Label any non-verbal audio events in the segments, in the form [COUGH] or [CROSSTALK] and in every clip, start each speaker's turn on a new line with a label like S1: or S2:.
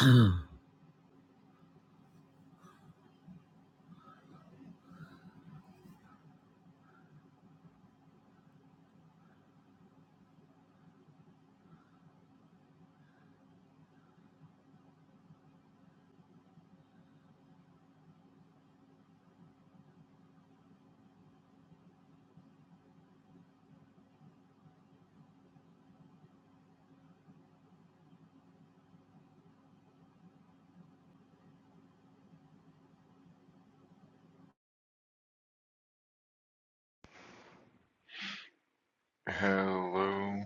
S1: Oh.
S2: Hello.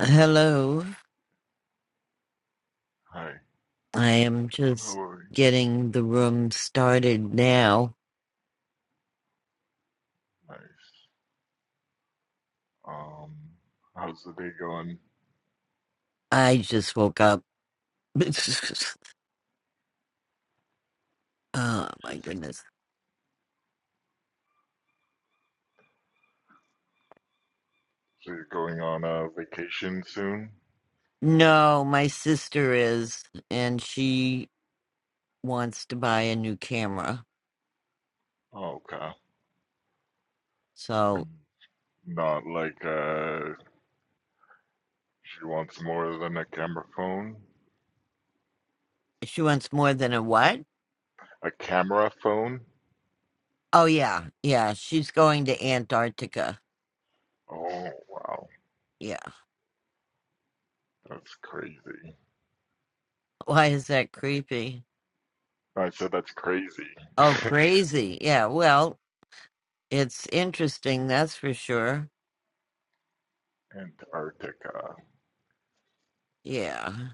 S1: Hello.
S2: Hi.
S1: I am just
S2: How are you?
S1: getting the room started now.
S2: Nice. Um, how's the day going?
S1: I just woke up. [LAUGHS] oh my
S2: Just
S1: goodness.
S2: so you're going on a vacation soon?
S1: No, my sister is, and she wants to buy a new camera.
S2: Oh, okay.
S1: So
S2: And not like uh she wants more than a camera phone?
S1: she wants more than a what?
S2: A camera phone?
S1: Oh, yeah. Yeah. She's going to Antarctica.
S2: Oh, wow.
S1: Yeah.
S2: That's crazy.
S1: Why is that creepy?
S2: I said that's crazy.
S1: Oh, crazy. Yeah. Well, it's interesting, that's for sure.
S2: Antarctica.
S1: Yeah.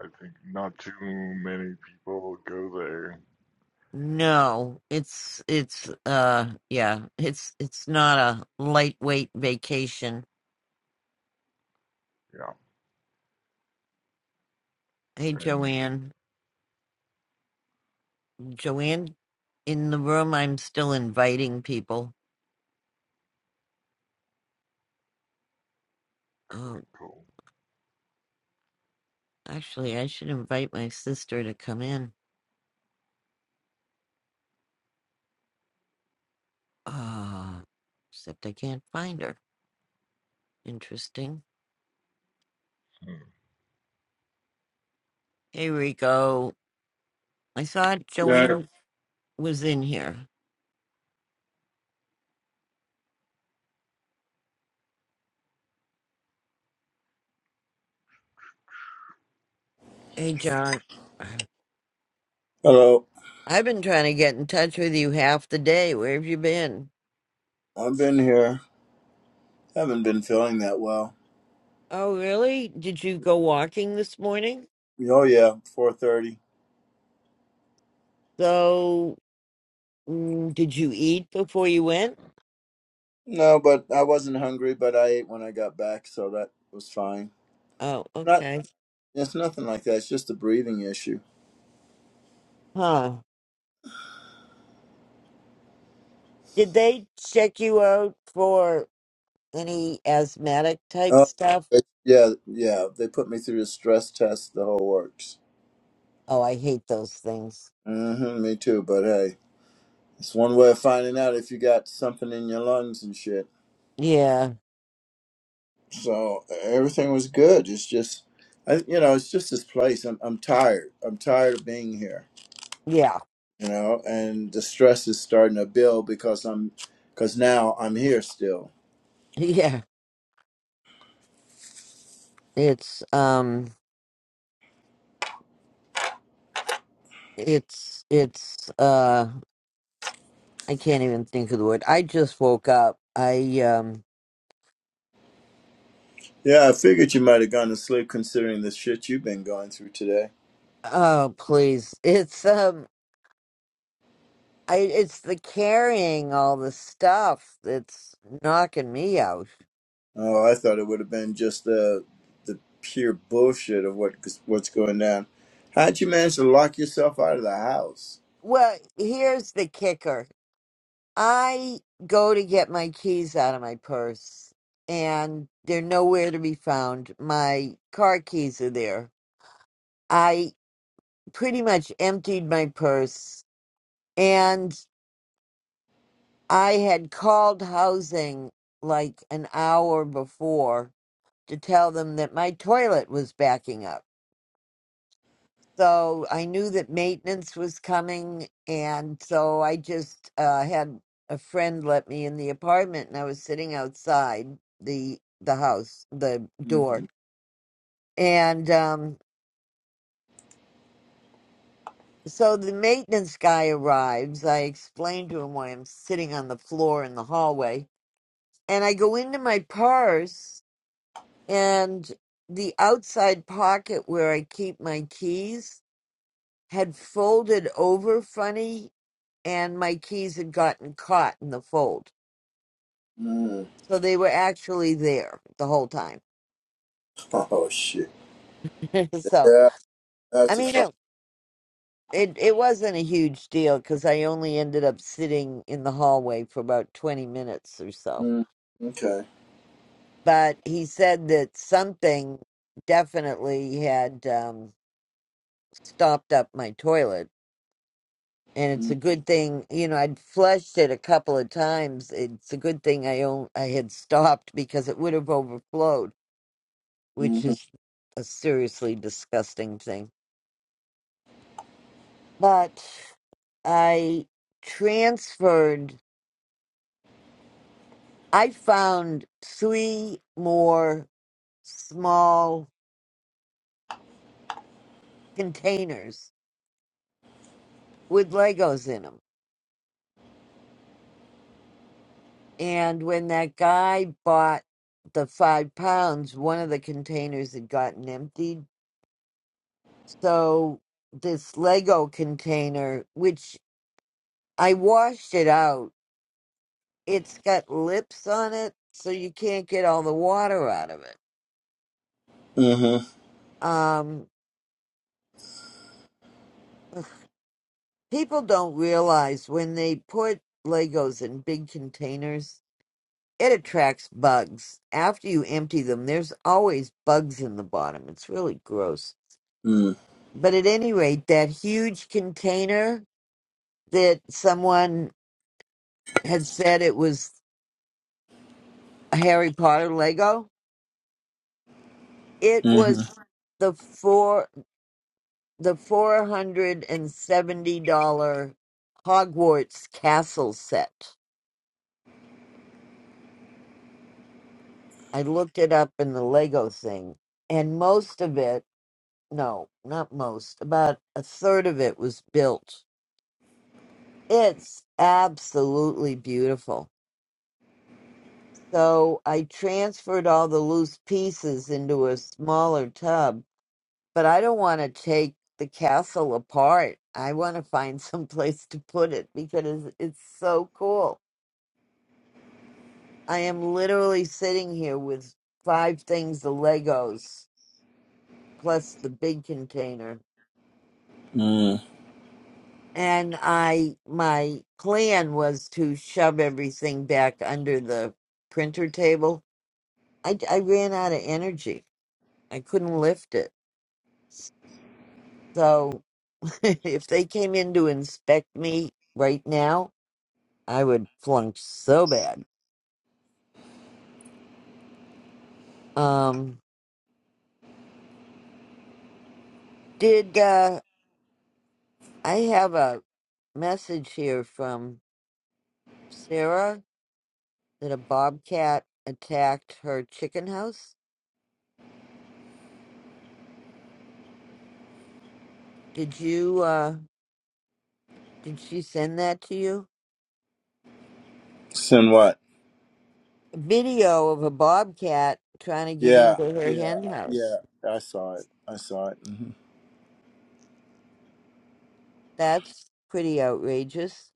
S2: I think not too many people go there.
S1: No, it's it's uh yeah, it's it's not a lightweight vacation.
S2: Yeah.
S1: Hey
S2: And
S1: Joanne, Joanne in the room I'm still inviting people.
S2: cool,
S1: Oh,
S2: cool.
S1: actually I should invite my sister to come in. Ah, except I can't find her. Interesting.
S2: Hmm.
S1: Hey Rico, I thought
S3: Yeah,
S1: Joanne was in here. Hey John,
S4: Hello.
S1: [SIGHS] I've been trying to get in touch with you half the day. Where have you been?
S4: I've been here. Haven't been feeling that well.
S1: Oh, really? Did you go walking this morning?
S4: Oh yeah, four thirty.
S1: So, mm, did you eat before you went?
S4: No, but I wasn't hungry, but I ate when I got back, so that was fine.
S1: Oh,
S4: Not
S1: okay.
S4: it's nothing like that, it's just a breathing issue.
S1: Huh. Did they check you out for any asthmatic type
S4: Oh
S1: stuff?
S4: it- yeah, yeah. They put me through the stress test, the whole works.
S1: Oh, I hate those things.
S4: Mm-hmm, me too, but hey. It's one way of finding out if you got something in your lungs and shit.
S1: Yeah.
S4: So everything was good. It's just I, you know, it's just this place. I'm I'm tired. I'm tired of being here.
S1: Yeah. [LAUGHS]
S4: you know, and the stress is starting to build because I'm, because now I'm here still.
S1: Yeah. It's, um, it's, it's, uh, I can't even think of the word. I just woke up. I, um,
S4: Yeah, I figured you might have gone to sleep considering the shit you've been going through today.
S1: oh, please. It's, um. I it's the carrying all the stuff that's knocking me out.
S4: Oh, I thought it would have been just the, the pure bullshit of what what's going down. How'd you manage to lock yourself out of the house?
S1: Well, here's the kicker. I go to get my keys out of my purse and they're nowhere to be found. My car keys are there. I pretty much emptied my purse and I had called housing like an hour before to tell them that my toilet was backing up. So I knew that maintenance was coming, and so I just uh, had a friend let me in the apartment, and I was sitting outside the the house, the door,
S4: Mm-hmm.
S1: and um, so the maintenance guy arrives. I explain to him why I'm sitting on the floor in the hallway, and I go into my purse and the outside pocket where I keep my keys had folded over funny and my keys had gotten caught in the fold.
S4: Mm. [LAUGHS]
S1: So they were actually there the whole time.
S4: Oh shit.
S1: [LAUGHS] so,
S4: Yeah,
S1: I
S4: that's a
S1: mean,
S4: fuck.
S1: it, it, it wasn't a huge deal because I only ended up sitting in the hallway for about 20 minutes or so.
S4: Mm. Okay.
S1: But he said that something definitely had um, stopped up my toilet and it's a good thing you know i'd flushed it a couple of times it's a good thing i own i had stopped because it would have overflowed which
S4: Mm-hmm.
S1: is a seriously disgusting thing but i transferred i found three more small containers with legos in them and when that guy bought the five pounds one of the containers had gotten emptied So this Lego container, which I washed it out, it's got lips on it, so you can't get all the water out of it.
S4: Mm-hmm.
S1: Um, people don't realize when they put Legos in big containers, it attracts bugs. After you empty them, there's always bugs in the bottom. It's really gross.
S4: Mm-hmm.
S1: But at any rate, that huge container that someone had said it was a Harry Potter Lego, It
S4: Mm.
S1: was the four the four hundred and seventy dollar Hogwarts castle set. I looked it up in the Lego thing, and most of it no, not most, about a third of it was built. It's absolutely beautiful. So I transferred all the loose pieces into a smaller tub but I don't want to take the castle apart. I want to find [LAUGHS] some place to put it because it's so cool. I am literally sitting here with five things of Legos plus the big container.
S4: Mm.
S1: And I my plan was to shove everything back under the printer table. I, I ran out of energy. I couldn't lift it. So [LAUGHS] if they came in to inspect me right now, I would flunk so bad. Um, did uh, I have a message here from Sarah that a bobcat attacked her chicken house? Did you uh, did she send that to you?
S4: Send what?
S1: A video of a bobcat trying to get
S4: Yeah,
S1: into her
S4: yeah,
S1: hen
S4: yeah.
S1: house.
S4: I saw it. I saw it. hmm
S1: That's pretty outrageous.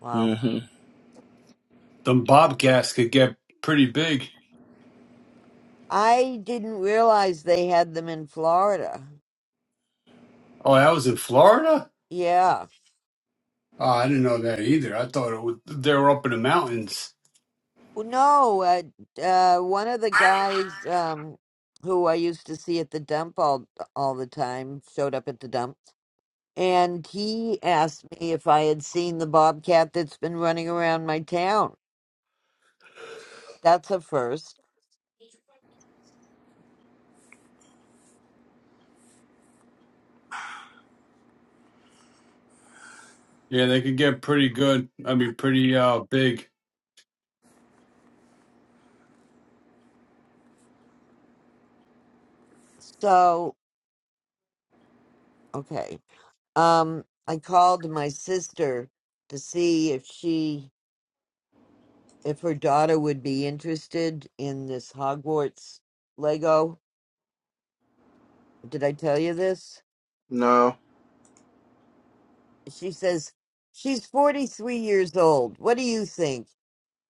S1: Wow.
S4: hmm
S3: them bobcats could get pretty big.
S1: I didn't realize they had them in Florida.
S3: Oh, that was in Florida?
S1: Yeah.
S3: Oh, I didn't know that either. I thought it was, they were up in the mountains.
S1: Well, no, uh, uh, one of the guys um, who I used to see at the dump all all the time showed up at the dump, and he asked me if I had seen the bobcat that's been running around my town. That's a first.
S3: Yeah, they could get pretty good. I mean, pretty uh big.
S1: So, okay. Um, I called my sister to see if she if her daughter would be interested in this Hogwarts Lego. Did I tell you this?
S4: No.
S1: she says, She's 43 years old. What do you think?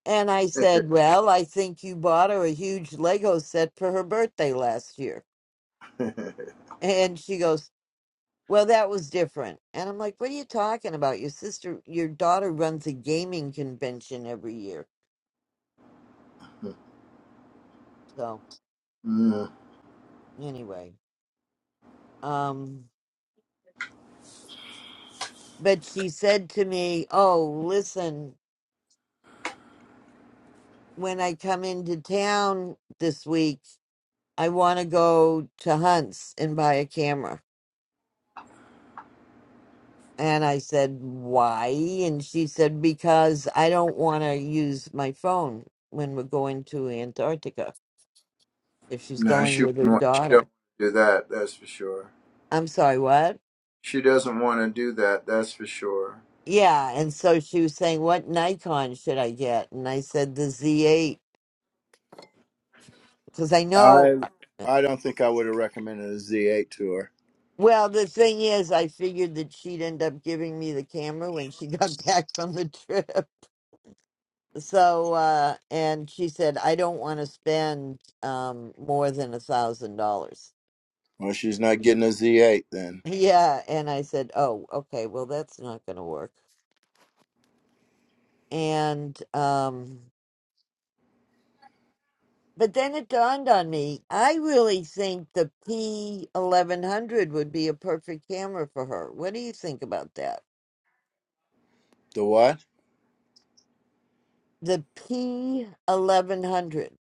S1: And I said, Well, I think you bought her a huge Lego set for her birthday last year.
S4: [LAUGHS]
S1: And she goes, Well, that was different. And I'm like, What are you talking about? Your sister, your daughter runs a gaming convention every year. So,
S4: Mm.
S1: anyway, um, but she said to me, Oh, listen, when I come into town this week, I want to go to Hunt's and buy a camera. And I said, Why? And she said, Because I don't want to use my phone when we're going to Antarctica if she's
S4: No,
S1: going
S4: she
S1: with
S4: wouldn't
S1: her
S4: want, she don't
S1: daughter.
S4: want to do that. That's for sure.
S1: I'm sorry, what?
S4: She doesn't want to do that. That's for sure.
S1: Yeah. And so she was saying, What Nikon should I get? And I said, The Z8. Because I
S4: I
S1: know, uh,
S4: I don't think I would have recommended a Z8 to her.
S1: well, the thing is, I figured that she'd end up giving me the camera when she got [LAUGHS] back from the trip. So, uh, and she said, I don't want to spend um, more than a thousand dollars.
S4: Well, she's not getting a Z8 then.
S1: Yeah, and I said, "Oh, okay, well that's not going to work." And um but then it dawned on me, I really think the P1100 would be a perfect camera for her. What do you think about that?
S4: The what?
S1: The P1100.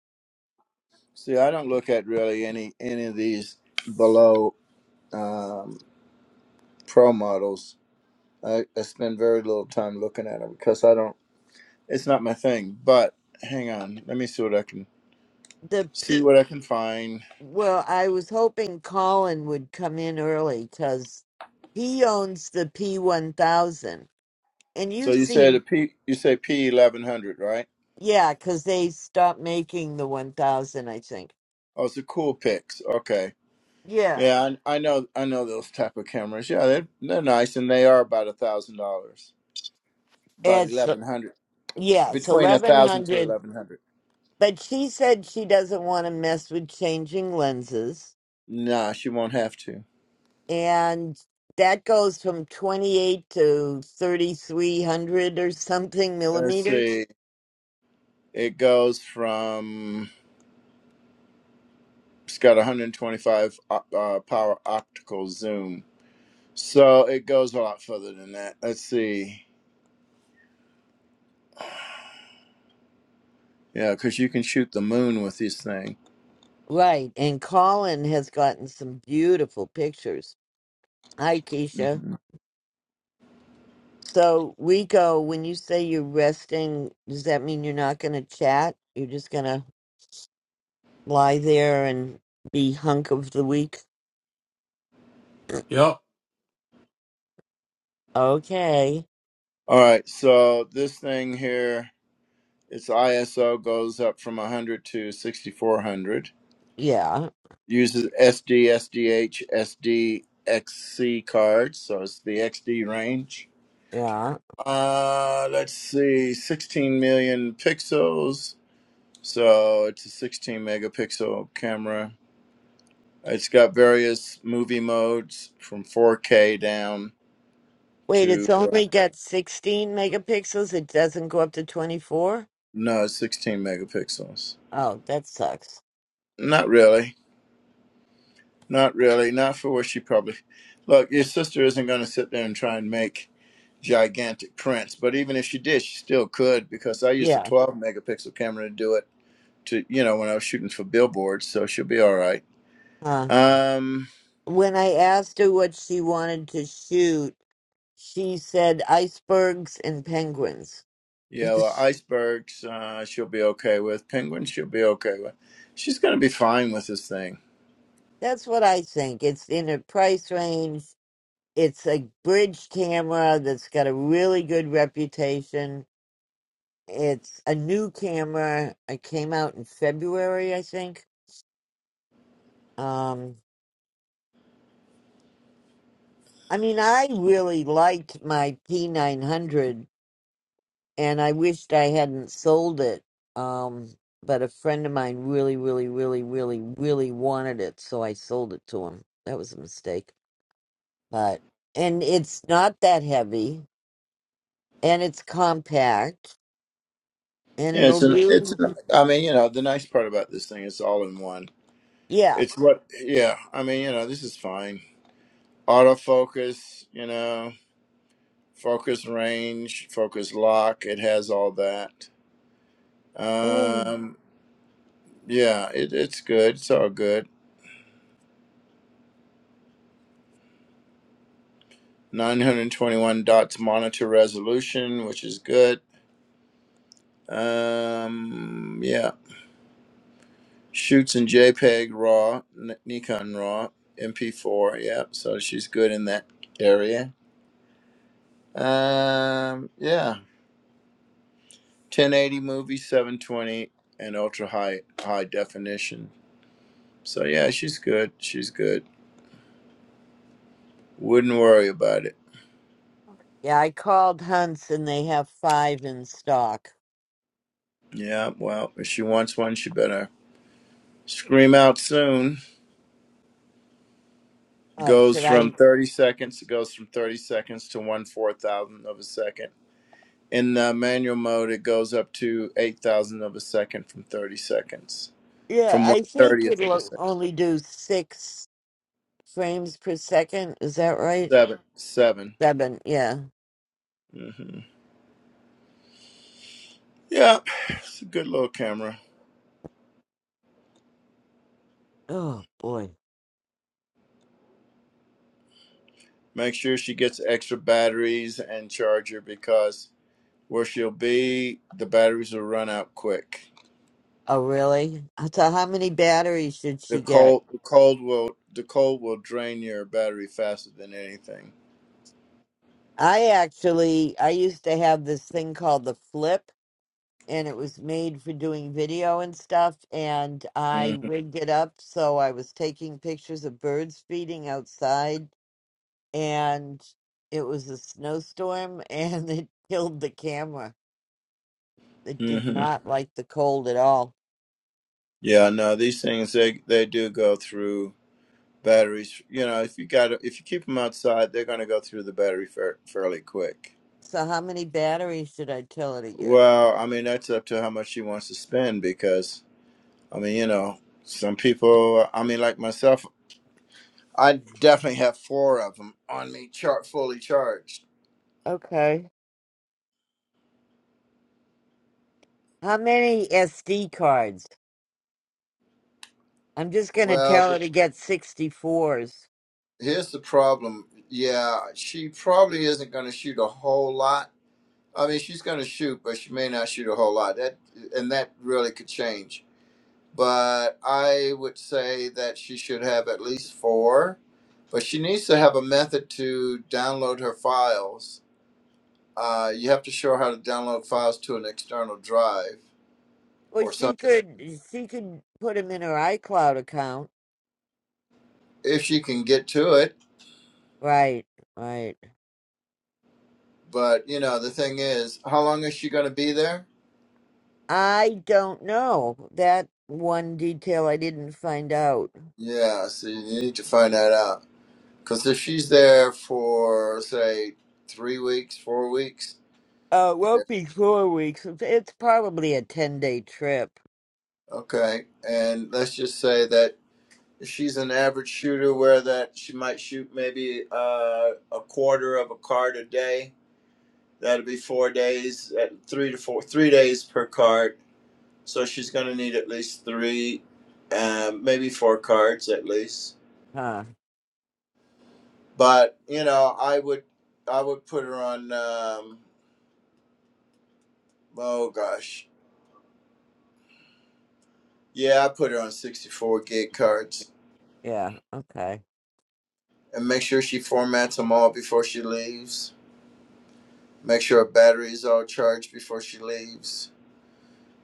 S4: See, I don't look at really any any of these below um, pro models. I, I spend very little time looking at them because I don't It's not my thing, but hang on. Let me see what I can
S1: The
S4: see
S1: P
S4: what I can find.
S1: Well, I was hoping Colin would come in early cuz he owns the P1000. And
S4: So
S1: you've
S4: you said
S1: seen
S4: a P. You say P eleven hundred, right?
S1: yeah, cuz they stopped making the 1000, I think.
S4: Oh, it's a cool pics. Okay.
S1: Yeah.
S4: Yeah, I, I know. I know those type of cameras. Yeah, they're they're nice, and they are about a thousand dollars, about
S1: It's
S4: eleven hundred,
S1: yes,
S4: between a
S1: eleven
S4: thousand to
S1: hundred.
S4: eleven hundred.
S1: But she said she doesn't want to mess with changing lenses,
S4: Nah, she won't have to.
S1: and that goes from twenty eight to thirty three hundred or something
S4: Let's
S1: millimeters.
S4: see. It goes from. It's got 125 op- uh, uh, power optical zoom, so it goes a lot further than that. Let's see. Yeah, because you can shoot the moon with this thing.
S1: Right, and Colin has gotten some beautiful pictures. Hi, Keisha.
S4: Mhm.
S1: So Rico, when you say you're resting, does that mean you're not going to chat? You're just going to lie there and be hunk of the week?
S3: Yep.
S1: Okay.
S4: All right, so this thing here, its ISO goes up from 100 to 6400.
S1: Yeah.
S4: Uses SD, SDH, SD, cards, so it's the XD range.
S1: Yeah.
S4: Uh, let's see, 16 million pixels. So it's a 16 megapixel camera. It's got various movie modes from 4K down
S1: Wait, it's
S4: to uh,
S1: only got 16 megapixels. It doesn't go up to 24?
S4: No, it's 16 megapixels.
S1: Oh, that sucks.
S4: Not really. Not really. Not for what she probably. Look, your sister isn't going to sit there and try and make gigantic prints, but even if she did, she still could because I used a
S1: Yeah.
S4: 12 megapixel camera to do it to, you know, when I was shooting for billboards, so she'll be all right.
S1: Huh.
S4: Um,
S1: When I asked her what she wanted to shoot, she said icebergs and penguins. [LAUGHS]
S4: yeah, well,
S1: That's
S4: icebergs, uh, she'll be okay with. Penguins, she'll be okay with. She's going to be fine with this thing.
S1: what I think. It's in a price range. It's a bridge camera that's got a really good reputation. It's a new camera. It came out in February, I think. Um, I mean, I really liked my P900 and I wished I hadn't sold it. Um, but a friend of mine really, really, really, really, really wanted it, so I sold it to him. That was a mistake. But, and it's not that heavy and it's compact and
S4: Yeah,
S1: it'll
S4: it's an, it's
S1: do,
S4: an, I mean, you know, the nice part about this thing is all in one.
S1: yeah.
S4: It's what, yeah. I mean, you know, this is fine. Autofocus, you know, focus range, focus lock. It has all that. Um, yeah, it, it's good. It's all good. 921 dots monitor resolution, which is good. Um, yeah. Shoots in JPEG RAW, N- Nikon RAW, MP4. Yeah, so she's good in that area. Um, yeah. 1080 movie, 720, and ultra high high definition. So yeah, she's good. She's good. Wouldn't worry about it.
S1: Yeah, I called Hunt's and they have five in stock.
S4: Yeah, well, if she wants one, she better scream out soon.
S1: Oh,
S4: Goes
S1: should
S4: from
S1: I?
S4: 30 seconds. It goes from 30 seconds to one four thousandth of a second. In uh, manual mode, it goes up to eight thousandth of a second from 30 seconds.
S1: Yeah,
S4: From one
S1: I think
S4: thirtieth of a
S1: it'll
S4: second.
S1: only do six frames per second. Is that right?
S4: Seven. Seven.
S1: Seven, yeah.
S4: Mm-hmm. Yeah, it's a good little camera.
S1: Oh boy.
S4: Make sure she gets extra batteries and charger because where she'll be, the batteries will run out quick.
S1: Oh really? So how many batteries should
S4: The
S1: she get?
S4: cold, the cold will, the cold will drain your battery faster than anything.
S1: I actually I used to have this thing called the flip and it was made for doing video and stuff and I
S4: hmm
S1: rigged it up so I was taking pictures of birds feeding outside and it was a snowstorm [LAUGHS] and it killed the camera. It did
S4: hmm
S1: not like the cold at all.
S4: Yeah, no, these things they they do go through batteries. You know, if you got if you keep them outside, they're going to go through the battery fair, fairly quick.
S1: So how many batteries should I tell her to get?
S4: Well, I mean, that's up to how much she wants to spend because I mean, you know, some people. I mean, like myself. I definitely have four of them on me, char- fully charged.
S1: Okay. How many SD cards? I'm just gonna
S4: Well,
S1: tell
S4: but
S1: her to get 64s.
S4: here's the problem. Yeah, she probably isn't going to shoot a whole lot. I mean, she's going to shoot, but she may not shoot a whole lot. That and that really could change. But I would say that she should have at least four. But she needs to have a method to download her files. Uh, you have to show her how to download files to an external drive
S1: Well,
S4: or
S1: she
S4: something
S1: could she could put them in her iCloud account.
S4: if she can get to it.
S1: Right, right.
S4: But you know, the thing is, how long is she going to be there?
S1: I don't know. That one detail I didn't find out.
S4: Yeah, so you need to find that out. Because if she's there for say three weeks, four weeks,
S1: Uh, it
S4: yeah,
S1: won't be four weeks. It's it's probably a 10-day trip.
S4: okay, and let's just say that she's an average shooter, where that she might shoot maybe uh, a quarter of a card a day. That'll be four days, at three to four, three days per card. So she's going to need at least three, um, maybe four cards at least
S1: Huh.
S4: but you know i would i would put her on um oh gosh yeah i put her on 64 gig cards
S1: Yeah. Okay.
S4: and make sure she formats them all before she leaves make sure her battery is all charged before she leaves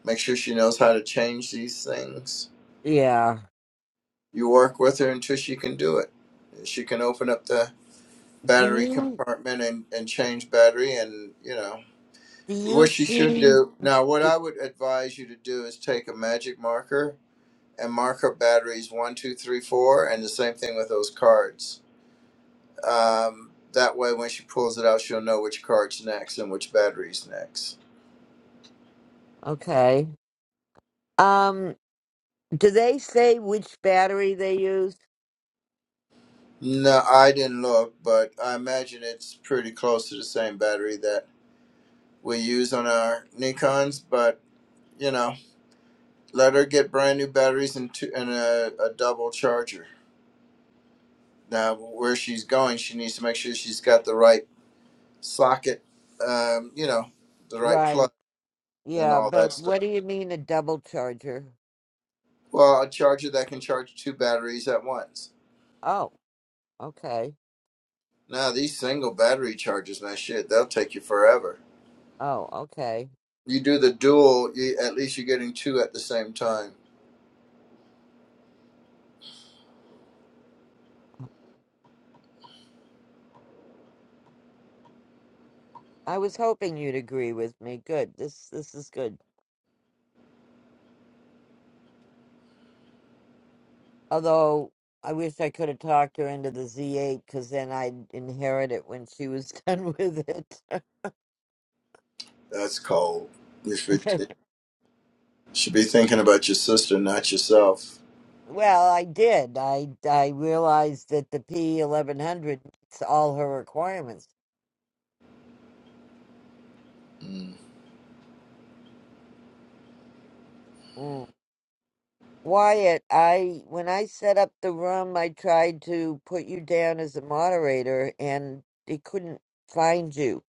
S4: make sure she knows how to change these things
S1: Yeah.
S4: you work with her until she can do it she can open up the
S1: Do
S4: battery
S1: you
S4: compartment and, and change battery and you know
S1: do you
S4: what she should
S1: see?
S4: do now what i would advise you to do is take a magic marker and mark marker batteries one, two, three, four, and the same thing with those cards. Um, that way, when she pulls it out, she'll know which card's next and which battery's next.
S1: Okay. Um, do they say which battery they use?
S4: No, I didn't look, but I imagine it's pretty close to the same battery that we use on our Nikons. But you know, let her get brand new batteries and, two, and a, a double charger. Now, where she's going, she needs to make sure she's got the right socket. Um, you know, the right
S1: Right.
S4: plug and
S1: Yeah,
S4: all that
S1: but
S4: stuff.
S1: what do you mean a double charger?
S4: Well, a charger that can charge two batteries at once.
S1: Oh, okay.
S4: Now, these single battery chargers, man, shit, they'll take you forever.
S1: Oh, okay.
S4: You do the dual, you, at least you're getting two at the same time.
S1: I was hoping you'd agree with me. Good. This this is good. Although I wish I could have talked her into the Z8 because then I'd inherit it when she was [LAUGHS] done with it.
S4: That's cold. You should,
S1: [LAUGHS]
S4: you should be thinking about your sister, not yourself.
S1: well, I did. I I realized that the P1100 meets all her requirements.
S4: Mm.
S1: Mm. Wyatt, I when I set up the room, I tried to put you down as a moderator and it couldn't find you.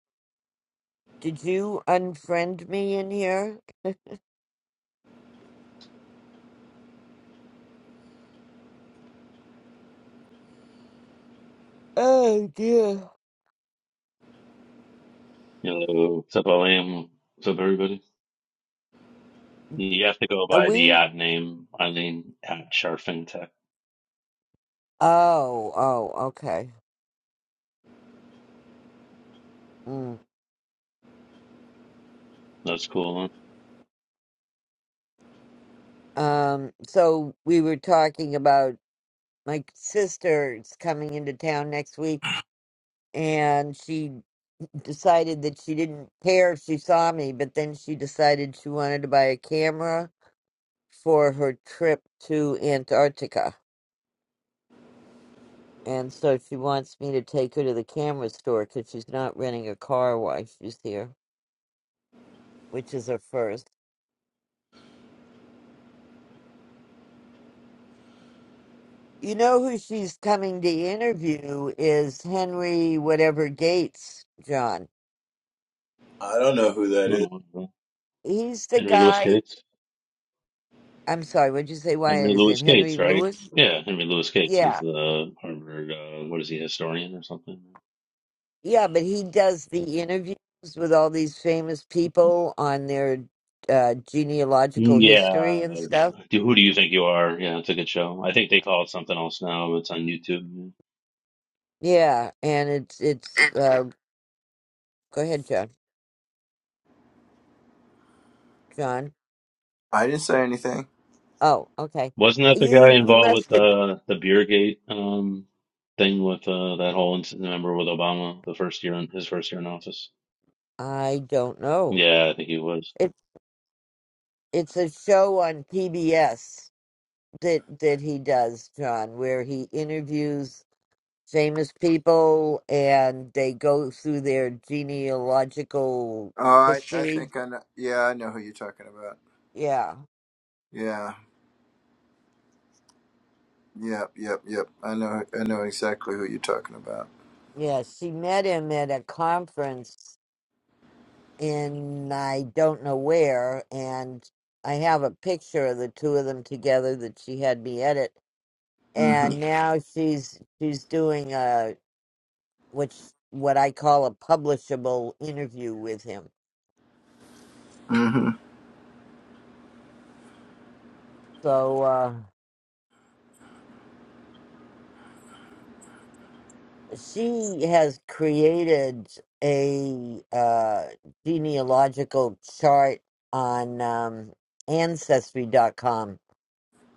S1: Did you unfriend me in here? Oh dear.
S5: Hello, what's up, Olam? What's up, everybody? You have to go
S1: Are
S5: by the
S1: we?
S5: ad name, Eileen at Sharfintech.
S1: Oh, oh, okay. Mm.
S5: That's cool.
S1: Um, so we were talking about my sister's coming into town next week and she decided that she didn't care if she saw me, but then she decided she wanted to buy a camera for her trip to Antarctica. And so she wants me to take her to the camera store because she's not renting a car while she's here, which is her first. You know who she's coming to interview is Henry whatever Gates, John.
S4: I don't know who that
S5: Huh?
S4: is.
S5: Oh,
S1: He's the
S5: Henry Louis
S1: guy.
S5: Gates.
S1: I'm sorry, what'd you say? Why
S5: Henry
S1: is
S5: Louis
S1: it Henry
S5: Gates, right?
S1: Lewis?
S5: Yeah, Henry Louis Gates is
S1: Yeah.
S5: the Harvard, uh, what is he, historian or something?
S1: Yeah, but he does the interviews with all these famous people on their uh, genealogical history
S5: Yeah.
S1: and stuff
S5: Do- Who do you think you are? Yeah, it's a good show. I think they call it something else now. It's on YouTube.
S1: Yeah, and it's it's uh go ahead, John. John.
S4: I didn't say anything.
S1: Oh, okay.
S5: Wasn't that the guy
S1: You you
S5: involved with
S1: must have
S5: the the beer um, thing with uh, that whole incident? Remember with Obama, the first year in his first year in office?
S1: I don't know.
S5: Yeah, I think he was.
S1: It it's a show on PBS that that he does, John, where he interviews famous people and they go through their genealogical
S4: Oh, I, I
S1: history.
S4: think I know. Yeah, I know who you're talking about.
S1: Yeah.
S4: Yeah, yep, yep, yep. I know, I know exactly who you're talking about.
S1: Yeah, she met him at a conference in I don't know where, and I have a picture of the two of them together that she had me edit,
S4: Mm-hmm.
S1: and now she's she's doing a which what I call a publishable interview with him.
S4: Mm-hmm.
S1: So uh, she has created a uh, genealogical chart on um, Ancestry.com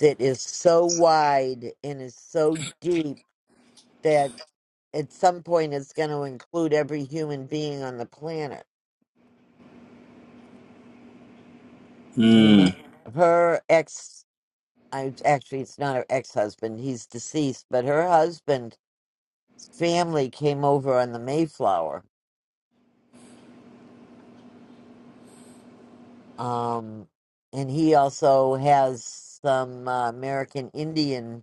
S1: that is so wide and is so deep that. at some point it's going to include every human being on the planet. I mean, her
S4: Mm.
S1: her ex, I, actually, it's not her ex husband, he's deceased, but her husband's family came over on the Mayflower. Um, and he also has some uh, American Indian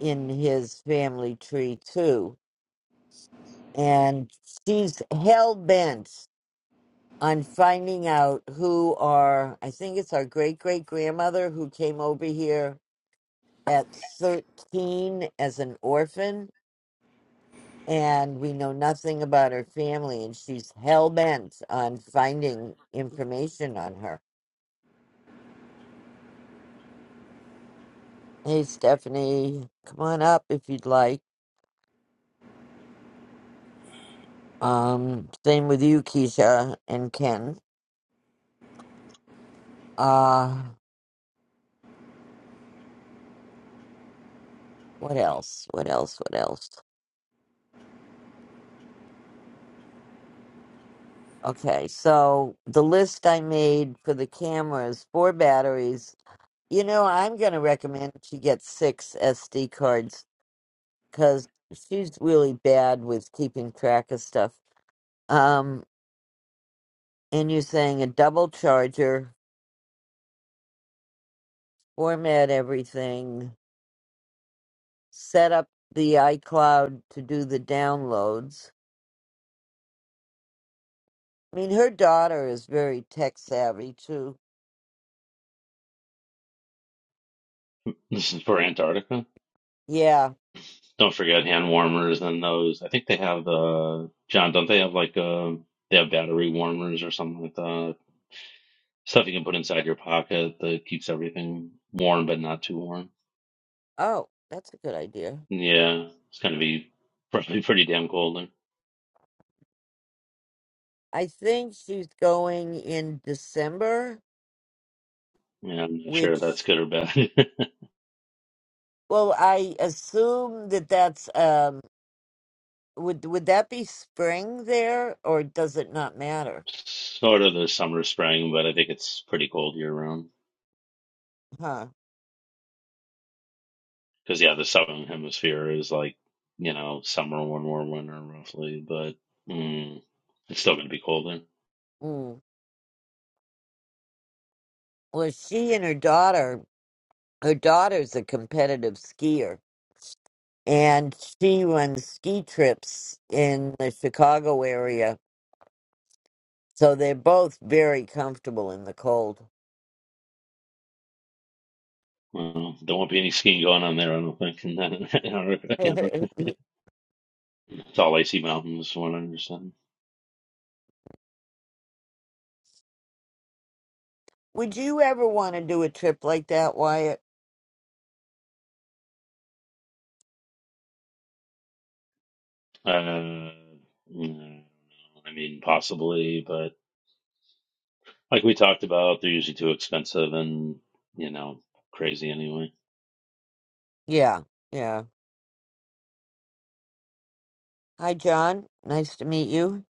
S1: in his family tree, too. And she's hell bent on finding out who are, I think it's our great great grandmother who came over here at 13 as an orphan, and we know nothing about her family, and she's hell bent on finding information on her. Hey, Stephanie, come on up if you'd like. Um, same with you, Keisha and Ken. Uh, what else? What else? What else? Okay, so the list I made for the cameras, four batteries. You know, I'm going to recommend she gets six SD cards because she's really bad with keeping track of stuff. Um, and you're saying a double charger, format everything, set up the iCloud to do the downloads. I mean, her daughter is very tech savvy too.
S5: This is for Antarctica.
S1: Yeah.
S5: Don't forget hand warmers and those. I think they have uh John, don't they have like uh they have battery warmers or something like that. Stuff you can put inside your pocket that keeps everything warm but not too warm.
S1: Oh, that's a good idea.
S5: Yeah, it's gonna be probably [LAUGHS] pretty damn cold there.
S1: I think she's going in December,
S5: Yeah, I'm not sure if that's
S1: which,
S5: good or bad. [LAUGHS]
S1: well, I assume that that's um. Would would that be spring there, or does it not matter?
S5: Sort of the summer spring, but I think it's pretty cold year round.
S1: Huh.
S5: Because yeah, the southern hemisphere is like you know summer, warmer, winter, roughly, but mm, it's still going to be colder.
S1: Mm. Well, she and her daughter, her daughter's a competitive skier, and she runs ski trips in the Chicago area. So they're both very comfortable in the cold. [LAUGHS]
S5: Well, there won't be any skiing going on there, I don't think. [LAUGHS] In Antarctica, Antarctica. It's all icy [LAUGHS] mountains, from what I understand.
S1: Would you ever want to do a trip like that, Wyatt?
S5: Uh, mm, I mean, possibly, but like we talked about, they're usually too expensive and you know crazy anyway.
S1: Yeah, yeah. Hi, John. Nice to meet you.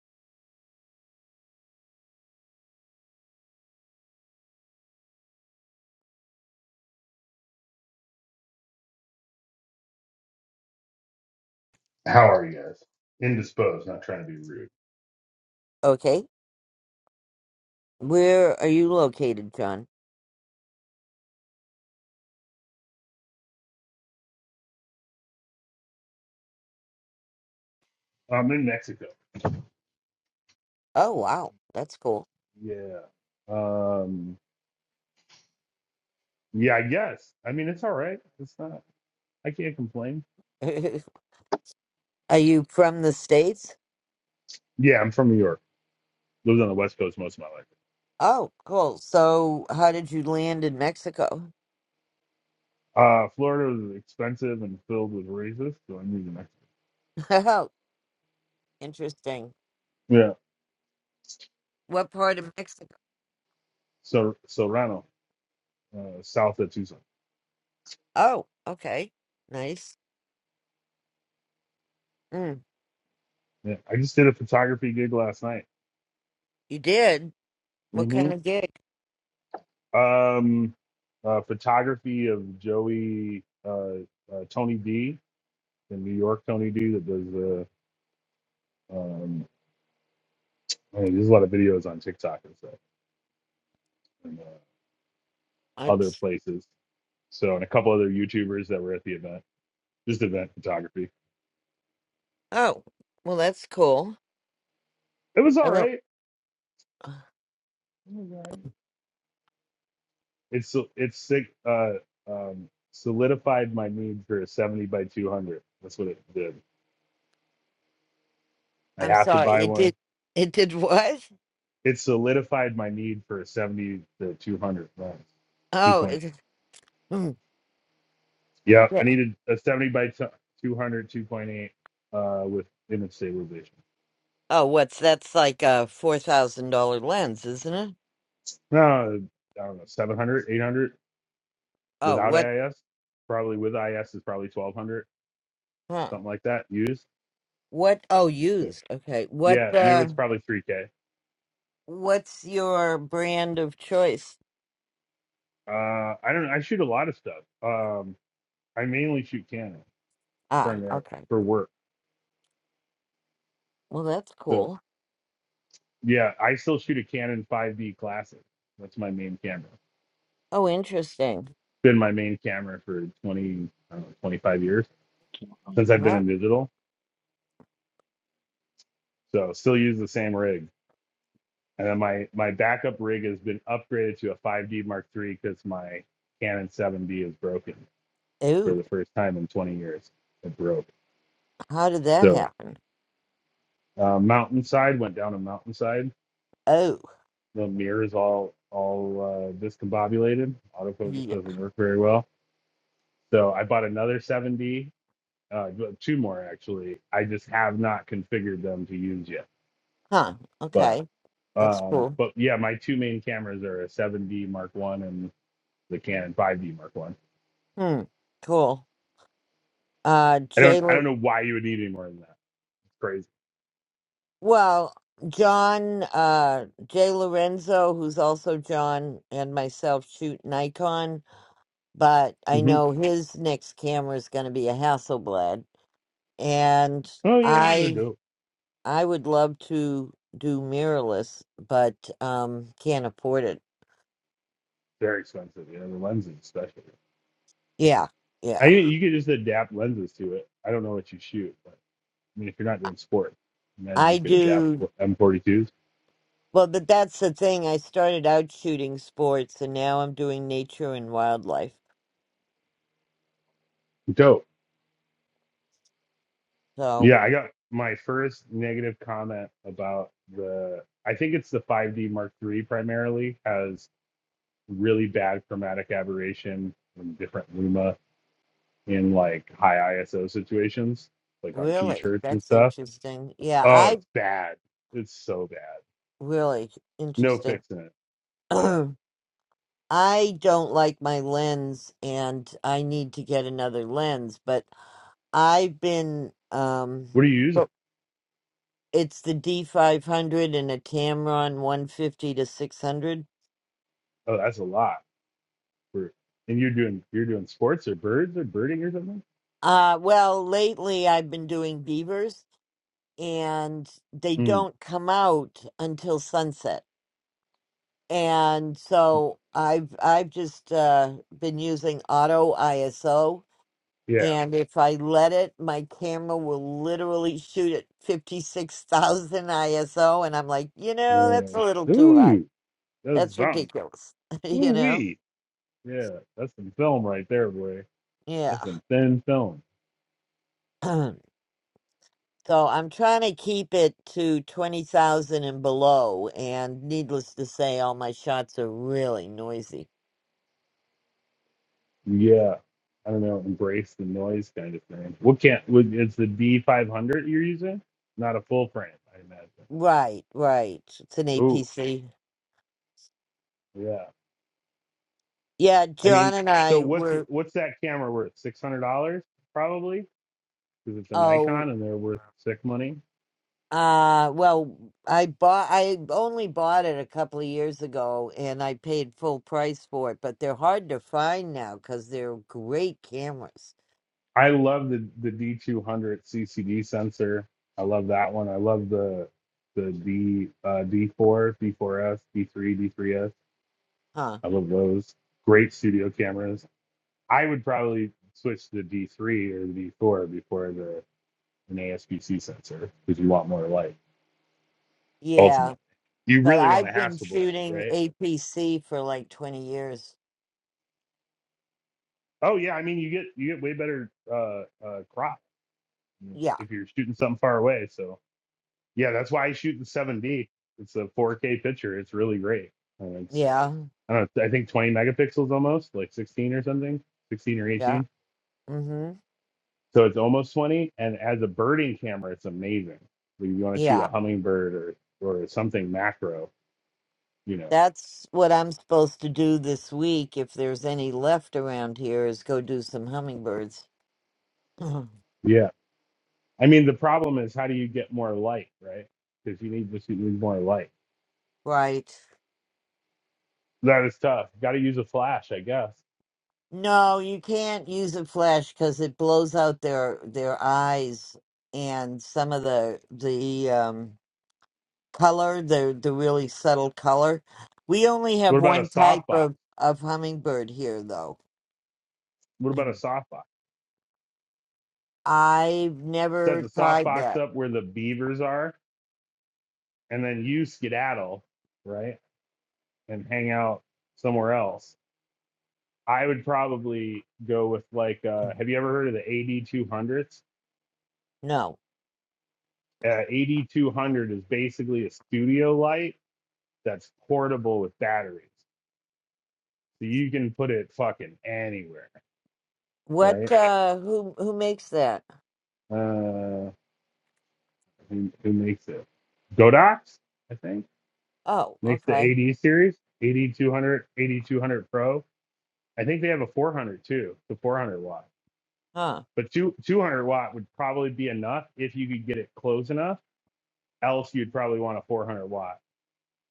S6: How are you guys? Indisposed, not trying to be rude.
S1: Okay. Where are you located, John?
S6: I'm in Mexico.
S1: Oh, wow. That's cool.
S6: Yeah. Um yeah, I guess. I mean it's all right. It's not I can't complain.
S1: [LAUGHS] Are you from the States?
S6: Yeah, I'm from New York. Lived on the West Coast most of my life.
S1: Oh, cool. So, how did you land in Mexico?
S6: Uh Florida was expensive and filled with racists, so I moved to Mexico.
S1: [LAUGHS] Oh, interesting.
S6: Yeah.
S1: What part of Mexico?
S6: So Serrano, uh, south of Tucson.
S1: Oh, okay. Nice. Mm,
S6: Yeah. I just did a photography gig last night.
S1: you did? What
S6: hmm
S1: kind of gig?
S6: Um uh photography of Joey uh, uh Tony D, in New York Tony D that does Um, I mean, there's a lot of videos on TikTok and stuff and uh, other
S1: It's,
S6: places. So, and a couple other YouTubers that were at the event, just event photography.
S1: oh, well, that's cool.
S6: It was
S1: I
S6: all
S1: don't,
S6: right. It was all right. It's so- it's sick. Uh, um, solidified my need for a 70 by 200. That's what it did. I
S1: I'm
S6: have to
S1: sorry.
S6: buy
S1: It
S6: one.
S1: did, it did what?
S6: It solidified my need for a 70 to 200 lens,
S1: Oh,
S6: 2.8.
S1: is it, mm,
S6: Yeah,
S1: yeah.
S6: I needed a 70 by t- 200, 2.8 uh, with image stabilization.
S1: Oh, what's that's like a $4,000 lens, isn't it?
S6: No, I don't know, 700, 800
S1: Oh,
S6: without
S1: what,
S6: AIS. Probably with IS is probably 1200,
S1: huh?
S6: something like that used.
S1: What, oh,
S6: But
S1: used. Okay. What,
S6: yeah, new
S1: uh,
S6: it's probably 3K.
S1: what's your brand of choice?
S6: Uh, I don't I shoot a lot of stuff. Um, I mainly shoot Canon
S1: Ah,
S6: primarily
S1: okay.
S6: for work.
S1: Well, that's
S6: So
S1: cool.
S6: yeah, I still shoot a Canon 5D Classic. That's my main camera.
S1: Oh, interesting.
S6: Been my main camera for 20, I don't know, 25 years since I've been
S1: Not,
S6: in digital. So still use the same rig. And then my my backup rig has been upgraded to a 5D Mark III because my Canon 7D is broken for
S1: ooh,
S6: the first time in 20 years. It broke.
S1: how did that
S6: So
S1: happen?
S6: uh, mountainside went down a mountainside.
S1: Oh,
S6: The mirror's all all uh, discombobulated. Autofocus
S1: yeah.
S6: doesn't work very well. So I bought another 7D, uh, well, two more actually. I just have not configured them to use yet.
S1: Huh.
S6: But
S1: Okay. That's
S6: um,
S1: cool.
S6: but yeah, my two main cameras are a 7D Mark One and the Canon 5D Mark One
S1: Hmm. Cool. Uh,
S6: I don't
S1: Jay,
S6: I don't
S1: Lo-
S6: know why you would need any more than that. It's crazy.
S1: well, John, uh, Jay Lorenzo, who's also John and myself shoot Nikon, but I
S6: hmm
S1: know his next camera is going to be a Hasselblad. And
S6: Oh yeah, they're
S1: I
S6: dope.
S1: I would love to do mirrorless, but um can't afford it.
S6: They're expensive. Yeah, the lenses especially.
S1: Yeah,
S6: I
S1: yeah.
S6: you could just adapt lenses to it. I don't know what you shoot, but I mean if you're not doing sport, imagine you
S1: I
S6: could adapt
S1: do
S6: M42s.
S1: well, but that's the thing. I started out shooting sports and now I'm doing nature and wildlife.
S6: Dope.
S1: So,
S6: Yeah, I got my first negative comment about the. I think it's the 5D Mark III primarily has really bad chromatic aberration and different luma in like high ISO situations, like on
S1: really,
S6: t-shirts and
S1: that's
S6: stuff
S1: interesting. Yeah,
S6: Oh,
S1: I
S6: it's bad. It's so bad.
S1: really
S6: No
S1: interesting.
S6: fixing it.
S1: [CLEARS THROAT]
S6: Yeah.
S1: I don't like my lens and I need to get another lens, but I've been um
S6: What are you using?
S1: It's the D500 and a Tamron 150 to 600.
S6: Oh, that's a lot. For and you're doing you're doing sports or birds or birding or something.
S1: Uh, well, lately I've been doing beavers and they
S6: Mm.
S1: don't come out until sunset. And
S6: mm,
S1: so I've I've just uh, been using auto ISO
S6: Yeah.
S1: and if I let it, my camera will literally shoot at 56,000 ISO and I'm like, you know, that's a
S6: Uh,
S1: little too high.
S6: ooh, that's
S1: That's
S6: something.
S1: ridiculous. [LAUGHS] you
S6: Ooh
S1: know?
S6: wee. Yeah, that's some film right there, boy. That's
S1: Yeah.
S6: some thin film.
S1: [CLEARS THROAT] So I'm trying to keep it to 20,000 and below. And needless to say, all my shots are really noisy.
S6: Yeah. I don't know. Embrace the noise kind of thing. What can't? What, it's the D five hundred you're using? Not a full frame, I imagine.
S1: Right, right. It's an
S6: Ooh.
S1: APC.
S6: Yeah.
S1: Yeah,
S6: I
S1: John
S6: mean,
S1: and
S6: so
S1: I
S6: what's
S1: were,
S6: what's that camera worth? Six hundred dollars probably because it's a
S1: oh,
S6: Nikon and they're worth sick money.
S1: uh, well, I bought, I only bought it a couple of years ago and I paid full price for it, but they're hard to find now because they're great cameras.
S6: I love the the D two hundred CCD sensor. I love that one. I love the the D uh, D four, D 4s D three, D 3s
S1: Huh.
S6: I love those. Great studio cameras. I would probably switch to the D three or the D four before the an ASPC sensor because you want more light
S1: Yeah.
S6: ultimately. You
S1: But
S6: really want a
S1: I've been
S6: Hasselblad,
S1: shooting
S6: right?
S1: APC for like 20 years.
S6: Oh yeah, I mean you get you get way better uh, uh, crop
S1: Yeah.
S6: if you're shooting something far away. So yeah, that's why I shoot the 7D. It's a 4K picture. It's really great. And it's
S1: Yeah,
S6: I don't know, I think 20 megapixels almost, like 16 or something, 16 or
S1: yeah.
S6: 18.
S1: Mhm.
S6: So it's almost 20. And as a birding camera, it's amazing. Like if you want to shoot a
S1: Yeah.
S6: hummingbird or or something macro, you know.
S1: That's what I'm supposed to do this week if there's any left around here is go do some hummingbirds. [CLEARS THROAT]
S6: Yeah. I mean the problem is how do you get more light, right? Because you need just you need more light.
S1: right.
S6: That is tough. Got to use a flash, I guess.
S1: No, you can't use a flash cuz it blows out their their eyes and some of the the um color, the the really subtle color. We only have
S6: What about a
S1: one type
S6: softbox?
S1: of of hummingbird here though.
S6: What
S1: [CLEARS THROAT]
S6: about a softbox?
S1: I've
S6: Set
S1: never
S6: the
S1: tried
S6: softbox
S1: that.
S6: up where the beavers are, and then you skedaddle, right, and hang out somewhere else. I would probably go with like, uh, have you ever heard of the AD 200s?
S1: No.
S6: Uh, AD 200 is basically a studio light that's portable with batteries, so you can put it fucking anywhere,
S1: What
S6: right?
S1: uh who who makes that?
S6: Uh, who, who makes it? Godox, I think.
S1: Oh,
S6: Makes the
S1: okay.
S6: AD series, AD 200, AD 200 Pro. I think they have a 400 too, the 400 watt.
S1: Huh.
S6: But two, 200 watt would probably be enough if you could get it close enough. Else, you'd probably want a 400 watt,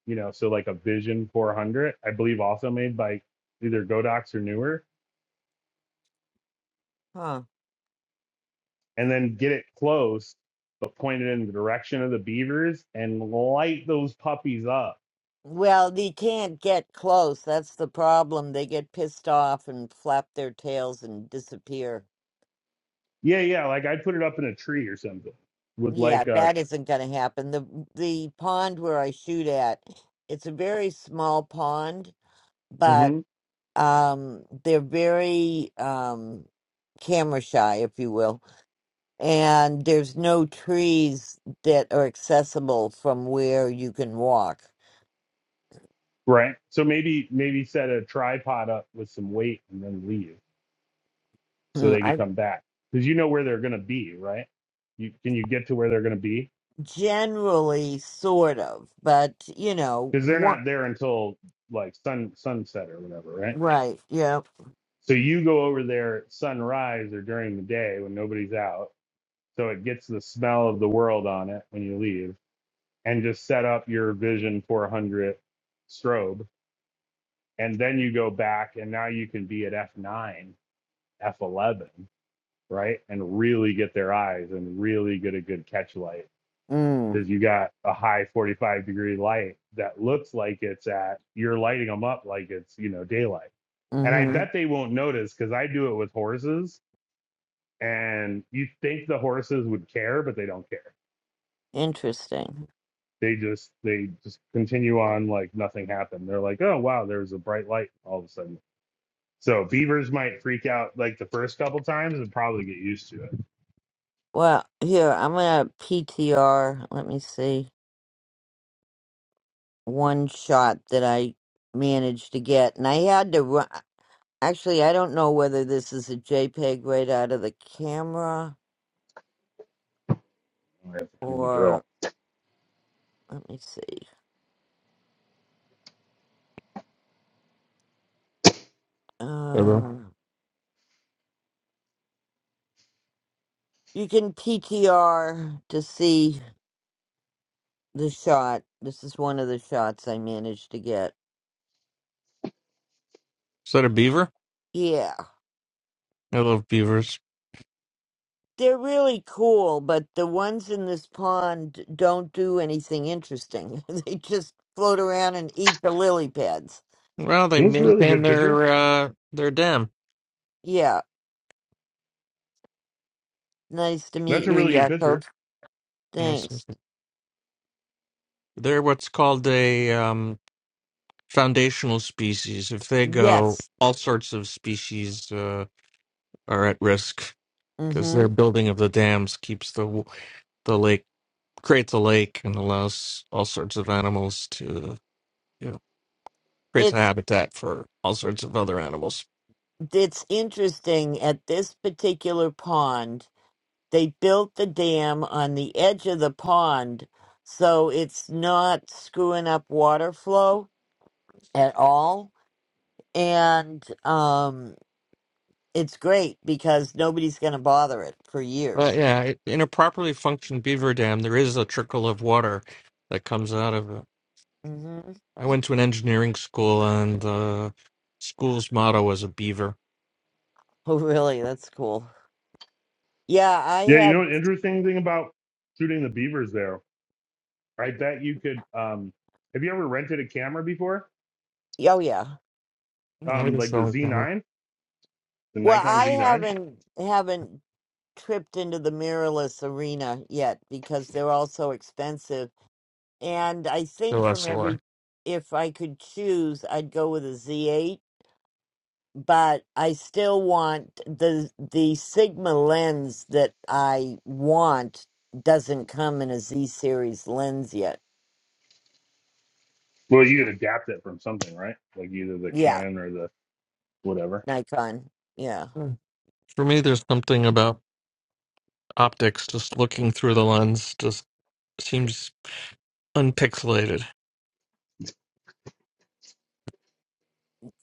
S6: you know, so like a Vision 400, I believe also made by either Godox or newer,
S1: Huh.
S6: and then get it close, but point it in the direction of the beavers and light those puppies up.
S1: Well, they can't get close. That's the problem. They get pissed off and flap their tails and disappear.
S6: Yeah, yeah, like I'd put it up in a tree or something with
S1: Yeah,
S6: like a,
S1: that isn't going to happen. The the pond where I shoot at, it's a very small pond,
S6: mhm.
S1: but um they're very um camera shy, if you will. And there's no trees that are accessible from where you can walk.
S6: Right. So maybe maybe set a tripod up with some weight and then leave so
S1: Hmm,
S6: they can
S1: I
S6: come back because you know where they're gonna be, right? You can you get to where they're gonna be
S1: generally sort of, but you know,
S6: because they're
S1: what?
S6: not there until like sun sunset or whatever, right?
S1: Right? Yeah.
S6: So you go over there at sunrise or during the day when nobody's out, so it gets the smell of the world on it when you leave, and just set up your Vision 400 strobe, and then you go back, and now you can be at f9, f11 right? And really get their eyes and really get a good catch light.
S1: Mm.
S6: Because you got a high 45 degree light that looks like it's at, you're lighting them up like it's, you know, daylight. And I
S1: Hmm.
S6: bet they won't notice because I do it with horses. And you think the horses would care, but they don't care.
S1: Interesting.
S6: They just they just continue on like nothing happened. They're like, oh wow, there's a bright light all of a sudden. So beavers might freak out like the first couple times and probably get used to it.
S1: Well, here I'm gonna PTR. Let me see one shot that I managed to get, and I had to run. Actually, I don't know whether this is a JPEG right out of the camera
S6: I have to clean the
S1: or
S6: grill.
S1: let me see.
S7: Hello.
S1: Um, you can PTR to see. the shot. This is one of the shots I managed to get.
S7: Is that a beaver?
S1: Yeah.
S7: I love beavers.
S1: They're really cool, but the ones in this pond don't do anything interesting. [LAUGHS] they just float around and eat the lily pads.
S7: Well, they
S6: It was a really
S7: maintain
S6: good picture.
S7: their uh, their dam.
S1: Yeah. Nice to
S6: That's
S1: meet
S6: a
S1: you,
S6: really good
S1: Yakov.
S6: picture.
S7: Yes.
S1: Thanks.
S7: They're what's called a um, foundational species. If they go,
S1: Yes.
S7: all sorts of species uh, are at risk because their
S1: Mhm.
S7: building of the dams keeps the w- the lake creates a lake and allows all sorts of animals to you know creates a
S1: It's
S7: habitat for all sorts of other animals.
S1: it's interesting at this particular pond. They built the dam on the edge of the pond so it's not screwing up water flow at all and um, it's great because nobody's going to bother it for
S7: But
S1: years.
S7: yeah, in a properly functioned beaver dam, there is a trickle of water that comes out of it.
S1: hmm [LAUGHS]
S7: I went to an engineering school, and the school's motto was a beaver.
S1: Oh, really? That's cool. Yeah, I
S6: Yeah, you know
S1: had.
S6: an interesting thing about shooting the beavers there. I bet you could. Um, have you ever rented a camera before?
S1: Oh, yeah.
S7: I
S6: Um,
S7: just
S6: like the
S7: don't kind of
S6: Z9, the
S1: Well,
S6: Nikon
S1: I
S6: Z9.
S1: haven't haven't tripped into the mirrorless arena yet because they're all so expensive. And I think
S7: still
S1: from
S7: SLR.
S1: every, if I could choose, I'd go with a ZH but I still want the the Sigma lens that I want doesn't come in a Z series lens yet.
S6: Well, you could adapt it from something, right? Like either the
S1: Yeah,
S6: Canon or the whatever.
S1: Nikon. Yeah.
S7: Hmm. For me, there's something about optics, just looking through the lens, just seems unpixelated.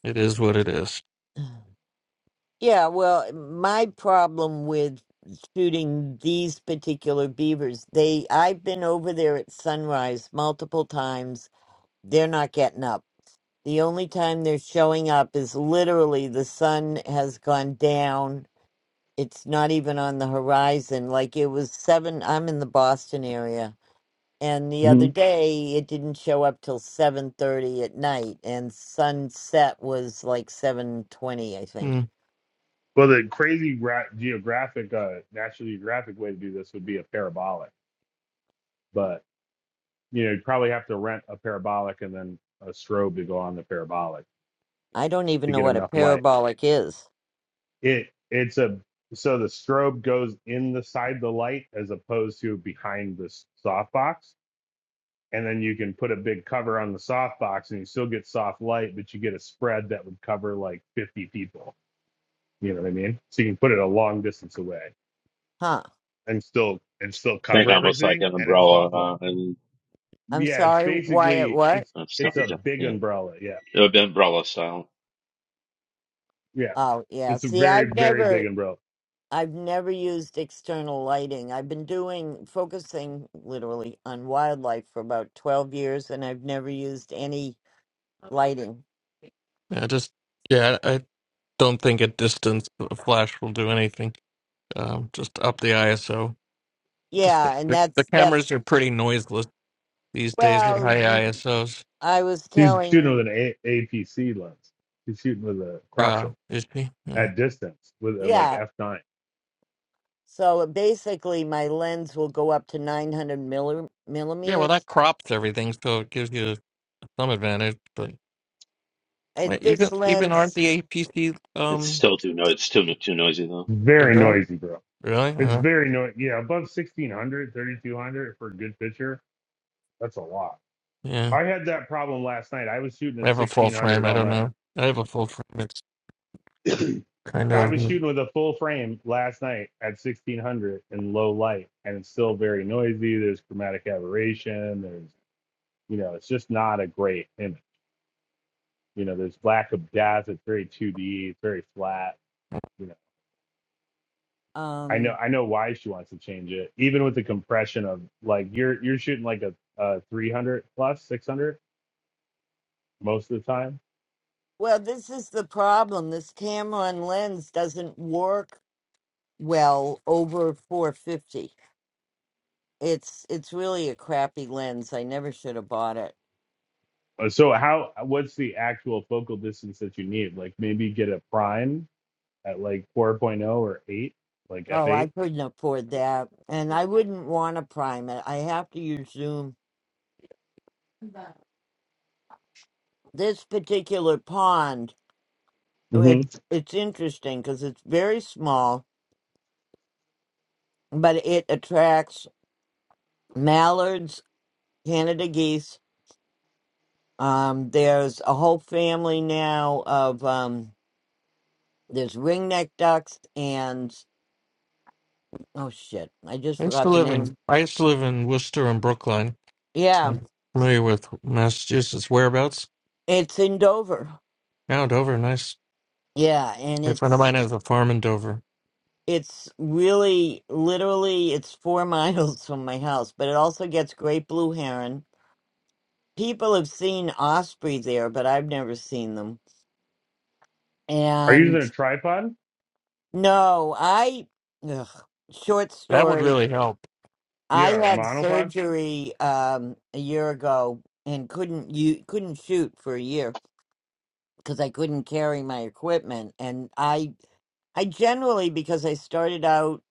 S7: It is what it is.
S1: Yeah, well, my problem with shooting these particular beavers, they I've been over there at sunrise multiple times. They're not getting up. The only time they're showing up is literally the sun has gone down it's not even on the horizon. Like it was seven. I'm in the Boston area, and the other
S6: hmm
S1: day it didn't show up till seven thirty at night, and sunset was like seven twenty, I think.
S7: Hmm.
S6: Well, the crazy ra- geographic, uh, National Geographic way to do this would be a parabolic, but you know you'd probably have to rent a parabolic and then a strobe to go on the parabolic
S1: I don't even
S6: to
S1: know
S6: get
S1: what a
S6: enough light.
S1: parabolic is,
S6: It it's a so the strobe goes in the side of the light as opposed to behind the s- softbox, and then you can put a big cover on the softbox and you still get soft light, but you get a spread that would cover like 50 people. You know what I mean? So you can put it a long distance away
S1: huh?
S6: and still and still
S5: Think
S6: cover
S5: almost like
S6: everything,
S5: an
S6: and it's
S5: umbrella,
S6: soft light.
S5: uh, and
S1: I'm
S6: Yeah, it's
S1: sorry, Wyatt.
S6: basically
S1: What?
S6: it's
S5: I'm
S6: it's
S5: sorry,
S6: a
S5: Jeff.
S6: big
S5: Yeah,
S6: umbrella. Yeah,
S5: it would be umbrella style.
S6: yeah,
S1: Oh yeah.
S6: it's a
S1: See,
S6: very
S1: I've
S6: very big
S1: never.
S6: umbrella.
S1: I've never used external lighting. I've been doing focusing literally on wildlife for about 12 years and I've never used any lighting
S7: Yeah, just yeah, I don't think at distance a flash will do anything. Um, just up the ISO. Just the,
S1: Yeah, and
S7: the, the
S1: that's that's
S7: cameras are pretty noiseless these days at high
S1: well,
S7: ISOs.
S1: I was
S6: She's shooting
S1: telling
S6: with an a- APC lens. She's shooting with a crop
S7: Uh,
S6: set.
S7: is she?
S6: at distance with uh, like
S1: yeah.
S6: F9.
S1: So basically, my lens will go up to nine hundred milli-
S7: Yeah, well,
S1: millimeters.
S7: that crops everything, so it gives you some advantage. But
S1: It,
S7: wait,
S1: this
S7: even even aren't
S1: lens,
S7: the APC
S5: It's
S7: um
S5: still too no, it's still too noisy though.
S7: they
S6: Very
S1: yeah.
S6: noisy, bro.
S7: really?
S6: It's
S7: Uh,
S6: very noisy. Yeah, above 1600, 3200 for a good picture. That's a lot.
S7: yeah,
S6: I had that problem last night. I was shooting
S7: I
S6: at
S7: have a full frame.
S6: 1600
S7: I
S6: all
S7: don't
S6: night.
S7: know. I have a full frame. It's kind
S6: I
S1: What?
S7: of.
S6: was
S7: mm,
S6: shooting with a full frame last night at 1600 in low light, and it's still very noisy. There's chromatic aberration. There's, you know, it's just not a great image. You know, there's lack of depth. It's very 2D. It's very flat. You know. I know
S1: Um.
S6: I know why she wants to change it. Even with the compression of like you're you're shooting like a, a 300 plus 600 most of the time.
S1: Well, this is the problem. This Tamron lens doesn't work well over four fifty. It's it's really a crappy lens. I never should have bought it.
S6: Uh, So how what's the actual focal distance that you need? Like maybe get a prime at like 4.0 or 8, like
S1: Oh, I
S6: f8.
S1: couldn't afford that, and I wouldn't want to prime it. I have to use zoom this particular pond oh, it,
S6: hmm
S1: it's interesting because it's very small but it attracts mallards canada geese um, there's a whole family now of um, there's ringneck ducks and oh shit i just
S7: I used to
S1: forgot the
S7: live in
S1: name
S7: I used to live in Worcester and Brookline, so
S1: yeah
S7: I'm familiar with Massachusetts whereabouts.
S1: it's in dover
S7: Now Dover, nice.
S1: yeah and
S7: A friend of
S1: it's
S7: mine has a farm in Dover.
S1: it's really literally it's four [LAUGHS] miles from my house but it also gets great blue heron people have seen osprey there, but I've never seen them.
S6: Are you
S1: And
S6: using a tripod?
S1: no, I ugh, short
S7: That would
S1: story.
S7: really help.
S6: Yeah,
S1: I
S6: or
S1: had
S6: monopod?
S1: surgery um, a year ago and couldn't you couldn't shoot for a year because I couldn't carry my equipment. And I I generally because I started out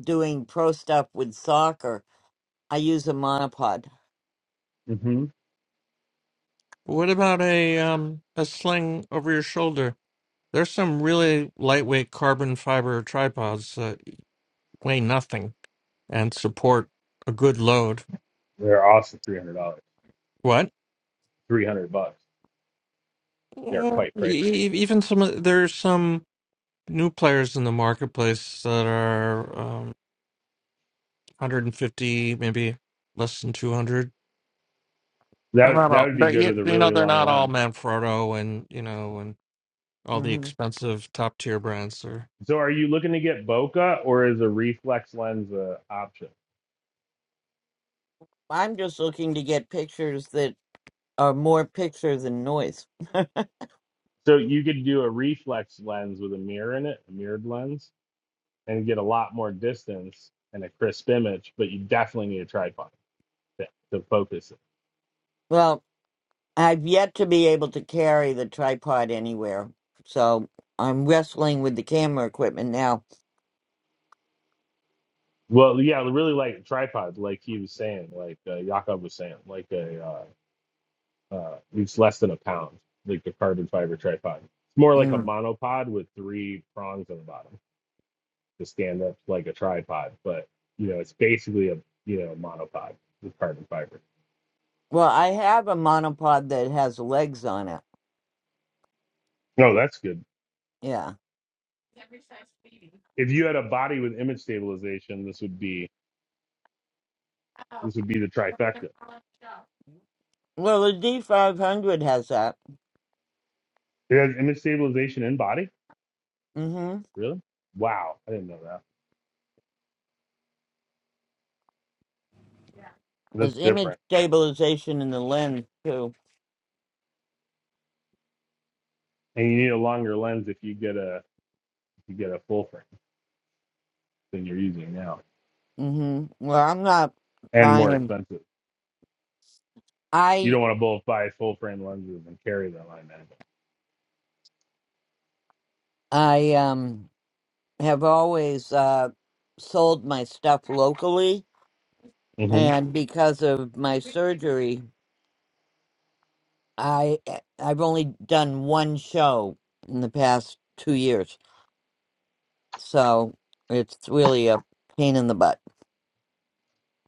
S1: doing pro stuff with soccer, I use a monopod.
S6: hmm
S7: What about a um a sling over your shoulder? There's some really lightweight carbon fiber tripods weigh nothing and support a good load.
S6: They're also $300.
S7: What?
S6: 300 bucks. They're
S7: Mm,
S6: quite pricey.
S7: e- e- Even some of- there's some new players in the marketplace that are um, 150, maybe less than 200. They're
S6: That
S7: not
S6: that
S7: all,
S6: would be
S7: but
S6: good with
S7: you,
S6: a
S7: you know,
S6: really
S7: they're
S6: long
S7: not all
S6: lens.
S7: Manfrotto and you know, and all the
S1: hmm
S7: expensive top tier brands. Or
S6: So are you looking to get bokeh or is a reflex lens a option?
S1: I'm just looking to get pictures that are more picture than noise.
S6: So you could do a reflex lens with a mirror in it, a mirrored lens, and get a lot more distance and a crisp image, but you definitely need a tripod to, to focus it.
S1: [LAUGHS] Well, I've yet to be able to carry the tripod anywhere, so I'm wrestling with the camera equipment now.
S6: Well, yeah, really like a tripod, like he was saying, like uh, Jakob was saying, like a uh, uh, it's less than a pound, like the carbon fiber tripod. It's more like a
S1: Mm.
S6: monopod with three prongs on the bottom to stand up like a tripod, but you know, it's basically a you know monopod with carbon fiber.
S1: Well, I have a monopod that has legs on it.
S6: No, that's good.
S1: Yeah.
S6: if you had a body with image stabilization, this would be this would be the trifecta.
S1: Well, the D500 has that.
S6: It has image stabilization in body,
S1: Mm-hmm.
S6: really? Wow, I didn't know that. That's
S1: There's image
S6: different.
S1: stabilization in the lens too.
S6: And you need a longer lens if you get a if you get a full frame than you're using now,
S1: Mm-hmm. Well, I'm not
S6: and more
S1: buying.
S6: expensive. You
S1: I
S6: don't want to both buy full frame lenses and carry them. I imagine.
S1: I um have always uh sold my stuff locally,
S6: hmm
S1: and because of my surgery, I eh, I've only done one show in the past two years, so it's really a pain in the butt.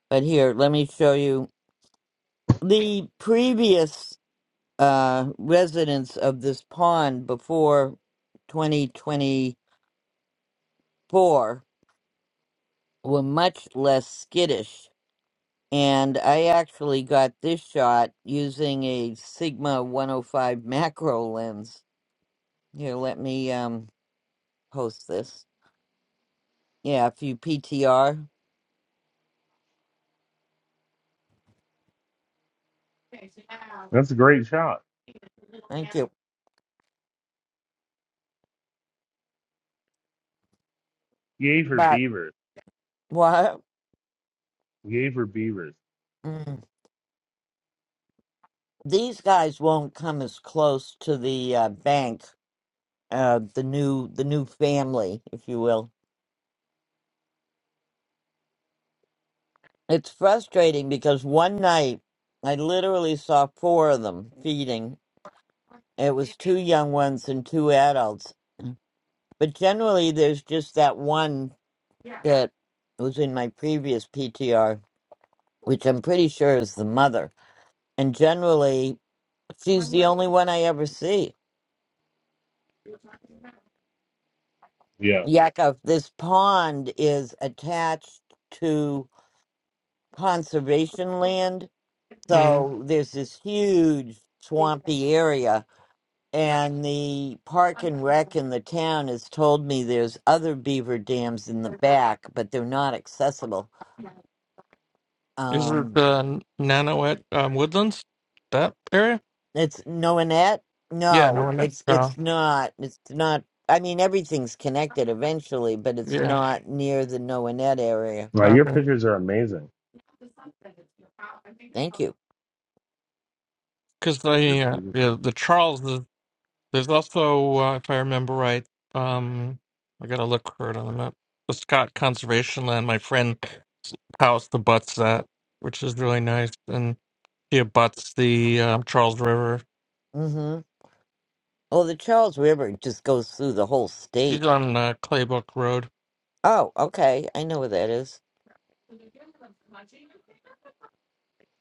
S1: But here, let me show you the previous uh, residents of this pond before 2024 were much less skittish, and I actually got this shot using a Sigma 105 macro lens. Here, let me um, post this. Yeah, if you PTR.
S6: That's a great shot.
S1: Thank you.
S6: Yay for
S1: But
S6: beavers!
S1: what
S6: Yay for beavers!
S1: mm, these guys won't come as close to the uh, bank, uh, the new the new family, if you will. It's frustrating because one night I literally saw four of them feeding. It was two young ones and two adults, but generally there's just that one that was in my previous PTR, which I'm pretty sure is the mother, and generally she's the only one I ever see
S6: Yeah.
S1: Yakov, this pond is attached to conservation land.
S7: mm.
S1: So there's this huge swampy area. And the park and rec in the town has told me there's other beaver dams in the back, but they're not accessible.
S7: is it
S1: Um,
S7: the Nano at um, Woodlands? That area?
S1: it's no Annette?
S7: Yeah, no
S1: No,
S7: one.
S1: it's
S7: Oh,
S1: it's not. It's not. I mean, everything's connected eventually, but it's
S7: yeah.
S1: not near the Noanette area.
S6: Wow, your
S7: Okay.
S6: pictures are amazing.
S1: Thank you.
S7: Because the
S6: They're
S7: uh,
S6: beautiful.
S7: yeah, the Charles There's also, uh, if I remember right, um, I gotta look for it on the map. The Scott Conservation Land, my friend house abuts that, which is really nice, and she abuts the um, Charles River.
S1: Mm-hmm. Oh, the Charles River just goes through the whole
S7: She's
S1: state.
S7: on uh, Claybrook Road,
S1: Oh, okay. I know where that is.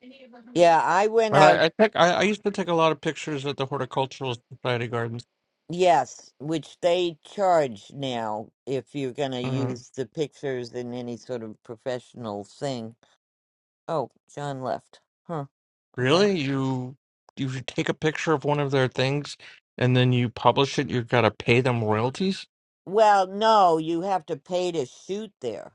S7: and
S1: Yeah, I went out,
S7: I, I think I, I used to take a lot of pictures at the Horticultural Society gardens.
S1: yes, which they charge now if you're going to
S7: Mhm.
S1: use the pictures in any sort of professional thing. Oh, John left. Huh, okay.
S7: Really, you you should take a picture of one of their things, and then you publish it. You've got to pay them royalties.
S1: Well, no, you have to pay to shoot there.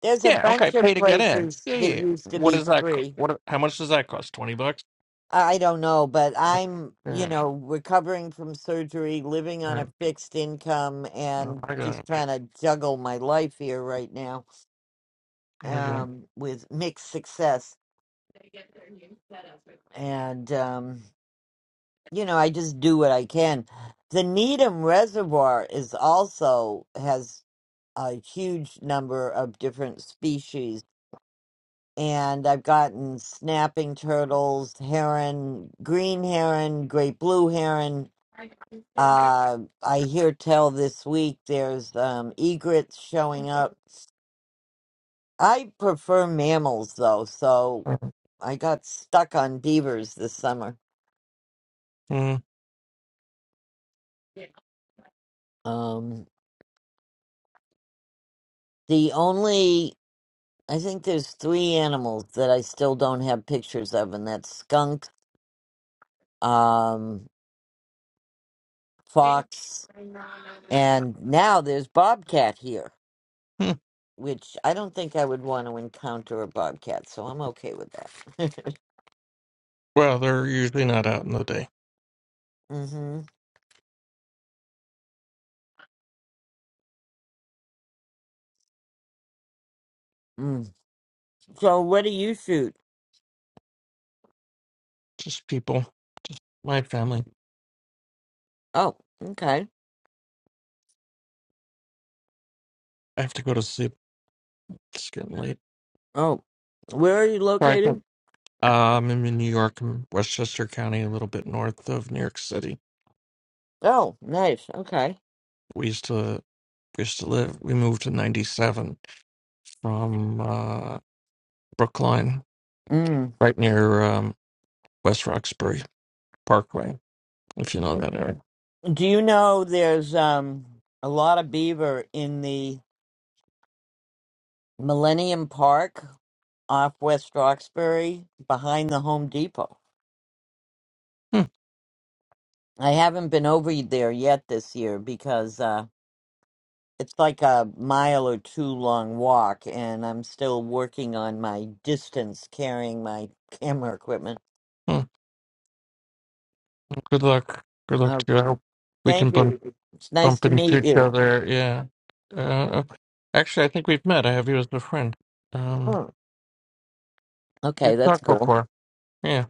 S1: There's a
S7: Yeah,
S1: bunch
S7: okay,
S1: of
S7: pay to get in.
S1: places
S7: Yeah,
S1: that
S7: yeah. yeah.
S1: used to
S7: What
S1: be
S7: is that? co-
S1: free.
S7: What? How much does that cost? Twenty bucks.
S1: I don't know, but I'm, you
S7: Mm,
S1: know, recovering from surgery, living on
S7: Yeah,
S1: a fixed income,
S7: I
S1: and
S7: I got
S1: just
S7: it.
S1: trying to juggle my life here right now
S7: I got it.
S1: um, with mixed success. And, um, you know, I just do what I can. The Needham Reservoir is also has a huge number of different species. And I've gotten snapping turtles, heron, green heron, great blue heron, Uh, I hear tell this week there's um, egrets showing up. I prefer mammals though, so I got stuck on beavers this summer.
S7: Mm,
S1: Um, the only I think there's three animals that I still don't have pictures of, and that's skunk, um, fox, and now there's bobcat here,
S7: mm.
S1: which I don't think I would want to encounter a bobcat, so I'm okay with that.
S7: Well, they're usually not out in the day.
S1: [LAUGHS] hmm Mm. So what do you shoot?
S7: Just people. My family.
S1: Oh, okay.
S7: I have to go to sleep. It's getting late.
S1: Oh, where are you
S7: Sorry. Um,
S1: located?
S7: I'm in New York, in Westchester County, a little bit north of New York City.
S1: Oh, nice. Okay.
S7: We used to we used to live. We moved in '97 from uh, Brookline,
S1: Mm.
S7: right near um, West Roxbury Parkway. if you know that area.
S1: Do you know there's um a lot of beaver in the Millennium Park off West Roxbury behind the Home Depot?
S7: Hmm,
S1: I haven't been over there yet this year because uh it's like a mile or two long walk and I'm still working on my distance carrying my camera equipment.
S7: hmm. Good luck. Good luck
S1: Oh,
S7: to you. I hope we
S1: thank
S7: can bump
S1: you. It's nice
S7: bump
S1: to
S7: into
S1: meet
S7: each
S1: you.
S7: other. Yeah. Uh, okay. actually, I think we've met. I have you as a friend. Um,
S1: Hmm. Okay,
S7: we've
S1: that's
S7: talked
S1: cool.
S7: before. Yeah,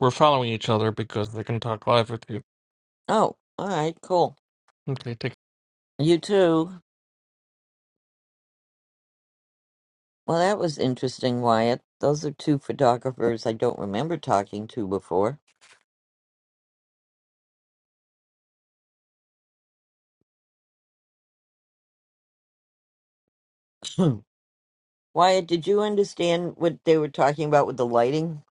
S7: we're following each other because they can talk live with you.
S1: Oh, all right, cool.
S7: Okay, take
S1: You too. Well, that was interesting, Wyatt. Those are two photographers I don't remember talking to before. [CLEARS THROAT] Hmm. Wyatt, did you understand what they were talking about with the lighting?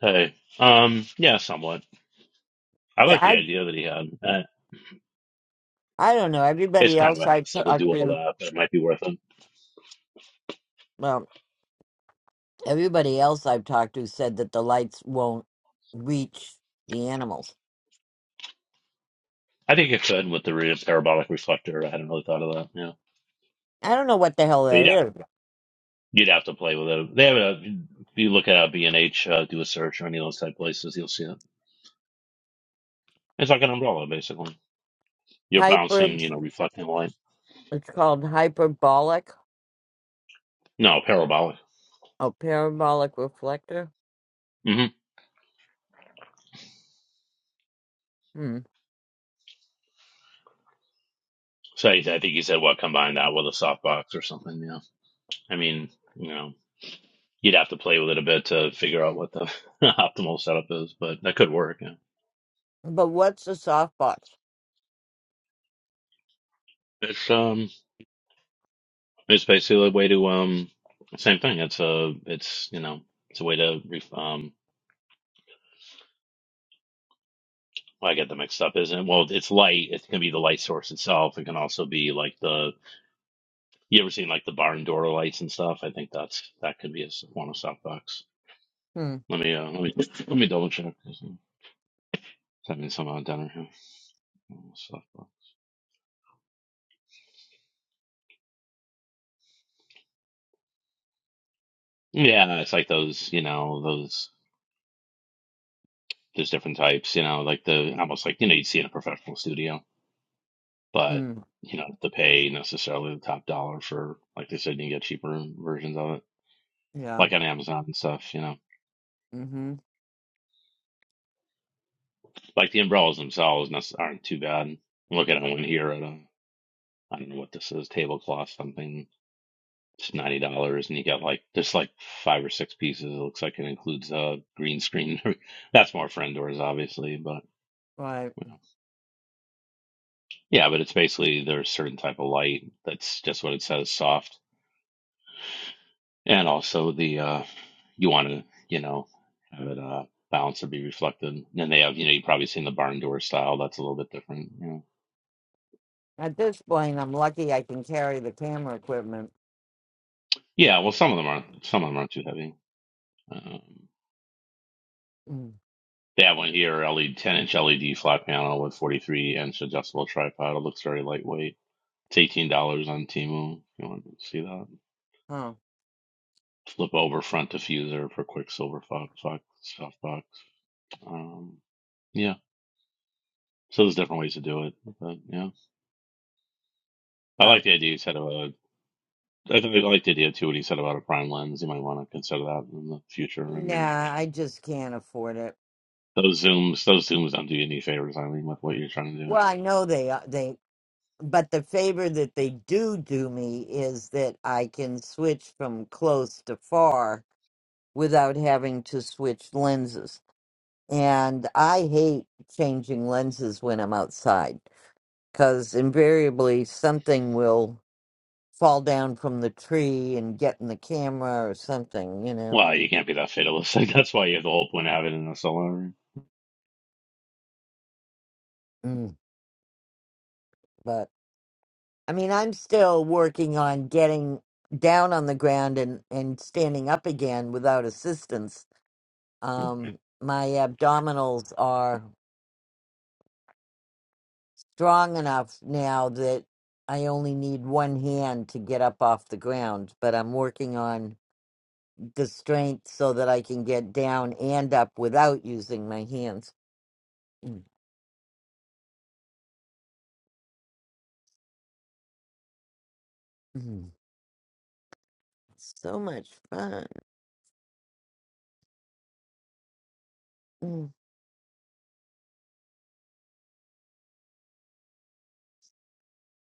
S5: Hey, um, yeah, somewhat. I
S1: Yeah,
S5: like the
S1: I
S5: idea that he had. Uh,
S1: I don't know.
S5: it's
S1: Everybody
S5: kind of
S1: else
S5: a
S1: I
S5: hassle to
S1: talked
S5: do all
S1: to,
S5: that, but it might be worth it.
S1: well, everybody else I've talked to said that the lights won't reach the animals.
S5: I think it could with the re- parabolic reflector. I hadn't really thought of that. Yeah,
S1: I don't know what the hell
S5: but
S1: that
S5: you'd have
S1: is.
S5: you'd have to play with it. They have a. If you look at B and H, uh, do a search or any of those type places, you'll see it. It's like an umbrella, basically. You're
S1: Hyper,
S5: bouncing, you know, reflecting light.
S1: it's called hyperbolic
S5: No, parabolic.
S1: a parabolic reflector.
S5: hmm
S1: Hmm.
S5: So he, I think he said, what? Combine that with a softbox or something. Yeah. I mean, you know. You'd have to play with it a bit to figure out what the [LAUGHS] optimal setup is, but that could work. Yeah.
S1: But what's a softbox?
S5: It's um, it's basically a way to um, same thing. It's a, it's you know, it's a way to ref- um. Well, I get them mixed up, isn't it? Well, it's light. It can be the light source itself. It can also be like the you ever seen like the barn door lights and stuff. I think that's that could be a s- one of softbox.
S1: Hmm.
S5: Let me uh, let me let me double check. Send me some uh, dinner here. Softbox. Yeah, it's like those, you know, those. there's different types, you know, like the almost like you know you'd see in a professional studio, but
S1: Hmm.
S5: you know to pay necessarily the top dollar for like they said you can get cheaper versions of it,
S1: Yeah.
S5: like on Amazon and stuff, you know.
S1: Mm-hmm.
S5: Like the umbrellas themselves nece- aren't too bad. I'm looking at one here at a I don't know what this is tablecloth something. It's ninety dollars, and you get like there's like five or six pieces. It looks like it includes a green screen. [LAUGHS] That's more friend doors, obviously, but
S1: Right.
S5: you know. yeah, but it's basically there's a certain type of light that's just what it says, soft and also the uh, you want to you know have it uh, balance or be reflected. And then they have you know you've probably seen the barn door style. That's a little bit different. You know.
S1: At this point, I'm lucky I can carry the camera equipment.
S5: Yeah, well, some of them aren't. Some of them aren't too heavy. Um,
S1: Mm.
S5: they have one here, LED, 10 inch LED flat panel with 43 inch adjustable tripod. It looks very lightweight. It's eighteen dollars on Temu. If you want to see that?
S1: Huh.
S5: Flip over front diffuser for Quicksilver Fox, Fox, Softbox. Um, yeah. So there's different ways to do it, but yeah. I like
S1: Well,
S5: the idea instead of a I, think I liked the idea too what he said about a prime lens. You might want to consider that in the future. I mean,
S1: nah, I just can't afford it.
S5: those zooms, those zooms don't do you any favors. I mean, with what you're trying to do.
S1: Well, I know they are- they, but the favor that they do do me is that I can switch from close to far without having to switch lenses. And I hate changing lenses when I'm outside because invariably something will. fall down from the tree and get in the camera or something, you know.
S5: Well, you can't be that fatalistic. [LAUGHS] That's why you have the whole point of having it in a solar array.
S1: Mm. But I mean, I'm still working on getting down on the ground and and standing up again without assistance.
S5: Alright.
S1: Um, my abdominals are strong enough now that I only need one hand to get up off the ground, but I'm working on the strength so that I can get down and up without using my hands. Mm. Mm. So much fun. Mm.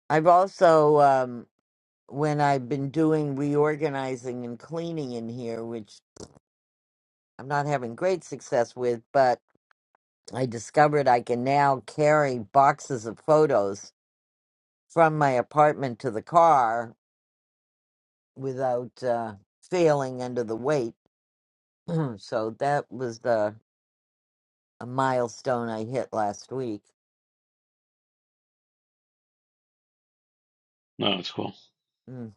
S1: I've also, um, when I've been doing reorganizing and cleaning in here, which I'm not having great success with, but I discovered I can now carry boxes of photos from my apartment to the car without uh, failing under the weight. [CLEARS THROAT] so that was the a milestone I hit last week.
S5: No, it's cool.
S1: Mm.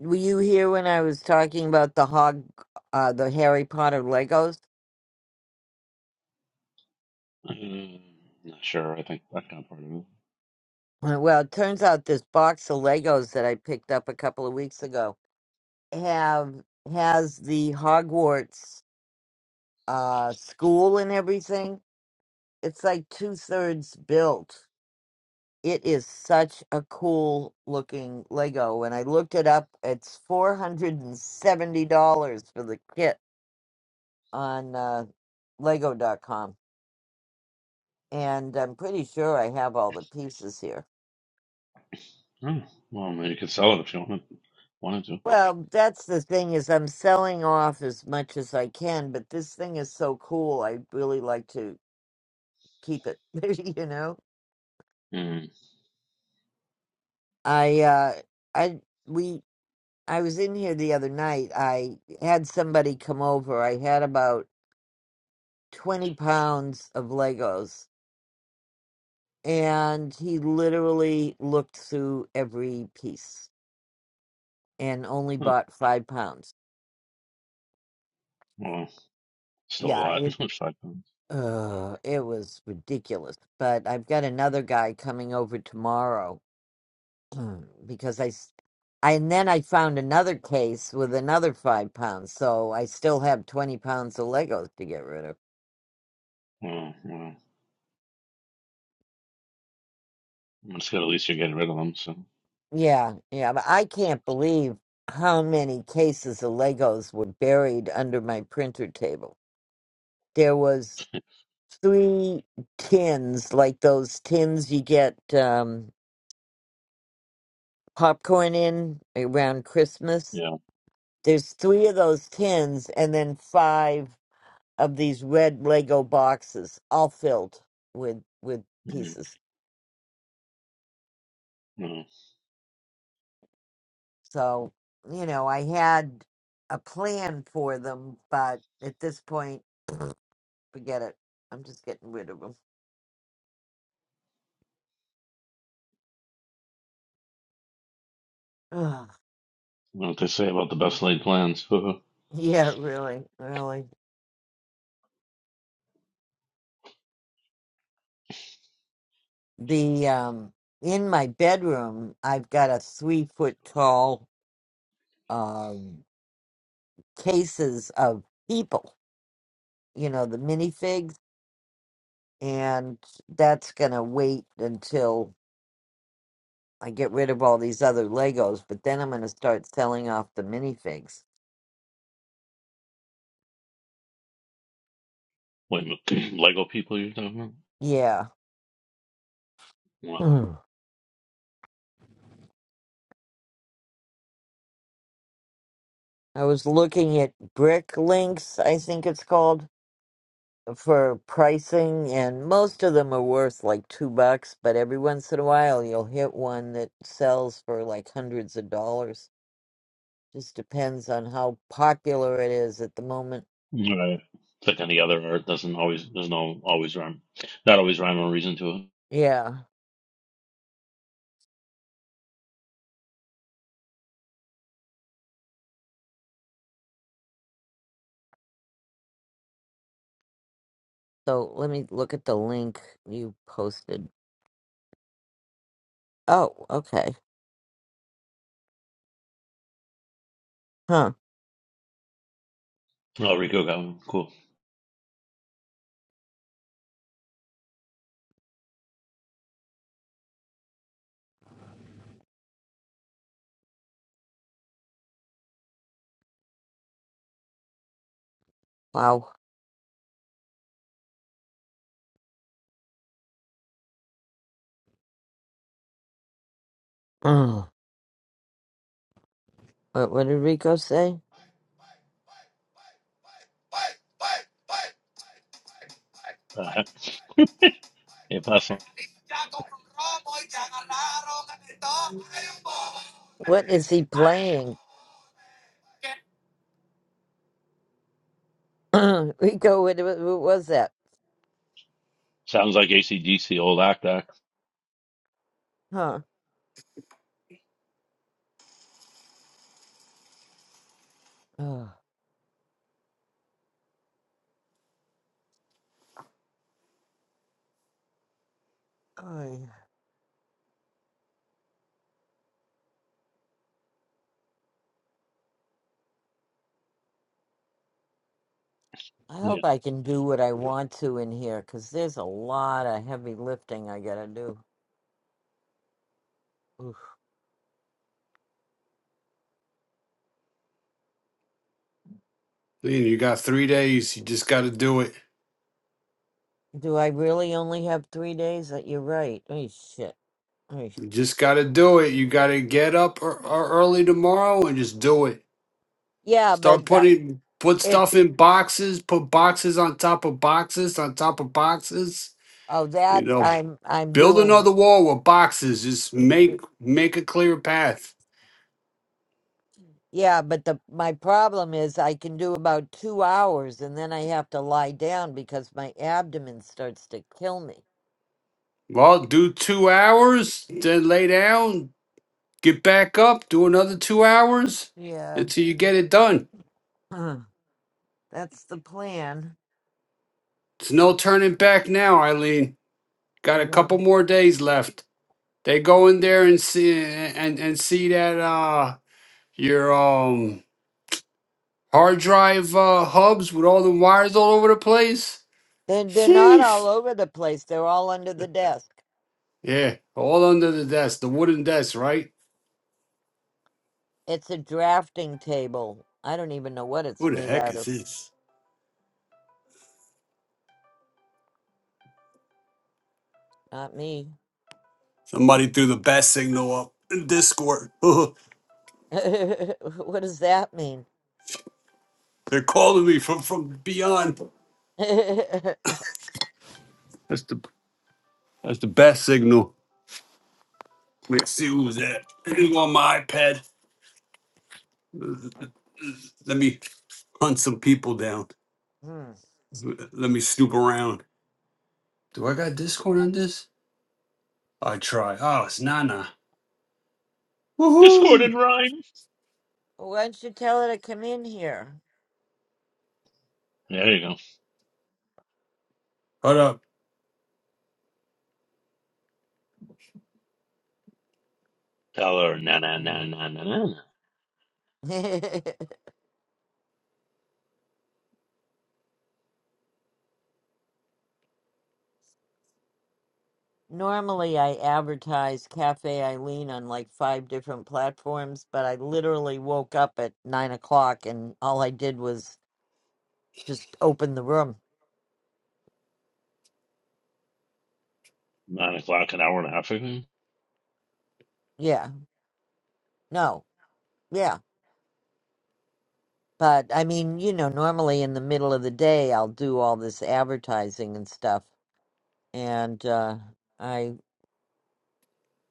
S1: Were you here when I was talking about the hog, uh, the Harry Potter Legos?
S5: Uh, not sure. I think that got part of it.
S1: Uh, Well, it turns out this box of Legos that I picked up a couple of weeks ago have has the Hogwarts uh school and everything. It's like two thirds built. It is such a cool looking Lego. When I looked it up, it's four hundred and seventy dollars for the kit on uh, Lego.com, and I'm pretty sure I have all the pieces here.
S5: Oh, well, maybe you could sell it if you wanted wanted to.
S1: Well, that's the thing is I'm selling off as much as I can, but this thing is so cool. I really like to keep it, [LAUGHS] you know.
S5: Mm.
S1: I uh I we I was in here the other night. I had somebody come over. I had about 20 pounds of Legos, and he literally looked through every piece and only
S5: Huh.
S1: bought 5 pounds.
S5: Well, still a
S1: Yeah,
S5: lot. [LAUGHS]
S1: it
S5: It's Five pounds.
S1: Uh, it was ridiculous. But I've got another guy coming over tomorrow [CLEARS THROAT] because I, s- I- and then I found another case with another five pounds, so I still have twenty pounds of Legos to get rid of.
S5: Well, well, it's good. At least you're getting rid of them. So
S1: Yeah, yeah, but I can't believe how many cases of Legos were buried under my printer table. There was three tins, like those tins you get um, popcorn in around Christmas
S5: yeah.
S1: There's three of those tins and then five of these red Lego boxes, all filled with with
S5: Mm.
S1: pieces.
S5: Well,
S1: So, you know, I had a plan for them, but at this point, [CLEARS THROAT] forget it. I'm just getting rid of them. Ugh. [LAUGHS]
S5: well, what they say about the best laid plans? [LAUGHS]
S1: Yeah, really, really. The um in my bedroom, I've got a three foot tall um cases of people. You know the minifigs. and that's gonna wait until I get rid of all these other Legos. But then I'm gonna start selling off the minifigs.
S5: Wait, [CLEARS THROAT] Lego people you're talking about?
S1: Yeah,
S5: Well,
S1: Mm. I was looking at Brick Links, I think it's called, for pricing, and most of them are worth like two bucks. But every once in a while, you'll hit one that sells for like hundreds of dollars. Just depends on how popular it is at the moment.
S5: Right. It's like any other art doesn't always there's no always rhyme, not always rhyme or reason to it.
S1: Yeah. So let me look at the link you posted. Oh, okay. Huh.
S5: Oh, Rico got one. Cool.
S1: Wow. Mm. What, what did Rico say?
S5: Uh, [LAUGHS] yeah, pass on.
S1: What is he playing? [CLEARS THROAT] Rico, what, what, what was that?
S5: [LAUGHS] Sounds like ACDC, old act act.
S1: Huh. Ugh. Oh, I
S5: Yeah.
S1: hope I can do what I want to in here, 'cause there's a lot of heavy lifting I gotta do. Oof.
S3: Lean, you got three days. You just got to do it.
S1: Do I really only have three days? That You're right. Oh, shit. Oh,
S3: You just got to do it. You got to get up or, or early tomorrow and just do it.
S1: yeah,
S3: Start
S1: but that,
S3: putting put stuff
S1: it's,
S3: in boxes. Put boxes on top of boxes on top of boxes.
S1: oh,
S3: You
S1: that
S3: know,
S1: I'm, I'm
S3: Build
S1: doing.
S3: another wall with boxes. Just make make a clear path.
S1: Yeah, but the my problem is I can do about two hours and then I have to lie down because my abdomen starts to kill me.
S3: Well, do two hours, then lay down, get back up, do another two hours
S1: Yeah,
S3: until you get it done.
S1: [CLEARS THROAT] that's the plan.
S3: There's no turning back now, Eileen. Got
S1: You
S3: a couple
S1: know,
S3: more days left. They go in there and see and and see that uh your um hard drive uh, hubs with all the wires all over the place.
S1: they're, they're not all
S3: Sheesh.
S1: over the place. They're all under the desk.
S3: Yeah, all under the desk, the wooden desk, right?
S1: It's a drafting table. I don't even know what it's
S3: Who the
S1: made
S3: heck
S1: out
S3: is
S1: of.
S3: this?
S1: Not me.
S3: Somebody threw the bat signal up in Discord. [LAUGHS] They're
S1: [LAUGHS] what does that mean?
S3: calling me from from beyond.
S1: [LAUGHS]
S3: That's the that's the bat signal. Let's see who's that. Anything on my iPad? Let me hunt some people down.
S1: Hmm.
S3: Let me snoop around. Do I got Discord on this? I try. Oh, it's Nana.
S5: Discord
S3: Woohoo!
S5: and rhyme.
S1: Why don't you tell her to come in here?
S5: There you go.
S3: Hold up.
S5: Tell her na na na
S1: Mm.
S5: na na na. na.
S1: [LAUGHS] Normally, I advertise Cafe Eileen on like five different platforms, but I literally woke up at nine o'clock and all I did was just open the room.
S5: Nine o'clock, an hour and a half ago.
S1: Yeah, no, yeah. But I mean, you know, normally in the middle of the day, I'll do all this advertising and stuff. And uh, I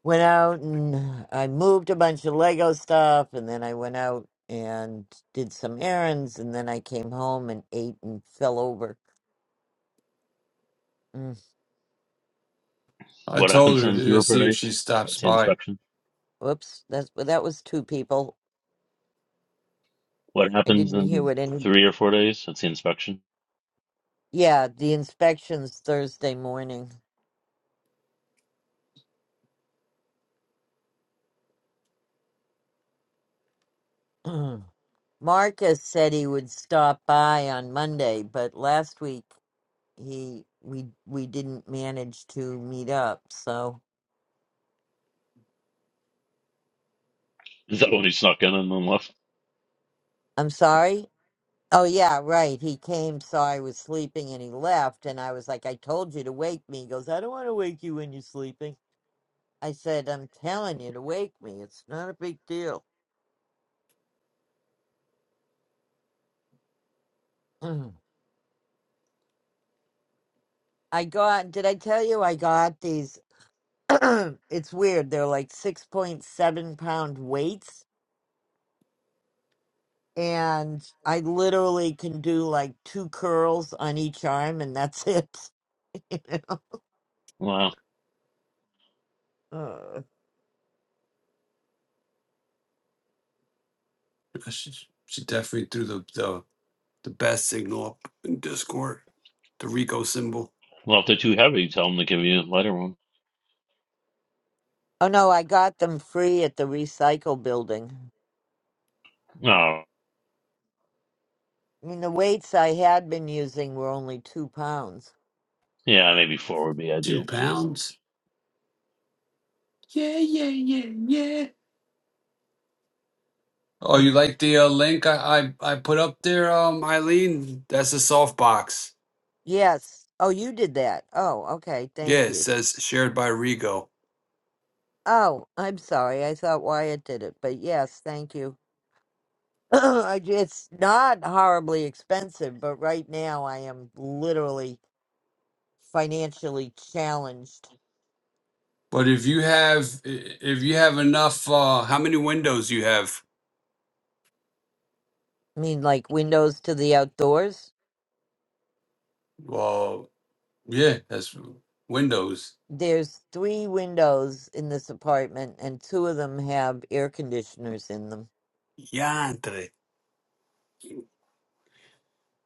S1: went out and I moved a bunch of Lego stuff, and then I went out and did some errands, and then I came home and ate and fell over.
S3: I
S5: What
S3: told
S5: happens
S3: her
S5: in three
S3: to
S5: or four
S3: see if
S5: days?
S3: she stops
S5: That's the
S3: by.
S5: inspection.
S1: Whoops, that's well, that was two people.
S5: What
S1: I
S5: happens
S1: didn't hear
S5: in
S1: what any.
S5: three or four days? That's the inspection.
S1: Yeah, the inspection's Thursday morning. [CLEARS THROAT] Marcus said he would stop by on Monday, but last week he we we didn't manage to meet up. So
S5: Is that when he snuck in and then left?
S1: I'm sorry. Oh yeah, right. He came, saw I was sleeping, and he left. And I was like, "I told you to wake me." He goes, "I don't want to wake you when you're sleeping." I said, "I'm telling you to wake me. It's not a big deal." [CLEARS THROAT] I got, did I tell you I got these? [CLEARS THROAT] it's weird. They're like 6.7 pound weights. And I literally can do like two curls on each arm and that's it. [LAUGHS] you know?
S5: Wow.
S1: Uh.
S3: She, she definitely threw the, the the best signal up in Discord. The Rico symbol.
S5: Well, if they're too heavy, tell them to give you a lighter one.
S1: Oh no, I got them free at the recycle building.
S5: Oh,
S1: I mean, the weights I had been using were only two pounds.
S5: yeah, maybe four would be
S3: Two
S5: ideal.
S3: pounds. Yeah, yeah, yeah, yeah. Oh,
S1: I,
S3: you like the uh, link I, I I put up there, um, Eileen? That's a softbox.
S1: yes. Oh, you did that. Oh, okay.
S3: Yeah,
S1: Thank
S3: it
S1: you.
S3: says shared by Rigo.
S1: Oh, I'm sorry. I thought Wyatt did it, but yes, thank you. [CLEARS THROAT] I ju- it's not horribly expensive, but right now I am literally financially challenged.
S3: But if you have i- if you have enough, uh, how many windows you have?
S1: I mean, like windows to the outdoors.
S3: Well, yeah, that's windows.
S1: There's three windows in this apartment, and two of them have air conditioners in them.
S3: Yantre.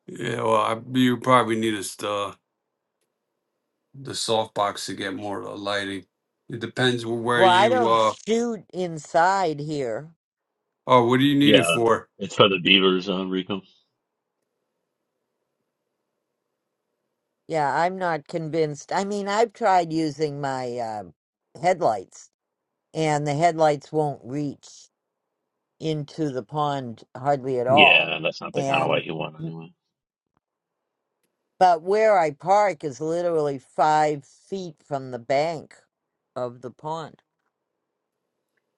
S3: Yeah, well, I, you probably need a, st- uh, the softbox to get more uh, lighting. It depends wh- where
S1: Well, I
S3: you
S1: don't
S3: uh.
S1: shoot inside here.
S3: Oh, what do you need it
S5: Yeah,
S3: for?
S5: it's for the beavers, uh, Rico.
S1: Yeah, I'm not convinced. I mean, I've tried using my uh, headlights, and the headlights won't reach. into the pond hardly at all.
S5: Yeah, that's not the kind of
S1: And
S5: light you want anyway.
S1: but where I park is literally five feet from the bank of the pond.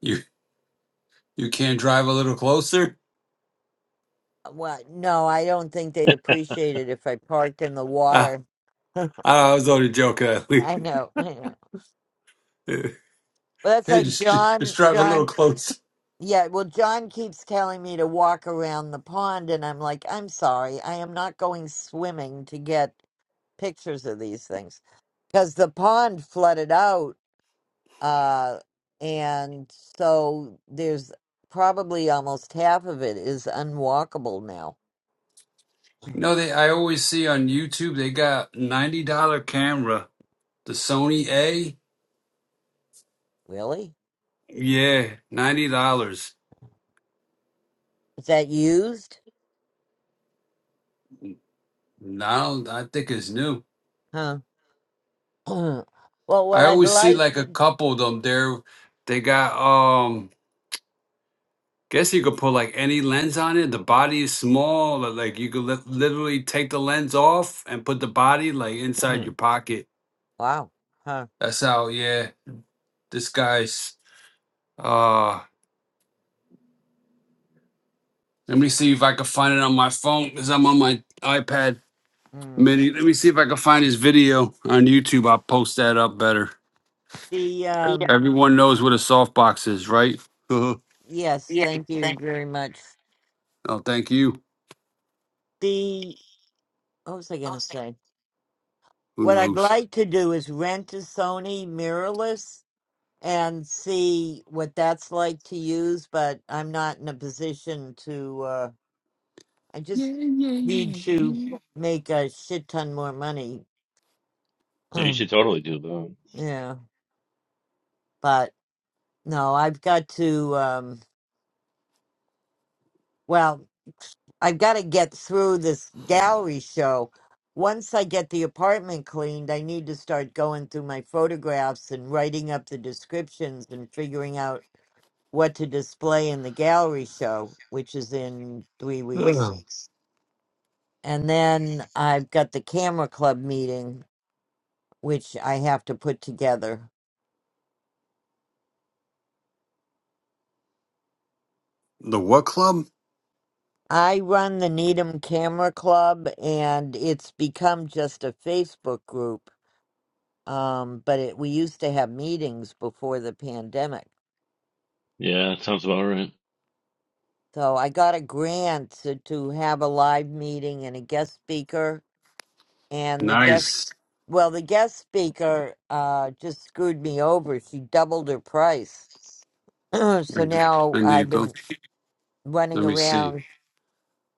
S3: You you can't drive a little closer?
S1: Uh, Well, no, I don't think they'd appreciate it if I parked in the
S3: [LAUGHS]
S1: water. [LAUGHS]
S3: I was only joking. [LAUGHS]
S1: I know, I know.
S3: hey,
S1: Well, that's like
S3: just just
S1: John,
S3: drive a little
S1: John.
S3: closer.
S1: Yeah, well, John keeps telling me to walk around the pond, and I'm like, I'm sorry, I am not going swimming to get pictures of these things because the pond flooded out Uh, and so there's probably almost half of it is unwalkable now.
S3: No, they. I always see on YouTube they got ninety dollar camera, the Sony A.
S1: Really?
S3: Yeah, ninety dollars.
S1: Is that used?
S3: Now I think it's new.
S1: Huh. [CLEARS THROAT] well, what
S3: I
S1: I'd
S3: always see
S1: like.
S3: like a couple of them. There, they got um. Guess you could put like any lens on it. The body is small. li- Like you could li- literally take the lens off and put the body like inside your
S1: [CLEARS THROAT]
S3: pocket.
S1: wow. Huh.
S3: That's how. Yeah, this guy's. uh, Let me see if I can find it on my phone because I'm on my iPad
S1: Mm.
S3: mini. Let me see if I can find his video on YouTube. I'll post that up better.
S1: The, um,
S3: Everyone knows what a softbox is, right? [LAUGHS] oh,
S1: yes, thank you very much.
S3: thank you.
S1: The, what was I going to say?
S3: Who
S1: What I'd
S3: knows?
S1: like to do is rent a Sony mirrorless and see what that's like to use, but I'm not in a position to, uh, I just need to make a shit ton more money. [CLEARS THROAT]
S5: Yeah, you
S1: Um,
S5: should totally do that.
S1: yeah, but no, I've got to. Um, well, I've got to get through this gallery show. Once I get the apartment cleaned, I need to start going through my photographs and writing up the descriptions and figuring out what to display in the gallery show, which is in three weeks. And then I've got the camera club meeting, which I have to put together.
S3: Um,
S1: I run the Needham Camera Club, and it's become just a Facebook group. Um, but it, we used to have meetings before the pandemic.
S5: Yeah, that sounds about right.
S1: So I got a grant to, to have a live meeting and a guest speaker. And the guest,
S3: Nice.
S1: well, the guest speaker uh, just screwed me over. She doubled her price. [CLEARS THROAT] so
S3: Thank you.
S1: now I've
S3: Indeed, though.
S1: been running
S3: Let me see.
S1: around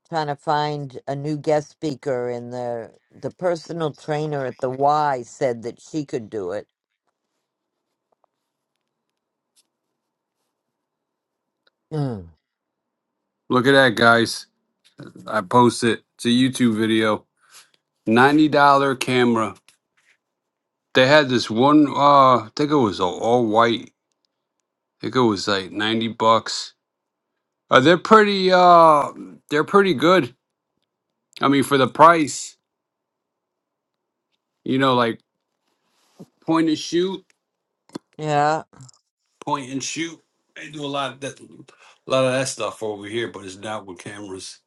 S1: trying to find a new guest speaker, and the the personal trainer at the Y said that she could do it. Mm.
S3: Look at that, guys. I post it. It's a YouTube video. $90 camera. They had this one, uh, I think it was all, all white. I think it was like 90 bucks. Uh, they're pretty, uh, they're pretty good. I mean, for the price, you know, like point and shoot,
S1: Yeah.
S3: point and shoot. They do a lot of that, a lot of that stuff over here, but it's not with cameras.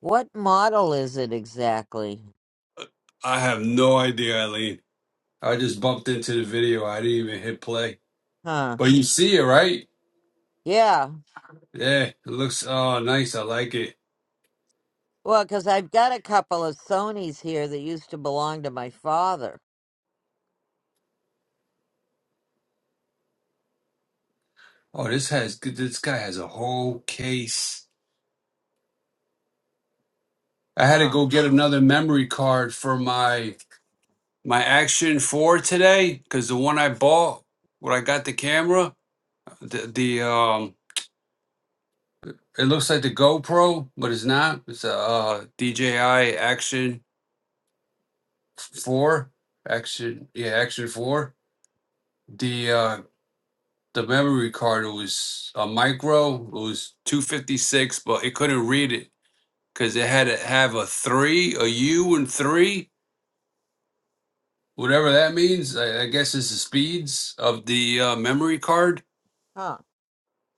S1: What model is it exactly?
S3: I have no idea, Eileen. I just bumped into the video. I didn't even hit play,
S1: Huh.
S3: but you see it, right?
S1: Yeah.
S3: Yeah, it looks oh nice. I like it.
S1: Well, 'cause I've got a couple of Sonys here that used to belong to my father.
S3: Oh, this has this guy has a whole case. I had to
S1: Huh.
S3: go get another memory card for my my Action Four today because the one I bought when I got the camera, the, the um It looks like the GoPro, but it's not. It's a uh, DJI Action Four, Action yeah, Action Four. The uh, the memory card was a micro. It was two fifty six, but it couldn't read it because it had to have a three, a U, and three, whatever that means. I, I guess it's the speeds of the uh, memory card
S1: Huh.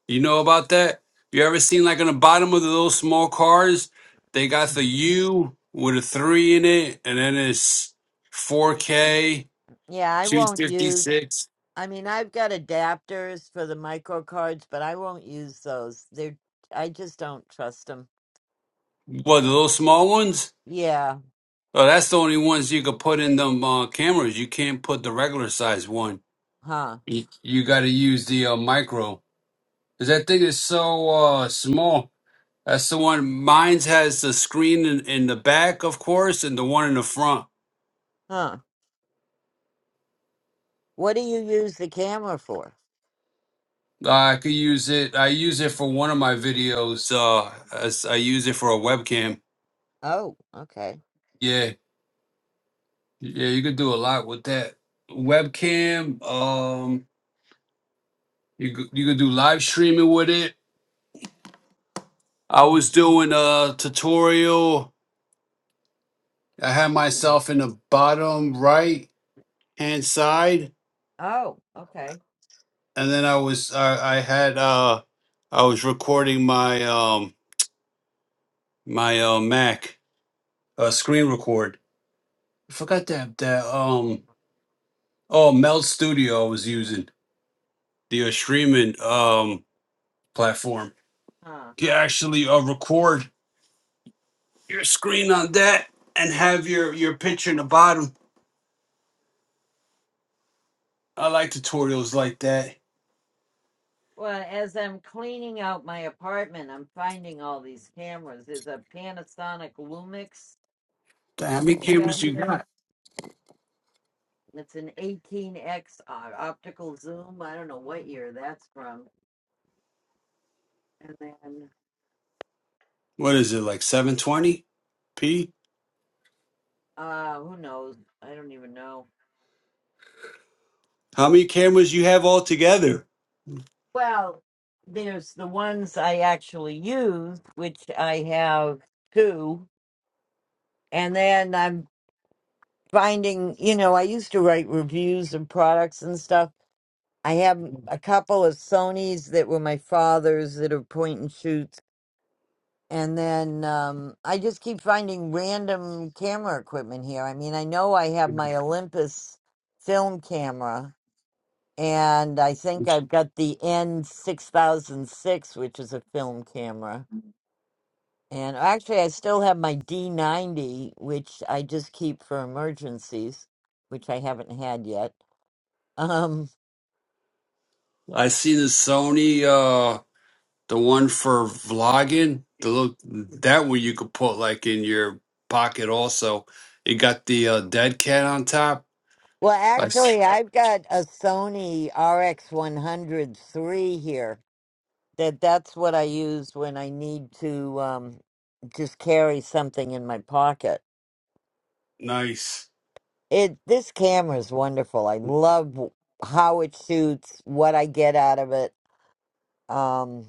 S3: You know about that? You ever seen like on the bottom of those small cars, they got the
S1: Mm.
S3: U with a three in it, and then it's 4K,
S1: Yeah, I won't use.
S3: 256.
S1: I mean, I've got adapters for the micro cards, but I won't use those. They're. I just don't trust them.
S3: What, the little small ones?
S1: Yeah.
S3: Oh, that's the only ones you could put in them uh, cameras. You can't put the regular size one.
S1: Huh.
S3: You, you got to use the uh, micro. 'Cause that thing is so uh, small. That's the one. Mine's has the screen in, in the back, of course, and the one in the front.
S1: Huh. What do you use the camera for?
S3: I could use it. I use it for one of my videos. Uh, as I use it for a webcam.
S1: Oh, okay.
S3: Yeah, yeah, you could do a lot with that webcam. Um, you could, you could do live streaming with it. I
S1: Mm.
S3: was doing a tutorial. I had myself in the bottom right hand side,
S1: Oh, okay.
S3: and then I was I, I had uh I was recording my um my uh Mac uh screen record. I forgot that that um Oh, Mel Studio was using the uh, streaming um platform.
S1: Huh.
S3: You actually uh, record your screen on that and have your your picture in the bottom. I like tutorials like that.
S1: Well, as I'm cleaning out my apartment, I'm finding all these cameras. There's a Panasonic Lumix
S3: Damn, How many
S1: I got
S3: cameras you
S1: here.
S3: got?
S1: It's an 18x uh, optical zoom. I don't know what year that's from. And then,
S3: What is it like 720p?
S1: uh, who knows? I don't even know.
S3: How many cameras you have altogether?
S1: Well, there's the ones I actually use, which I have two. And then I'm finding, you know, I used to write reviews of products and stuff. I have a couple of Sony's that were my father's that are point and shoots. And then um, I just keep finding random camera equipment here. I mean, I know I have my Olympus film camera, and I think I've got the N6006, which is a film camera. And actually, I still have my D90, which I just keep for emergencies, which I haven't had yet Um,
S3: I see the Sony uh the one for vlogging. The little that one you could put like in your pocket also. It got the uh, dead cat on top.
S1: well,
S3: I s-
S1: actually, I've got a Sony RX103 here. That that's what I use when I need to um just carry something in my pocket.
S3: Nice.
S1: It this camera is wonderful. I love w- how it shoots, what I get out of it. Um,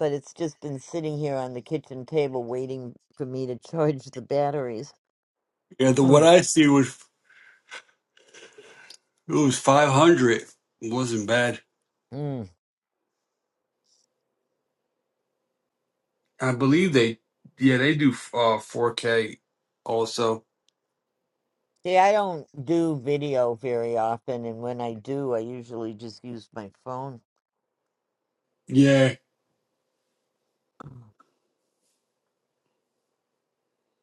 S1: but it's just been sitting here on the kitchen table waiting for me to [LAUGHS] charge the batteries.
S3: Yeah, the what I see was it was five hundred. It wasn't bad.
S1: [CLEARS THROAT]
S3: I believe they, yeah, they do uh 4K also.
S1: See, I don't do video very often, and when I do, I usually just use my phone.
S3: Yeah.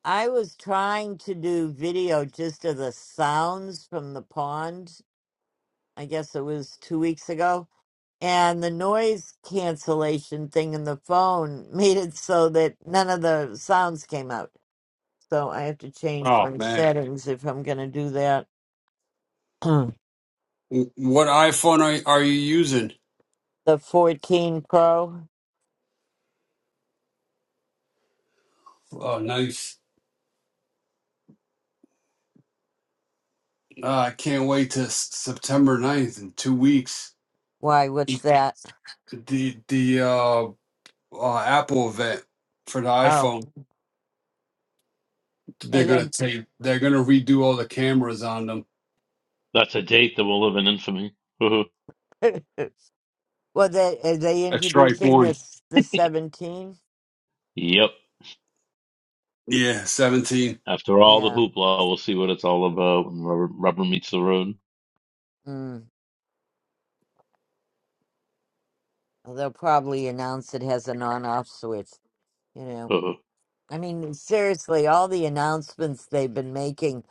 S1: I was trying to do video just of the sounds from the pond. I guess it was two weeks ago. And the noise cancellation thing in the phone [LAUGHS] made it so that none of the sounds came out. So I have to change my settings if I'm going to do that. [CLEARS THROAT] the
S3: W- What iPhone are are you using?
S1: 14 Pro?
S3: Oh, nice. Uh, I can't wait to S- September ninth in two weeks.
S1: Why, what's that?
S3: The the uh, uh Apple event for the
S1: Oh,
S3: iPhone.
S1: [LAUGHS]
S3: They're gonna
S1: and
S3: take. They're gonna redo all the cameras on them.
S5: That's a date that will live in infamy. [LAUGHS]
S1: then. [LAUGHS] Well, they are they
S3: A strike
S1: introducing
S3: one.
S1: this the seventeen?
S5: yep.
S3: Yeah, seventeen.
S5: After all the
S1: Yeah,
S5: hoopla, we'll see what it's all about when rubber, rubber meets the road.
S1: mm. well, they'll probably announce it has an on-off switch. You know,
S5: [LAUGHS]
S1: I mean, seriously, all the announcements they've been making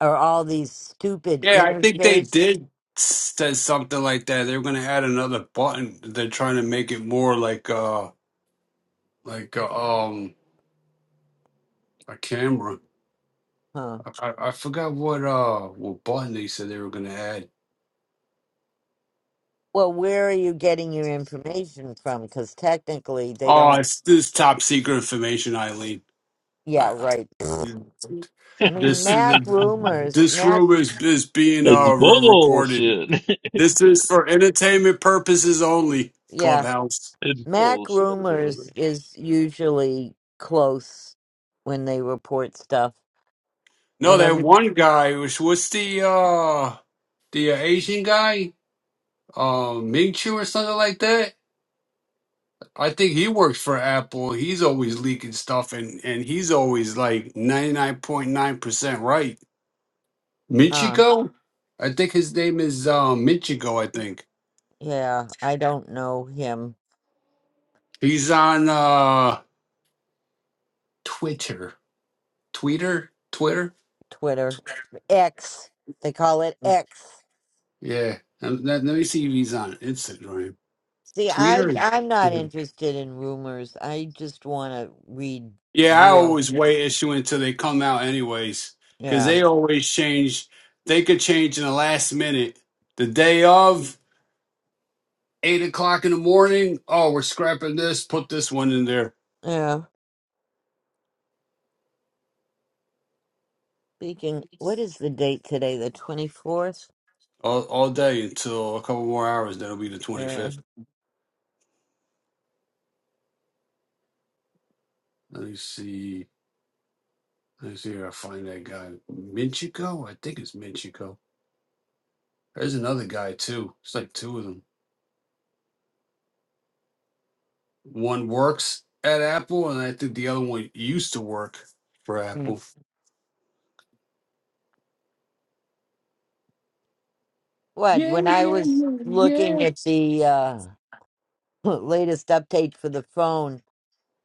S1: are all these stupid
S3: Yeah, I think they
S1: interface.
S3: did said something like that. They were gonna add another button. They're trying to make it more like uh like uh, um a camera.
S1: Huh.
S3: I, I I forgot what uh what button they said they were gonna add.
S1: Well, where are you getting your information from? Because technically, they
S3: Oh,
S1: don't.
S3: it's this top secret information, Eileen. I,
S1: Yeah, right.
S3: I,
S1: I mean,
S3: this
S1: Mac rumors,
S3: this
S1: Mac,
S3: room is is being uh
S5: it's
S3: re- recorded.
S5: bullshit.
S3: This is for entertainment purposes only.
S1: yeah,
S3: Clubhouse.
S5: [LAUGHS] it's
S1: Mac
S5: bullshit, is what it
S1: rumors
S5: is.
S1: is usually close when they report stuff.
S3: No,
S1: and
S3: that
S1: every
S3: one guy was what's the uh the uh, Asian guy, um, Ming Chu or something like that. I think he works for Apple. He's always leaking stuff, and and he's always like ninety nine point nine percent right.
S1: uh
S3: Michiko, I think his name is um, Michiko. I think
S1: yeah, I don't know him.
S3: he's on uh, Twitter, Twitter, Twitter.
S1: Twitter X, they call it X.
S3: Yeah, Um, let, let me see if he's on Instagram,
S1: See, I
S3: Twitter.
S1: I'm not interested in rumors. I just want to read
S3: Yeah, I
S1: real.
S3: always wait issue until they come out anyways, because
S1: Yeah,
S3: they always change. They could change in the last minute. The day of, 8 o'clock in the morning, oh, we're scrapping this, put this one in there
S1: yeah. Speaking, what is the date today? The twenty fourth.
S3: all, all day until a couple more hours. That'll be the
S1: Yeah.
S3: 25th. Let me see. Let me see if I find that guy. Minchico? I think it's Minchico. There's another guy, too. It's like two of them. One works at Apple, and I think the other one used to work for
S1: Mm.
S3: Apple.
S1: What?
S3: Yeah,
S1: When I
S3: yeah,
S1: was
S3: yeah,
S1: looking
S3: yeah.
S1: at the uh [LAUGHS] latest update for the phone,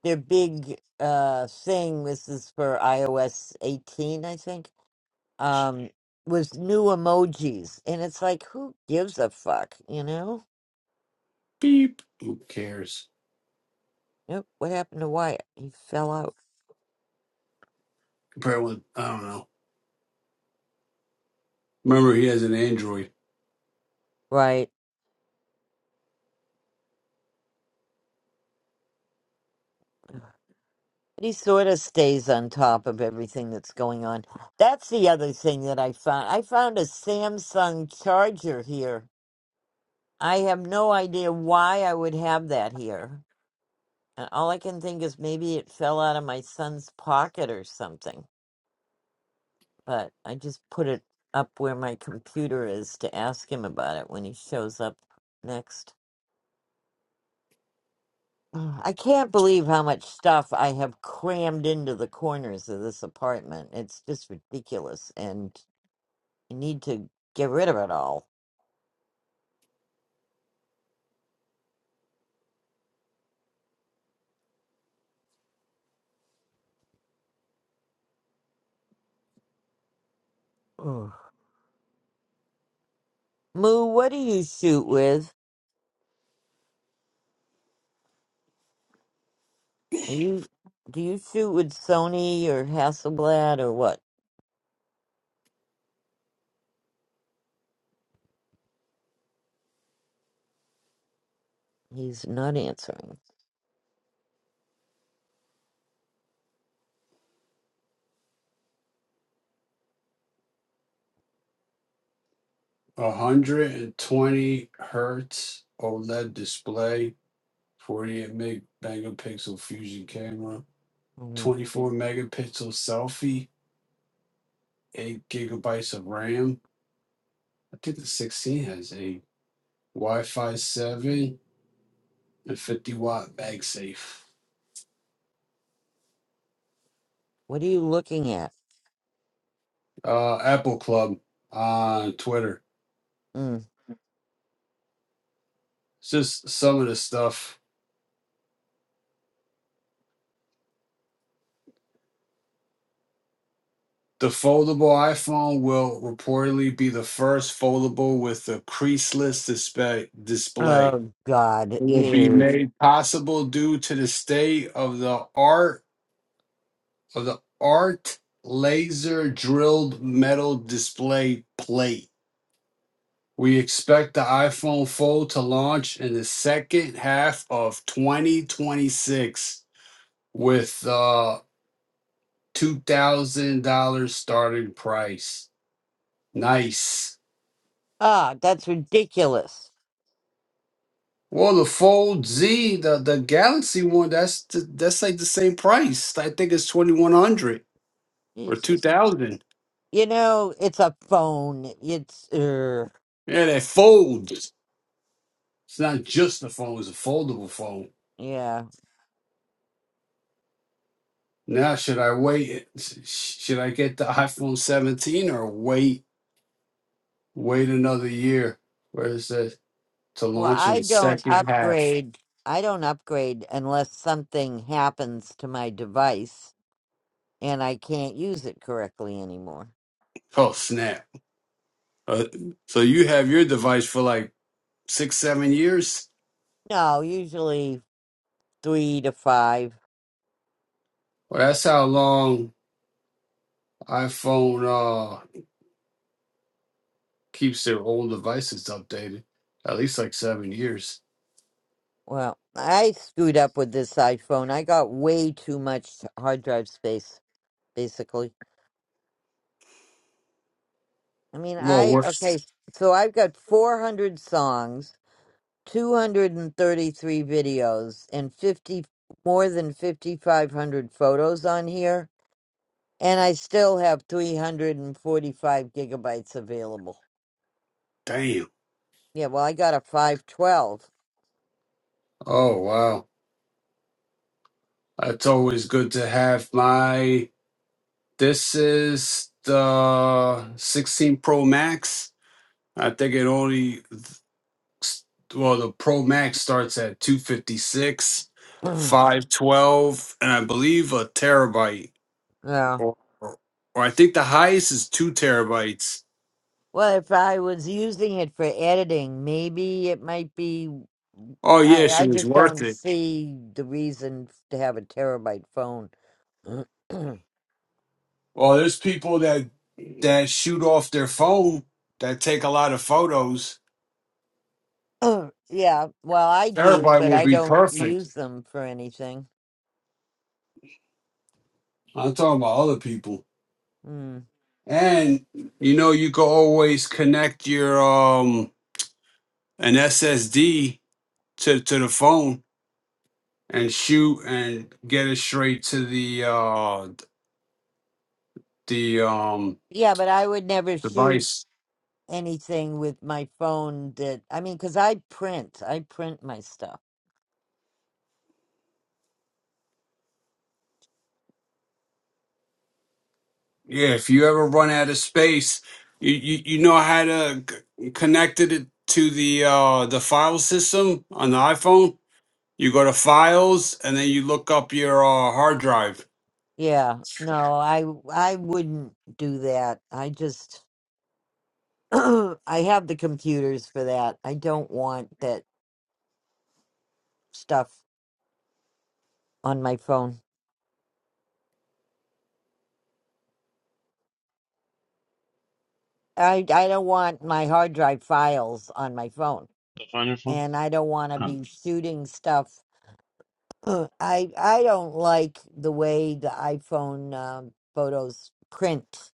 S1: their big uh thing. This is for iOS eighteen, I think um was new emojis and it's like who gives a fuck you know
S3: Beep. Who cares?
S1: Yep, what happened to wyatt he fell out
S3: Compared with, I don't know. Remember, he has an Android.
S1: right But he sort of stays on top of everything that's going on that's the other thing that i found i found a samsung charger here i have no idea why i would have that here and all i can think is maybe it fell out of my son's pocket or something but I just put it up where my computer is to ask him about it when he shows up next. [SIGHS] Ugh, I can't believe how much stuff I have crammed into the corners of this apartment. It's just ridiculous, and I need to get rid of it all. Ugh. Moo, what do you shoot with? Are you do you shoot with Sony or Hasselblad or what? He's not answering.
S3: 120 hertz OLED display, 48 meg- megapixel fusion camera,
S1: Mm.
S3: 24 megapixel selfie, 8 gigabytes of RAM. I think the 16 has a Wi Fi 7 and 50 watt MagSafe.
S1: What are you looking at?
S3: Uh, Apple Club on Twitter.
S1: Mm.
S3: It's just some of the stuff The foldable iPhone will reportedly be the first foldable with a creaseless display. display.
S1: Oh God,
S3: It will be
S1: ew.
S3: made possible due to the state of the art of the art laser drilled metal display plate. We expect the iPhone Fold to launch in the second half of 2026 with a $2,000 starting price. Nice.
S1: Ah, that's ridiculous.
S3: Well, the Fold Z, the the Galaxy one, that's the, that's like the same price. I think it's twenty one hundred or two
S1: Jesus.
S3: thousand.
S1: You know, it's a phone. It's uh,
S3: Yeah, that folds. It's not just a phone; it's a foldable phone.
S1: yeah.
S3: Now, should I wait? Should I get the iPhone seventeen or wait wait another year? Where is that to
S1: Well,
S3: launch in
S1: I
S3: the
S1: don't
S3: second half?
S1: upgrade. I don't upgrade unless something happens to my device and I can't use it correctly anymore.
S3: Oh snap! Uh, so you have your device for like six seven years?
S1: No, usually 3 to 5.
S3: Well, that's how long iPhone. uh, keeps their old devices updated at least like seven years.
S1: Well, I screwed up with this iPhone. I got way too much hard drive space basically. I mean,
S3: Well,
S1: I okay,
S3: worse.
S1: so I've got 400 songs 233 videos and 50 more than 5500 photos on here and i still have 345 gigabytes available
S3: Damn.
S1: yeah well i got a 512
S3: Oh wow, it's always good to have. My this is the 16 Pro Max. I think it only well the Pro Max starts at 256,
S1: [CLEARS THROAT]
S3: 512, and I believe a terabyte,
S1: yeah
S3: or, or or I think the highest is two terabytes.
S1: well if i was using it for editing maybe it might be
S3: Oh yeah,
S1: i,
S3: she
S1: I
S3: was
S1: just
S3: worth
S1: don't
S3: it.
S1: see the reason to have a terabyte phone [CLEARS THROAT]
S3: Well, there's people that that shoot off their phone that take a lot of photos.
S1: yeah well i do
S3: Terabyte
S1: but
S3: will
S1: i
S3: be
S1: don't
S3: perfect.
S1: use them for anything
S3: I'm talking about other people.
S1: Hmm.
S3: And you know, you can always connect your um an SSD to to the phone and shoot and get it straight to the uh the um
S1: Yeah, but I would never shoot
S3: device.
S1: anything with my phone that I mean, 'cause I print. I print my stuff.
S3: Yeah, if you ever run out of space, you you, you know how to c- connect it to the uh, the file system on the iPhone. You go to files and then you look up your uh, hard drive.
S1: Yeah. No, I I wouldn't do that. I just [CLEARS THROAT] I have the computers for that. I don't want that stuff on my phone. I I don't want my hard drive files on my phone.
S5: The final
S1: And I don't want to
S5: one?
S1: be shooting stuff. [CLEARS THROAT] I I don't like the way the iPhone um, photos print.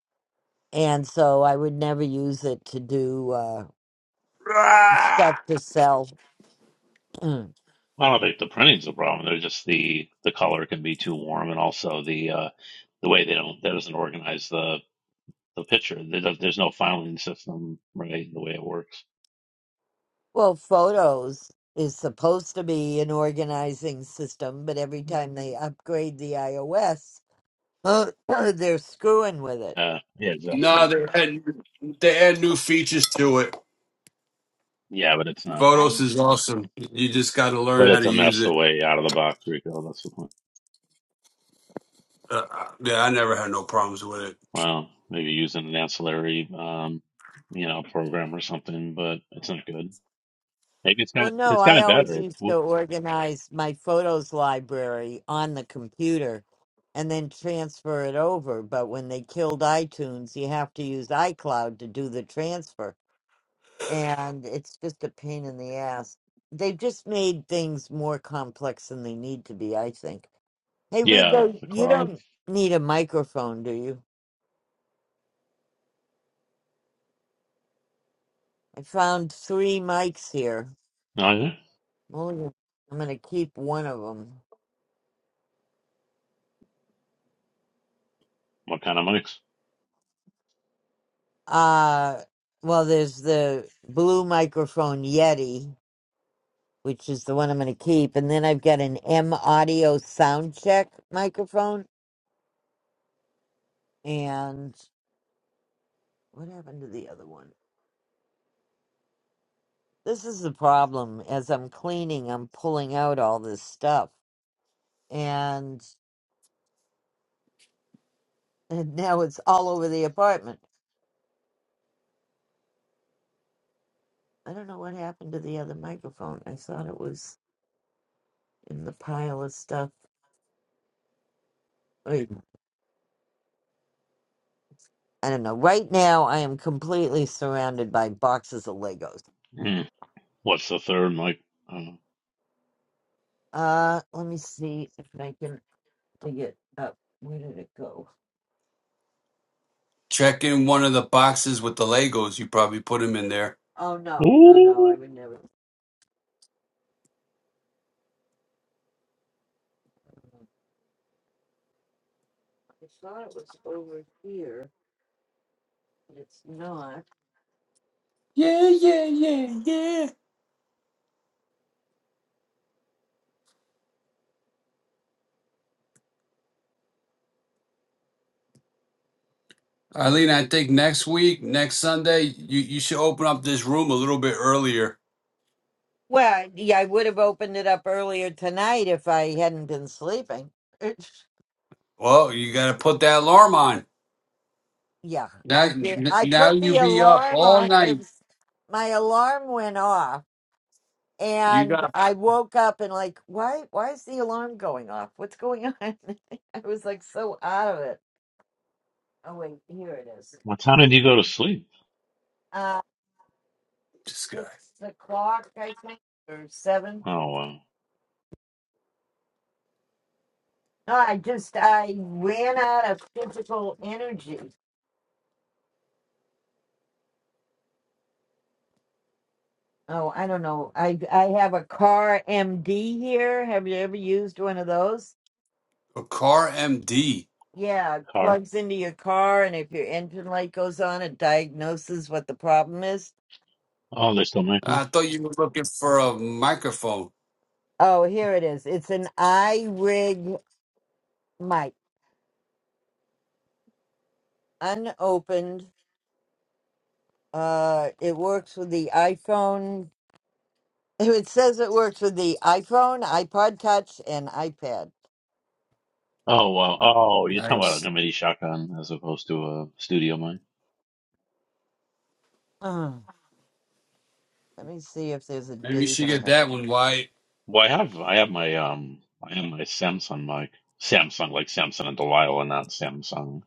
S1: and so I would never use it to do uh, stuff to sell. [CLEARS THROAT] well,
S5: I don't think the printing's a problem. They're just the the color can be too warm, and also the uh, the way they don't that doesn't organize the the picture. There does, there's no filing system right the way it works.
S1: photos is supposed to be an organizing system, but every time they upgrade the iOS, uh, [CLEARS THROAT] they're screwing with it.
S5: Uh, yeah,
S3: No,
S5: exactly.
S3: they add they add new features to it.
S5: Yeah, but it's not.
S3: Photos
S1: I'm
S3: is awesome. You just got to learn
S5: But
S3: how
S5: it's
S3: to
S5: a
S3: use
S5: mess the
S3: it.
S5: way out of the box, Rico. That's the point.
S3: Uh, uh, yeah, I never had no problems with it.
S5: Well, maybe using an ancillary, um, you know, program or something, but it's not good. Maybe it's
S1: well,
S5: got
S1: no,
S5: it's
S1: I
S5: gotten
S1: always
S5: better.
S1: used to
S5: Cool.
S1: organize my photos library on the computer and then transfer it over. But when they killed iTunes, you have to use iCloud to do the transfer. and it's just a pain in the ass. They've just made things more complex than they need to be, I think. Hey,
S5: Yeah,
S1: Rico,
S5: the
S1: you
S5: cloud.
S1: don't need a microphone, do you? I found three mics here.
S5: Oh, yeah.
S1: I'm only gonna I'm gonna keep one of them.
S5: What kind of mics?
S1: Uh, well, there's the blue microphone Yeti, which is the one I'm gonna keep, and then I've got an M Audio Soundcheck microphone. And what happened to the other one? This is the problem. As I'm cleaning, I'm pulling out all this stuff, and, and now it's all over the apartment. I don't know what happened to the other microphone. I thought it was in the pile of stuff. Wait, I don't know. Right now, I am completely surrounded by boxes of Legos.
S5: Hmm. What's the third mic?
S1: Uh, let me see if I can dig it up. Where did it go?
S3: Check in one of the boxes with the Legos. You probably put them in there.
S1: Oh no, no, no! I
S5: Ooh.
S1: would never. I thought it was over here. but It's not.
S3: Eileen, I think next week, next Sunday, you, you should open up this room a little bit earlier.
S1: Well, yeah, I would have opened it up earlier tonight if I hadn't been sleeping. It's-
S3: Well, you got to put that alarm on.
S1: yeah,
S3: Now,
S1: I did.
S3: n-
S1: I
S3: now
S1: put
S3: you
S1: the
S3: be up
S1: alarm
S3: all
S1: on. It
S3: night.
S1: was, my alarm went off,
S3: You
S1: and
S3: got
S1: I woke up and like, why? Why is the alarm going off? What's going on? [LAUGHS] I was like so out of it. Oh wait, here it is.
S5: What time did you go to sleep?
S1: Uh,
S3: this guy,
S1: it's the clock, I think, or seven.
S5: Oh, wow.
S1: No, I just I ran out of physical energy. Oh, I don't know. I I have a car MD here. Have you ever used one of those?
S3: a car MD.
S1: Yeah, it
S5: Car.
S1: plugs into your car, and if your engine light goes on, it diagnoses what the problem is.
S5: Oh, they still make those?
S3: I thought you were looking for a microphone.
S1: Oh, here it is. It's an iRig mic, unopened. Uh, it works with the iPhone. [LAUGHS] It says it works with the iPhone, iPod Touch, and iPad.
S5: Oh, wow. Oh, you're talking about
S3: Nice.
S5: a mini shotgun as opposed to a studio mic?
S1: Uh, let me see if there's a
S3: Maybe you
S1: date
S3: should
S1: on
S3: get
S1: it.
S3: that one, Wyatt.
S5: Well, I have, I have my, um, I have my Samsung mic. Samsung, like Samsung and Delilah, and not Samsung.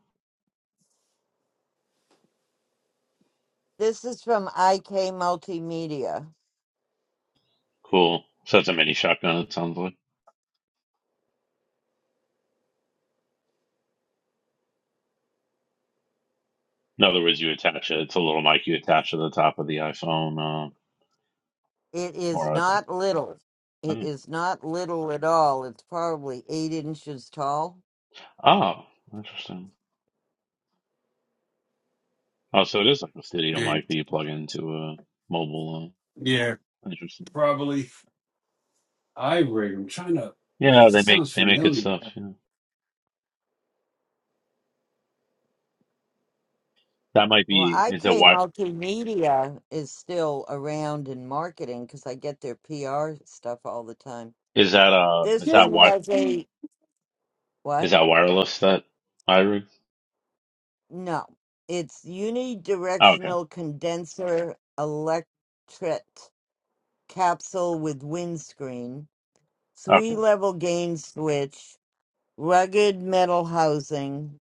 S1: This is from IK Multimedia.
S5: Cool. So it's a mini shotgun, it sounds like. In other words, you attach it. It's a little mic you attach to the top of the iPhone, uh,
S1: It is
S5: or iPad.
S1: not little. It
S5: Oh,
S1: is not little at all. It's probably eight inches tall.
S5: Oh, interesting. Oh, so it is like a studio
S3: Good.
S5: mic that you plug into a mobile,
S3: Yeah,
S5: uh, interesting.
S3: probably. I I'm trying to.
S5: Yeah,
S3: This,
S5: no, they
S3: this
S5: make
S3: sounds
S5: they make good
S3: familiar.
S5: stuff. Yeah. That might
S1: Well,
S5: be is that
S1: IK
S5: wi
S1: Multimedia is still around in marketing because I get their PR stuff all the time.
S5: is that uh
S1: This
S5: is that
S1: one
S5: wi
S1: has a
S5: is
S1: what?
S5: that wireless that iRig?
S1: No, it's
S5: Oh, okay,
S1: unidirectional condenser electret capsule with windscreen, three
S5: okay,
S1: level gain switch, rugged metal housing,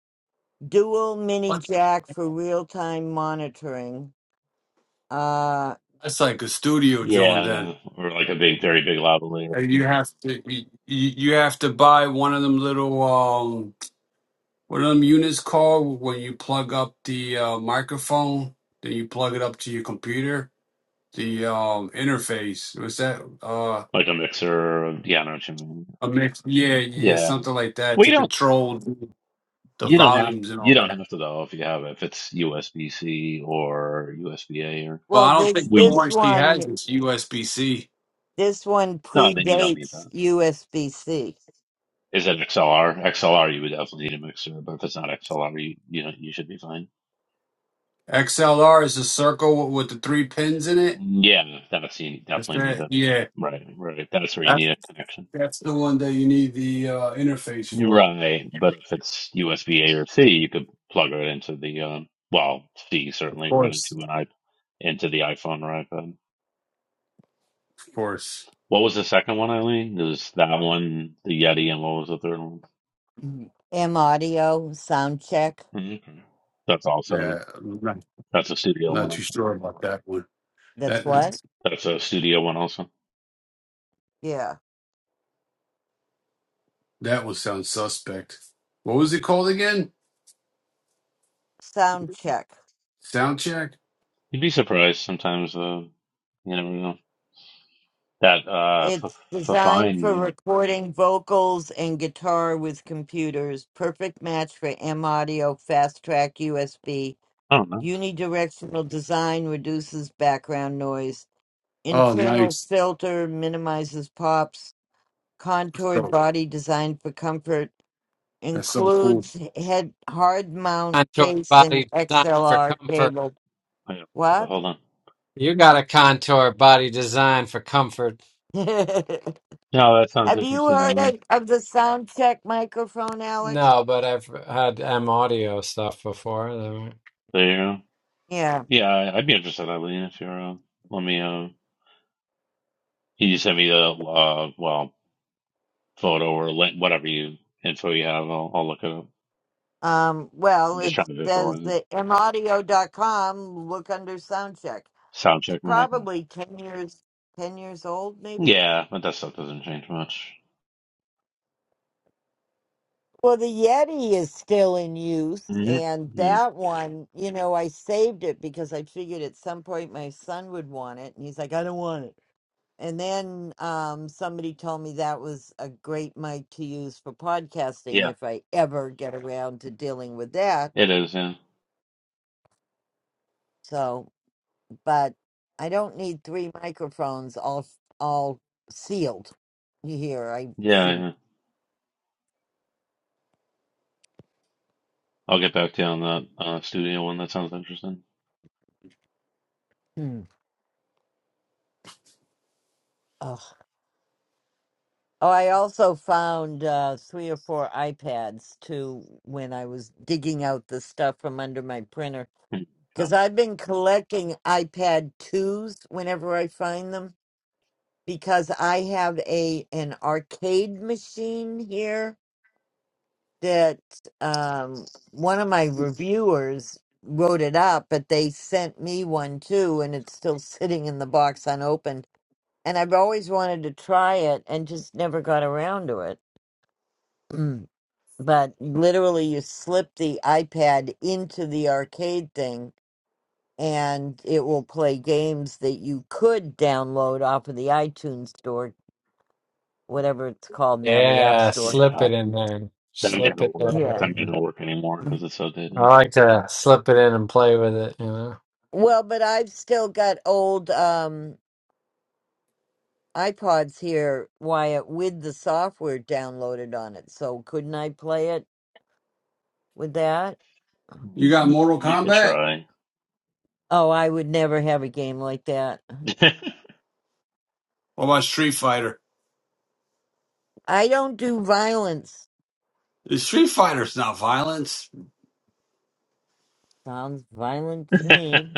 S1: dual mini
S3: What?
S1: jack for real time monitoring. Uh,
S3: That's like a studio joint, then.
S5: yeah, or like a big, very big lavalier,
S3: Uh, You
S5: yeah.
S3: have to you, you have to buy one of them little um one of them units called when you plug up the uh, microphone, then you plug it up to your computer. The um interface was that uh
S5: Like a mixer. Or, yeah, I know what you mean.
S3: a mix? Yeah, yeah,
S5: Yeah,
S3: something like that
S5: well, you
S3: to
S5: don't
S3: control the
S5: you don't have
S3: volumes and
S5: you
S3: all
S5: don't
S3: that.
S5: have to though if you have if it's USB C or USB A or
S3: Well,
S1: well,
S3: I don't
S1: this
S3: think the
S5: we
S1: this
S3: one she has
S1: one
S3: is USB C.
S1: this one
S5: no then you don't need
S1: predates
S5: that.
S1: USB C.
S5: Is it XLR? XLR you would definitely need a mixer, but if it's not XLR you you know you should be fine.
S3: XLR is a circle with the three pins in it.
S5: Yeah, that's you
S3: Is
S5: definitely need
S3: that
S5: a
S3: yeah?
S5: right, right. That's where you
S3: That's
S5: need a connection.
S3: that's the one that you need the uh, interface
S5: You're
S3: for.
S5: right, but if it's USB A or C, you could plug it into the um, well, C
S3: Of
S5: certainly run
S3: course.
S5: into an i into the iPhone or iPad.
S3: Of course,
S5: What was the second one, Eileen? It was that one, the Yeti, and what was the third one?
S1: M audio sound check.
S5: Okay. That's
S3: yeah,
S5: also
S3: I'm not,
S5: that's a studio one.
S3: not too
S5: Also.
S3: sure about that one.
S1: That's
S3: That
S1: what.
S5: That's a studio one also.
S1: Yeah,
S3: that one sounds suspect. What was it called again?
S1: sound check.
S3: Sound check.
S5: You'd be surprised sometimes. Uh, you never know that uh, f-
S1: It's
S5: f-
S1: designed
S5: fine.
S1: for
S5: Yeah.
S1: recording vocals and guitar with computers. Perfect match for M audio fast track USB.
S5: I don't know.
S1: Unidirectional design reduces background noise
S3: Oh,
S1: Internal
S3: nice.
S1: filter minimizes pops. Contoured
S3: So
S1: body designed for comfort.
S3: that's so cool.
S1: Includes head hard mount
S8: contoured
S1: case and
S8: body designed for
S1: XLR
S8: comfort.
S1: cable.
S5: Yeah, so
S1: What?
S5: hold on.
S8: You got a contoured body designed for comfort.
S1: [LAUGHS] Have
S5: No, that sounds
S1: you
S5: interesting,
S1: heard
S5: Alan.
S1: of, of the sound check microphone, Alex?
S8: No, but I've had M audio stuff before. They were-
S5: There you go.
S1: Yeah.
S5: Yeah, I- I'd be interested, Eileen, if you're. Uh, let me. Uh, can you send me the uh, well photo or link, whatever you info you have? I'll, I'll look it up.
S1: Um, well,
S5: I'm just
S1: it
S5: trying to
S1: says
S5: visualize it.
S1: that maudio.com, look under sound check.
S5: Sound
S1: It's
S5: check, Mike. Okay.
S1: probably 10 years, 10 years old, maybe?
S5: Yeah, but that stuff doesn't change much.
S1: Well, the Yeti is still in use,
S5: hmm
S1: and
S5: Yeah.
S1: that one, you know, I saved it because I figured at some point my son would want it, and he's like, I don't want it. And then um, somebody told me that was a great mic to use for podcasting
S5: yeah,
S1: if I ever get around to dealing with that.
S5: it is. Yeah,
S1: So, but I don't need three microphones all all sealed. You hear? I
S5: yeah.
S1: should.
S5: yeah. I'll get back to you on that uh, studio one. That sounds interesting.
S1: Hmm. Oh, I also found uh, three or four iPads too when I was digging out the stuff from under my printer
S5: Hmm,
S1: because
S5: so,
S1: I've been collecting iPad twos whenever I find them because I have a an arcade machine here that um, one of my reviewers wrote it up, but they sent me one too, and it's still sitting in the box unopened. And I've always wanted to try it and just never got around to it. [CLEARS THROAT] but literally you slip the iPad into the arcade thing and it will play games that you could download off of the iTunes store, whatever it's called now, the App
S8: Yeah,
S1: Store.
S8: slip
S5: Yeah,
S8: it in there.
S5: that may
S8: Slip
S5: not
S8: it
S5: work.
S8: there.
S1: Yeah.
S5: That may not work anymore because it's
S8: I
S5: outdated.
S8: like to slip it in and play with it, you know.
S1: Well, but I've still got old um iPods here, Wyatt, with the software downloaded on it. So couldn't I play it with that?
S3: You got
S5: Mhm.
S3: Mortal
S5: You could
S3: Kombat?
S5: try.
S1: Oh, I would never have a game like that.
S5: [LAUGHS]
S3: What about Street Fighter?
S1: I don't do violence.
S3: Is Street Fighter's not violence.
S1: Sounds violent to
S5: I
S1: me.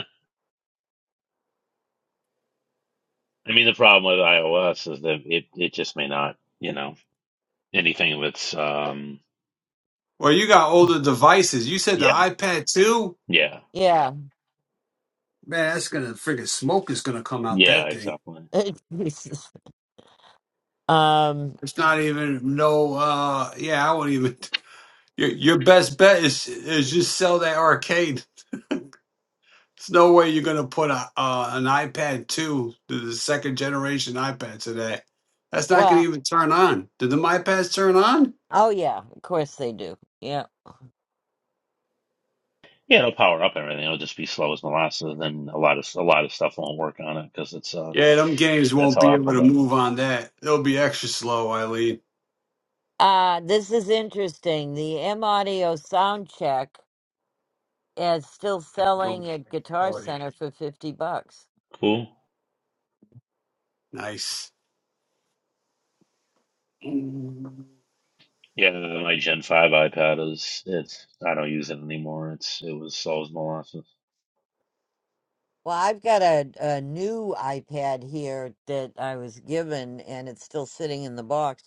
S5: mean, the problem with iOS is that it, it just may not, you know, anything that's, um,
S3: Or you got older devices. You said the
S5: yeah,
S3: iPad too?
S5: yeah,
S1: Yeah.
S3: Man, that's gonna freaking smoke is gonna come out
S5: yeah,
S3: that thing.
S5: exactly.
S1: [LAUGHS] Jesus. Um,
S3: It's not even no. uh Yeah, I wouldn't even. Your your best bet is is just sell that arcade. There's no way you're gonna put a uh, an iPad two, the, the second generation iPad today. That's not gonna
S1: well,
S3: even turn on. Did the iPads turn on?
S1: oh yeah, of course they do. Yeah.
S5: Yeah, it'll power up everything. It'll just be slow as molasses, and a lot of a lot of stuff won't work on it because it's uh
S3: Yeah, them games
S5: that's
S3: won't
S5: how
S3: be
S5: Apple
S3: able to
S5: does it.
S3: move on that. They'll be extra slow, Eileen.
S1: Uh, this is interesting. The M Audio sound check is still
S3: Have to go
S1: selling
S3: with
S1: at Guitar
S3: quality.
S1: Center for 50 bucks.
S5: Cool.
S3: Nice.
S5: Yeah, my Gen five iPad is it's I don't use it anymore. It's it was slow as molasses.
S1: Well, I've got a, a new iPad here that I was given and it's still sitting in the box.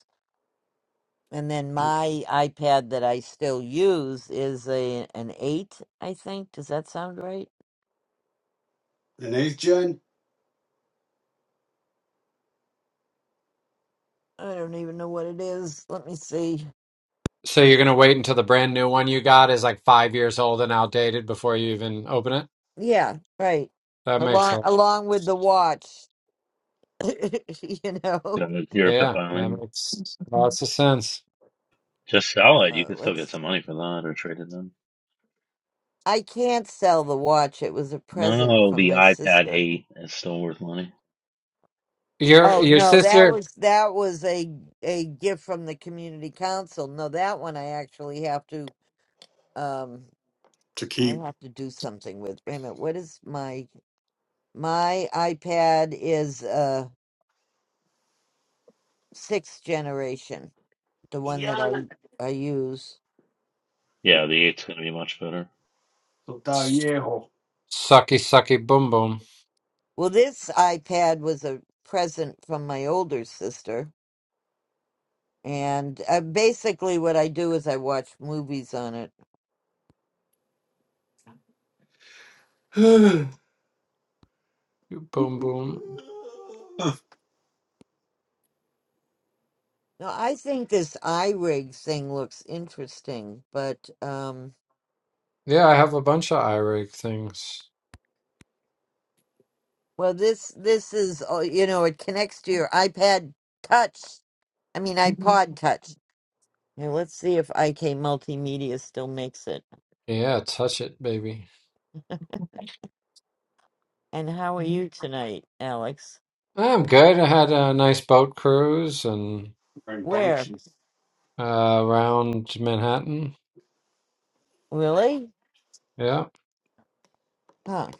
S1: And then my iPad that I still use is a an 8, I think. Does that sound right?
S3: And eighth gen
S1: I don't even know what it is. Let me see.
S8: So you're gonna wait until the brand new one you got is like five years old and outdated before you even open it?
S1: Yeah, right.
S8: That makes
S1: Along
S8: a lot of
S1: along with
S8: sense.
S1: the watch, [LAUGHS] you know.
S5: you Zero pip
S8: Yeah, that
S5: island.
S8: makes lots of sense.
S5: Just sell it. You
S1: Uh,
S5: could still get
S1: let's.
S5: some money for that or trade it in.
S1: I can't sell the watch. It was a present
S5: No,
S1: from
S5: the
S1: my
S5: iPad
S1: sister.
S5: eight is still worth money.
S8: Your
S1: Oh
S8: your
S1: no, that
S8: sister,
S1: was that was a a gift from the community council. No, that one I actually have to um
S3: to
S1: I
S3: keep. [SIGHS]
S1: have to do something with. Wait a minute, what is my my iPad is uh sixth generation, the one that I I use.
S5: Yeah, the eight's gonna be much better.
S3: So tá viejo.
S8: sucky sucky boom boom.
S1: Well, this iPad was a present from my older sister, and uh, basically what I do is I watch movies on it.
S3: [SIGHS]
S8: Boom, boom.
S1: Now, I think this iRig thing looks interesting, but um,
S8: Yeah, I have a bunch of iRig things.
S1: well, this this is uh, you know it connects to your iPad Touch. I mean iPod Touch. Now let's see if IK Multimedia still makes it.
S8: Yeah, touch it, baby.
S1: And how are you tonight, Alex?
S8: I'm good. I had a nice boat cruise and
S1: Where?
S3: Rambunctious.
S8: uh, around Manhattan.
S1: Really?
S8: Yeah.
S1: Huh.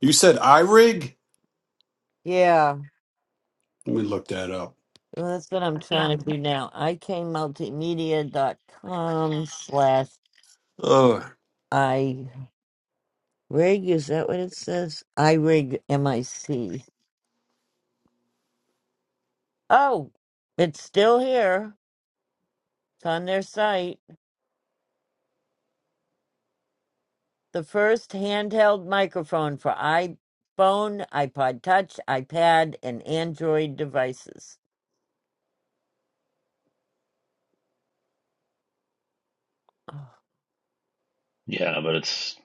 S3: You said iRig?
S1: Yeah.
S3: Let me look that up.
S1: Well, that's what I'm trying to do now. I K Multimedia dot com slash
S3: Oh
S1: iRig. Is that what it says? iRig M-I-C. Oh, it's still here. It's on their site. The first handheld microphone for iPhone, iPod Touch, iPad, and Android devices. [SIGHS]
S5: Yeah, but it's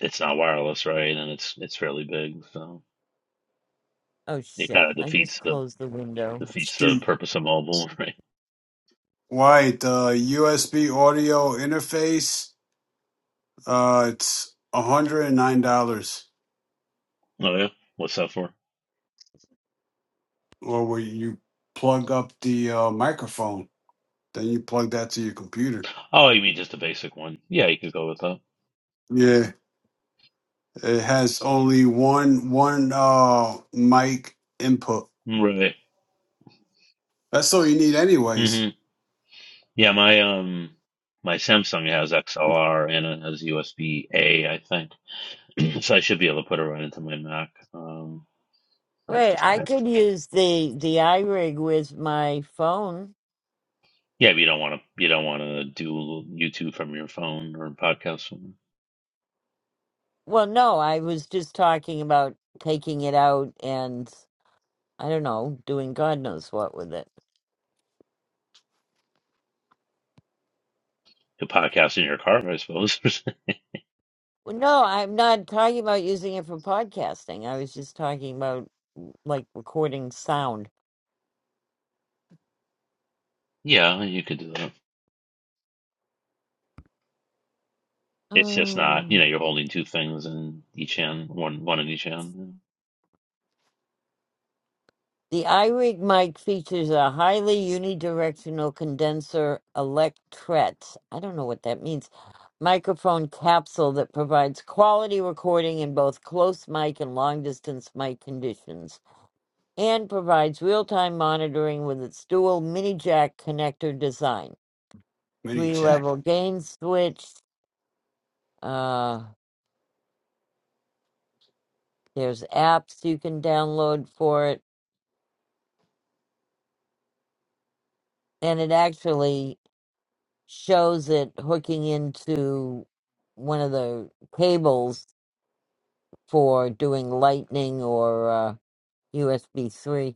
S5: it's not wireless, right? And it's it's fairly big, so
S1: Oh, oh,
S5: it
S1: shit.
S5: kind of
S1: I just
S5: defeats the
S1: closed the window.
S5: defeats the
S3: Shoot.
S5: purpose of mobile, [LAUGHS] right?
S3: White, uh, USB audio interface. Uh, it's hundred and nine dollars.
S5: Oh yeah, what's that for?
S3: Or where you plug up the uh, microphone, then you plug that to your computer.
S5: Oh, you mean just a basic one? Yeah, you could go with that.
S3: Yeah, it has only one one uh mic input.
S5: Right.
S3: That's all you need, anyways.
S5: hmm Yeah, my um my Samsung has XLR and it has USB A, I think. [CLEARS THROAT] so I should be able to put it right into my Mac. Um, I have
S1: Wait,
S5: to.
S1: I
S5: I have to.
S1: could use the, the iRig with my phone.
S5: Yeah, but you don't want to. You don't want to do YouTube from your phone or podcast.
S1: Well, no, I was just talking about taking it out and I don't know, doing God knows what with it.
S5: could podcast in your car, I suppose. [LAUGHS]
S1: Well, no, I'm not talking about using it for podcasting. I was just talking about mm, like recording sound.
S5: yeah, you could do that.
S1: [SIGHS]
S5: It's just
S1: the
S5: not, you know, you're holding two things in each hand, one one in each hand.
S1: iRig mic features a highly unidirectional condenser electret. I don't know what that means. Microphone capsule that provides quality recording in both close mic and long distance mic conditions. and provides real-time monitoring with its dual mini jack connector design.
S3: Mini jack.
S1: Three-level gain switch. Uh, there's apps you can download for it, and it actually shows it hooking into one of the cables for doing Lightning or uh, USB 3.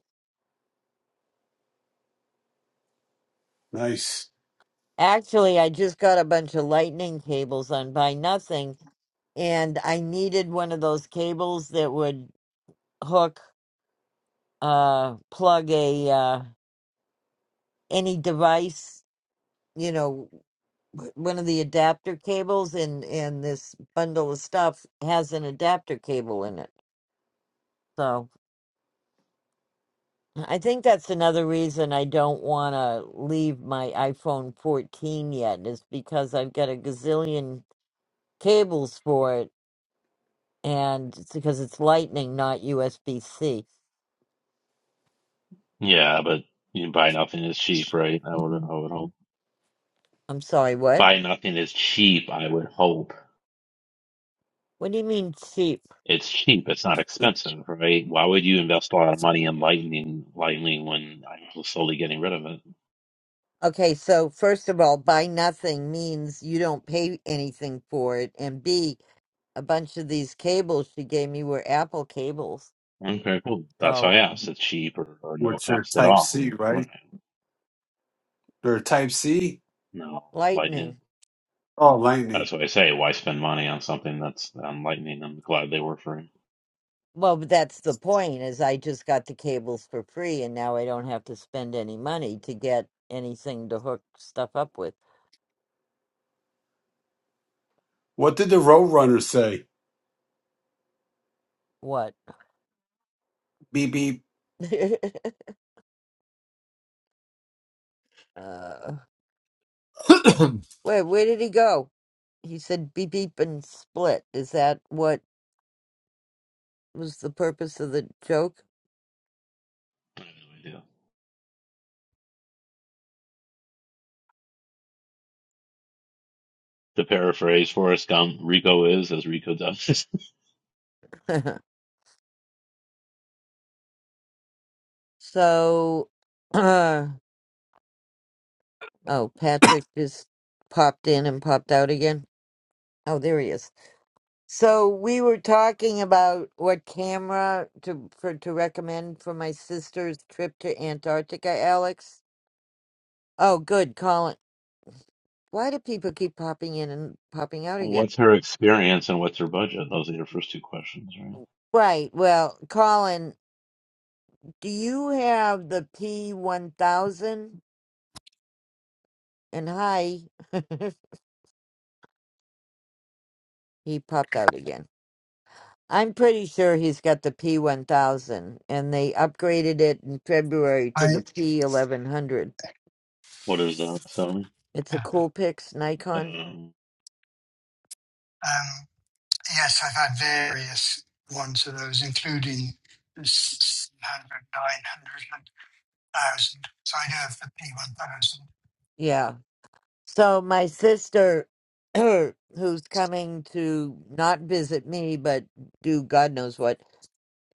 S3: Nice.
S1: Actually, I just got a bunch of Lightning cables on Buy Nothing, and I needed one of those cables that would hook uh plug a uh any device you know w- one of the adapter cables and and this bundle of stuff has an adapter cable in it so i think that's another reason i don't want to leave my iphone 14 yet is because i've got a gazillion cables for it and it's because it's lightning not usb-c
S5: Yeah, but you know, buy nothing is cheap, right? I
S8: [COUGHS]
S5: would I would hope.
S1: i'm sorry what
S5: Buy nothing is cheap, I would hope.
S1: what do you mean cheap
S5: It's cheap, it's not expensive, right? Why would you invest a lot of money in lightning lightning when I'm slowly getting rid of it?
S1: Okay, so first of all, buy nothing means you don't pay anything for it, and B, a bunch of these cables she gave me were Apple cables,
S5: Okay, cool. That's why I
S1: so
S5: asked. It's cheap or, or no
S3: What's your
S5: cost at
S3: Type
S5: all.
S3: C,
S5: Right.
S3: right? Or Type C?
S5: No. Lightning.
S1: lightning.
S3: Oh, Lightning.
S5: That's what I say. Why spend money on something that's on lightning? I'm glad they work for him.
S1: Well, but that's the point is I just got the cables for free, and now I don't have to spend any money to get anything to hook stuff up with.
S3: What did the Roadrunner say?
S1: What?
S3: Beep beep.
S1: [LAUGHS] uh,
S8: [CLEARS THROAT]
S1: wait, where did he go? He said beep beep and split. Is that what was the purpose of the joke?
S5: No idea. To paraphrase Forrest Gump, Rico is as Rico does.
S1: [LAUGHS] So, [CLEARS THROAT] uh, oh, Patrick just popped in and popped out again. Oh, there he is. So we were talking about what camera to for to recommend for my sister's trip to Antarctica, Alex. Oh, good, Colin. Why do people keep popping in and popping
S5: [LAUGHS]
S1: out again?
S5: what's her experience and what's her budget? Those are your first two questions, right?
S1: Right. Well, Colin, do you have the P one thousand? And hi, [LAUGHS] he popped out again. I'm pretty sure he's got the P1000, and they upgraded it in February to the
S9: I
S1: P1100.
S5: What is that, Sony?
S1: It's a Coolpix Nikon.
S5: Um,
S9: um, yes, I've had various ones of those, including the s- 700, So I know of
S1: Yeah. So my sister, [CLEARS THROAT] who's coming to not visit me, but do God knows what,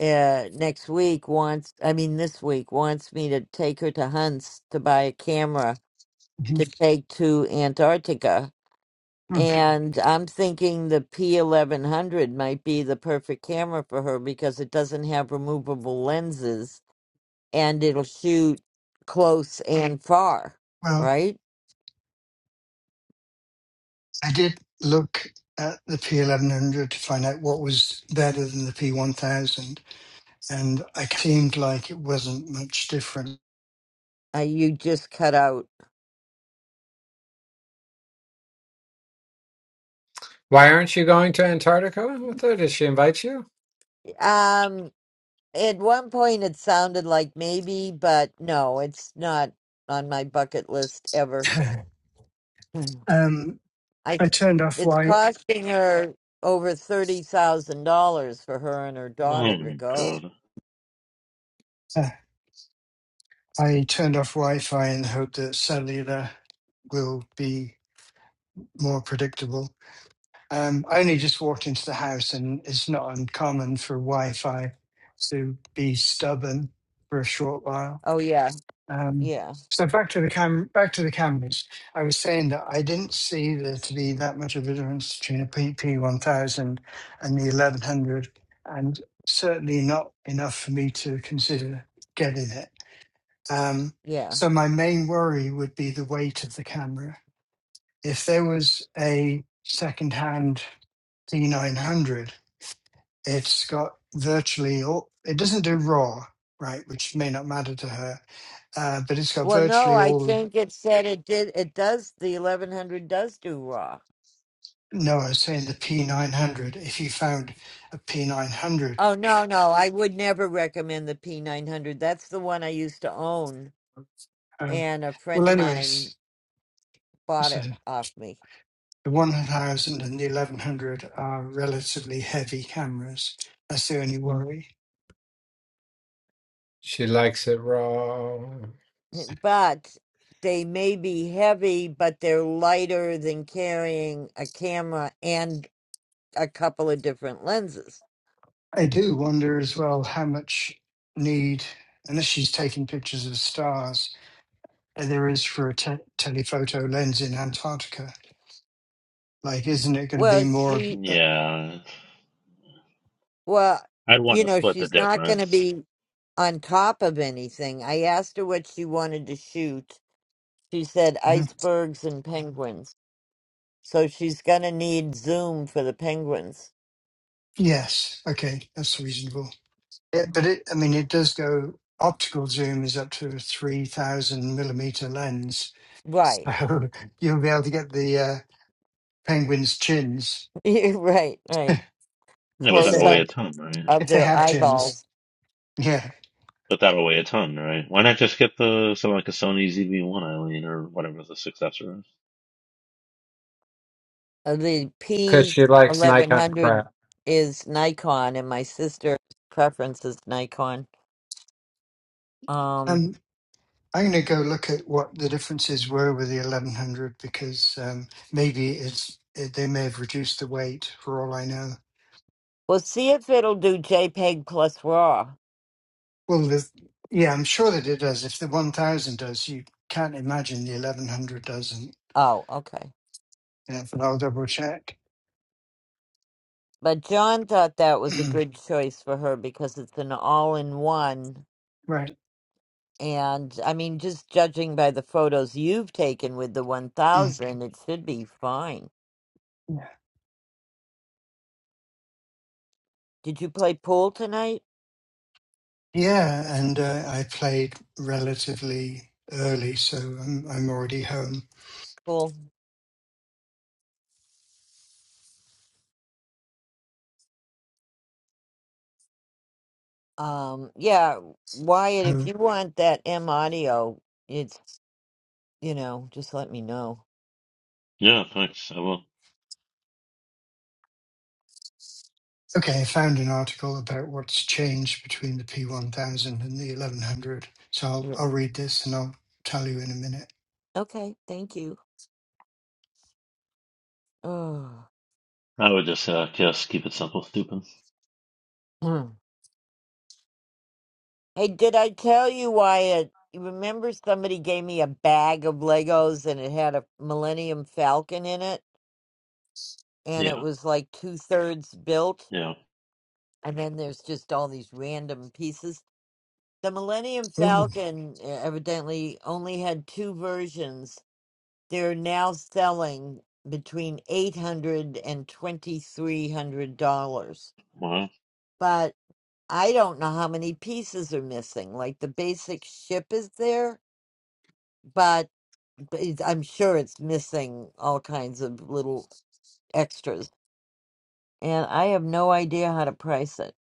S1: uh, next week wants, I mean this week, wants me to take her to Hunt's to buy a camera
S9: the
S1: to
S9: P1000. Mhm.
S1: take to Antarctica
S9: Mm.
S1: And I'm thinking the P1100 might be the perfect camera for her because it doesn't have removable lenses and it'll shoot close and far,
S9: Well,
S1: right?
S9: I did look at the P1100 to find out what was better than the P1000, and it seemed like it wasn't much different.
S1: Uh, you just cut out.
S8: Why aren't you going to Antarctica with her? Does she invite you?
S1: Um, at one point it sounded like maybe, but no, it's not on my bucket list ever.
S9: [LAUGHS]
S1: Mm.
S9: um,
S1: I,
S9: I turned off
S1: it's
S9: Wi.
S1: costing her over $30,000 for her and her
S5: oh
S1: daughter to
S5: my
S1: go.
S5: god.
S9: Uh, I turned off Wi-Fi in the hope that cellular will be more predictable. Um, I only just walked into the house, and it's not uncommon for Wi-Fi to be stubborn for a short while.
S1: Oh yeah.
S9: Um,
S1: Yeah.
S9: so back to the cam, back to the cameras. I was saying that I didn't see there to be that much of a difference between a PP1000 and the 1100, and certainly not enough for me to consider getting it. Um,
S1: Yeah.
S9: so my main worry would be the weight of the camera. If there was a second-hand D900 it's got virtually all. It doesn't do raw, right, which may not matter to her, uh, but it's got
S1: Well, no,
S9: virtually
S1: I
S9: all.
S1: think it said it did. It does. The eleven hundred does do raw.
S9: No, I was saying the P900. If you found a P900,
S1: Oh no, no, I would never recommend the P nine hundred. That's the one I used to own,
S9: um,
S1: and a friend
S9: well,
S1: of mine
S9: anyways,
S1: bought
S9: so
S1: it off me. [CLEARS THROAT]
S9: the 1000 and the 1100 are relatively heavy cameras. That's the only worry.
S8: She likes it raw
S1: [LAUGHS] But they may be heavy, but they're lighter than carrying a camera and a couple of different lenses.
S9: I do wonder as well how much need, unless she's taking pictures of stars, there is for a te- telephoto lens in Antarctica. Like, isn't it going to be
S1: Well,
S9: more?
S1: she,
S9: Uh,
S5: Yeah,
S1: well,
S5: I'd want
S1: you
S5: to
S1: know,
S5: split the
S1: she's not going to
S5: difference.
S1: be on top of anything. I asked her what she wanted to shoot She said
S9: mhm.
S1: icebergs and penguins. So she's going to need Zoom for the penguins.
S9: Yes. Okay, that's reasonable. It, but it, I mean, it does go. Optical zoom is up to a three thousand millimeter lens,
S1: Right.
S9: so [LAUGHS] you'll be able to get the uh, penguins' chins
S1: [LAUGHS] right, right.
S5: Yeah, but
S9: if they
S1: Close
S5: that'll weigh
S1: up
S9: have
S5: a ton, right?
S1: of
S9: if they
S1: their
S9: have chins.
S1: eyeballs.
S9: Yeah.
S5: But that'll weigh a ton, right? Why not just get the something like a Sony ZV-1 Eileen or whatever the successor is?
S1: Uh, The
S8: because she likes Nikon
S1: P1100
S8: crap.
S1: is Nikon, and my sister's preference is Nikon. Um,
S9: Um, I'm going to go look at what the differences were with the 1100 because um, maybe it's it, they may have reduced the weight for all I know.
S1: we'll see if it'll do JPEG plus RAW.
S9: Well, the, yeah, I'm sure that it does. If the 1000 does, you can't imagine the 1100 doesn't.
S1: Oh, okay.
S9: Yeah, but I'll double check.
S1: But John thought that
S9: [CLEARS THROAT]
S1: was a good choice for her because it's an all in one
S9: right.
S1: And I mean, just judging by the photos you've taken with the
S9: Mm.
S1: 1000, it should be fine.
S9: Yeah,
S1: Did you play pool tonight?
S9: Yeah, and uh, I played relatively early, so I'm, I'm already home.
S1: Pool. Um, yeah, Wyatt, if
S9: home.
S1: you want that M audio, it's, you know, just let me know.
S5: Yeah, thanks. I will.
S9: Okay, I found an article about what's changed between the P1000 and the 1100. So I'll,
S1: Yeah.
S9: I'll read this and I'll tell you in a minute.
S1: Okay, thank you. Oh.
S5: I would just uh, just keep it simple, stupid.
S1: Hmm. hey, did I tell you, Wyatt? You remember somebody gave me a bag of Legos and it had a Millennium Falcon in it? And it
S5: Yeah,
S1: was like two thirds built?
S5: yeah.
S1: and then there's just all these random pieces. The Millennium
S9: Oh,
S1: Falcon uh, evidently only had two versions. They're now selling between eight hundred and twenty three hundred dollars,
S5: Wow.
S1: but I don't know how many pieces are missing. Like the basic ship is there, but but it's- I'm sure it's missing all kinds of little extras, and I have no idea how to price it.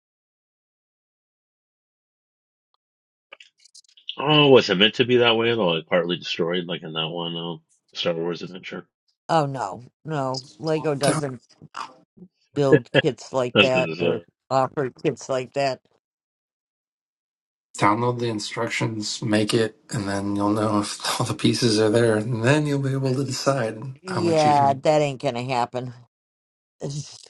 S5: Oh, was it meant to be that way at all? It partly destroyed, like in that one um, Star Wars adventure.
S1: Oh no, no, Lego
S10: Down-
S1: doesn't build
S5: [LAUGHS]
S1: kits like
S5: That's
S1: that
S5: good as
S1: or
S5: a
S1: offer kits like that.
S10: Download the instructions, make it, and then you'll know if [LAUGHS] all the pieces are there, and then you'll be able to decide how much you
S1: Yeah,
S10: can.
S1: that ain't gonna happen. [LAUGHS] It's-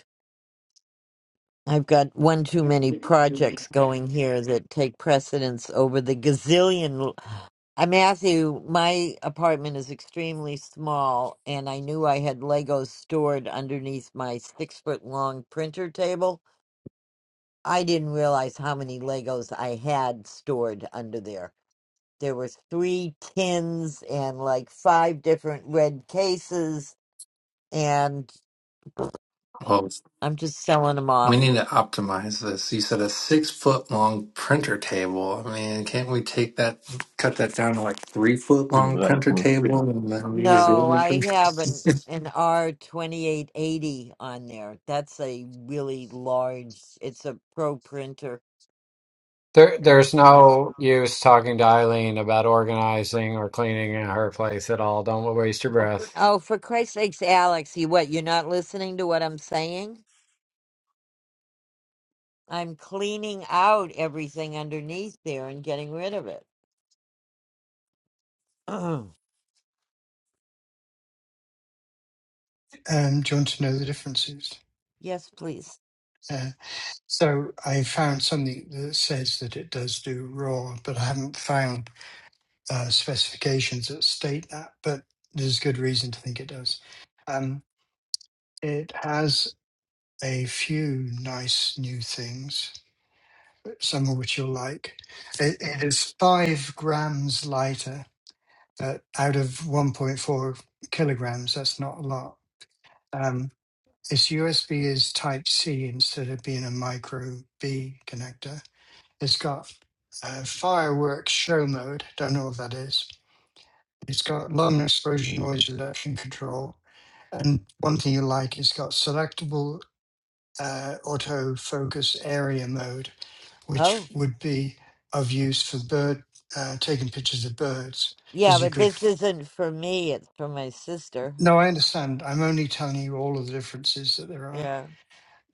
S1: I've got one too many projects going here that take precedence over the gazillion. [SIGHS] I Matthew, my apartment is extremely small, and I knew I had Legos stored underneath my six foot long printer table. I didn't realize how many Legos I had stored under there there were three tins and like five different red cases and
S10: Well,
S1: i'm just selling them
S10: we
S1: off
S10: need to optimize this. You said a six foot long printer table. I mean, can't we take that, cut that down to like three foot
S5: you know
S10: long
S5: that
S10: printer
S5: one.
S10: table, and then use
S1: no
S10: the
S1: i have an
S10: other?
S1: an r2880 on there that's a really large it's a pro printer
S8: There, there's
S1: Yep.
S8: no use talking to Eileen about organizing or cleaning her place at all. Don't waste your
S10: [LAUGHS]
S8: breath.
S1: oh for christ's sakes alex you what you're not listening to what i'm saying i'm cleaning out everything underneath there and getting rid of it [CLEARS THROAT]
S9: um, do you want to know the differences?
S1: yes please
S9: Uh, So I found something that says that it does do raw, but I haven't found uh, specifications that state that. But there's good reason to think it does. Um, it has a few nice new things, some of which you'll like. It, it is five grams lighter uh, out of 1.4 kilograms. That's not a lot. Um, its USB is Type C instead of being a micro B connector It's got uh, fireworks show mode. Don't know what that is. It's got long exposure noise reduction control. And one thing you like, it's got selectable uh, autofocus area mode,
S1: Oh.
S9: which would be of use for bird uh, taking pictures of birds,
S1: Yeah,
S9: because you
S1: but
S9: could.
S1: this isn't for me. It's for my sister.
S9: No, I understand. I'm only telling you all of the differences that there are.
S1: Yeah.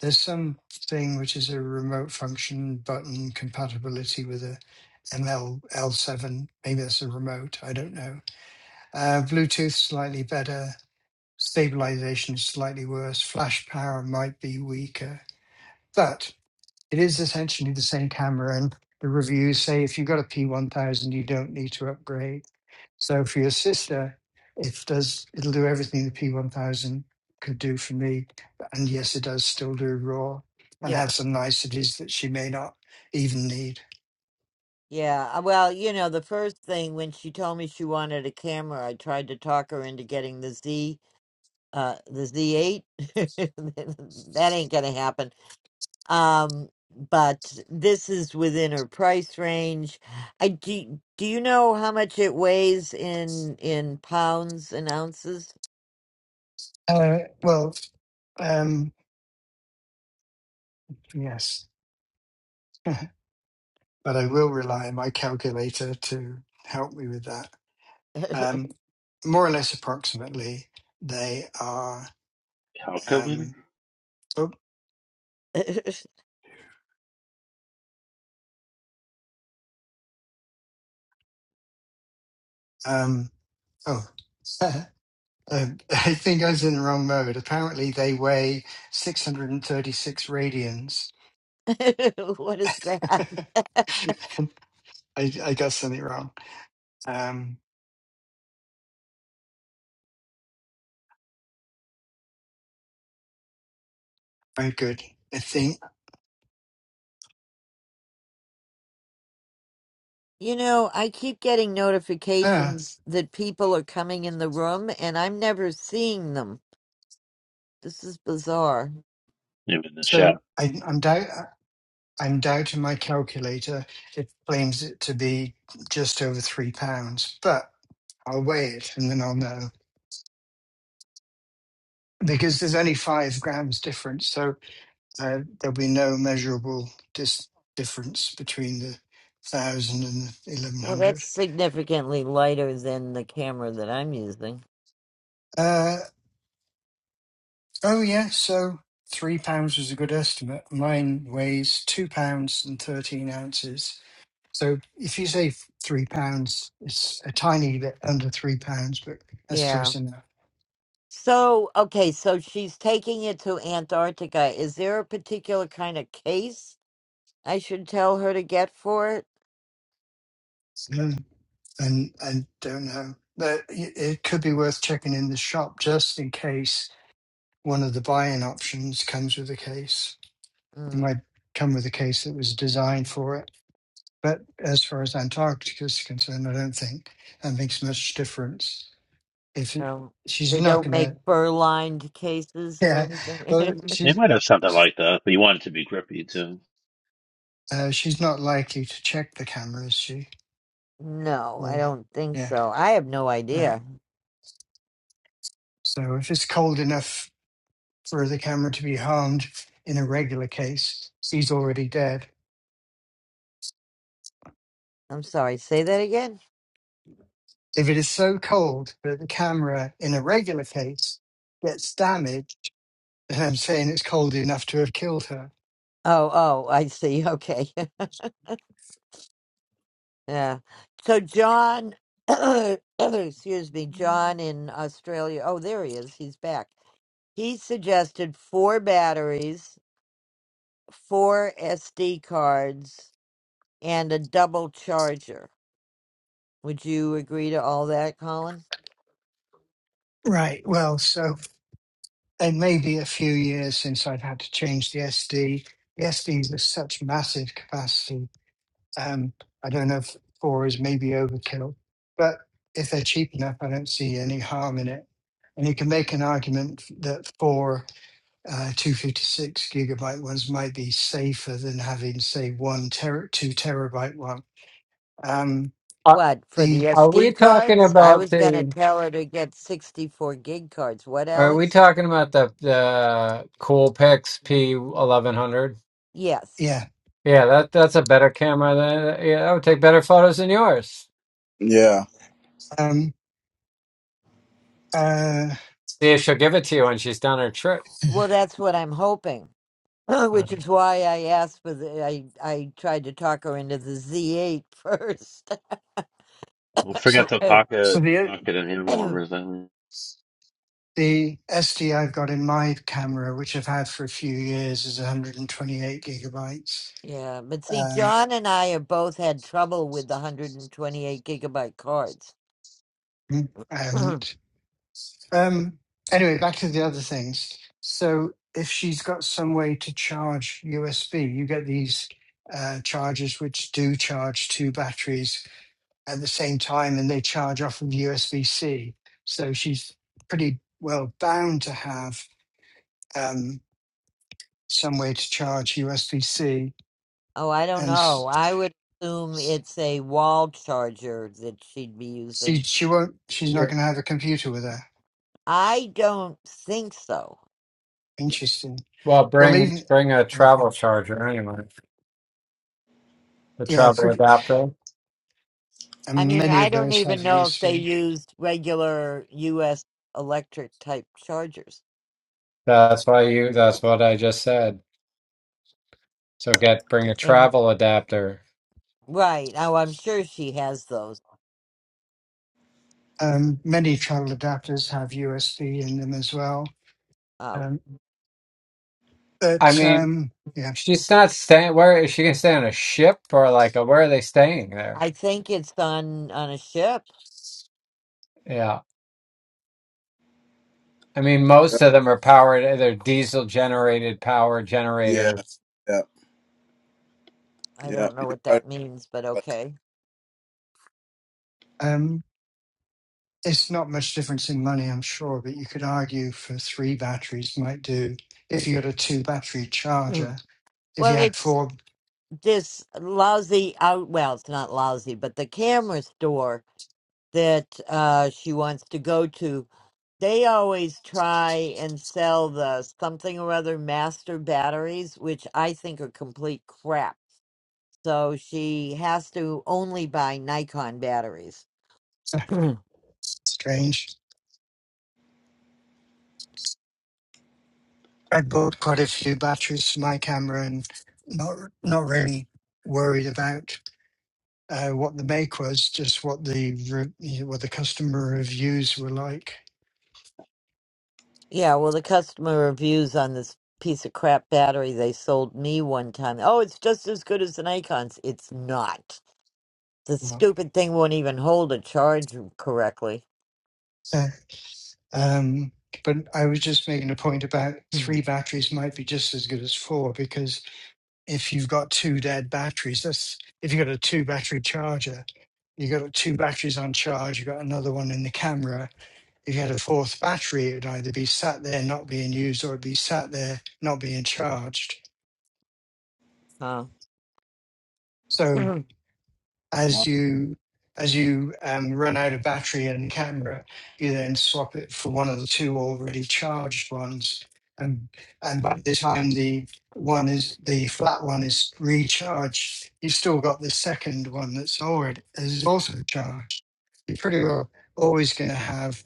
S9: there's some thing which is a remote function button compatibility with a ML L7. Maybe that's a remote. I don't know. Uh, Bluetooth slightly better. Stabilization slightly worse. Flash power might be weaker, but it is essentially the same camera. And the reviews say if you've got a P1000, you don't need to upgrade so for your sister, it does it'll do everything the P1000 could do for me, and yes, it does still do raw and
S1: Yeah.
S9: have some niceties that she may not even need.
S1: Yeah. Uh, Well, you know, the first thing when she told me she wanted a camera, I tried to talk her into getting the Z, uh, the Z8. [LAUGHS] that ain't gonna happen. Um, but this is within her price range. I do. Do you know how much it weighs in in pounds and ounces?
S9: Uh, well, um, yes, [LAUGHS] but I will rely on my calculator to help me with that.
S1: [LAUGHS]
S9: Um, more or less approximately, they are.
S5: Calculator?
S9: Um, oh, um, oh. [LAUGHS] Uh, [LAUGHS] I think I was in the wrong mode. Apparently, they weigh 636 radians.
S1: what is that?
S9: [LAUGHS] I, I got something wrong. Um, very good. I think.
S1: You know, I keep getting
S9: Ah,
S1: notifications that people are coming in the room and I'm never seeing them. This is bizarre.
S5: Even the chat.
S9: so I, I'm doubt. I'm doubting my calculator. It claims it to be just over three pounds, but I'll weigh it and then I'll know because there's only five grams difference. So Uh, there'll be no measurable dis- difference between the 1,000 and the
S1: Well, that's
S9: 1,100.
S1: significantly lighter than the camera that I'm using.
S9: Uh, oh, yeah, so £3 pounds was a good estimate. Mine weighs £2 pounds and 13 ounces. So if you say f- £3, pounds, it's a tiny bit under £3, pounds, but that's
S1: Yeah.
S9: close enough.
S1: So, okay, so she's taking it to Antarctica. Is there a particular kind of case I should tell her to get for it?
S9: Mm. And I don't know. But it it could be worth checking in the shop just in case one of the buy-in options comes with a case. It
S1: Mm,
S9: might come with a case that was designed for it. But as far as Antarctica is concerned, I don't think that makes much difference. If it,
S1: no.
S9: she's
S1: They
S9: not
S1: don't
S9: going
S1: make
S9: to,
S1: fur-lined
S9: [LAUGHS]
S1: cases or
S9: yeah, well,
S1: anything.
S5: They
S9: she's
S5: might have something like that, but you want it to be grippy too.
S9: uh, she's not likely to check the camera, is she?
S1: [LAUGHS] no, I
S9: Or
S1: don't think
S9: yeah,
S1: so. I have no
S9: right.
S1: idea.
S9: So if it's cold enough for the camera to be harmed in a regular case, she's already dead.
S1: I'm sorry, say that again?
S9: If it is so cold that the camera in a regular case gets damaged And I'm saying it's cold enough to have killed her.
S1: Oh, oh, I see. [LAUGHS] Okay. [LAUGHS] Yeah. So John, [COUGHS] [CLEARS THROAT] excuse me, John in Australia. Oh, there he is. He's back. He suggested four batteries, four SD cards, and a double charger. Would you agree to all that, Colin?
S9: Right. Well, so it may be a few years since I've had to change the SD. The SDs are such massive capacity. Um, I don't know if four is maybe overkill, but if they're cheap enough, I don't see any harm in it. And you can make an argument that four uh, 256 gigabyte ones might be safer than having, say, one ter- two terabyte one. Um,
S8: Are,
S1: What, for the
S9: the
S8: are we
S1: SD
S8: talking
S1: cards? I
S8: about
S1: was going to
S8: the?
S1: tell her to get 64 gig cards. What,
S8: Are we
S1: Alex?
S8: talking about the the Coolpix P1100?
S1: Yes.
S9: yeah.
S8: Yeah, that that's a better camera than yeah, that would take better photos than yours.
S4: Yeah.
S9: Um, Uh,
S8: See if she'll give it to you when she's done her trip.
S1: Well, that's what I'm hoping. [LAUGHS] [CLEARS THROAT] which is why I asked for the. I I tried to talk her into the Z8 [LAUGHS] first.
S5: Well,
S9: so,
S5: forget the
S1: [CLEARS THROAT]
S9: so
S5: pocket,
S9: the
S5: pocket and hand
S1: [COUGHS]
S5: warmers. Then,
S9: the SD I've got in my camera, which I've had for a few years, is 128 gigabytes.
S1: yeah, but see,
S9: Um,
S1: John and I have both had trouble with the 128 gigabyte cards. [CLEARS THROAT] oh,
S9: and um, anyway, back to the other things. So, if she's got some way to charge USB, you get these uh, chargers which do charge two batteries at the same time, and they charge off of USBC. So she's pretty well bound to have. Um, some way to charge USB C,
S1: I don't
S9: and
S1: know.
S9: s-
S1: I would assume it's a wall charger that she'd be
S9: she
S1: using.
S9: she won't. She's not
S8: Yeah.
S9: going to have a computer with her.
S1: I don't think so.
S9: Interesting.
S8: Well,
S9: Well,
S8: bring
S9: even
S8: bring a
S9: mm,
S8: travel charger anyway, The
S9: yeah,
S8: travel
S9: pretty.
S8: adapter.
S1: I
S9: And
S1: mean,
S9: many
S1: I
S9: of
S1: don't
S9: those have
S1: even know if they
S9: USB.
S1: used regular U.S. electric type chargers.
S8: That's why you. That's what I just said. So get bring a
S1: And
S8: travel adapter.
S1: right, oh, I'm sure she has those.
S9: Um, many travel adapters have USB in them as well.
S1: Oh,
S9: Um,
S8: I
S9: but
S8: mean,
S9: um, yeah,
S8: she's not staying. Where is she gonna stay on a ship or like a, where are they staying there?
S1: I think it's on on a ship.
S8: Yeah. I mean, most of them are powered, they're diesel generated power
S4: Yeah.
S8: generators.
S4: Yeah.
S1: I
S4: Yeah,
S1: don't know
S4: you're
S1: what
S4: right
S1: that means, but
S4: about
S1: okay.
S9: um, it's not much difference in money, I'm sure. But you could argue for three batteries might do if you got a two battery
S1: Mm.
S9: charger. If
S1: Well,
S9: you had
S1: it's
S9: four,
S1: this lousy out. Well, it's not lousy, but the camera store that uh, she wants to go to. They always try and sell the something or other master batteries, which I think are complete crap. So she has to only buy Nikon batteries.
S9: [LAUGHS]
S1: [CLEARS THROAT]
S9: strange I bought quite a few batteries for my camera and not not really worried about uh, what the make was, just what the re- you know, what the customer reviews were like.
S1: Yeah, well, the customer reviews on this piece of crap battery they sold me one time. Oh, it's just as good as an Acon's. It's not. The
S9: Wow.
S1: stupid thing won't even hold a charge correctly.
S9: Uh, um, but I was just making a point about
S1: Hmm.
S9: three batteries might be just as good as four because if you've got two dead batteries, that's if you've got a two battery charger, you've got two batteries on charge, you've got another one in the camera, If you had a fourth battery, it would either be sat there not being used or it'd be sat there not being charged.
S1: Uh,
S9: So
S1: [CLEARS THROAT]
S9: as
S4: that.
S9: you as you um, run out of battery and camera, you then swap it for one of the two already charged ones. And and by the time the one is the flat one is recharged, you've still got the second one that's already is also charged. You're pretty well always going to have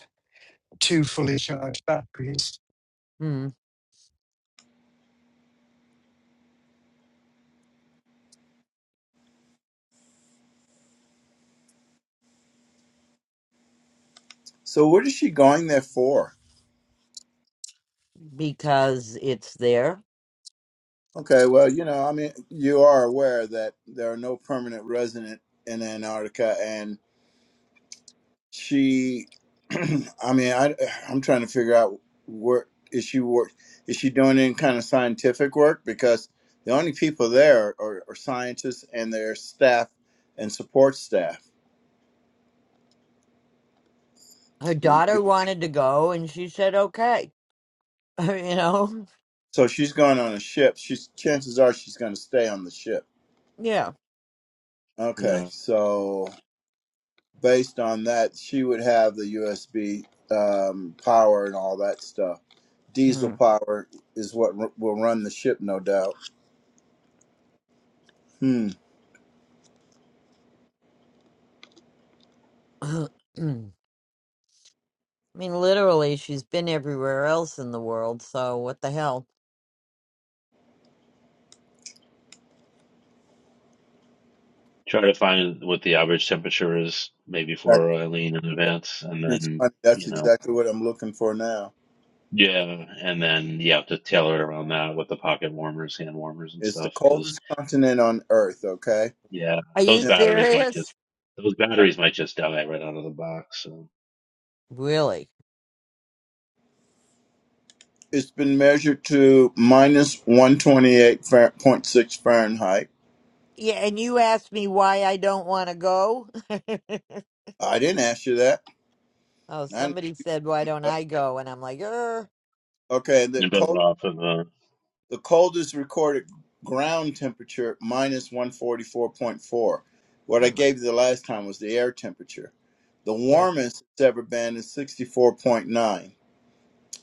S9: two fully charged batteries.
S1: hmm,
S4: So what is she going there for?
S1: because it's there.
S4: Okay, well, you know, I mean, you are aware that there are no permanent resident in Antarctica, and she, [CLEARS THROAT] I mean, I, I'm trying to figure out where is she work? Is she doing any kind of scientific work? Because the only people there are, are scientists and their staff and support staff.
S1: Her
S4: You- you-
S1: daughter wanted to go, and she said, okay. [LAUGHS] you know?
S4: So she's going on a ship. She's chances are she's going to stay on the ship.
S1: Yeah.
S4: Okay,
S5: yeah.
S4: so based on that, she would have the USB um, power and all that stuff. Diesel
S1: Hmm.
S4: power is what r- will run the ship, no doubt. Hmm.
S1: [CLEARS THROAT] I mean, literally, she's been everywhere else in the world, so what the hell?
S5: Try to find what the average temperature is, maybe
S4: That,
S5: for Eileen in advance, and
S4: it's
S5: then
S4: funny. That's
S5: you know,
S4: exactly what I'm looking for now.
S5: yeah, and then you have to tailor it around that with the pocket warmers, hand warmers, and
S4: It's the
S5: stuff,
S4: coldest continent on Earth. Okay,
S5: Yeah,
S1: Are you
S5: those
S4: And
S5: batteries might
S1: serious?
S5: just those batteries might just die right out of the box. So
S1: Really?
S4: it's been measured to minus 128.6 Fahrenheit.
S1: Yeah, and you asked me why I don't want to go. [LAUGHS]
S4: I didn't ask you that.
S1: oh,
S4: I know.
S1: somebody said, "Why don't I go?" And I'm like, er,
S4: Okay, the
S5: you're better off of uh,
S4: The coldest recorded ground temperature, minus 144.4. What I
S1: "Oh my,
S4: gave you the last time was the air temperature. The
S1: here."
S4: warmest it's ever been is 64.9,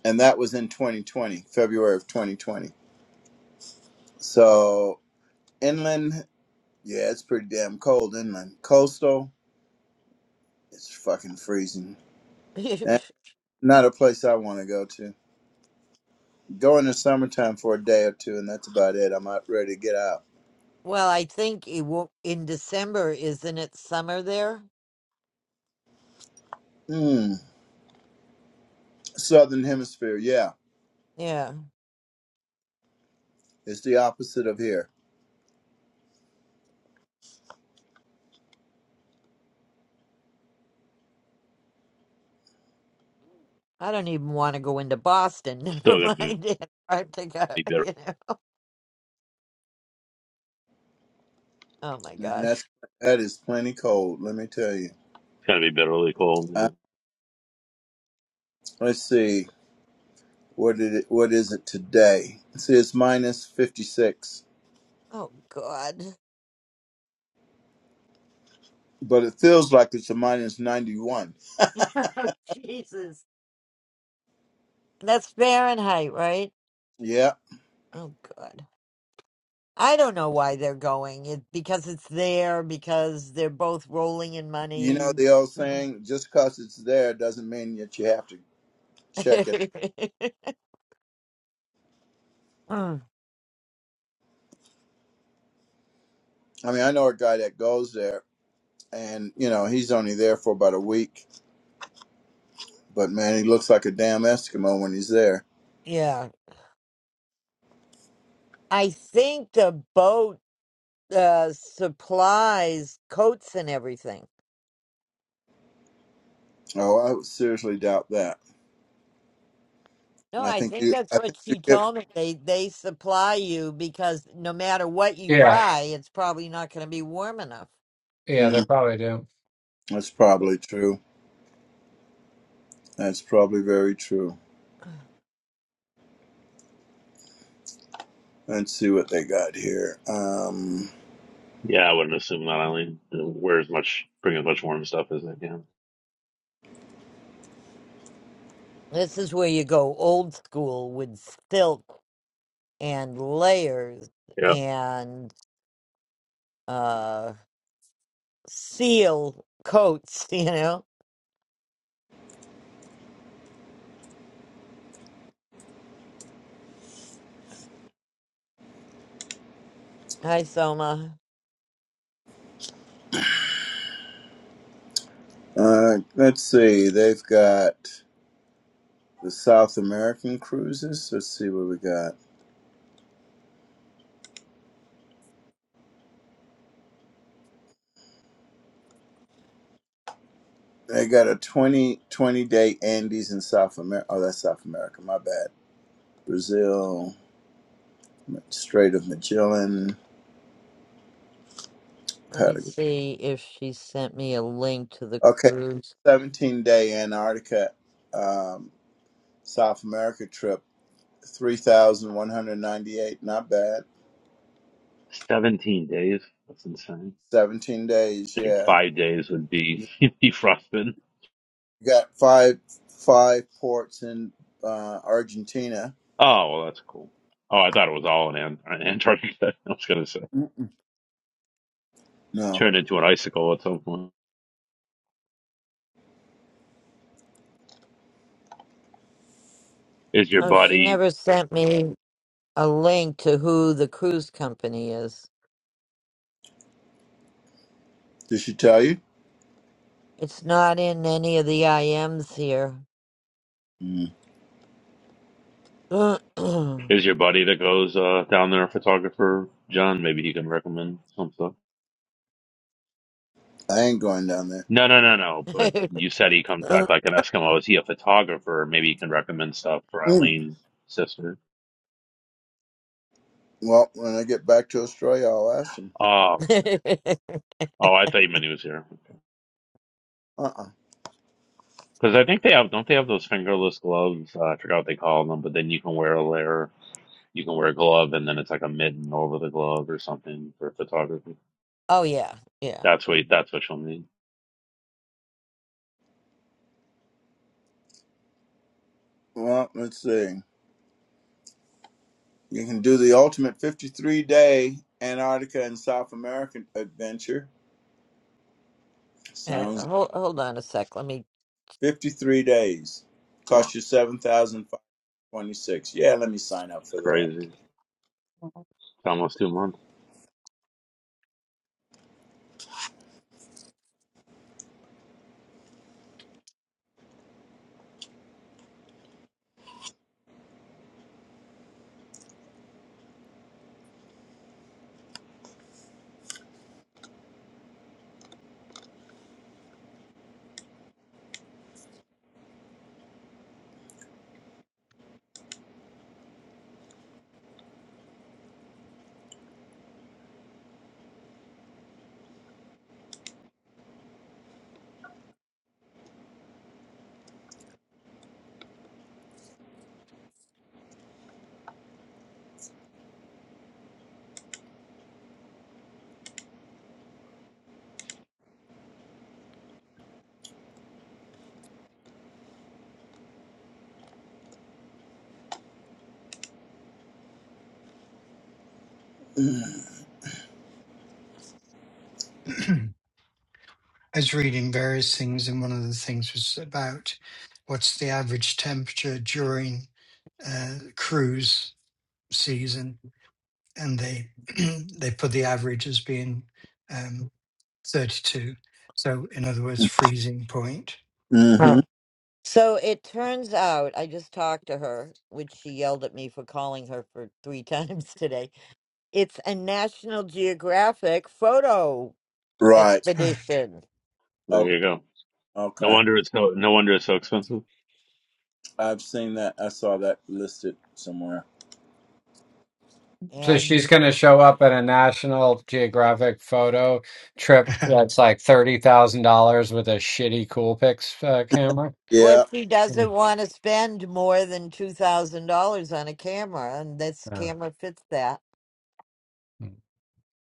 S4: and that was in 2020, February of 2020. So, inland, yeah, it's pretty damn cold inland. Coastal, it's fucking freezing.
S1: [LAUGHS]
S4: And not a place I want to go to. Go in the summertime for a day or two, and that's about it. I'm not ready to get out.
S1: well, I think it will in December, isn't it? Summer there.
S4: Mm, Southern Hemisphere, yeah.
S1: Yeah,
S4: It's the opposite of here.
S1: I don't even want to go into Boston. [LAUGHS] Never
S5: still gonna be
S1: mind Antarctica. [LAUGHS]
S5: bitter.
S1: You know. Oh my
S4: Man, that's
S1: gosh.
S4: that is plenty cold. Let me tell you.
S5: It's gonna be bitterly cold. Yeah,
S4: Uh, let's see. What did it, what is it today? See, it's minus fifty six,
S1: Oh God.
S4: but it feels like it's a minus ninety one.
S1: [LAUGHS] Jesus. That's Fahrenheit, right?
S4: Yeah,
S1: Oh God. I don't know why they're going. It because it's there because they're both rolling in
S4: you know
S1: money.
S4: the old saying: just because it's there doesn't mean that you have to check it.
S1: [LAUGHS] Mm,
S4: I mean, I know a guy that goes there, and you know he's only there for about a week, but man, he looks like a damn Eskimo when he's there.
S1: yeah, I think the boat uh, supplies coats and everything.
S4: Oh, I would seriously doubt that.
S1: No,
S4: and I
S1: I
S4: think
S1: think
S4: you.
S1: that's
S4: I
S1: what
S4: think you
S1: she
S4: get.
S1: told me. They they supply you because no matter what you
S8: Yeah,
S1: buy, it's probably not going to be warm enough.
S8: yeah,
S4: mm,
S8: they probably do.
S4: That's probably true. That's probably very true. Let's see what they got here. Um,
S5: yeah I wouldn't assume that. I only uh, wear as much, bring as much warm stuff as I can.
S1: This is where you go old school with silk and layers
S5: Yeah,
S1: and uh seal coats, [LAUGHS] you know. Hi, Soma.
S4: uh, let's see. They've got the South American cruises. Let's see what we got. They got a 20 20 day Andes in South America. Oh, that's South America. My bad. Brazil, Strait of Magellan,
S1: Let me
S4: Patagonia.
S1: see if she sent me a link to the
S4: Okay,
S1: cruise.
S4: 17 day Antarctica, um, South America trip, 3,198. Not bad.
S5: seventeen days. That's insane.
S4: 17 days,
S5: I think
S4: yeah.
S5: five days would be
S4: You
S5: [LAUGHS] defrosted.
S4: got five five ports in uh, Argentina.
S5: Oh well, that's cool. Oh, I thought it was all in Ant- Antarctica. [LAUGHS] I was gonna say
S4: Mm-mm. No,
S5: turn into an icicle at some point. Is your
S1: Oh, she
S5: body?
S1: never sent me a link to who the cruise company is.
S4: did she tell you?
S1: It's not in any of the IMs here.
S4: Mm.
S1: [COUGHS]
S5: Is your buddy that goes uh, down there a photographer, John? Maybe he can recommend some stuff.
S4: I ain't going down there.
S5: No, no, no, no. But you said he comes back like an Eskimo. Is he a photographer? Maybe he can recommend stuff for
S4: Mm.
S5: Eileen's sister.
S4: Well, when I get back to Australia, I'll ask them.
S5: Oh,
S1: [CLEARS THROAT]
S5: oh, I thought you meant he was here.
S4: Uh-uh.
S5: Because I think they have, don't they have those fingerless gloves? Uh, I forgot what they call them, but then you can wear a layer, you can wear a glove, and then it's like a mitten over the glove or something for photography.
S1: oh, yeah, yeah.
S5: That's what that's what you'll need.
S4: Well, let's see. You can do the ultimate 53-day Antarctica and South American adventure.
S1: Uh,
S4: Sounds like
S1: hold, hold on a sec. Let me.
S4: 53 days.
S5: Wow,
S4: Cost you 7526 Yeah, let me sign up for that.
S5: crazy. It's almost two months.
S9: [CLEARS THROAT] I was reading various things, and one of the things was about what's the average temperature during uh, cruise season, and they [CLEARS THROAT] they put the average as being um, 32. So, in other words, freezing point.
S1: Huh.
S4: Mm-hmm.
S1: So it turns out I just talked to her, which she yelled at me for calling her for three [LAUGHS] times today it's a National Geographic photo
S4: Right.
S9: [LAUGHS]
S1: expedition.
S5: There
S4: Okay.
S5: you go. No
S4: Okay.
S5: wonder it's so. No wonder it's so expensive.
S4: I've seen that. I saw that listed somewhere.
S8: So
S1: And
S8: she's going to show up at a National Geographic photo trip that's like $30,000 with a shitty Coolpix uh, camera.
S1: well,
S4: Yeah.
S1: she doesn't
S8: Mm,
S1: want to spend more than $2,000 on a camera, and this
S8: Yeah,
S1: camera fits that.
S8: mm,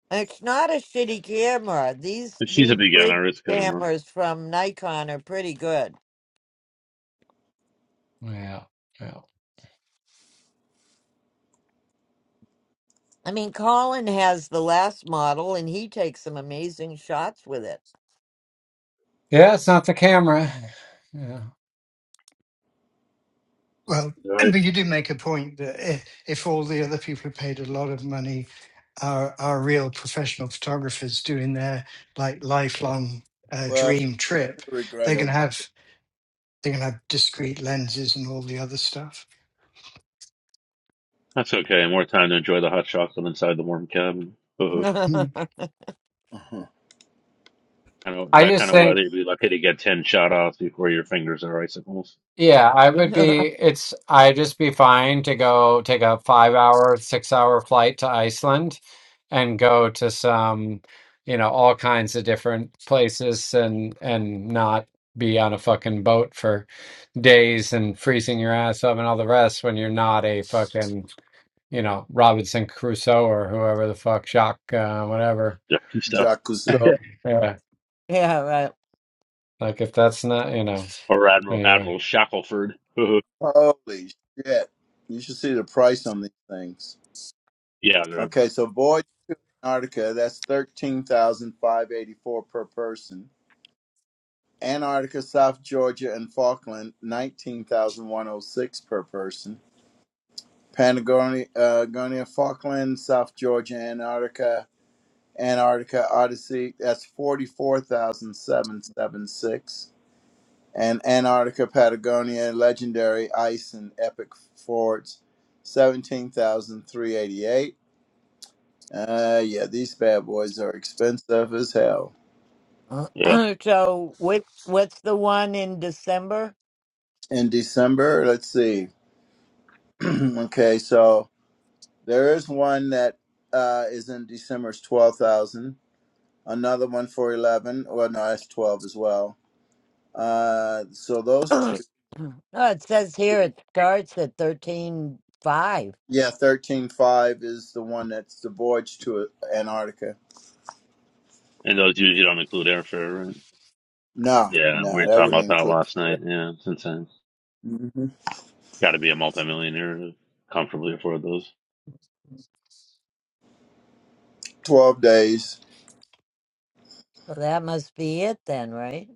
S1: And It's not a shitty camera. These
S5: If she's a
S1: these bridge
S5: beginner, it's good enough.
S1: cameras from Nikon are pretty good.
S8: yeah, yeah.
S1: I mean, Colin has the last model, and he takes some amazing shots with it.
S8: Yeah, it's not the camera. Yeah.
S9: well,
S5: All
S9: and-
S5: right,
S9: but you do make a point that if, if all the other people who paid a lot of money are are real professional photographers doing their like lifelong uh,
S4: Well, she
S9: dream trip,
S4: could regret
S9: they're going to
S4: her.
S9: have They're going to have discrete lenses and all the other stuff.
S5: that's okay. More time to enjoy the hot chocolate inside the warm cabin. Uh,
S9: Mm.
S1: [LAUGHS]
S4: [LAUGHS]
S5: kind of
S8: I
S5: that
S8: just
S5: kind of
S8: think
S5: weather, you'd be lucky to get ten shot offs before your fingers are icicles.
S8: Yeah, I would be, it's, I'd just be fine to go take a five hour, six hour flight to Iceland and go to some, you know, all kinds of different places and and not be on a fucking boat for days and freezing your ass up and all the rest when you're not a fucking, you know, Robinson Crusoe or whoever the fuck, Jacques, uh, whatever.
S5: Yeah, good stuff.
S4: Jacques
S9: And
S4: Cousteau.
S5: [LAUGHS]
S8: Yeah.
S1: yeah, right.
S8: Like if that's not, you know,
S5: or Admiral
S8: anyway.
S5: Admiral Shackelford. Uh,
S4: Holy shit. You should see the price on these things.
S5: yeah, they're-
S4: Okay, so Voyage to Antarctica, that's thirteen thousand five eighty four per person. Antarctica, South Georgia, and Falkland, 19106 per person. Patagonia, uh, Gonia, Falkland, South Georgia, Antarctica, Antarctica Odyssey, that's 44,776. And Antarctica Patagonia Legendary Ice and Epic Forts, seventeen thousand three eighty eight. Uh, yeah, these bad boys are expensive as hell.
S5: yeah.
S1: [CLEARS THROAT] so, what's what's the one in December?
S4: In December, let's see. [CLEARS THROAT] okay, so there is one that uh, is in December's 12,000. Another one for 11. Well, no, that's 12 as well. Uh, so
S1: [CLEARS THROAT]
S4: those
S1: oh,
S4: two.
S1: it says here it starts at thirteen five.
S4: Yeah, thirteen five is the one that's the voyage to Antarctica.
S5: And those usually don't include airfare, right?
S4: No,
S5: Yeah, we were
S4: no, that
S5: talking
S4: wouldn't
S5: about that
S4: include.
S5: last night.
S4: that.
S5: Yeah, it's insane.
S4: hmm
S5: Got to be a multimillionaire to comfortably afford those.
S4: Twelve days.
S1: So that must be it then, right?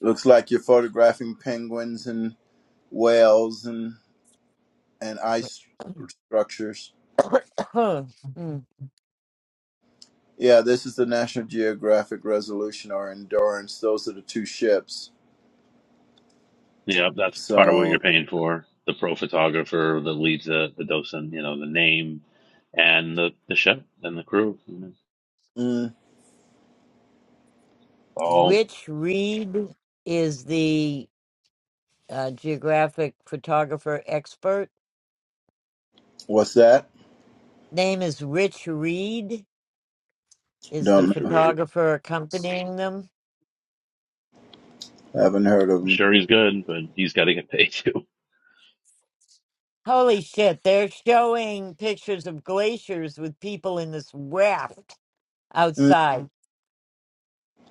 S4: Looks like you're photographing penguins and whales and and ice structures.
S1: [CLEARS THROAT] Mm.
S4: Yeah, this is the National Geographic Resolution or Endurance. Those are the two ships.
S5: Yeah, that's part of what you're
S4: So,
S5: paying for. The pro photographer that leads the, the docent, you know, the name and the, the chef and the crew. you know.
S4: mm,
S5: all
S1: Rich Reed is the uh, geographic photographer expert.
S4: what's that?
S1: Name is Rich Reed. Is the
S4: Don't
S5: Richard Reed.
S1: photographer accompanying them?
S4: know. Haven't heard of
S5: I'm
S4: them.
S5: sure he's good, but he's got to get paid [LAUGHS] too.
S1: Holy shit! They're showing pictures of glaciers with people in this raft
S4: Mm,
S1: outside.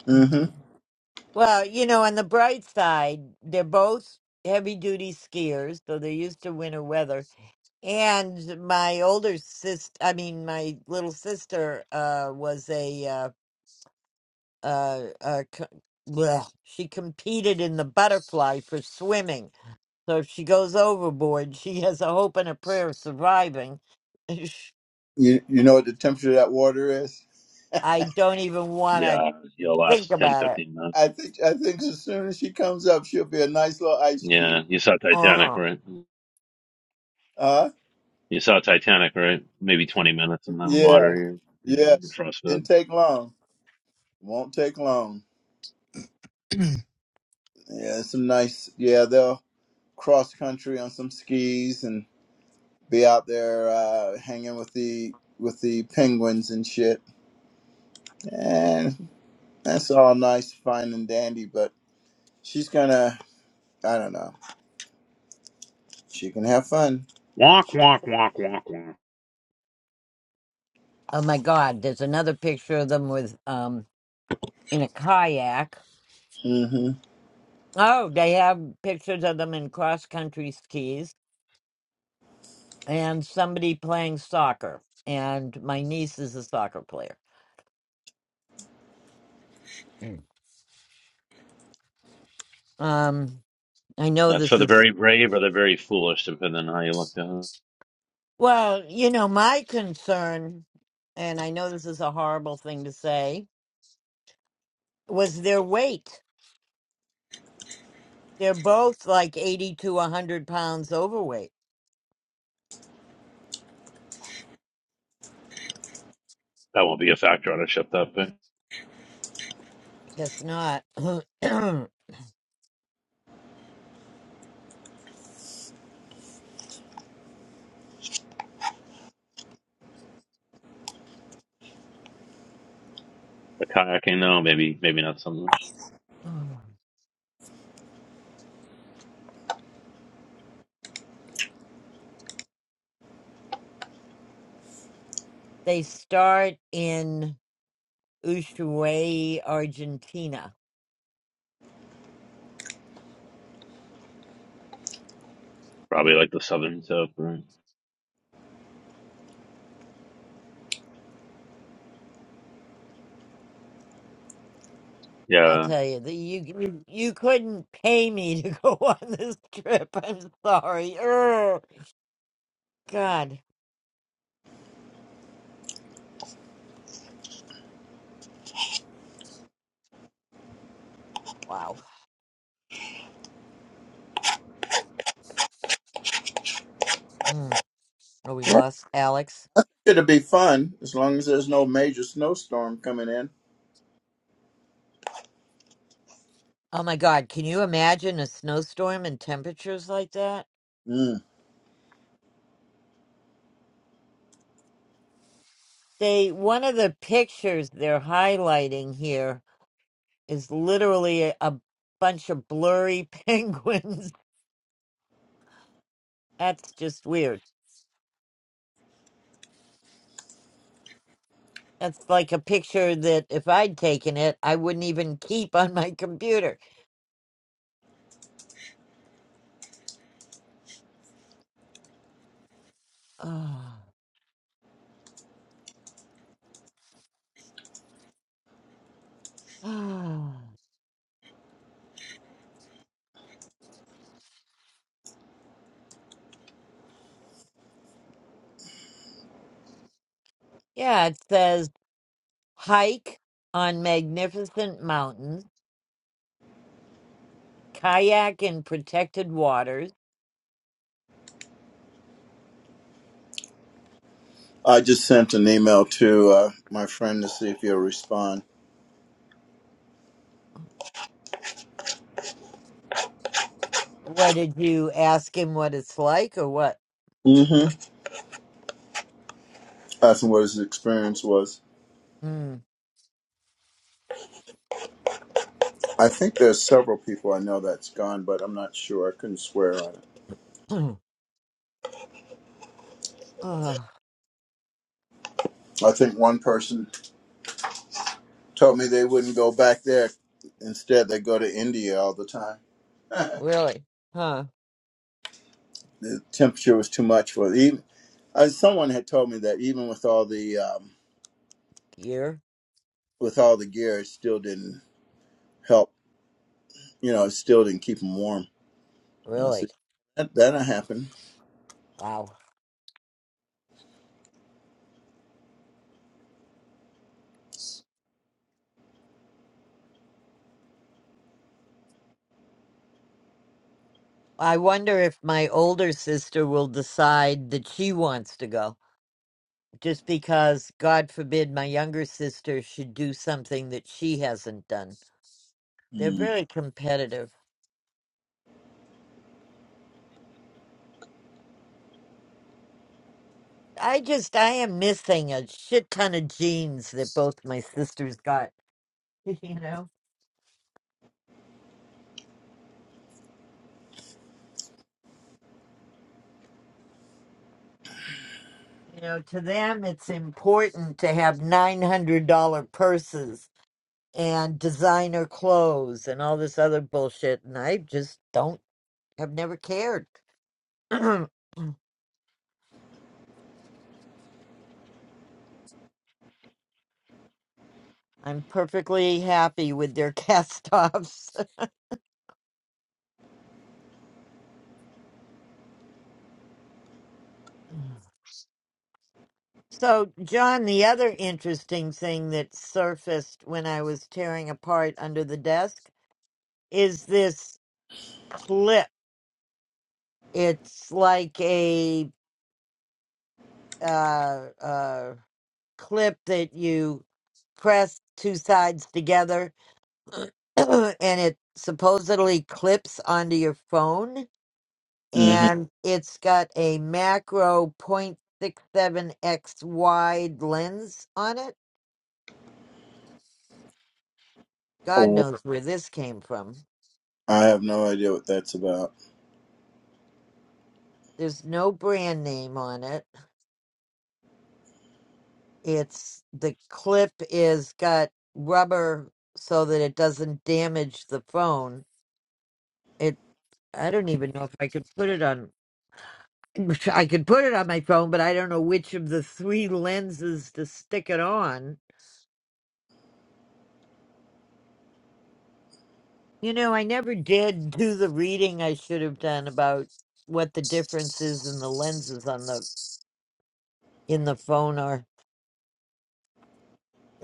S4: hmm
S1: Well, you know, on the bright side, they're both heavy duty skiers, so they're used to winter weather. And my older sister, I mean, my little sister, uh, was a, uh, uh, uh, co- well, she competed in the butterfly for swimming. So if she goes overboard, she has a hope and a prayer of surviving.
S4: You you know what the temperature of that water is? [LAUGHS]
S1: [LAUGHS] I don't even want to
S5: Yeah, he'll
S1: think
S5: last ten
S1: about it.
S5: fifteen 15 minutes.
S4: I think I think as soon as she comes up, she'll be a nice little ice
S5: Yeah,
S4: cube.
S5: you saw
S1: Uh
S5: Titanic,
S1: huh.
S5: right?
S4: Huh?
S5: You saw Titanic, right? Maybe 20 minutes in the water
S4: Yeah,
S5: You're, You,
S4: yeah.
S5: Yeah, you're
S4: Didn't
S5: frostbitten.
S4: take long. Won't take long.
S9: [CLEARS THROAT]
S4: Yeah, some nice. Yeah, they'll cross country on some skis and be out there uh, hanging with the with the penguins and shit. And that's all nice, fine and dandy. But she's gonna. I don't know. She can have fun.
S5: Walk, walk, walk, walk, walk.
S1: Oh my God, there's another picture of them with, um, in a kayak
S4: Mm-hmm.
S1: Oh, they have pictures of them in cross country skis and somebody playing soccer. And my niece is a soccer player. Mm. Um, I know
S5: That's
S1: this
S5: for the
S1: is,
S5: very brave or the very foolish, depending on how you look at it.
S1: well, you know, my concern, and I know this is a horrible thing to say, was their weight. They're both like 80 to 100 pounds overweight.
S5: That won't be a factor on a ship that big.
S1: Guess not. [CLEARS THROAT]
S5: The kayaking, though, maybe maybe not so much.
S1: they start in Ushuaia, Argentina
S5: Probably like the southern tip, right?
S1: I'll
S5: Yeah.
S1: tell you that you you you couldn't pay me to go [LAUGHS] on this trip. I'm sorry. Ugh. God, wow. Mm. Oh, we lost Alex.
S4: It'll be fun as long as there's no major snowstorm coming in.
S1: Oh my God, can you imagine a snowstorm and temperatures like that?
S4: Mm.
S1: They one of the pictures they're highlighting here is literally a, a bunch of blurry [LAUGHS] penguins. That's just weird. That's like a picture that if I'd taken it, I wouldn't even keep on my computer. Oh. [SIGHS] Ah, yeah, it says hike on magnificent mountains, kayak in protected waters.
S4: I just sent an email to uh, my friend to see if he'll respond.
S1: What did you ask him what it's like or what?
S4: Mm-hmm. Asking what his experience was.
S1: Mm.
S4: I think there's several people I know that's gone, but I'm not sure. I couldn't swear on it.
S1: [CLEARS THROAT] oh,
S4: I think one person told me they wouldn't go back there. Instead, they go to India all the time.
S1: really? Huh?
S4: The temperature was too much for even. Uh, someone had told me that even with all the um,
S1: Gear?
S4: with all the gear, it still didn't help. You know, it still didn't keep them warm. And I
S1: Really?
S4: said that that'll happen.
S1: Wow. I wonder if my older sister will decide that she wants to go. Just because, God forbid, my younger sister should do something that she hasn't done. They're very competitive. I just I am missing a shit ton of genes that both my sisters got. [LAUGHS] You know, you know, to them it's important to have nine hundred dollar purses and designer clothes and all this other bullshit, and I just don't have never cared. [CLEARS THROAT] I'm perfectly happy with their cast offs. [LAUGHS] So, John, the other interesting thing that surfaced when I was tearing apart under the desk is this. clip. It's like a uh, uh, clip that you press two sides together, [CLEARS THROAT] and it supposedly clips onto your phone.
S4: Mm-hmm.
S1: And it's got a macro point six seven x wide lens on it. God knows where this came from.
S4: I have no idea what that's about.
S1: There's no brand name on it. It's the clip is got rubber so that it doesn't damage the phone. It I don't even know if I could put it on [LAUGHS] I could put it on my phone, but I don't know which of the three lenses to stick it on. You know, I never did do the reading I should have done about what the difference is in the lenses on the in the phone are.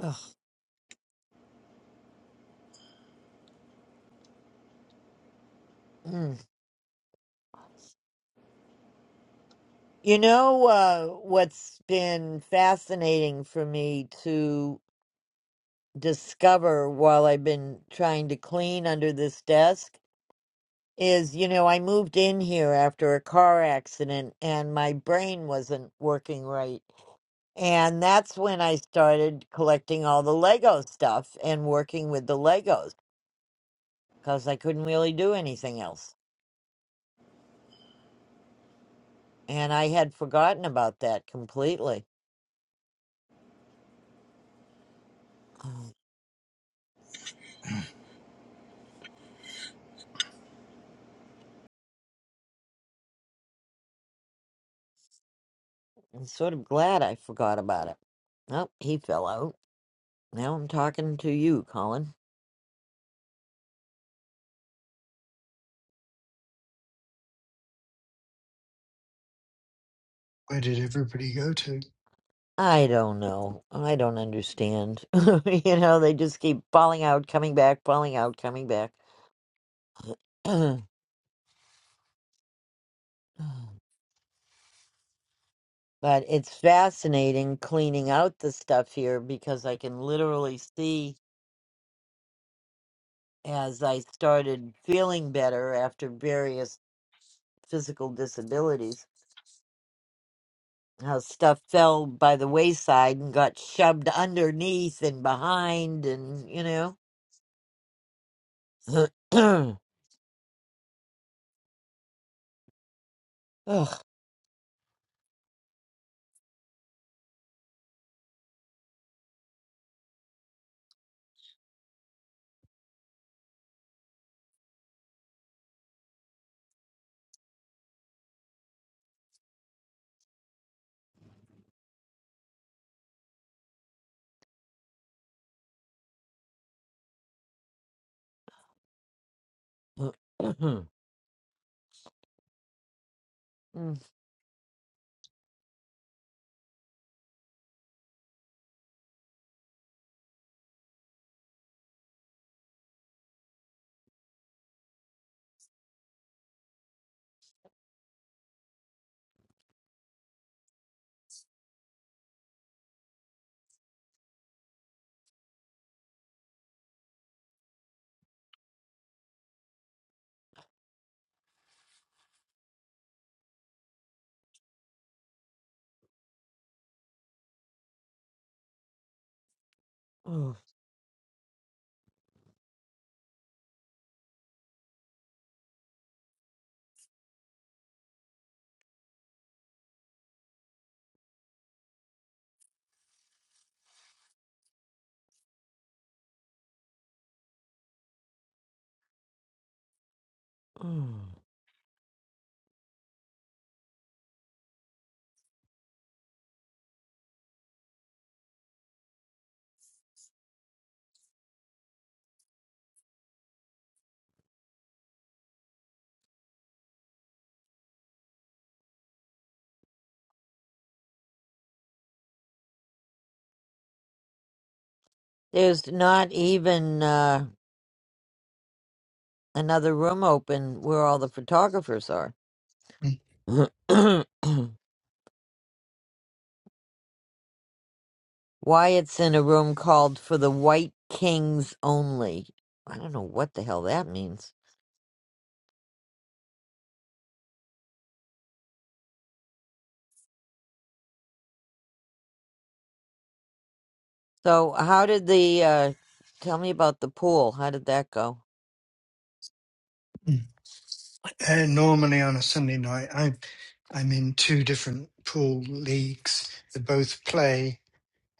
S1: Ugh. Mm. You know uh, what's been fascinating for me to. discover while I've been trying to clean under this desk is, you know, I moved in here after a car accident and my brain wasn't working right. And that's when I started collecting all the Lego stuff and working with the Legos because I couldn't really do anything else. And I had forgotten about that completely. Oh, I'm sort of glad I forgot about it. Oh, he fell out. Now I'm talking to you, Colin.
S9: where did everybody go to?
S1: I don't know. I don't understand. [LAUGHS] you know, they just keep falling out, coming back, falling out, coming back. [CLEARS THROAT] but it's fascinating cleaning out the stuff here because I can literally see as I started feeling better after various physical disabilities how stuff fell by the wayside and got shoved underneath and behind and you know [CLEARS THROAT] Ugh. [CLEARS THROAT] Mm, mm, mm. There's not even uh, another room open where all the photographers are.
S9: Mm.
S1: [CLEARS THROAT] Wyatt's in a room called For the White Kings Only. I don't know what the hell that means. So, how did the, uh, tell me about the pool. How did that go?
S9: Mm. Uh, normally on a Sunday night, I, I'm in two different pool leagues that both play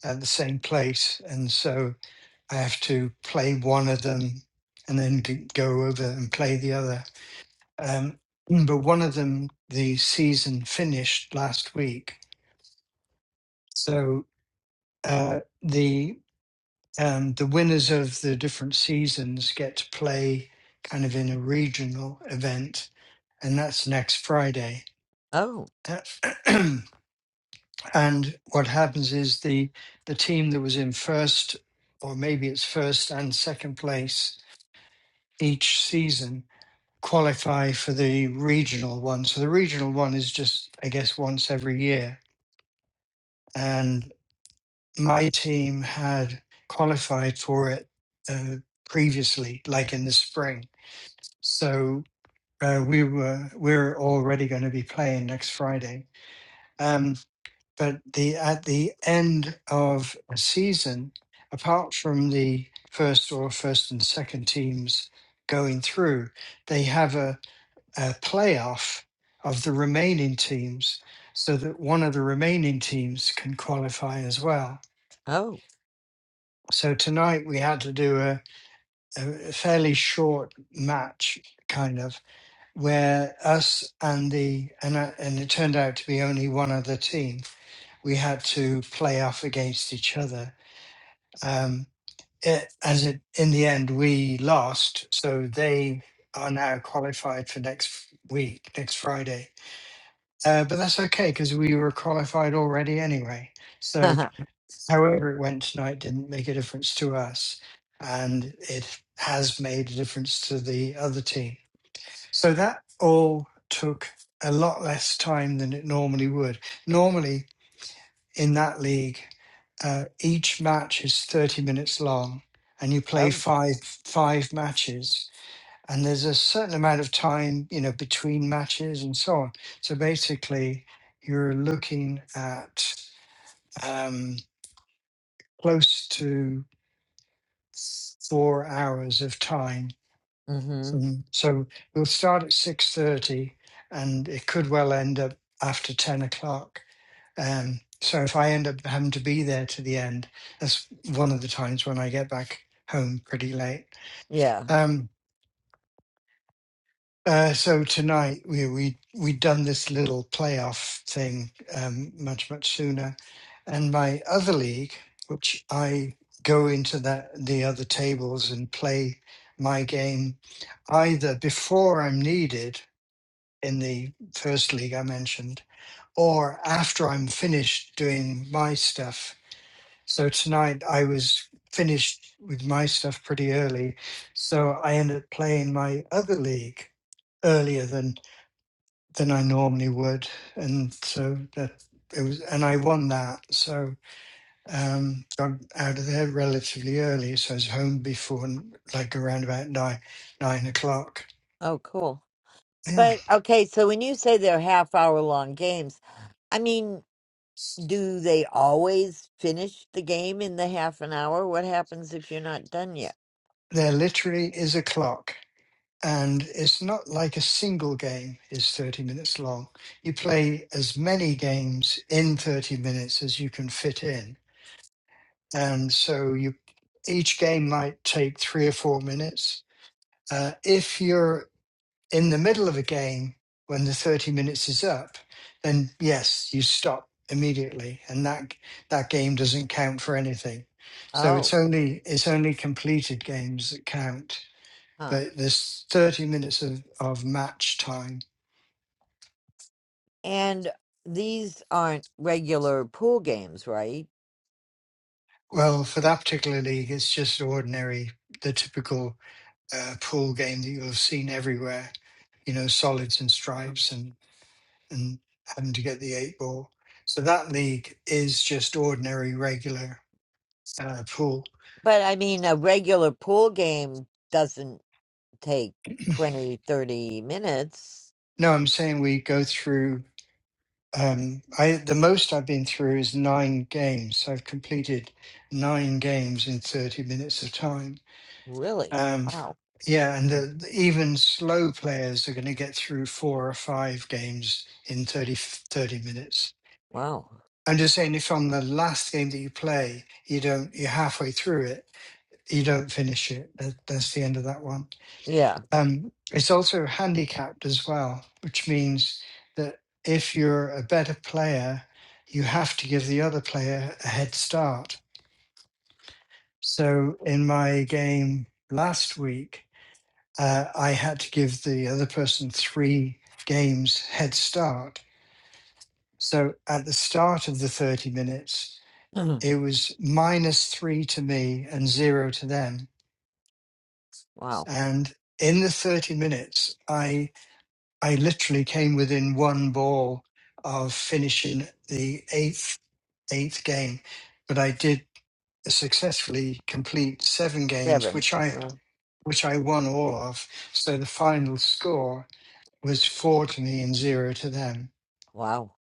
S9: at the same place. And so I have to play one of them and then g- go over and play the other. Um, mm, but one of them, the season finished last week. So uh, the um, the winners of the different seasons get to play kind of in a regional event, and that's next Friday.
S1: Oh,
S9: Uh, [CLEARS THROAT] and what happens is the the team that was in first, or maybe it's first and second place each season, qualify for the regional one. So the regional one is just, I guess, once every year. And my team had qualified for it uh, previously, like in the spring so uh, we were we are already going to be playing next Friday. Um, but the at the end of a season, apart from the first or first and second teams going through, they have a, a playoff of the remaining teams, so that one of the remaining teams can qualify as well.
S1: oh,
S9: So tonight we had to do a, a fairly short match, kind of where us and the and I, and it turned out to be only one other team. We had to play off against each other. Um, it, as it in the end we lost, so they are now qualified for next week, next Friday. Uh, but that's okay because we were qualified already anyway.
S1: [LAUGHS]
S9: So
S1: oh,
S9: however it went tonight didn't make a difference to us, and it has made a difference to the other team. So that all took a lot less time than it normally would. Normally, in that league, uh, each match is 30 minutes long and you play five five matches and there's a certain amount of time you know between matches and so on so basically you're looking at um, close to four hours of time
S1: mm-hmm.
S9: So, so we'll start at six thirty, and it could well end up after ten o'clock. Um, so if I end up having to be there to the end, that's one of the times when I get back home pretty late.
S1: Yeah.
S9: Um, uh, so tonight we we we'd done this little playoff thing um, much much sooner, and my other league, which I go into that the other tables and play my game either before I'm needed in the first league I mentioned, or after I'm finished doing my stuff. So tonight I was finished with my stuff pretty early, so I ended up playing my other league earlier than than I normally would, and so that it was, and I won that. So um, got out of there relatively early, so I was home before n- like around about nine nine o'clock.
S1: Oh, cool.
S9: Yeah,
S1: But, okay, so when you say they're half hour long games, I mean, Do they always finish the game in the half an hour? What happens if you're not done yet?
S9: there literally is a clock. and it's not like a single game is 30 minutes long. You play as many games in 30 minutes as you can fit in. And so you each game might take 3 or 4 minutes. Uh, if you're in the middle of a game when the 30 minutes is up, then yes, you stop immediately and that that game doesn't count for anything. So
S1: Oh,
S9: it's only it's only completed games that count
S1: huh.
S9: they, there's 30 minutes of, of match time.
S1: And these aren't regular pool games, right?
S9: Well, for that particular league, it's just ordinary, the typical uh, pool game that you'll have seen everywhere. you know, solids and stripes and and having to get the eight ball. So that league is just ordinary regular uh, pool.
S1: But I mean, a regular pool game doesn't take twenty, thirty minutes.
S9: No, I'm saying we go through. Um, I the most I've been through is nine games. I've completed nine games in 30 minutes of time.
S1: Really?
S9: Um,
S1: Wow.
S9: Yeah, and the, the even slow players are going to get through four or five games in 30 30 minutes.
S1: Wow.
S9: I'm just saying, if on the last game that you play, you don't, you're halfway through it, you don't finish it. That, that's the end of that one.
S1: Yeah.
S9: Um, it's also handicapped as well, which means that if you're a better player, you have to give the other player a head start. So in my game last week, uh, I had to give the other person three games head start. So at the start of the 30 minutes,
S1: [CLEARS THROAT]
S9: it was minus three to me and zero to them.
S1: wow.
S9: And in the 30 minutes, I I literally came within one ball of finishing the eighth eighth game, but I did successfully complete seven games,
S1: Seven.
S9: which I
S1: Yeah.
S9: which I won all of. So the final score was four to me and zero to them.
S1: Wow.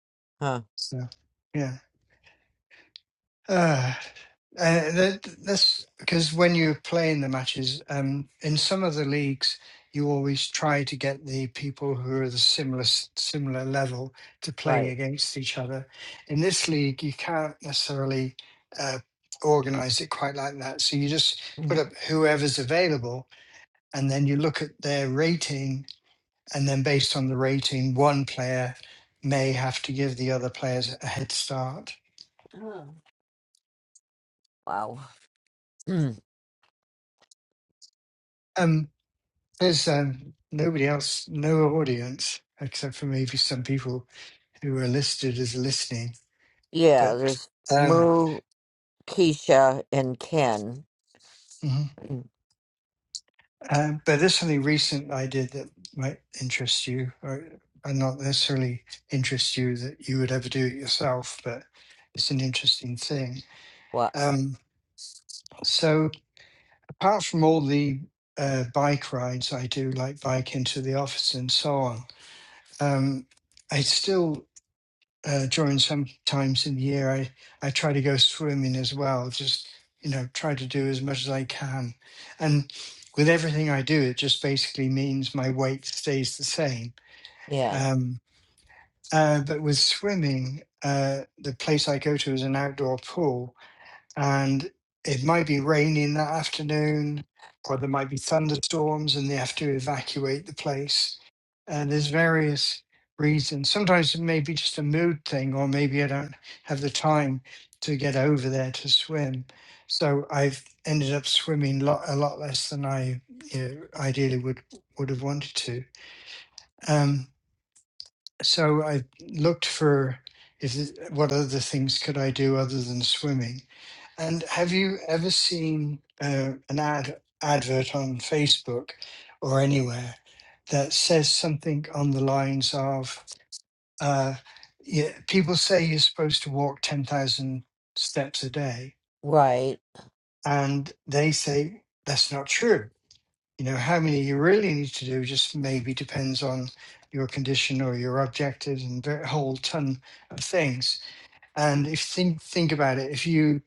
S1: Huh.
S9: So yeah, uh, uh, that, that's because when you're playing the matches um, in some of the leagues, you always try to get the people who are the similar s- similar level to play
S1: Right.
S9: against each other. In this league, you can't necessarily. Uh, organize it quite like that so you just put up whoever's available and then you look at their rating and then based on the rating, one player may have to give the other players a head start.
S1: [CLEARS THROAT] wow. [CLEARS THROAT]
S9: Um, there's um, nobody else, no audience, except for maybe some people who are listed as listening.
S1: yeah,
S9: But
S1: there's
S9: um,
S1: moo. Keisha and Ken.
S9: mhm. um, but there's something recent I did that might interest you, or, or not necessarily interest you that you would ever do it yourself, but it's an interesting thing.
S1: What?
S9: Um, so apart from all the uh, bike rides I do, like bike into the office and so on, um, I still, uh, during some times in the year, I, I try to go swimming as well, just, you know, try to do as much as I can. And with everything I do, it just basically means my weight stays the same.
S1: Yeah.
S9: Um, uh, but with swimming, uh, the place I go to is an outdoor pool, and it might be raining that afternoon, or there might be thunderstorms, and they have to evacuate the place. And there's various reasons. Sometimes it may be just a mood thing, or maybe I don't have the time to get over there to swim. So I've ended up swimming lot, a lot less than I you know, ideally would would have wanted to. Um, so I looked for if it- what other things could I do other than swimming. And have you ever seen uh, an ad advert on Facebook or anywhere that says something on the lines of uh, yeah, people say you're supposed to walk ten thousand steps a day,
S1: Right.
S9: and they say that's not true you know, how many you really need to do just maybe depends on your condition or your objectives and a whole ton of things. And if think think about it, if you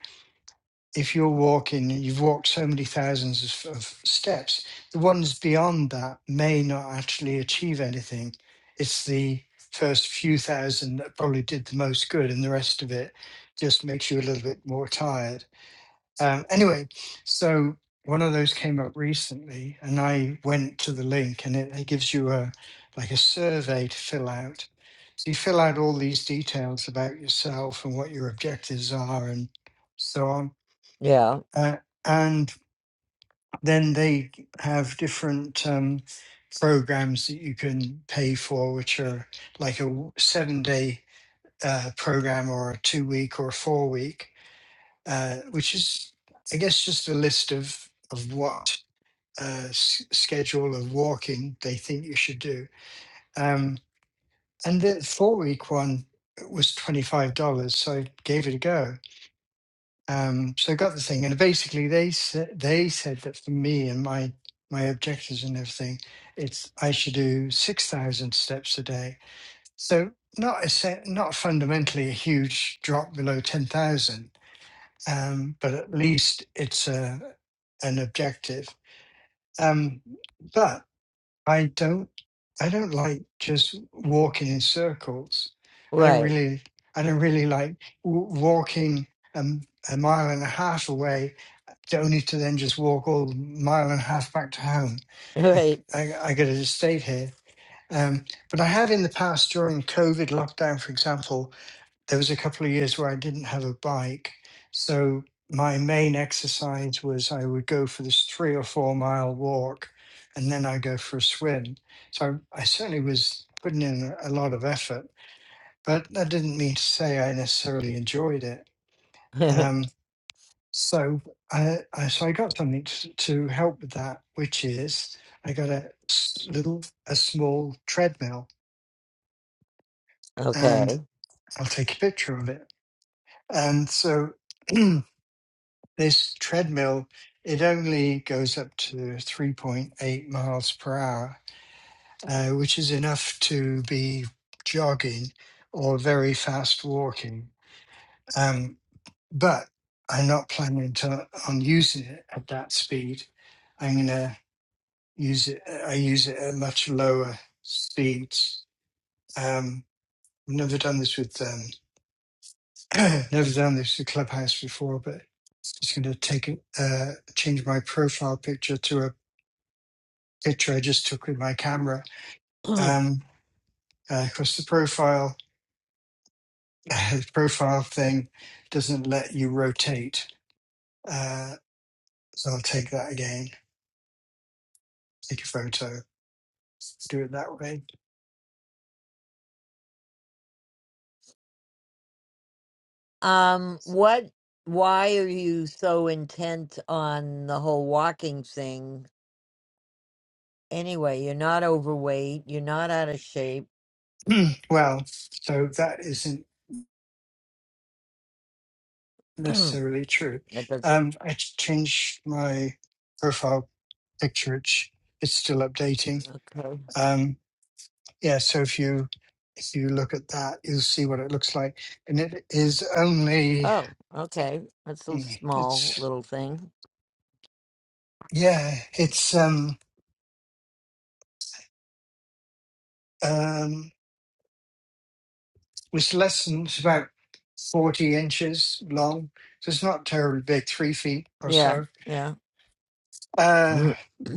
S9: if you're walking, you've walked so many thousands of, of steps, the ones beyond that may not actually achieve anything. It's the first few thousand that probably did the most good, and the rest of it just makes you a little bit more tired. Um, anyway, so one of those came up recently, and I went to the link, and it, it gives you a like a survey to fill out. So you fill out all these details about yourself and what your objectives are, and so on.
S1: Yeah.
S9: Uh, and then they have different um, programs that you can pay for, which are like a seven-day uh, program, or a two-week, or a four-week uh, which is, I guess, just a list of of what uh, s- schedule of walking they think you should do. Um, and the four week one was twenty five dollars, so I gave it a go. Um, so I got the thing, and basically they said they said that for me and my my objectives and everything, it's I should do six thousand steps a day. So not a se- not fundamentally a huge drop below ten thousand, um, but at least it's a, an objective. Um, but I don't, I don't like just walking in circles. I don't
S1: Right.
S9: really, I don't really like w- walking um, a mile and a half away, to only to then just walk all mile and a half back to home.
S1: [LAUGHS]
S9: I,
S1: Right.
S9: I, I got to just stay here. Um, but I have in the past during COVID lockdown, for example, there was a couple of years where I didn't have a bike. So my main exercise was I would go for this three or four mile walk and then I go for a swim. So I, I certainly was putting in a lot of effort, but that didn't mean to say I necessarily enjoyed it.
S1: [LAUGHS]
S9: Um, so I, I so I got something to, to help with that, which is I got a s- little a small treadmill, and
S1: okay.
S9: I'll take a picture of it. And so [CLEARS THROAT] This treadmill, it only goes up to 3.8 miles per hour, uh, which is enough to be jogging or very fast walking. Um, but I'm not planning to, on using it at that speed. I'm going to use it, I use it at much lower speeds. Um, I've never done this with, um, [CLEARS THROAT] never done this with Clubhouse before, but just going to take it, uh, change my profile picture to a picture I just took with my camera.
S1: [CLEARS THROAT]
S9: Um, uh, of course, the profile [LAUGHS] uh, profile thing doesn't let you rotate, uh, so I'll take that again. Take a photo, do it that way.
S1: um. What? Why are you so intent on the whole walking thing? Anyway, you're not overweight. You're not out of shape.
S9: [CLEARS THROAT] well, so that isn't
S1: [CLEARS THROAT] that
S9: necessarily true.
S1: does.
S9: Um, I ch- changed my profile picture. It's, it's still updating.
S1: Okay.
S9: Um, yeah, so if you if you look at that, you'll see what it looks like, and it is only
S1: Oh. Okay. That's a
S9: hmm,
S1: small
S9: it's.
S1: little thing.
S9: Yeah, it's um um was less than it's about forty inches long, so it's not terribly big, three feet or
S1: Yeah.
S9: so.
S1: Yeah.
S9: Uh,
S1: [CLEARS THROAT]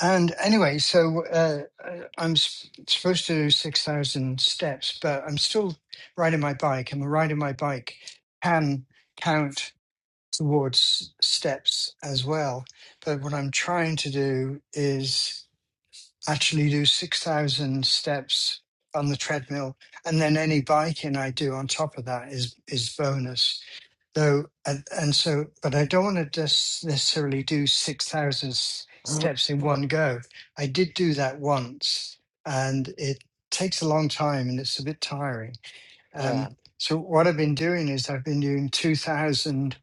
S9: and anyway, so uh, uh, I'm s- supposed to do six thousand steps, but I'm still riding my bike, and the ride of my bike can count towards steps as well. But what I'm trying to do is. actually do 6,000 steps on the treadmill. And then any biking I do on top of that is, is bonus. Though, and, and so, but I don't want to just necessarily do 6,000 steps in one go. I did do that once and it takes a long time and it's a bit tiring.
S1: yeah.
S9: Um, so what I've been doing is I've been doing 2,000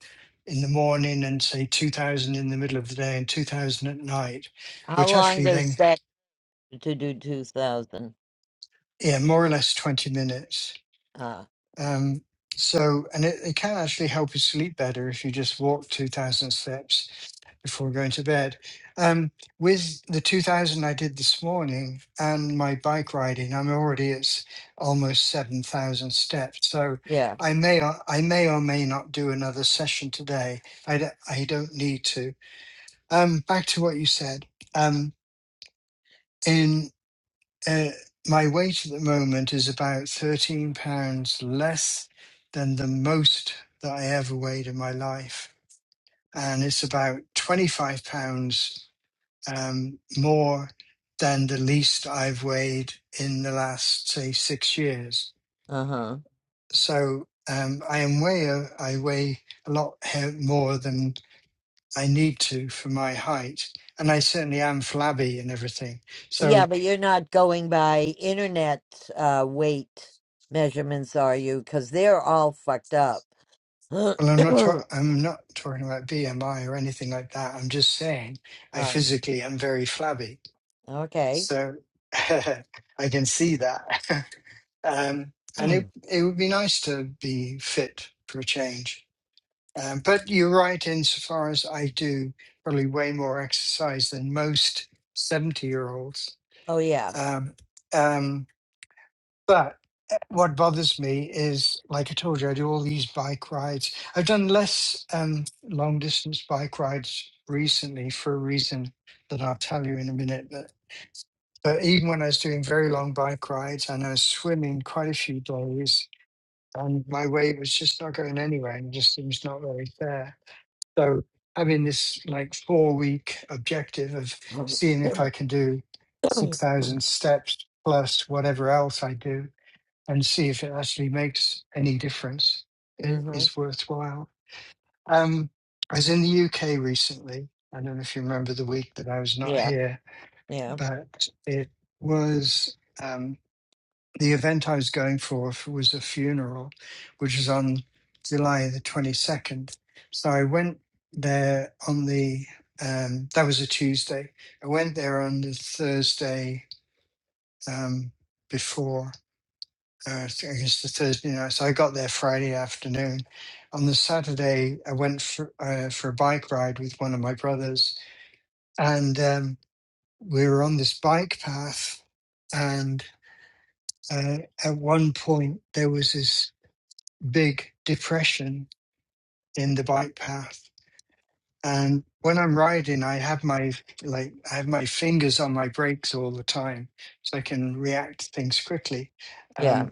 S9: in the morning and say 2,000 in the middle of the day and 2,000 at night
S1: How
S9: which
S1: long
S9: actually then
S1: does that to do two thousand?
S9: Yeah, more or less 20 minutes.
S1: Uh,
S9: Um, so, and it, it can actually help you sleep better if you just walk 2,000 steps before going to bed. Um, with the 2,000 I did this morning and my bike riding, I'm already at s- almost 7,000 steps. So
S1: yeah.
S9: I may or, I may or may not do another session today. I, d- I don't need to. Um, back to what you said. Um, Uh, my weight at the moment is about 13 pounds less than the most that I ever weighed in my life. And it's about 25 pounds um, more than the least I've weighed in the last, say, six years.
S1: Uh-huh.
S9: So um, I am way, uh, I weigh a lot he- more than I need to for my height. And I certainly am flabby and everything. So.
S1: Yeah, but you're not going by internet uh weight measurements, are you? Because they're all fucked up. [COUGHS] [CLEARS THROAT]
S9: Well, I'm not. Ta-
S1: oh,
S9: I'm not talking about BMI or anything like that. I'm just saying I physically am very flabby,
S1: okay.
S9: so [LAUGHS] I can see that. [LAUGHS] um,
S1: [CLEARS THROAT]
S9: and it
S1: oh
S9: it would be nice to be fit for a change. Um, but you're right insofar as I do probably way more exercise than most seventy year olds.
S1: yeah.
S9: Um, um, but eh, what bothers me is, like I told you, I do all these bike rides. I've done less um, long distance bike rides recently for a reason that I'll tell you in a minute. But, but even when I was doing very long bike rides and I was swimming quite a few days, and my weight was just not going anywhere and just seems not very fair. So having this like four week objective of
S1: [CLEARS THROAT]
S9: seeing if
S1: mm-hmm.
S9: I can do 6,000 steps plus whatever else I do and see if it actually makes any difference. It is worthwhile. Um, I was in the UK recently. I don't know if you remember the week that I was not
S1: Yeah.
S9: here,
S1: Yeah.
S9: but it was um, the event I was going for f- was a funeral, which was on July the 22nd. So I went there on the, um, that was a Tuesday. I went there on the Thursday um, before uh, so I guess the Thursday night. So I got there Friday afternoon. On the Saturday, I went for uh, for a bike ride with one of my brothers, and um, we were on this bike path. And uh, at one point, there was this big depression in the bike path. And when I'm riding, I have my like I have my fingers on my brakes all the time, so I can react to things quickly. Um,
S1: Yeah.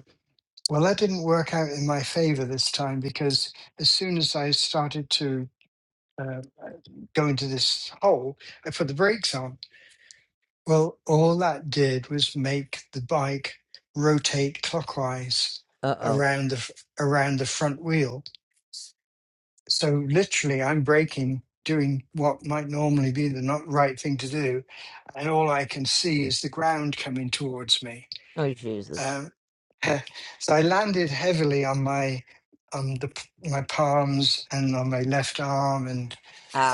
S9: Well, that didn't work out in my favor this time because as soon as I started to uh, go into this hole, I put the brakes on. Well, all that did was make the bike rotate clockwise
S1: Uh-oh.
S9: around the f- around the front wheel. So literally, I'm braking, doing what might normally be the not right thing to do, and all I can see is the ground coming towards me.
S1: Oh Jesus.
S9: Uh, [LAUGHS] so I landed heavily on my on the my palms and on my left arm and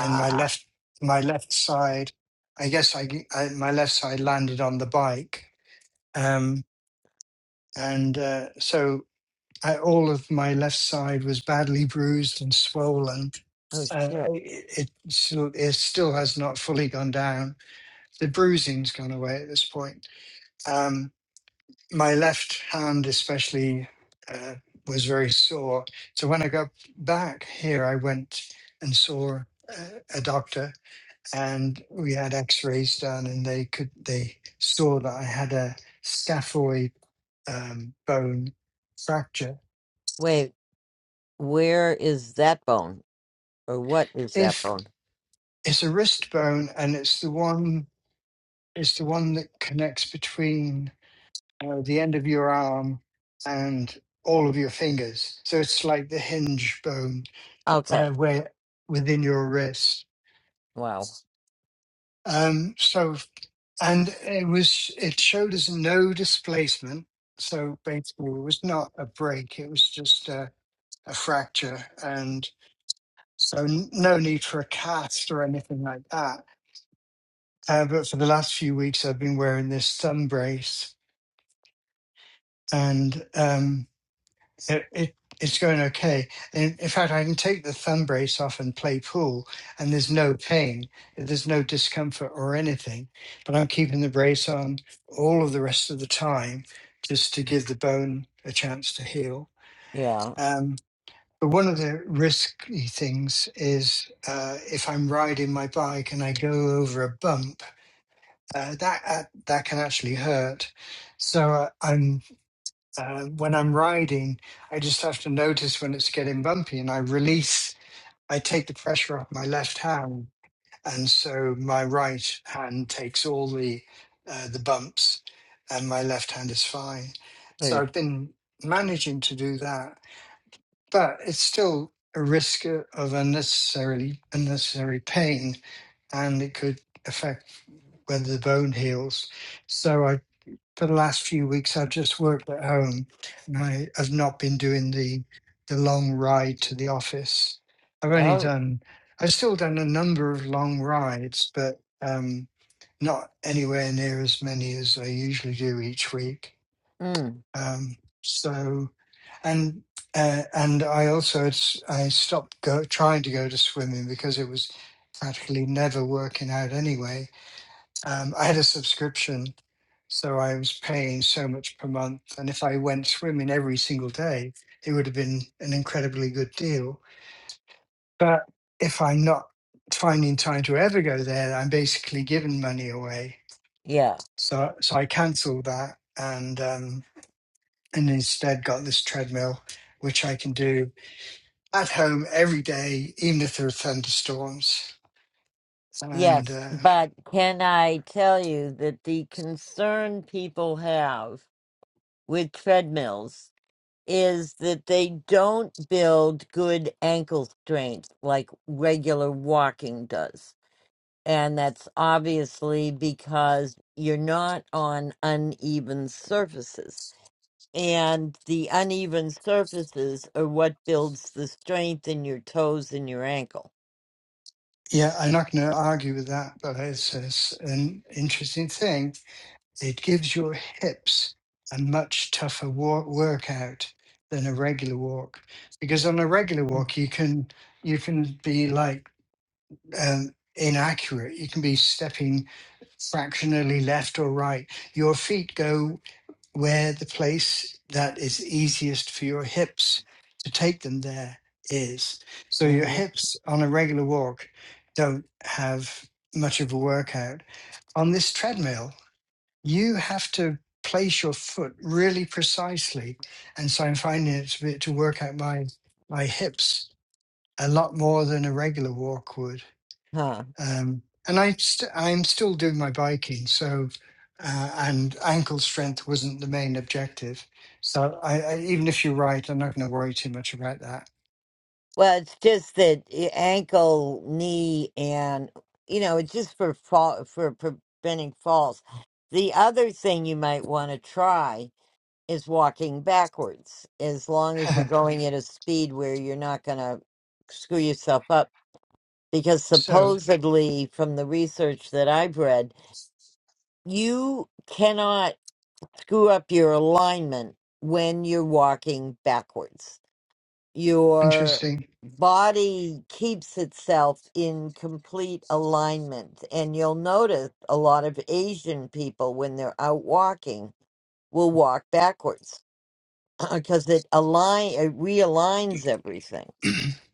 S9: and my left my left side. I guess I I my left side landed on the bike, um, and uh, so I, all of my left side was badly bruised and swollen.
S1: Oh
S9: Uh,
S1: shit.
S9: it, it still it still has not fully gone down. The bruising's gone away at this point. Um, my left hand especially uh, was very sore. So when I got back here, I went and saw uh, a doctor, and we had X-rays done, and they could they saw that I had a scaphoid um, bone fracture.
S1: Wait, where is that bone? Or what is that
S9: If
S1: bone?
S9: it's a wrist bone, and it's the one it's the one that connects between uh, the end of your arm and all of your fingers, so it's like the hinge bone uh,
S1: Okay.
S9: where within your wrist.
S1: Wow.
S9: Um, so, and it was it showed us no displacement. So basically, it was not a break; it was just a, a fracture, and so n- no need for a cast or anything like that. Uh, but for the last few weeks, I've been wearing this thumb brace, and um, It, it it's going okay. In, in fact, I can take the thumb brace off and play pool, and there's no pain, there's no discomfort or anything. But I'm keeping the brace on all of the rest of the time, just to give the bone a chance to heal.
S1: Yeah.
S9: Um, but one of the risky things is uh, if I'm riding my bike and I go over a bump, uh, that uh, that can actually hurt. So uh, I'm uh, when I'm riding, I just have to notice when it's getting bumpy and I release, I take the pressure off my left hand. And so my right hand takes all the, uh, the bumps and my left hand is fine. So
S1: Eh.
S9: I've been managing to do that, but it's still a risk of unnecessarily, unnecessary pain and it could affect whether the bone heals. So I for the last few weeks I've just worked at home and I have not been doing the the long ride to the office. I've only
S1: Oh.
S9: done I've still done a number of long rides, but um, not anywhere near as many as I usually do each week.
S1: Mm.
S9: Um, so and uh, and I also had s- I stopped go, trying to go to swimming because it was practically never working out anyway um, I had a subscription, so I was paying so much per month. And if I went swimming every single day, it would have been an incredibly good deal. But if I'm not finding time to ever go there, I'm basically giving money away.
S1: Yeah.
S9: So, so I cancelled that and um, and instead got this treadmill, which I can do at home every day, even if there are thunderstorms. And
S1: Yes,
S9: uh,
S1: but can I tell you that the concern people have with treadmills is that they don't build good ankle strength like regular walking does. And that's obviously because you're not on uneven surfaces. And the uneven surfaces are what builds the strength in your toes and your ankle.
S9: Yeah, I'm not going to argue with that, but it's, it's an interesting thing. It gives your hips a much tougher walk, workout than a regular walk, because on a regular walk you can you can be like um, inaccurate. You can be stepping fractionally left or right. Your feet go where the place that is easiest for your hips to take them there is. So your
S1: Mhm.
S9: hips on a regular walk don't have much of a workout. On this treadmill, you have to place your foot really precisely. And so I'm finding it to, be, to work out my, my hips a lot more than a regular walk would um, and I st- I'm still doing my biking, so uh, and ankle strength wasn't the main objective. So I, I, even if you're right, I'm not going to worry too much about that.
S1: Well, it's just that i- ankle, knee, and you know, it's just for fall, for preventing falls. The other thing you might want to try is walking backwards, as long as you're
S9: [LAUGHS]
S1: going at a speed where you're not going to screw yourself up. Because
S9: so
S1: supposedly, from the research that I've read, you cannot screw up your alignment when you're walking backwards your
S9: interesting.
S1: body keeps itself in complete alignment. And you'll notice a lot of Asian people, when they're out walking, will walk backwards [CLEARS THROAT] because it align it realigns everything.
S9: [CLEARS THROAT]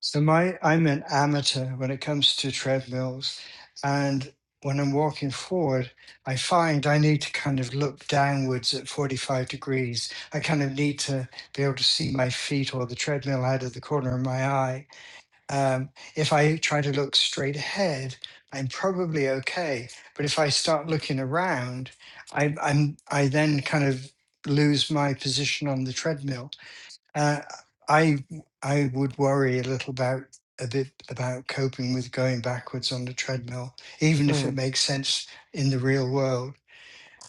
S9: so my I'm an amateur when it comes to treadmills, and when I'm walking forward, I find I need to kind of look downwards at 45 degrees. I kind of need to be able to see my feet or the treadmill out of the corner of my eye Um, if I try to look straight ahead, I'm probably okay. But if I start looking around, I, I'm I then kind of lose my position on the treadmill. Uh, I I would worry a little about a bit about coping with going backwards on the treadmill, even if it
S1: Mm.
S9: makes sense in the real world.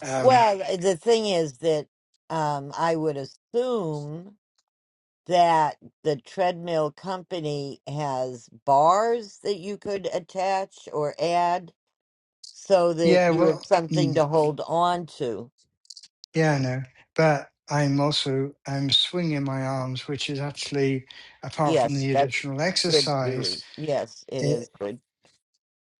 S9: Um,
S1: Well, eh, the thing is that um, I would assume that the treadmill company has bars that you could attach or add so that
S9: yeah,
S1: you have
S9: well. mm.
S1: something to hold on to.
S9: Yeah, I know. But I'm also I'm swinging my arms, which is actually apart from
S1: Yes,
S9: the
S1: that's
S9: additional
S1: good for
S9: exercise
S1: you. Yes, it is good.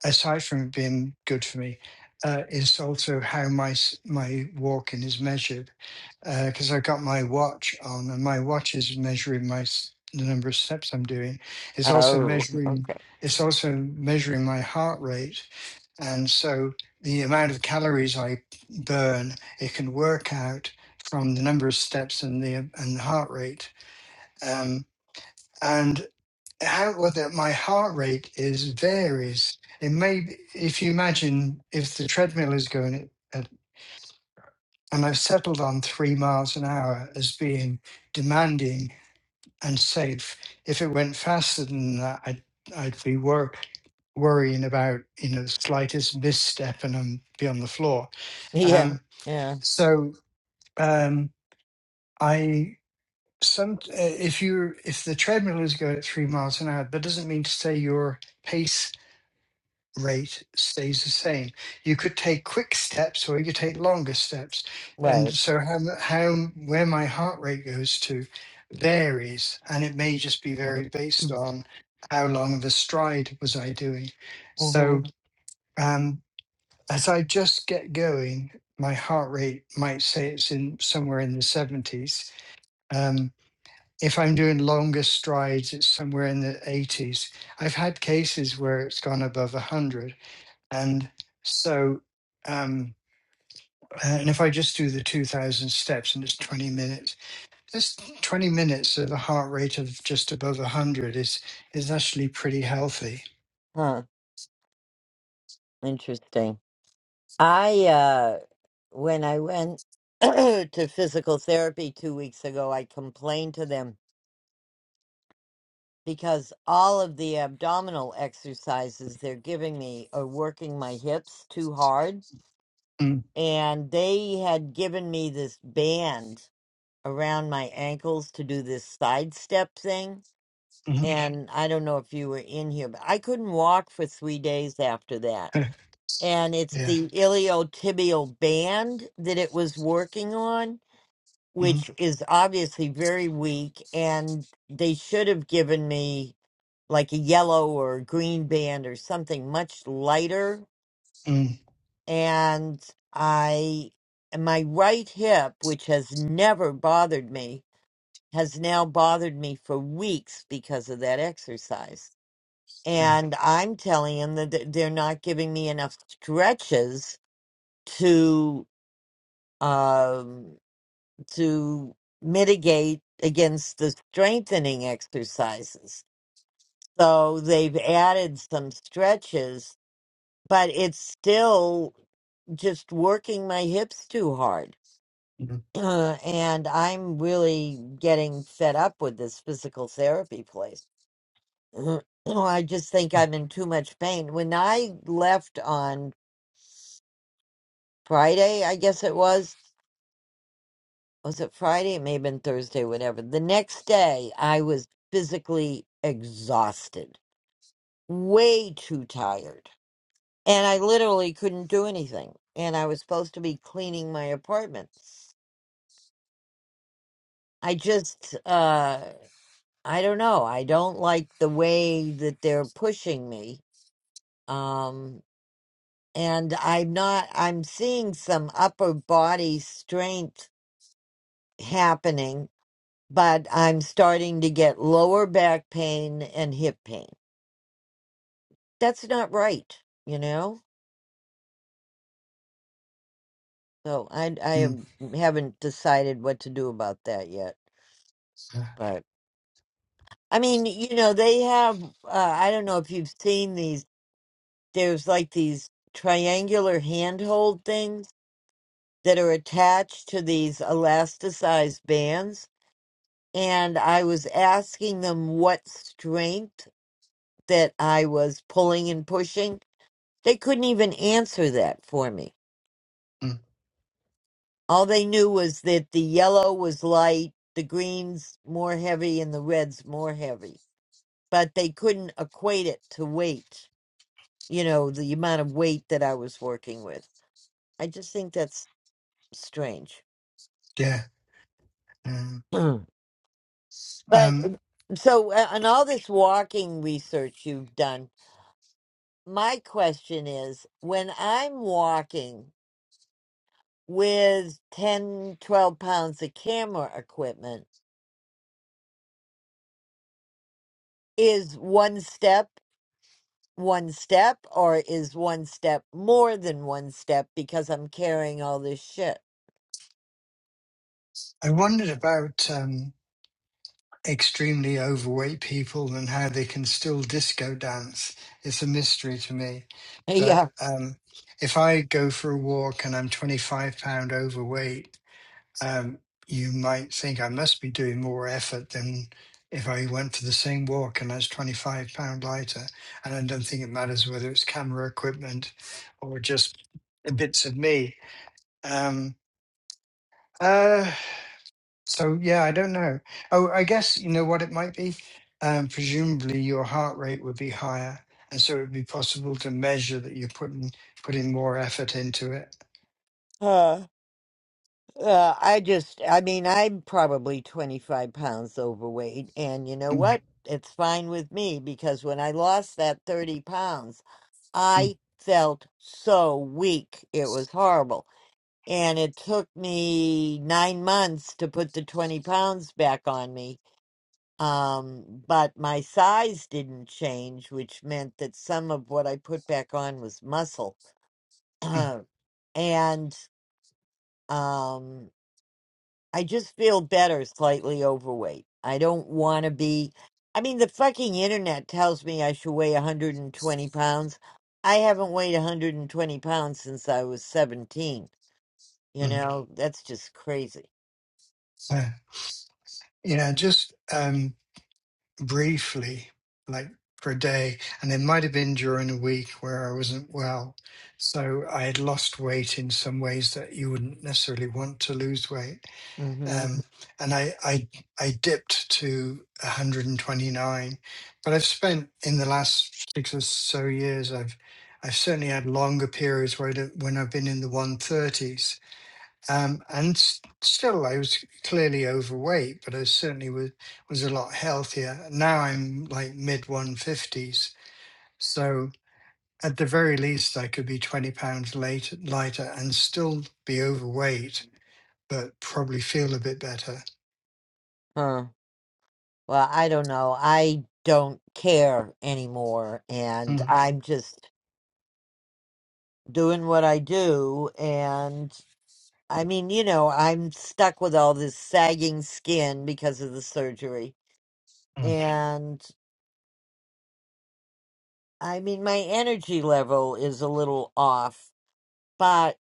S9: aside from being good for me, uh, is also how my s- my walking is measured. Because I've got my watch on, and my watch is measuring my s- the number of steps I'm doing. It's also
S1: Oh,
S9: measuring.
S1: okay.
S9: It's also measuring my heart rate, and so the amount of calories I burn, it can work out from the number of steps and the and the heart rate. Um, and how whether my heart rate is varies. It may be- if you imagine if the treadmill is going at, at- and I've settled on three miles an hour as being demanding and safe. If it went faster than that, I'd I'd be wor- worrying about you know the slightest misstep and I'm be on the floor.
S1: Yeah,
S9: Um,
S1: yeah,
S9: so um, I some uh, if you if the treadmill is going at three miles an hour, that doesn't mean to say your pace rate stays the same. You could take quick steps or you could take longer steps. And
S1: right.
S9: so how, m- how where my heart rate goes to varies and it may just be very based on how long of a stride was I doing.
S1: Mm-hmm.
S9: So um, as I just get going, my heart rate might say it's in somewhere in the 70s. Um, if I'm doing longer strides, it's somewhere in the 80s. I've had cases where it's gone above 100 and so, um, uh, and if I just do the 2000 steps and it's 20 minutes, this 20 minutes at a heart rate of just above 100 is, is actually pretty healthy.
S1: Huh. Interesting. I uh when I went [CLEARS THROAT] to physical therapy two weeks ago, I complained to them because all of the abdominal exercises they're giving me are working my hips too hard
S9: Mm,
S1: and they had given me this band around my ankles to do this sidestep thing.
S9: mhm.
S1: And I don't know if you were in here, but I couldn't walk for three days after that.
S9: [LAUGHS]
S1: And it's
S9: yeah.
S1: the iliotibial band that it was working on,
S9: Mm,
S1: which is obviously very weak. And they should have given me like a yellow or a green band or something much lighter
S9: mm,
S1: and I and my right hip, which has never bothered me, has now bothered me for weeks because of that exercise.
S9: yeah.
S1: And I'm telling him that th- they're not giving me enough stretches to um, to mitigate against the strengthening exercises. So they've added some stretches, but it's still just working my hips too hard
S9: Mm, mm,
S1: [CLEARS THROAT] and I'm really getting fed up with this physical therapy place. [CLEARS THROAT] I just think I'm in too much pain. When I left on Friday, I guess it was, was it Friday? It may have been Thursday, whatever. The next day, I was physically exhausted, way too tired. And I literally couldn't do anything. And I was supposed to be cleaning my apartment. I just, uh, I don't know. I don't like the way that they're pushing me. Um, and I'm not, I'm seeing some upper body strength happening, but I'm starting to get lower back pain and hip pain. That's not right, you know? So I, I
S9: mm,
S1: am- haven't decided what to do about that yet.
S9: yeah.
S1: But I mean, you know, they have, uh, I don't know if you've seen these, there's like these triangular handhold things that are attached to these elasticized bands. And I was asking them what strength that I was pulling and pushing. They couldn't even answer that for me.
S9: mm,
S1: All they knew was that the yellow was light, the green's more heavy, and the red's more heavy. But they couldn't equate it to weight, you know, the amount of weight that I was working with. I just think that's strange.
S9: yeah. yeah.
S1: [CLEARS THROAT] But uh,
S9: Um,
S1: so, uh, on all this walking research you've done, my question is when I'm walking with 10, 12 pounds of camera equipment, is one step one step or is one step more than one step because I'm carrying all this shit?
S9: I wondered about. um, extremely overweight people and how they can still disco dance. It's a mystery to me. But
S1: [LAUGHS]
S9: um, if I go for a walk and I'm 25 pound overweight, um, you might think I must be doing more effort than if I went for the same walk and I was 25 pound lighter. And I don't think it matters whether it's camera equipment or just bits of me. Um, uh, so yeah, I don't know. Oh, I guess you know what it might be. Um, presumably, your heart rate would be higher, and so it would be possible to measure that you're putting putting more effort into it.
S1: Yeah. Uh, I just, I mean, I'm probably 25 pounds overweight, and you know
S9: Mm,
S1: what? It's fine with me because when I lost that 30 pounds,
S9: mm,
S1: I felt so weak. It was horrible. And it took me nine months to put the 20 pounds back on me. Um, but my size didn't change, which meant that some of what I put back on was muscle.
S9: mm,
S1: [CLEARS THROAT] and, um, I just feel better slightly overweight. I don't want to be. I mean, the fucking internet tells me I should weigh 120 pounds. I haven't weighed 120 pounds since I was 17. You
S9: mm.
S1: know, that's just crazy.
S9: So, you know, just um, briefly, like for a day, and it might have been during a week where I wasn't well, so I had lost weight in some ways that you wouldn't necessarily want to lose weight
S1: hmm
S9: um, and I, I I dipped to 129. But I've spent in the last six or so years, I've I've certainly had longer periods where I don't- when I've been in the 130s, um, and s- still I was clearly overweight, but I certainly was was a lot healthier. Now I'm like mid 150s, so at the very least I could be 20 pounds late, lighter and still be overweight, but probably feel a bit better.
S1: Huh. Well, I don't know. I don't care anymore. And
S9: Mm,
S1: I'm just doing what I do. And I mean, you know, I'm stuck with all this sagging skin because of the surgery.
S9: mm.
S1: And I mean, my energy level is a little off, but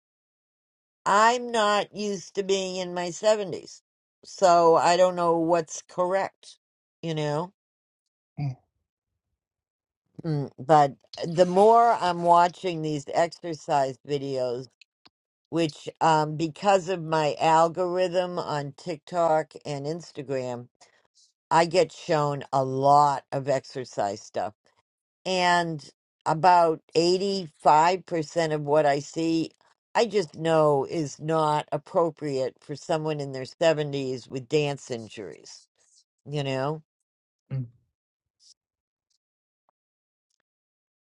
S1: I'm not used to being in my 70s. So I don't know what's correct, you know?
S9: Mm,
S1: Mm, But the more I'm watching these exercise videos, which um, because of my algorithm on TikTok and Instagram, I get shown a lot of exercise stuff and about 85% of what I see, I just know is not appropriate for someone in their 70s with dance injuries, you know?
S9: mm,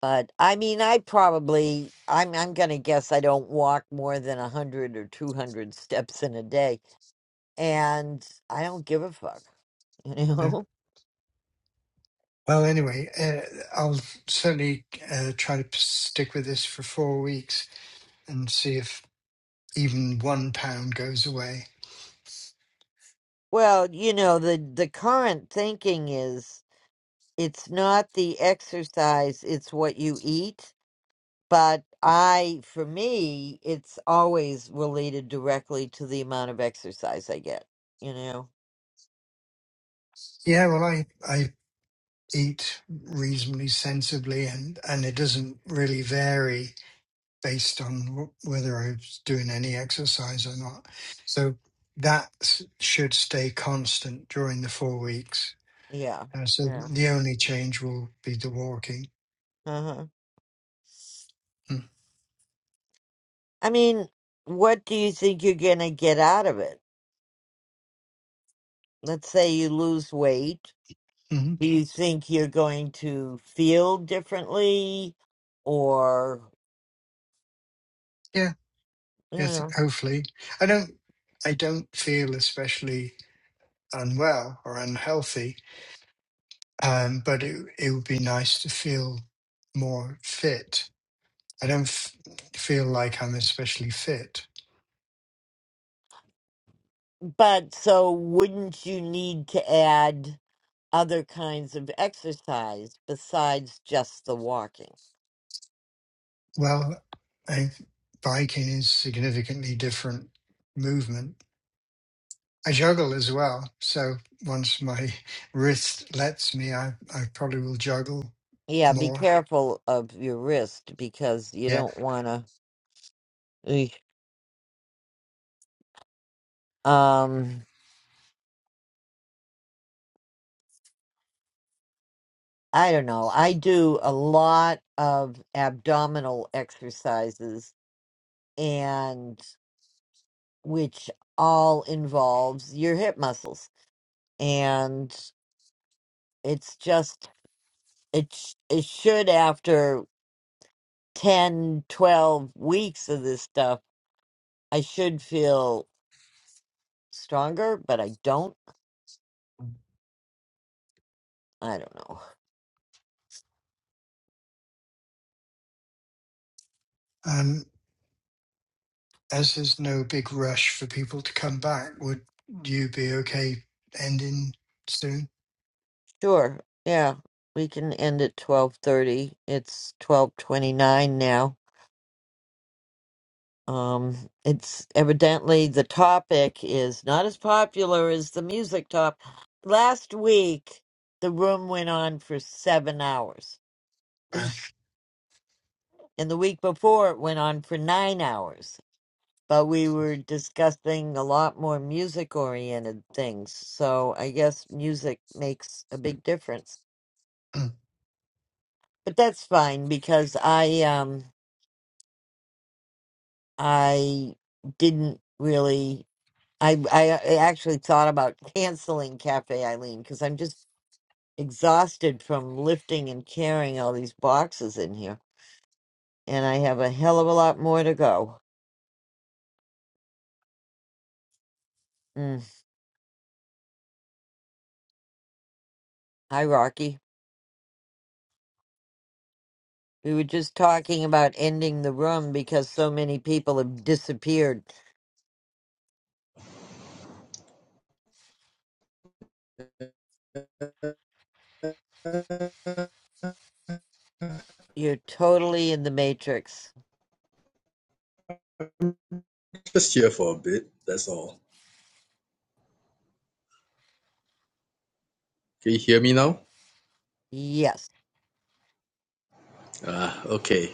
S1: But I mean, I probably, I'm, I'm going to guess I don't walk more than 100 or 200 steps in a day. And I don't give a fuck, you
S9: yeah.
S1: know? [LAUGHS]
S9: Well, anyway, uh, I'll certainly uh, try to p- stick with this for four weeks and see if even one pound goes away.
S1: Well, you know, the, the current thinking is it's not the exercise, it's what you eat but I, for me, it's always related directly to the amount of exercise I get. You know?
S9: Yeah, well, I, I eat reasonably sensibly and, and it doesn't really vary based on wh- whether I was doing any exercise or not. So that s- should stay constant during the four weeks.
S1: Yeah.
S9: Uh, so
S1: Yeah.
S9: the only change will be the walking.
S1: Uh-huh. I mean, what do you think you're going to get out of it? Let's say you lose weight.
S9: Mm-hmm.
S1: Do you think you're going to feel differently or,
S9: Yeah.
S1: you
S9: Yes,
S1: know?
S9: hopefully. I don't I don't feel especially unwell or unhealthy, um, but it it would be nice to feel more fit. I don't f- feel like I'm especially fit.
S1: But so wouldn't you need to add other kinds of exercise besides just the walking?
S9: Well, I, biking is significantly different movement. I juggle as well, so once my [LAUGHS] wrist lets me, I, I probably will juggle
S1: Yeah, be
S9: more.
S1: careful of your wrist because you
S9: Yeah.
S1: don't want to. Um, I don't know. I do a lot of abdominal exercises and which all involves your hip muscles. And it's just it sh- it should after 10, 12 weeks of this stuff, I should feel stronger, but I don't. I don't know.
S9: Um. as there's no big rush for people to come back, would you be okay ending soon?
S1: Sure. Yeah. We can end at 12:30. It's 12:29 now. Um it's evidently the topic is not as popular as the music top. Last week the room went on for 7 hours. [LAUGHS]
S9: Well,
S1: and the week before it went on for 9 hours. But we were discussing a lot more music oriented things. So I guess music makes a big difference.
S9: hmm.
S1: But that's fine because I um I didn't really. I I uh, I actually thought about canceling Cafe Eileen because I'm just exhausted from lifting and carrying all these boxes in here, and I have a hell of a lot more to go. Mm. Hi, Rocky. We were just talking about ending the room because so many people have disappeared. You're totally in the matrix.
S11: Just here for a bit. That's all. Can you hear me now?
S1: Yes.
S11: Ah, okay.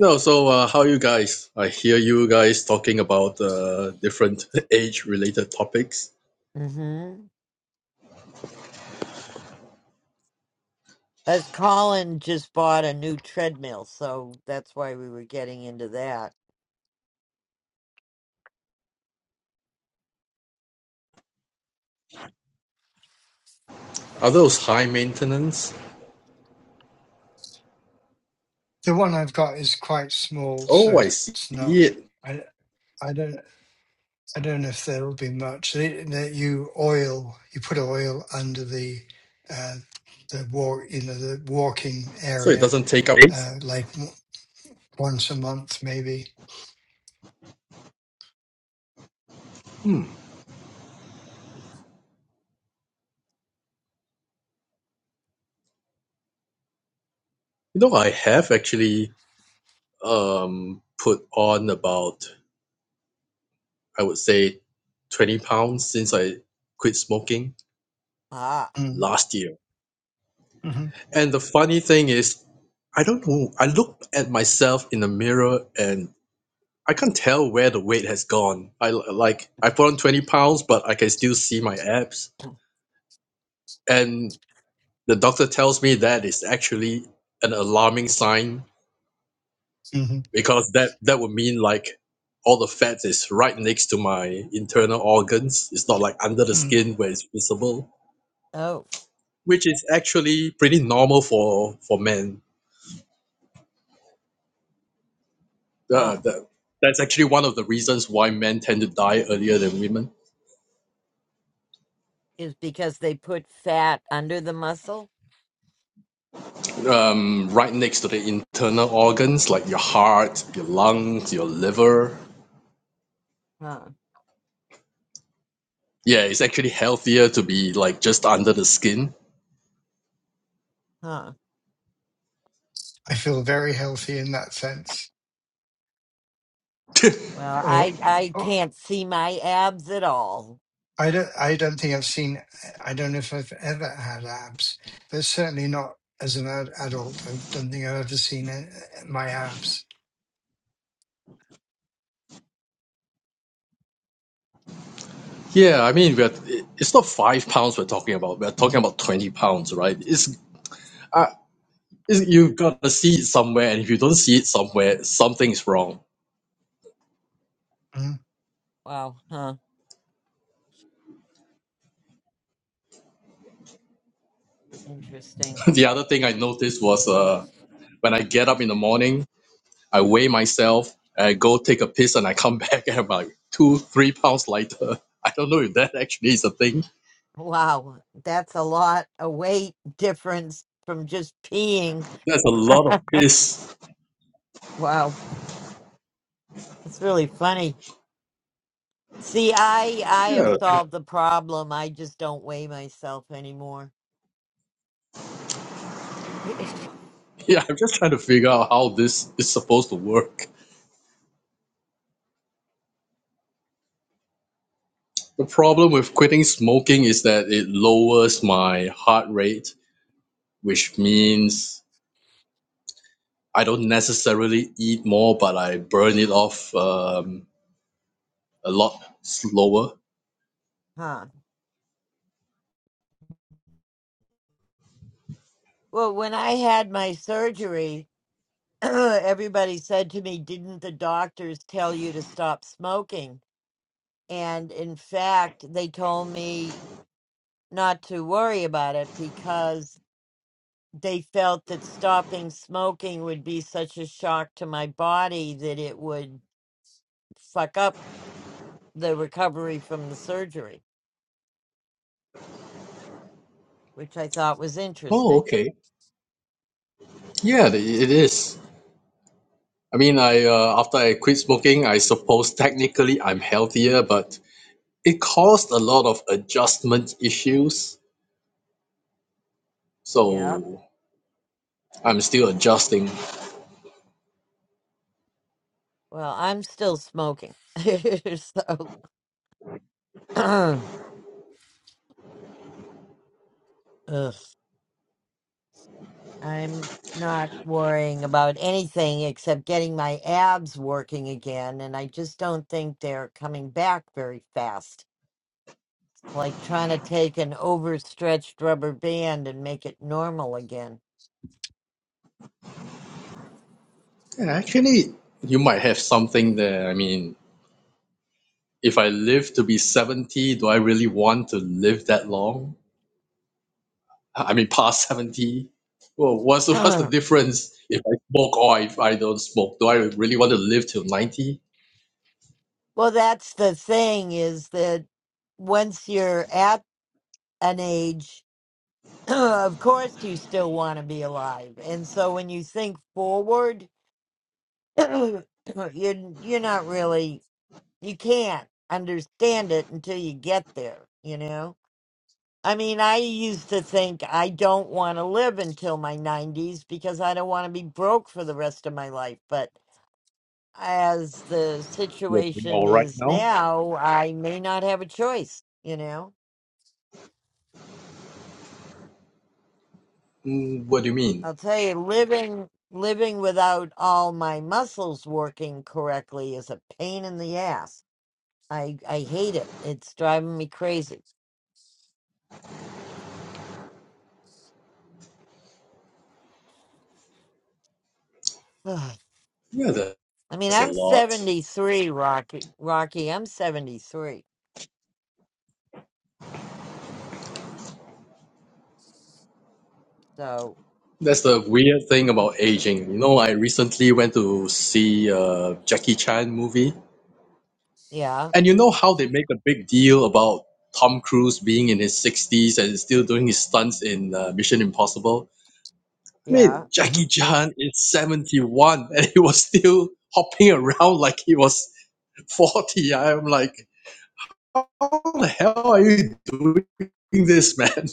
S11: No, so uh, how you guys? I hear you guys talking about uh, different [LAUGHS] age-related topics.
S1: Mm-hmm. As Colin just bought a new treadmill, so that's why we were getting into that.
S11: Are those high maintenance?
S9: the one I've got is quite small,
S11: Oh,
S9: so
S11: I
S9: it's
S11: see
S9: it's not.
S11: it.
S9: I I don't I don't know if there'll be much. They, they, you oil you put oil under the uh, the walk you know the walking
S11: So it
S9: area
S11: doesn't take up.
S9: uh, like w- once a month maybe.
S11: Hmm. You know, I have actually um, put on about I would say twenty pounds since I quit smoking
S1: Ah.
S9: Mm,
S11: last year.
S9: hmm Mm-hmm.
S11: And the funny thing is, I don't know. I looked at myself in the mirror and I can't tell where the weight has gone. I like I put on twenty pounds, but I can still see my abs. And the doctor tells me that is actually an alarming sign
S9: Mm-hmm.
S11: because that that would mean like all the fat is right next to my internal organs. It's not like under the
S9: hmm mm.
S11: skin where it's visible,
S1: Oh,
S11: which is actually pretty normal for for men. Uh,
S1: huh.
S11: that, that's actually one of the reasons why men tend to die earlier than women.
S1: Is because they put fat under the muscle?
S11: Um, right next to the internal organs like your heart, your lungs, your liver.
S1: Huh.
S11: Yeah, it's actually healthier to be like just under the skin.
S1: Huh.
S9: I feel very healthy in that sense.
S1: Well,
S9: Or
S1: I I can't see my abs at all.
S9: I don't. I don't think I've seen. I don't know if I've ever had abs, but certainly not as an ad- adult. I don't think I've ever seen uh my abs.
S11: Yeah, I mean, we're, it's not five pounds we're talking about. We're talking
S9: Mhm,
S11: about 20 pounds, right? It's, uh, it's You've got to see it somewhere, and if you don't see it somewhere, something is wrong.
S9: mhm,
S1: Wow. Huh. Interesting.
S11: [LAUGHS] the other thing I noticed was uh, when I get up in the morning, I weigh myself, I go take a piss, and I come [LAUGHS] back and I'm like two, three pounds lighter. [LAUGHS] I don't know if that actually is a thing
S1: Wow. That's a lot of weight difference from just peeing.
S11: That's a lot of
S1: [LAUGHS]
S11: piss.
S1: Wow. That's really funny. See, I I have
S11: Yeah,
S1: solved the problem. I just don't weigh myself anymore. [LAUGHS]
S11: yeah. I'm just trying to figure out how this is supposed to work. The problem with quitting smoking is that it lowers my heart rate, which means I don't necessarily eat more, but I burn it off um, a lot slower.
S1: Huh. Well, when I had my surgery, [CLEARS THROAT] everybody said to me, Didn't the doctors tell you to stop smoking? And in fact, they told me not to worry about it because they felt that stopping smoking would be such a shock to my body that it would fuck up the recovery from the surgery, which I thought was
S11: Oh,
S1: interesting.
S11: okay. Yeah, it it is. I mean, I uh, after I quit smoking, I suppose technically I'm healthier, but it caused a lot of adjustment issues.
S1: Yeah.
S11: So I'm still adjusting.
S1: Well, I'm still smoking. [LAUGHS] so, [CLEARS THROAT] ugh. I'm not worrying about anything except getting my abs working again, and I just don't think they're coming back very fast. Like trying to take an overstretched rubber band and make it normal again.
S11: And actually, you might have something there. I mean, if I live to be 70, do I really want to live that long? I mean, past 70? Well, what's
S1: [CLEARS THROAT]
S11: the, [LAUGHS] what's the
S1: well,
S11: difference if I smoke or if I don't smoke? Do I really want to live till 90?
S1: that's the thing is that once you're at an age, [CLEARS THROAT] of course you still want to be alive. And so when you think forward, [CLEARS THROAT] you are you're not really. you can't understand it until you get there, you know? I mean, I used to think I don't want to live until my 90s because I don't want to be broke for the rest of my life. But as the
S11: We're doing all
S1: situation
S11: right
S1: is
S11: now.
S1: now, I may not have a choice, you know?
S11: Mm, what do you mean?
S1: I'll tell you, living living without all my muscles working correctly is a pain in the ass. I I hate it. It's driving me crazy. [SIGHS]
S11: Yeah, that-
S1: I mean,
S11: that's a
S1: I'm
S11: lot.
S1: 73, Rocky. Rocky, I'm 73. So,
S11: That's the weird thing
S1: Mm.
S11: about aging. You know, I recently went to see a Jackie Chan movie.
S1: yeah,
S11: And you know how they make a big deal about Tom Cruise being in his 60s and still doing his stunts in uh, Mission Impossible? I mean,
S1: yeah.
S11: Jackie
S9: mhm,
S11: Chan is 71 [LAUGHS] and he was still hopping around like he was 40. I'm like, how the hell are you doing this, man?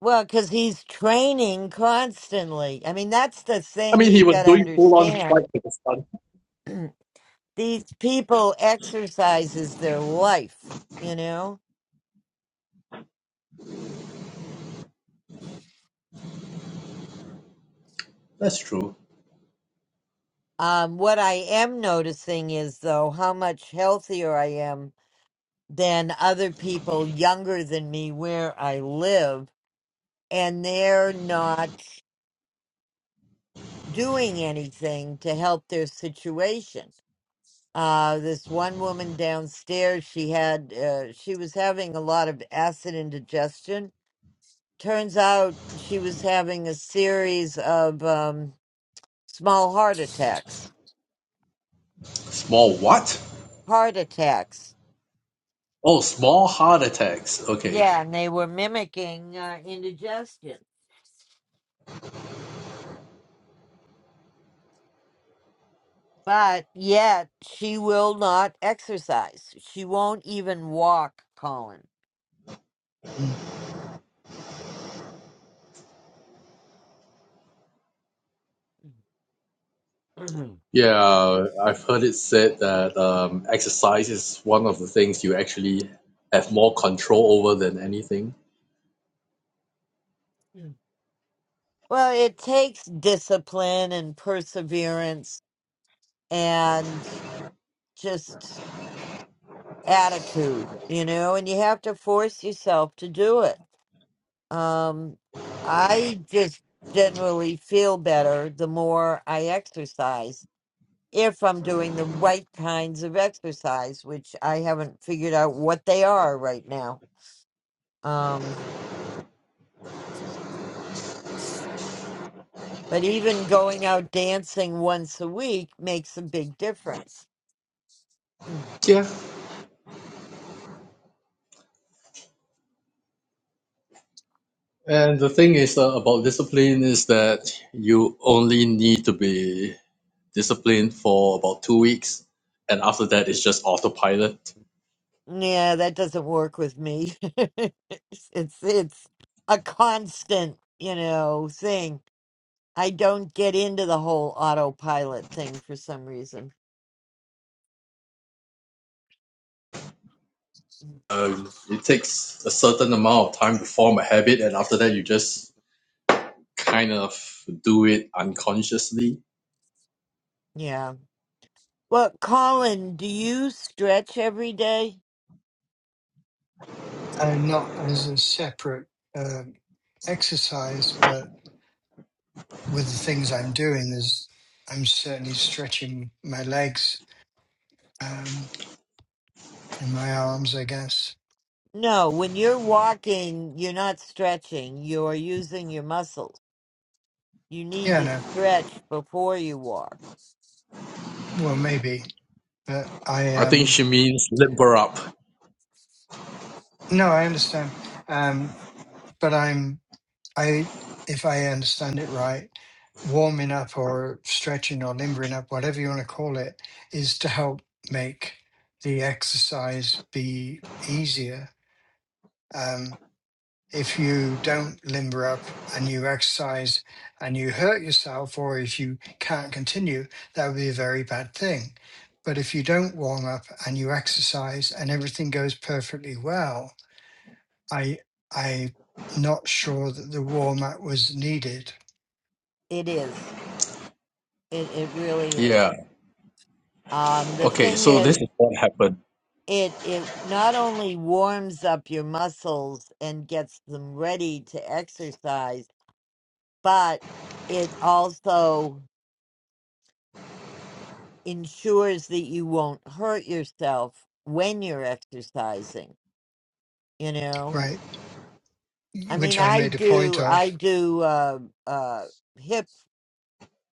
S1: Well, because he's training constantly. I mean, that's the
S11: [LAUGHS] I
S1: thing
S11: mean, he
S1: you've
S11: was
S1: got to
S11: doing full on fight
S1: understand.
S11: with the stunt.
S1: These people exercise is their life, you know?
S11: That's true.
S1: Um, what I am noticing is, though, how much healthier I am than other people younger than me where I live. And they're not doing anything to help their situation. Uh, this one woman downstairs, she had, uh, she was having a lot of acid indigestion. Turns out she was having a series of um, small heart attacks.
S11: Small what?
S1: Heart attacks.
S11: Oh, small heart attacks. Okay.
S1: Yeah, and they were mimicking uh, indigestion. But yet she will not exercise. She won't even walk, Colin.
S9: mhm.
S11: Yeah, I've heard it said that um, exercise is one of the things you actually have more control over than anything.
S1: [CLEARS THROAT] Well, it takes discipline and perseverance and just attitude, you know, and you have to force yourself to do it. Um, I just generally feel better the more I exercise if I'm doing the right kinds of exercise, which I haven't figured out what they are right now. Um, but even going out dancing once a week makes a big difference. [CLEARS THROAT]
S11: Yeah. And the thing is uh, about discipline is that you only need to be disciplined for about two weeks, and after that, it's just autopilot.
S1: Yeah, that doesn't work with me. [LAUGHS] It's it's it's a constant, you know, thing. I don't get into the whole autopilot thing for some reason.
S11: Um, it takes a certain amount of time to form a habit, and after that, you just kind of do it unconsciously.
S1: Yeah. Well, Colin, do you stretch every day?
S9: Uh, not as a separate uh, exercise, but with the things I'm doing, there's I'm certainly stretching my legs um, and my arms. I guess.
S1: No, when you're walking, you're not stretching. You're using your muscles. You need
S9: Yeah.
S1: to
S9: No.
S1: stretch before you walk.
S9: Well, maybe. But I
S11: I think
S9: um.
S11: she means limber up.
S9: No, I understand. Um. But I'm. I, if I understand it right, warming up or stretching or limbering up, whatever you want to call it, is to help make the exercise be easier. Um, if you don't limber up and you exercise and you hurt yourself, or if you can't continue, that would be a very bad thing. But if you don't warm up and you exercise and everything goes perfectly well, I I not sure that the warm up was needed
S1: It is. It it really
S11: Yeah.
S1: is. Um, the
S11: Okay,
S1: thing
S11: so
S1: is,
S11: this is what happened.
S1: it it not only warms up your muscles and gets them ready to exercise, but it also ensures that you won't hurt yourself when you're exercising, you know?
S9: right?
S1: I mean,
S9: Which I
S1: I
S9: made a point
S1: do I
S9: of.
S1: do uh uh hip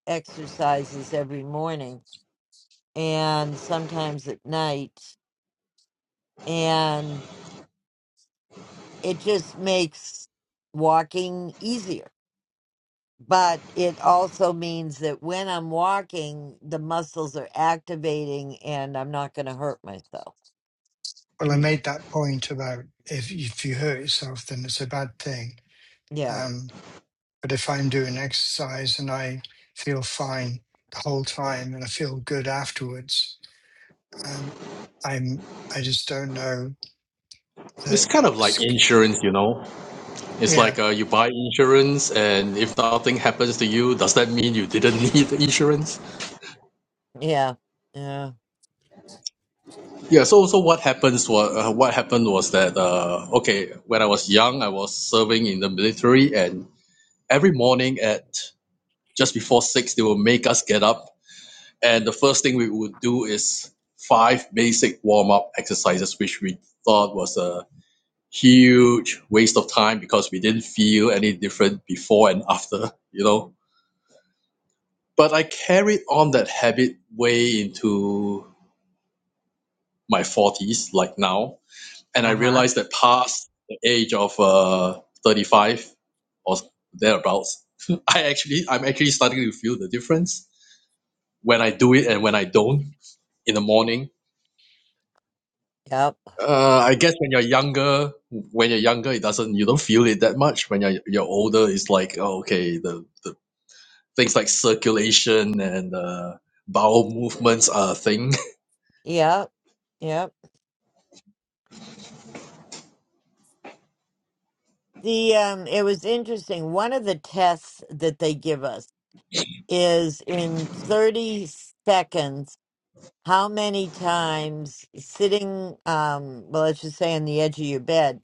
S1: exercises every morning and sometimes at night and it just makes walking easier but it also means that when I'm walking, the muscles are activating and I'm not going to hurt myself.
S9: Well, I
S1: [CLEARS THROAT]
S9: made that point about if if you hurt yourself, then it's a bad thing.
S1: yeah.
S9: Um, but if I'm doing exercise and I feel fine the whole time and I feel good afterwards, um, I'm I just don't know
S11: It's
S9: that.
S11: kind of like
S9: sk-
S11: insurance, you know. It's
S9: Yeah,
S11: like uh, you buy insurance, and if nothing happens to you, does that mean you didn't [LAUGHS] need the insurance?
S1: Yeah. Yeah.
S11: Yeah. So, so what happens? What uh, what happened was that uh, okay, when I was young, I was serving in the military, and every morning at just before six, they will make us get up, and the first thing we would do is five basic warm up exercises, which we thought was a huge waste of time because we didn't feel any different before and after, you know. But I carried on that habit way into my 40s, like now. And I
S1: Uh huh.
S11: realized that past the age of uh, 35 or thereabouts, [LAUGHS] I actually, I'm actually starting to feel the difference when I do it and when I don't in the morning.
S1: Yep.
S11: Uh, I guess when you're younger, when you're younger, it doesn't, you don't feel it that much. When you're, you're older, it's like, oh, okay, the, the things like circulation and uh, bowel movements are a thing.
S1: Yep. Yep. The um it was interesting. One of the tests that they give us is in 30 seconds how many times sitting um well let's just say on the edge of your bed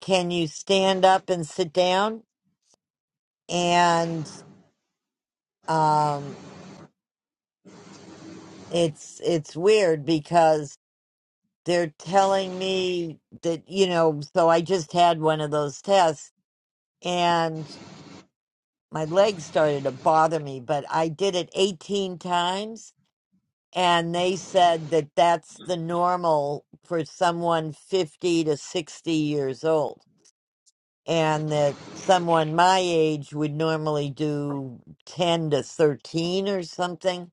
S1: can you stand up and sit down and um it's it's weird because they're telling me that you know so i just had one of those tests and my legs started to bother me but i did it 18 times and they said that that's the normal for someone 50 to 60 years old and that someone my age would normally do 10 to 13 or something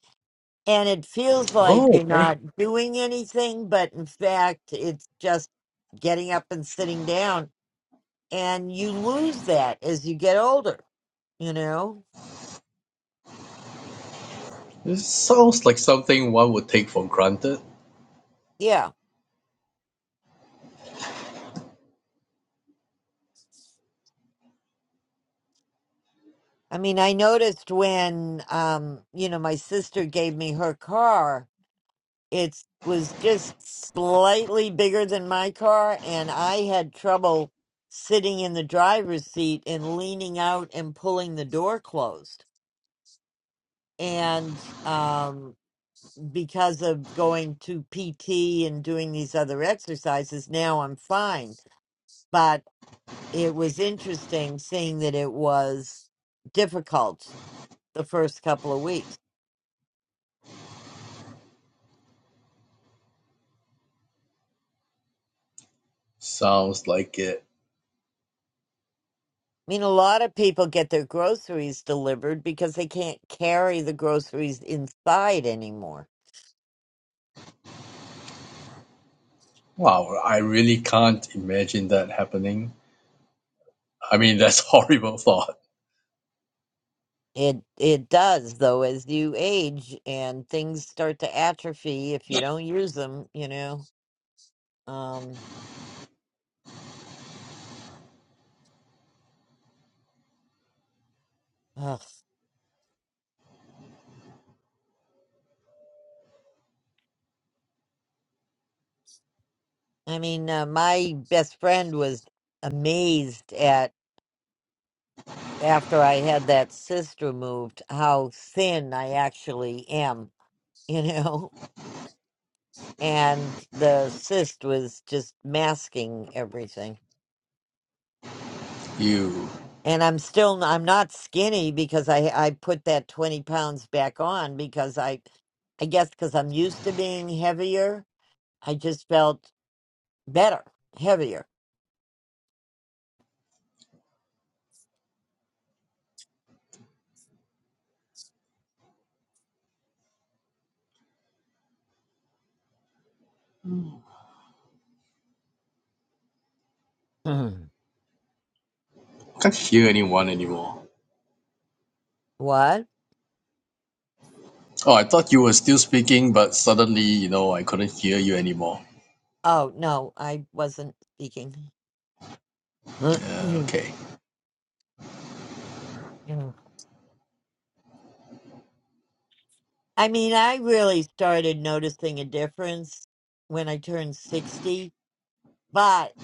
S1: And it
S11: [LAUGHS]
S1: feels like
S11: oh,
S1: you're
S11: okay.
S1: not doing anything, but in fact, it's just getting up and sitting down. And you lose that as you get older, you know?
S11: This sounds like something one would take for granted.
S1: Yeah. I mean, I noticed when, um, you know, my sister gave me her car, it was just slightly bigger than my car, and I had trouble sitting in the driver's seat and leaning out and pulling the door closed. And, um, because of going to PT and doing these other exercises, now I'm fine. But it was interesting seeing that it was difficult the first couple of weeks.
S11: Sounds like it.
S1: I mean, a lot of people get their groceries delivered because they can't carry the groceries inside anymore.
S11: Wow, I really can't imagine that happening. I mean, [LAUGHS] that's a horrible thought.
S1: It it does though as you age and things start to atrophy if you don't use them, you know. Um, ugh. I mean, uh, my best friend was amazed at after I had that sister moved how thin I actually am, you know? [LAUGHS] And the cyst was just masking everything.
S11: You
S1: And I'm still I'm not skinny because I I put that 20 pounds back on because I I guess because I'm used to being heavier, I just felt better, heavier. [CLEARS THROAT]
S11: can't hear anyone anymore.
S1: what?
S11: Oh, I thought you were still speaking, but suddenly, you know, I couldn't hear you anymore.
S1: Oh, no, I wasn't speaking. [CLEARS THROAT] I
S11: Uh, okay.
S1: mean, I really started noticing a difference when I turned 60, but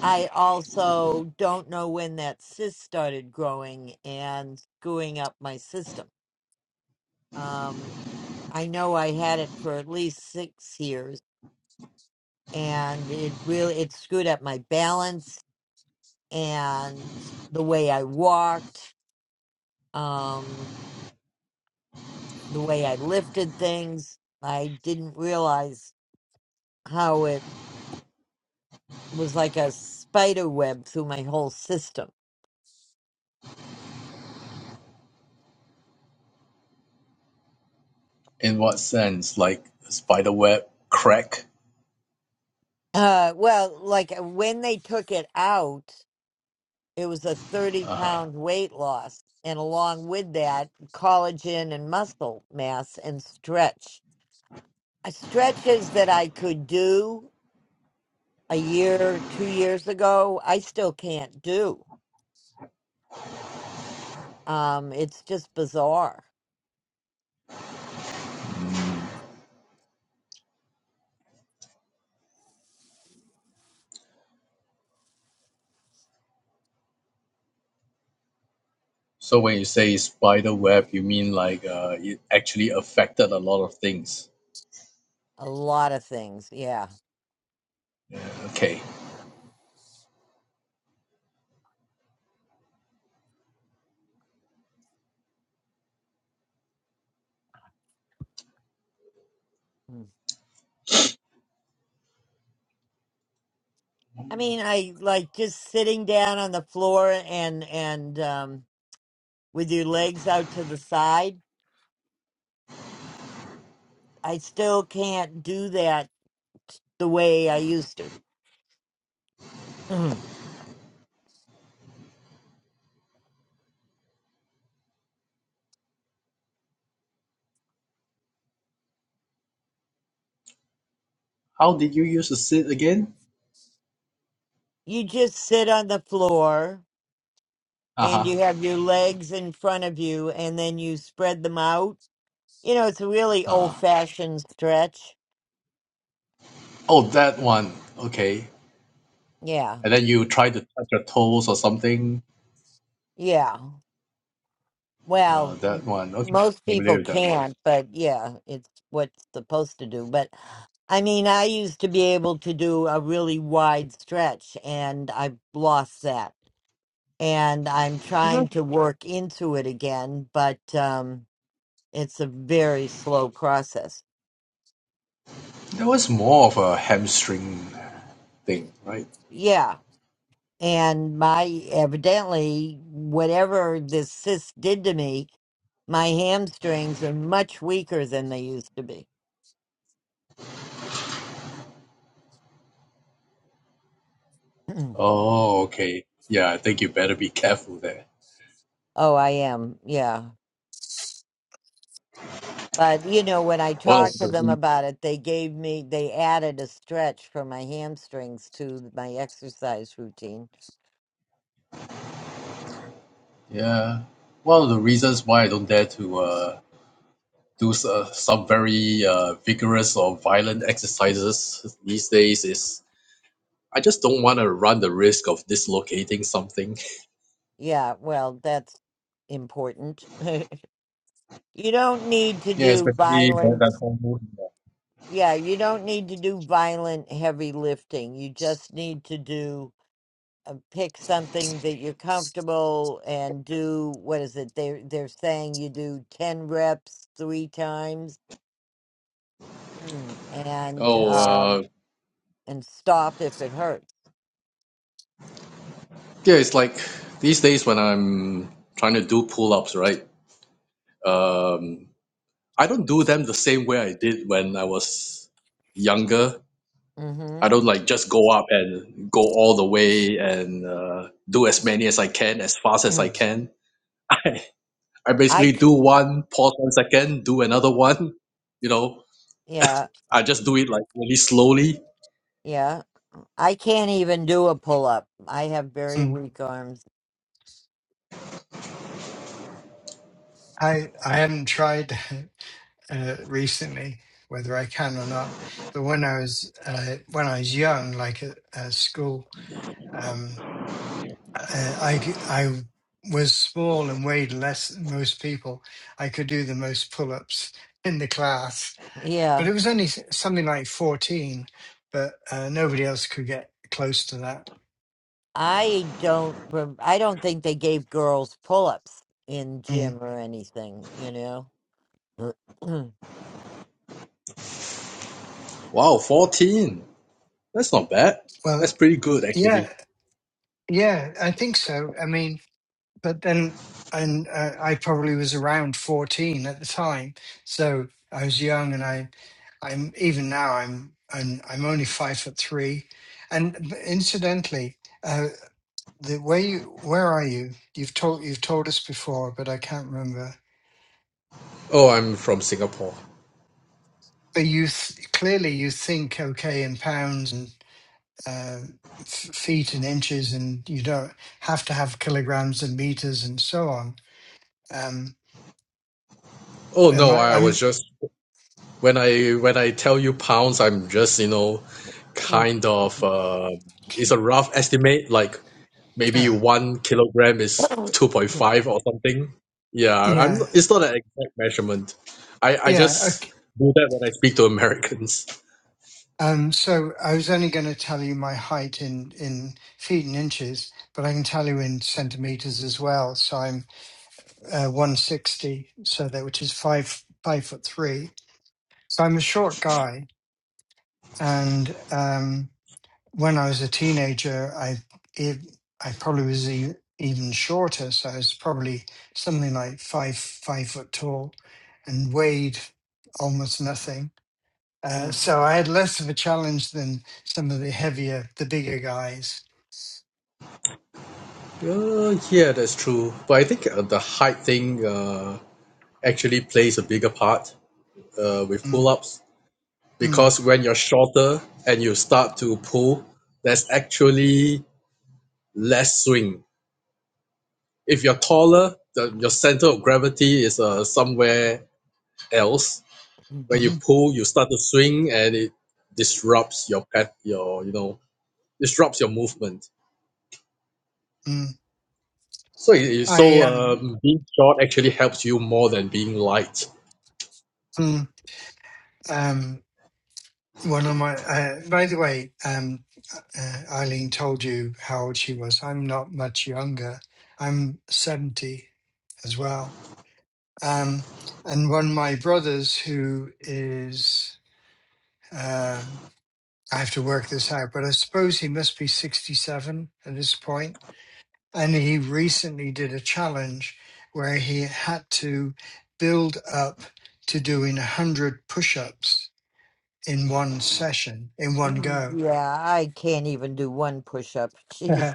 S1: I also don't know when that cyst started growing and screwing up my system. Um, I know I had it for at least six years, and it really it screwed up my balance and the way I walked, um, the way I lifted things. I didn't realize how it. was like a spider web through my whole system.
S11: In what sense? Like a spider web crack?
S1: Uh, well, like uh, when they took it out, it was a 30
S11: uh
S1: pound weight loss. And along with that, collagen and muscle mass and stretch. Uh, Stretches that I could do a year, two years ago, I still can't do. Um, it's just bizarre.
S11: So when you say spider web, you mean like uh, it actually affected a lot of things.
S1: A lot of things. Yeah.
S11: Yeah, Okay.
S1: Mm. I mean, I like just sitting down on the floor and, and, um, with your legs out to the side. I still can't do that the way I used to. Mhm.
S11: How did you use the sit again?
S1: You just sit on the floor
S11: Uh-huh.
S1: and you have your legs in front of you and then you spread them out. You know, it's a really
S11: Uh,
S1: old fashioned stretch.
S11: oh, that one. Okay.
S1: Yeah.
S11: And then you try to touch your toes or something.
S1: Yeah.
S11: Uh,
S1: Well,
S11: that
S1: m-
S11: one. Okay.
S1: most
S11: Familiar
S1: people
S11: with that one.
S1: can't, but yeah, it's what's supposed to do. But I mean, I used to be able to do a really wide stretch and I've lost that. and I'm
S11: Well,
S1: trying
S11: That,
S1: to work into it again, but um, it's a very slow process.
S11: that was more of a hamstring thing, right?
S1: Yeah. And my evidently, whatever this cyst did to me, my hamstrings are much weaker than they used to be. [CLEARS THROAT]
S11: Oh, okay. Yeah, I think you better be careful there.
S1: oh, I am. Yeah. But, you know, when I
S11: One
S1: talked
S11: of
S1: to
S11: the
S1: them
S11: re-
S1: about it, they gave me, they added a stretch for my hamstrings to my exercise routine.
S11: yeah, one of the reasons why I don't dare to uh, do s- uh, some very uh, vigorous or violent exercises these days is I just don't want to run the risk of dislocating something. [LAUGHS]
S1: Yeah. Well, that's important. [LAUGHS] You don't need to
S11: Yeah,
S1: do
S11: especially that,
S1: violent.
S11: that whole movement.
S1: Yeah, you don't need to do violent heavy lifting. You just need to do uh, pick something that you're comfortable and do. What is it? They they're saying you do ten reps three times Mm. and
S11: Oh,
S1: um
S11: uh,
S1: and stop if it hurts.
S11: yeah, it's like these days when I'm trying to do pull ups, right? Um, I don't do them the same way I did when I was younger.
S1: Mm-hmm.
S11: I don't like just go up and go all the way and uh, do as many as I can, as fast as I can. [LAUGHS] I
S1: [CLEARS THROAT] I
S11: basically do
S1: c-
S11: one, pause one second, do another one. You know,
S1: yeah
S11: I just do it like really slowly.
S1: yeah. I can't even do a pull up. I have very
S9: mm.
S1: weak arms.
S9: I I haven't tried [LAUGHS] uh, recently whether I can or not. But when I was uh, when I was young, like at, at school. Um, Uh, I c- I was small and weighed less than most people. I could do the most pull-ups in the class,
S1: Yeah.
S9: but it was only s- something like fourteen. But uh, nobody else could get close to that.
S1: I don't. rem- I don't think they gave girls pull-ups in
S9: Mm.
S1: gym or anything. You know.
S11: Wow, 14. That's not bad. That's
S9: Well,
S11: pretty good actually.
S9: yeah, yeah, I think so. I mean, but then, and uh, I probably was around fourteen at the time, so I was young, and I I'm even now I'm I'm, I'm only five foot three, and b- incidentally. uh, the where you where are you you've told you've told us before but i can't remember
S11: Oh, I'm from Singapore.
S9: but you th- clearly you think okay in pounds and uh, f- feet and inches and you don't have to have kilograms and meters and so on um
S11: Oh
S9: am
S11: no,
S9: i
S11: I
S9: i'm
S11: was just when I when I tell you pounds, I'm just you know kind of uh, it's a rough estimate. Like maybe
S9: yeah
S11: one kilogram is two point five or something. Yeah, I'm.
S9: yeah
S11: It's not an exact measurement. I I
S9: yeah
S11: just
S9: okay.
S11: do that when I speak to Americans.
S9: um so i was only going to tell you my height in in feet and inches but i can tell you in centimeters as well so I'm. uh, 160, so that which is five five foot three. So I'm a short guy, and um, when I was a teenager, I it, I probably was e- even shorter. So I was probably something like five five foot tall, and weighed almost nothing. Uh, so I had less of a challenge than some of the heavier, the bigger guys.
S11: Uh, yeah, that's true. But I think uh, the height thing uh, actually plays a bigger part uh, with pull
S9: Mm,
S11: ups
S9: mm,
S11: because when you're shorter and you start to pull, there's actually less swing. If you're taller, the, your center of gravity is uh, somewhere else. When you
S9: mm,
S11: pull, you start to swing and it disrupts your pet, your you know disrupts your movement.
S9: mm.
S11: So, it, it-
S9: I
S11: so
S9: um,
S11: um, being short actually helps you more than being light.
S9: mm, um, One of my, uh, by the way, um, uh, Eileen told you how old she was. I'm not much younger. I'm 70 as well. Um, and one of my brothers who is, um I have to work this out, but I suppose he must be 67 at this point. And he recently did a challenge where he had to build up to doing 100 push ups in one session, in one go.
S1: yeah, I can't even do one push-up. [LAUGHS]
S9: [LAUGHS]
S1: Jesus,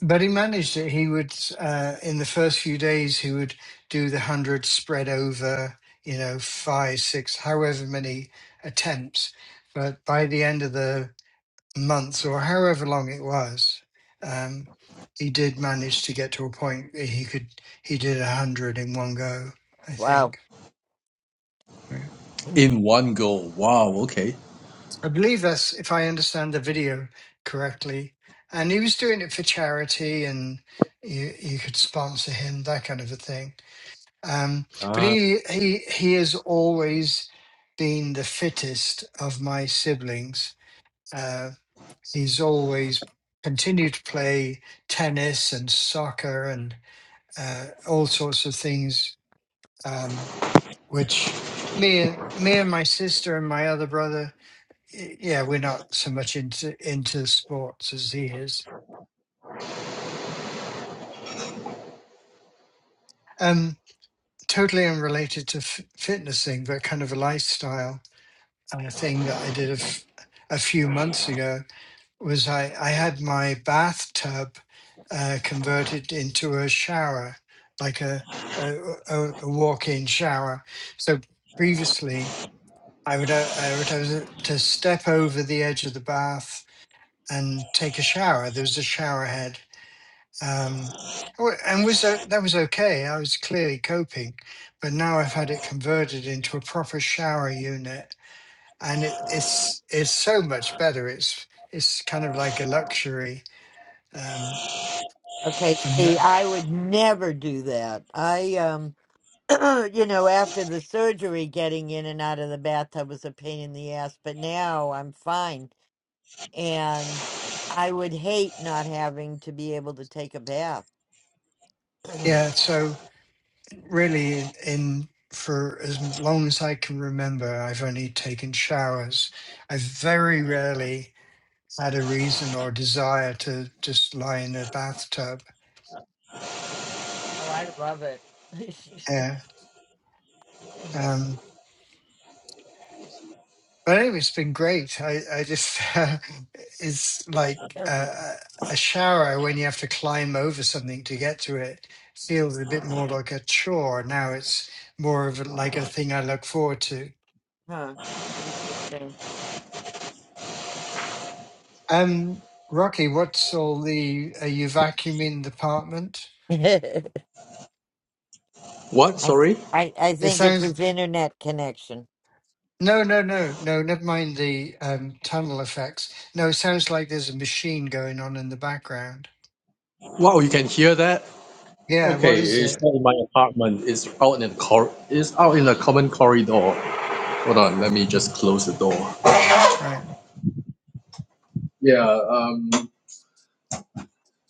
S9: But he managed it. He would, uh, in the first few days, he would do the hundred spread over, you know, five, six, however many attempts. But by the end of the month, or however long it was, um, he did manage to get to a point where he could. He did a hundred in one go, I
S1: wow.
S9: think. Yeah.
S11: In one go. Wow, okay.
S9: I believe that's if I understand the video correctly. And he was doing it for charity, and you you could sponsor him, that kind of a thing Um, but
S11: Ah,
S9: he he he has always been the fittest of my siblings. Uh, he's always continued to play tennis and soccer and uh, all sorts of things, um, which me and me and my sister and my other brother, y- yeah, we're not so much into into sports as he is. Um, totally unrelated to f- fitness thing, but kind of a lifestyle And a thing that I did a, f- a few months ago was I, I had my bathtub uh, converted into a shower, like a, a, a, a walk in shower. So previously, I would, uh, I would have to step over the edge of the bath and take a shower. There was a shower head. Um, wa- and was o- that was okay? I was clearly coping, but now I've had it converted into a proper shower unit and it, it's it's so much better. It's it's kind of like a luxury, um,
S1: Okay,
S9: and
S1: see,
S9: that,
S1: I would never do that. I um. [CLEARS THROAT] You know, after the surgery, getting in and out of the bathtub was a pain in the ass, but now I'm fine. and I would hate not having to be able to take a bath. [CLEARS THROAT] oh,
S9: yeah. So really, in for as long as I can remember, I've only taken showers. I've very rarely had a reason or desire to just lie in a bathtub.
S1: I love it. [LAUGHS]
S9: Yeah, Um, But anyway, it's been great. I, I just, [LAUGHS] it's like uh, a shower when you have to climb over something to get to it feels a bit more like a chore. Now it's more of a, like a thing I look forward to.
S1: huh. Interesting.
S9: Um, Rocky, what's all the, are you vacuuming the apartment?
S1: [LAUGHS]
S11: What?
S1: I,
S11: Sorry?
S1: I I
S9: It
S1: think it's
S9: sounds,
S1: his internet connection.
S9: no, no, no, no, never mind the um, tunnel effects. No, it sounds like there's a machine going on in the background.
S11: Wow, you can hear that?
S9: Yeah, what
S11: Okay,
S9: is
S11: it's
S9: it?
S11: not in my apartment. It's out in the cor- it's out in a common corridor. Hold on, let me just close the door.
S9: Right.
S11: Yeah, um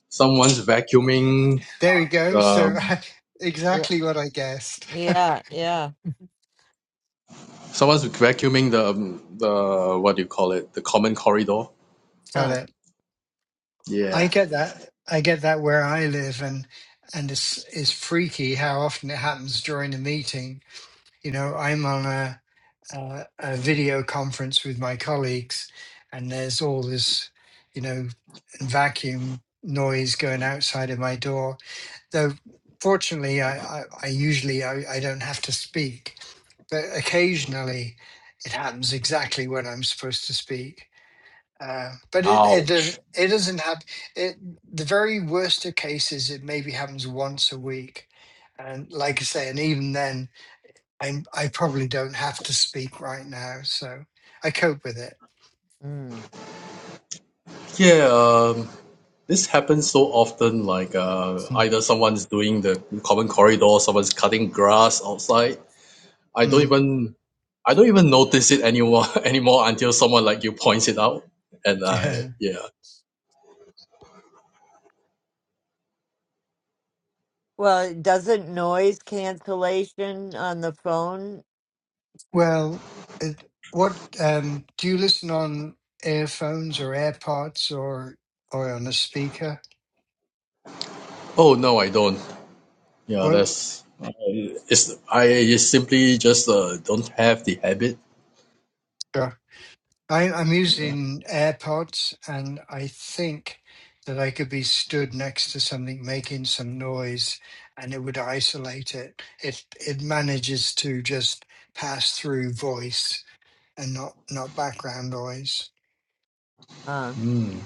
S11: someone's vacuuming
S9: There we go. So
S11: um
S9: [LAUGHS]
S1: Yeah,
S9: exactly what I guessed. [LAUGHS]
S1: yeah, yeah.
S11: someone's vacuuming the um, the what do you call it? The common corridor.
S9: Got
S1: Huh.
S9: it.
S11: Yeah.
S9: I get that. I get that where I live, and and it's it's freaky how often it happens during a meeting. You know, I'm on a a, a video conference with my colleagues, and there's all this, you know, vacuum noise going outside of my door, though fortunately I, I, I usually I, I don't have to speak but occasionally it happens exactly when I'm supposed to speak uh, but it,
S11: ow.
S9: it does it doesn't happen it the very worst of cases it maybe happens once a week and like I say and even then I I probably don't have to speak right now so I cope with it
S1: Mm.
S11: Yeah, um, this happens so often. Like uh, either someone's doing the common corridor, someone's cutting grass outside, I don't
S9: Mm.
S11: even I don't even notice it anymore [LAUGHS] anymore until someone like you points it out. And
S9: Mm.
S11: I
S9: [LAUGHS]
S11: yeah.
S1: Well, doesn't noise cancellation on the phone?
S9: Well, it, what um, do you listen on earphones or AirPods or or on a speaker?
S11: Oh no, I don't. Yeah,
S9: Well,
S11: that's I it's I simply just uh, don't have the habit.
S9: sure. I, I'm using AirPods, and I think that I could be stood next to something making some noise, and it would isolate it. It it manages to just pass through voice and not not background noise.
S1: Huh.
S11: Mm.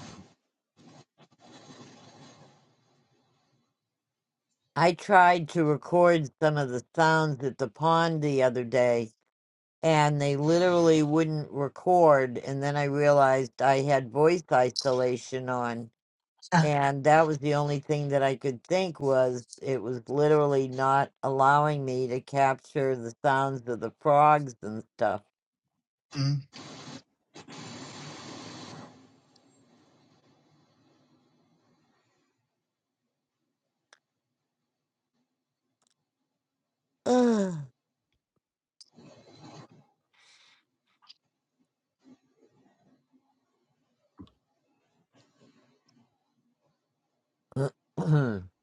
S1: I tried to record some of the sounds at the pond the other day, and they literally wouldn't record. And then I realized I had voice isolation on.
S9: Uh.
S1: And that was the only thing that I could think was it was literally not allowing me to capture the sounds of the frogs and stuff.
S9: Mm,
S1: [CLEARS THROAT]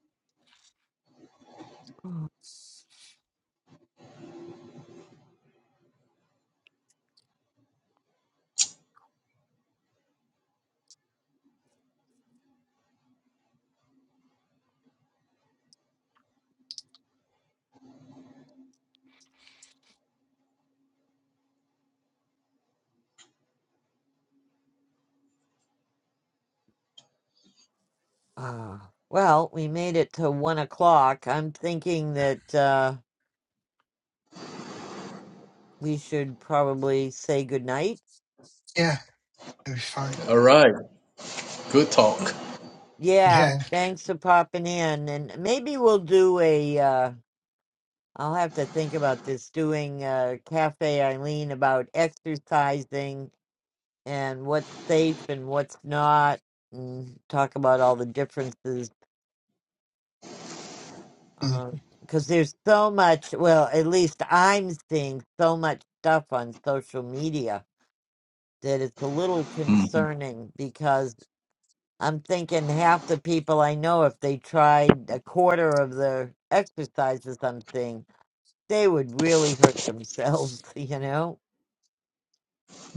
S1: Ah, well, we made it to one o'clock. I'm thinking that uh, we should probably say goodnight.
S9: yeah, it'd be fine.
S11: All right, good talk.
S1: Yeah,
S9: Yeah.
S1: thanks for popping in. And maybe we'll do a. uh, I'll have to think about this doing uh Cafe Eileen about exercising and what's safe and what's not, and talk about all the differences.
S9: Mm,
S1: Because there's so much, well, at least I'm seeing so much stuff on social media that it's a little
S11: Mm.
S1: concerning because I'm thinking half the people I know, if they tried a quarter of the exercises I'm seeing, they would really hurt themselves, [LAUGHS] you know?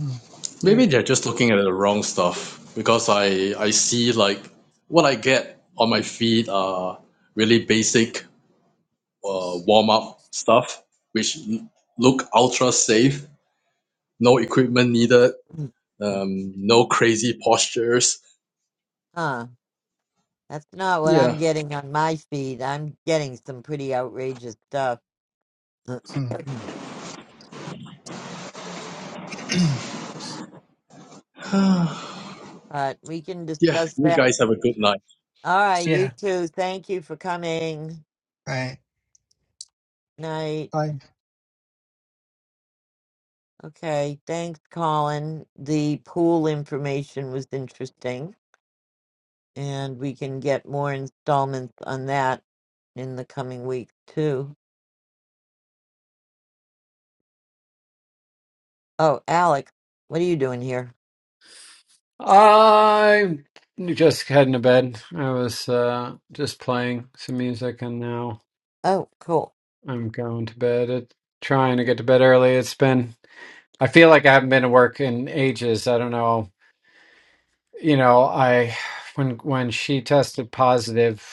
S9: mm, yeah.
S11: Maybe they're just looking at the wrong stuff because I I see like what I get on my feed are really basic uh, warm up stuff which l- look ultra safe, no equipment needed,
S1: Mm.
S11: Um, no crazy postures.
S1: Huh. That's not what
S11: Yeah.
S1: I'm getting on my feed. I'm getting some pretty outrageous stuff.
S9: Mm.
S1: [CLEARS THROAT]
S9: [CLEARS THROAT]
S11: [SIGHS] yeah.
S1: But we can discuss
S11: You
S1: that.
S11: guys have a good night.
S1: All right, you
S9: Yeah.
S1: two. Thank you for coming.
S9: Right.
S1: Night.
S9: I
S1: Okay. Thanks, Colin. The pool information was interesting. And we can get more installments on that in the coming week, too. Oh, Alec, what are you doing here?
S8: I just heading to bed. I was uh, just playing some music and now
S1: Oh, cool.
S8: I'm going to bed. It, trying to get to bed early. It's been, I feel like I haven't been to work in ages. I don't know. You know, I, when, when she tested positive,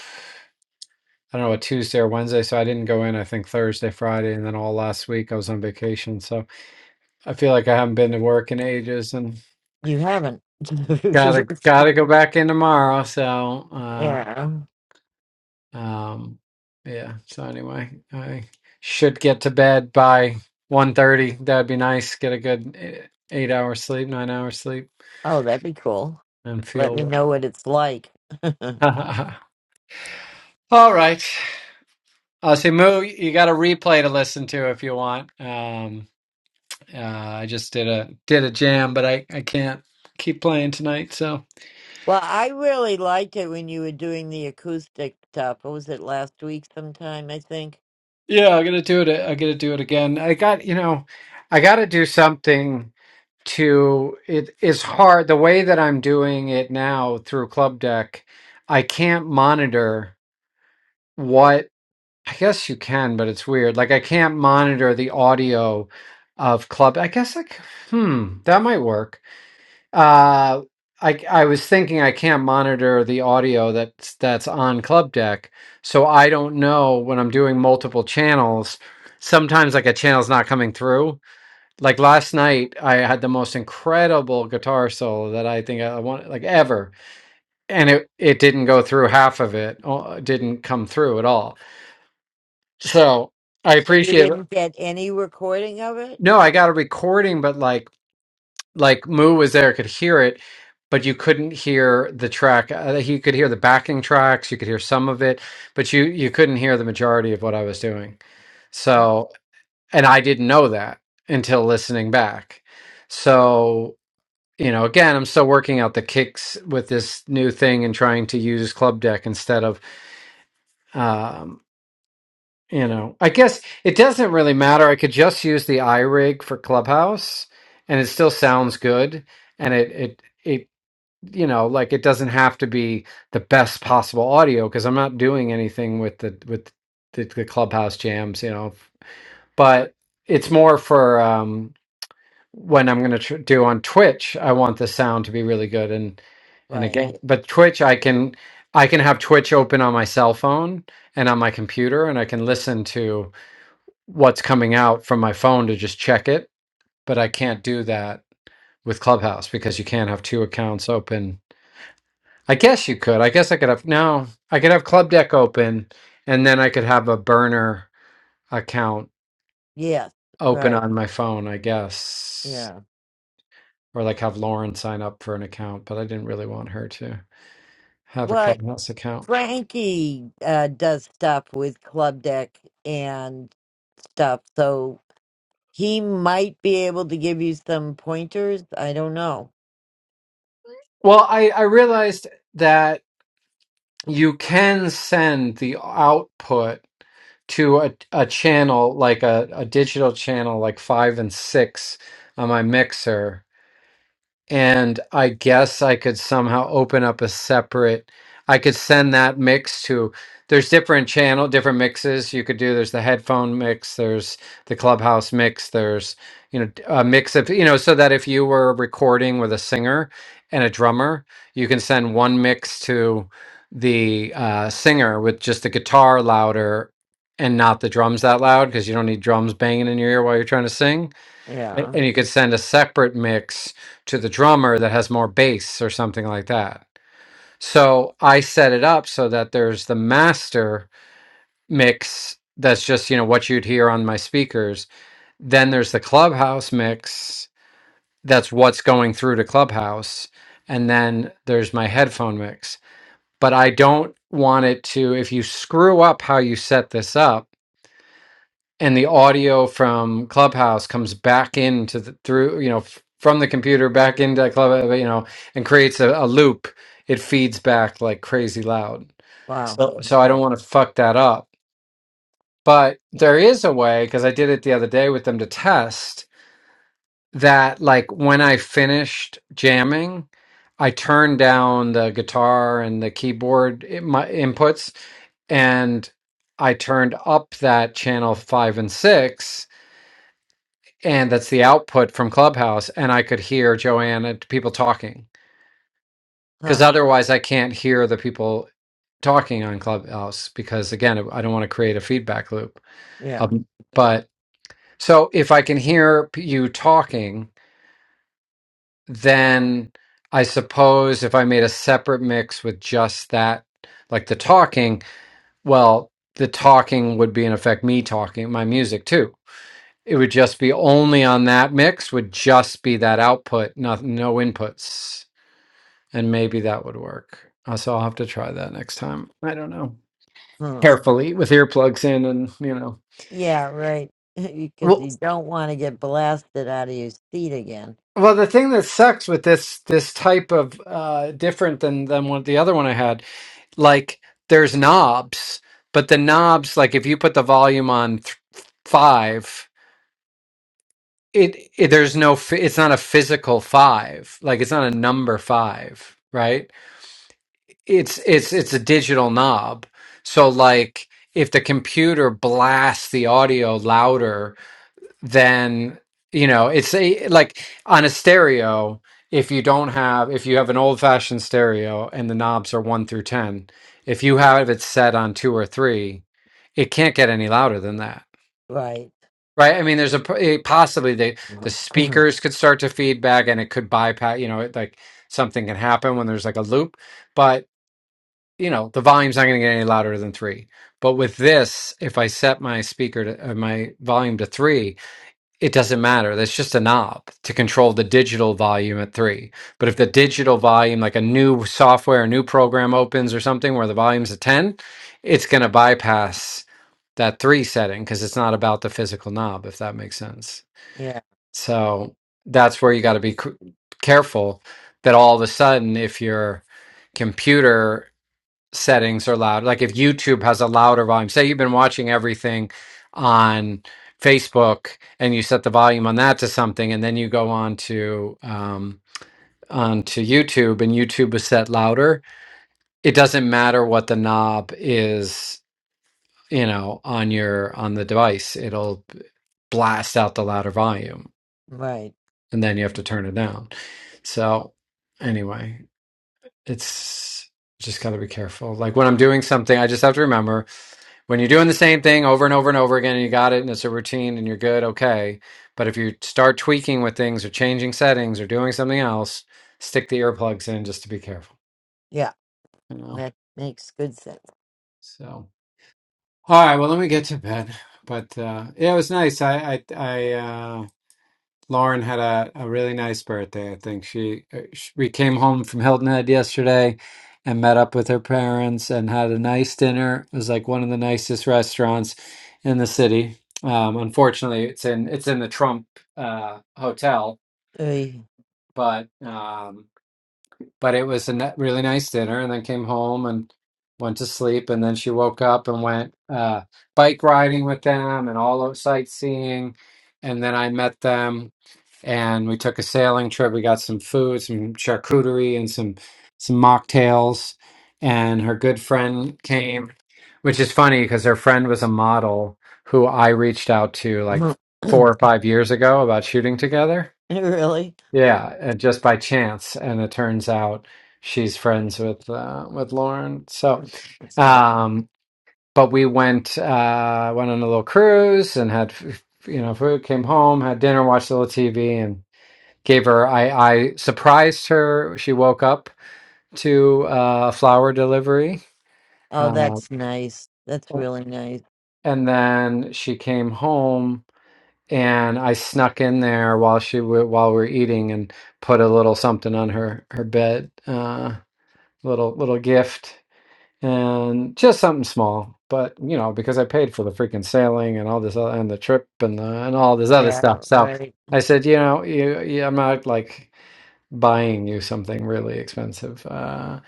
S8: I don't know, a Tuesday or Wednesday, so I didn't go in, I think Thursday, Friday, and then all last week I was on vacation. So I feel like I haven't been to work in ages and
S1: You haven't.
S8: gotta, gotta go back in tomorrow. So,
S1: [LAUGHS]
S8: uh,
S1: yeah.
S8: Um, yeah. So anyway, I should get to bed by one that That'd be nice. Get a good eh, eight hours sleep, nine hours sleep,
S1: Oh, that'd be cool.
S8: and
S1: Let me
S8: feel
S1: know what it's like. [LAUGHS] well,
S8: well. [LAUGHS] All right. Uh, so Moo, you got a replay to listen to if you want. Um, uh, I just did a did a jam, but I I can't keep playing tonight. So
S1: I really liked it when you were doing the acoustic stuff. What was it last week sometime, I think?
S8: yeah, I'm gonna do it. I gotta do it again. I got you know, I gotta do something to it is hard the way that I'm doing it now through Club Deck, I can't monitor what I guess you can, but it's weird. Like I can't monitor the audio of Club. I guess like hmm, that might work. Uh I I was thinking I can't monitor the audio that's that's on Club Deck, so I don't know when I'm doing multiple channels. Sometimes like a channel's not coming through like last night i had the most incredible guitar solo that i think i want like ever and it it didn't go through half of it uh, didn't come through at all so i
S1: So you
S8: appreciate
S1: didn't get any recording of it?
S8: no i got a recording but like like moo was there could hear it but you couldn't hear the track uh, you could hear the backing tracks you could hear some of it but you you couldn't hear the majority of what i was doing so and i didn't know that until listening back so you know, again, I'm still working out the kicks with this new thing and trying to use Club Deck instead of, um, you know, I guess it doesn't really matter. I could just use the iRig for Clubhouse, and it still sounds good, and it it it you know like it doesn't have to be the best possible audio because I'm not doing anything with the with the, the Clubhouse jams, you know, but it's more for um when I'm going to tr- do on Twitch, I want the sound to be really good and and
S1: Right.
S8: again, but Twitch I can I can have Twitch open on my cell phone and on my computer and I can listen to what's coming out from my phone to just check it, but I can't do that with Clubhouse because you can't have two accounts open. I guess you could. I guess I could have no, I could have Club Deck open and then I could have a burner account
S1: Yes.
S8: open
S1: Right.
S8: on my phone, I guess.
S1: Yeah.
S8: or like have Lauren sign up for an account, but I didn't really want her to have a
S1: Well,
S8: Clubhouse account.
S1: Frankie uh, does stuff with Club Deck and stuff, so he might be able to give you some pointers. I don't know.
S8: Well, I, I realized that you can send the output to a, a channel, like a, a digital channel, like five and six on my mixer. and I guess I could somehow open up a separate. I could send that mix to. There's different channel, different mixes you could do. There's the headphone mix. There's the clubhouse mix. There's you know d- a mix of you know so that if you were recording with a singer and a drummer, you can send one mix to the uh, singer with just the guitar louder and not the drums that loud because you don't need drums banging in your ear while you're trying to sing a-
S1: Yeah.
S8: And you could send a separate mix to the drummer that has more bass or something like that. So I set it up so that there's the master mix that's just, you know, what you'd hear on my speakers. Then there's the clubhouse mix that's what's going through to clubhouse. And then there's my headphone mix. But I don't want it to, if you screw up how you set this up, and the audio from Clubhouse comes back into the, through you know f- from the computer back into Club you know and creates a, a loop. It feeds back like crazy loud.
S1: Wow.
S8: So so I
S1: Okay.
S8: don't want to fuck that up. But there is a way because I did it the other day with them to test that like when I finished jamming, I turned down the guitar and the keyboard i- my inputs and I turned up that channel 5 and 6 and that's the output from Clubhouse, and I could hear Joanne and people talking because
S1: Huh.
S8: otherwise I can't hear the people talking on Clubhouse because again I don't want to create a feedback loop.
S1: Yeah.
S8: Um, but so if I can hear p- you talking, then I suppose if I made a separate mix with just that, like the talking, well, the talking would be in effect me talking my music too It would just be only on that mix would just be that output, not no inputs, and maybe that would work. Uh, So I'll have to try that next time. I don't know.
S1: Hmm.
S8: Carefully with earplugs in, and you know.
S1: Yeah, right. [LAUGHS] Because
S8: Well,
S1: you don't want to get blasted out of your seat again.
S8: well, the thing that sucks with this this type of uh, different than than what the other one I had, like there's knobs, but the knobs, like if you put the volume on th- five, it, it there's no phy- it's not a physical five like it's not a number five right it's it's it's a digital knob so like if the computer blasts the audio louder then you know it's a like on a stereo if you don't have if you have an old fashioned stereo and the knobs are 1 through 10 if you have it set on 2 or 3 it can't get any louder than that
S1: Right.
S8: right i mean there's a po- it- possibly the the
S1: [CLEARS THROAT]
S8: speakers could start to feedback and it could bypass you know it, like something can happen when there's like a loop but you know the volume's not going to get any louder than three but with this if i set my speaker to uh, my volume to three it doesn't matter that's just a knob to control the digital volume at three but if the digital volume like a new software a new program opens or something where the volume's at 10 it's going to bypass that three setting because it's not about the physical knob if that makes sense
S1: yeah,
S8: so that's where you got to be c- careful that all of a sudden if you're computer settings are loud. Like if YouTube has a louder volume, say you've been watching everything on Facebook and you set the volume on that to something, and then you go on to um, onto YouTube and YouTube is set louder. It doesn't matter what the knob is, you know, on your on the device. It'll blast out the louder volume,
S1: right.
S8: and then you have to turn it down. So anyway, it's just got to be careful. Like when I'm doing something, I just have to remember when you're doing the same thing over and over and over again and you got it and it's a routine and you're good okay but if you start tweaking with things or changing settings or doing something else stick the earplugs in just to be careful
S1: Yeah,
S8: you know
S1: that makes good sense.
S8: so all right well let me get to bed but uh yeah it was nice i i i uh, Lauren had a, a really nice birthday. I think she, uh, sh we came home from Hilton Head yesterday and met up with her parents and had a nice dinner. It was like one of the nicest restaurants in the city. Um, unfortunately, it's in it's in the Trump uh, hotel,
S1: Oy.
S8: but um, but it was a ni- really nice dinner. And then came home and went to sleep. And then she woke up and went uh, bike riding with them and all out sightseeing. And then I met them and we took a sailing trip. We got some food, some charcuterie, and some some mocktails. And her good friend came, which is funny because her friend was a model who I reached out to like
S1: [CLEARS THROAT]
S8: four or five years ago about shooting together.
S1: really?
S8: Yeah, and just by chance, and it turns out she's friends with uh, with Lauren. So,
S1: That's fu-
S8: um, but we went uh, went on a little cruise and had. f- f- You know, food came home, had dinner, watched a little TV, gave her I, I surprised her she woke up to uh, a flower delivery
S1: Oh,
S8: uh,
S1: that's nice. That's really nice.
S8: and then she came home and I snuck in there while she wa while we we're eating and put a little something on her her bed uh, little little gift and just something small but you know because I paid for the freaking sailing and all this other, and the trip and the, and all this other stuff
S1: Yeah,
S8: so
S1: right.
S8: I said you know you, you I'm not like buying you something really expensive. Uh,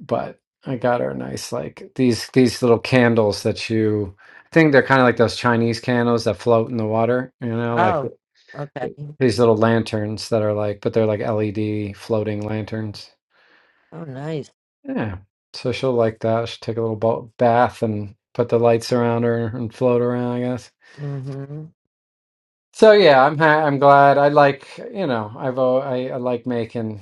S8: but I got her nice like these these little candles that you I think they're kind of like those Chinese candles that float in the water, you know, like
S1: Oh, okay.
S8: these little lanterns that are like but they're like LED floating lanterns.
S1: Oh, nice.
S8: Yeah. So she'll like that. She'll take a little bo- bath and put the lights around her and float around, I guess.
S1: Mm-hmm.
S8: So yeah, I'm ha- I'm glad. I like, you know, I've al- I, I like making.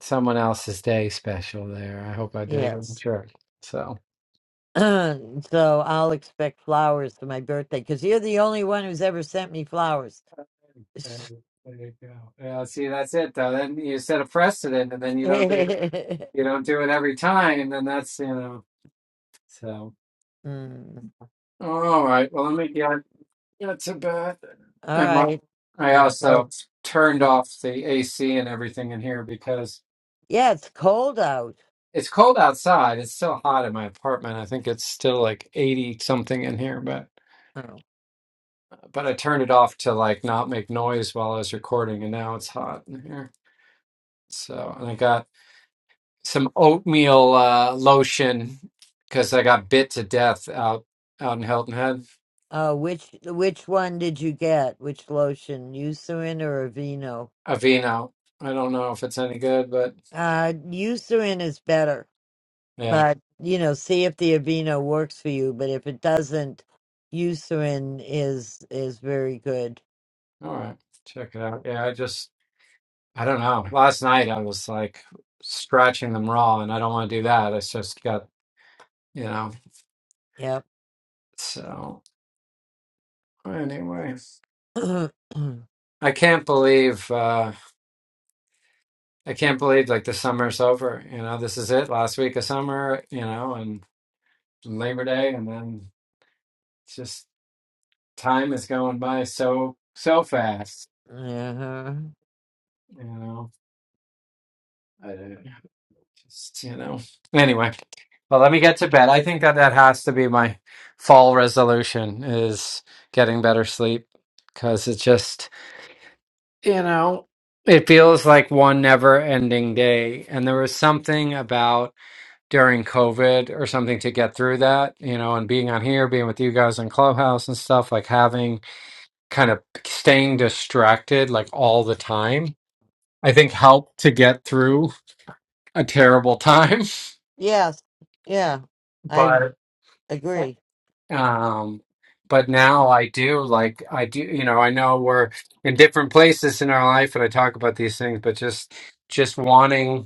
S8: someone else's day special there. I hope I did in
S1: Yes.
S8: church. So
S1: [CLEARS THROAT] so I'll expect flowers for my birthday because you're the only one who's ever sent me flowers.
S8: There there you go. Yeah, see, that's it though. Then you set a precedent, and then you don't do it.
S1: [LAUGHS]
S8: You don't do it every time, and then that's you know. So,
S1: Mm.
S8: all right. Well, let me get. That's a bad.
S1: All
S8: And my,
S1: right.
S8: I
S1: I go.
S8: also turned
S1: What?
S8: off the AC and everything in here because
S1: Yeah, it's cold out.
S8: it's cold outside. It's still hot in my apartment. I think it's still like eighty something in here,
S1: Oh.
S8: but I turned it off to like not make noise while I was recording, and now it's hot in here. So, and I got some oatmeal uh, lotion because I got bit to death out out in Hilton Head.
S1: Uh, which which one did you get? Which lotion, Eucerin or Aveeno?
S8: Aveeno. I don't know if it's any good, but
S1: Uh, Eucerin is better,
S8: yeah.
S1: but you know, see if the Aveeno works for you. But if it doesn't, Eucerin is is very good.
S8: All right, check it out. Yeah, I just I don't know. Last night I was like scratching them raw, and I don't want to do that. I just got you know.
S1: Yep.
S8: So anyway,
S1: [CLEARS THROAT] uh-huh.
S8: I can't believe. Uh, I can't believe like the summer's over. You know, this is it. Last week of summer, you know, and Labor Day, and then it's just time is going by so so fast. You know, I, just you know. Anyway, well, let me get to bed. I think that that has to be my fall resolution is getting better sleep because it just you know it feels like one never ending day, and there was something about. during COVID or something to get through that, you know, and being on here, being with you guys in Clubhouse and stuff, like having kind of staying distracted like all the time, I think helped to get through a terrible time. [LAUGHS]
S1: Yes. Yeah. I
S8: But,
S1: agree.
S8: um, but now I do like, I do, you know, I know we're in different places in our life and I talk about these things, but just, just wanting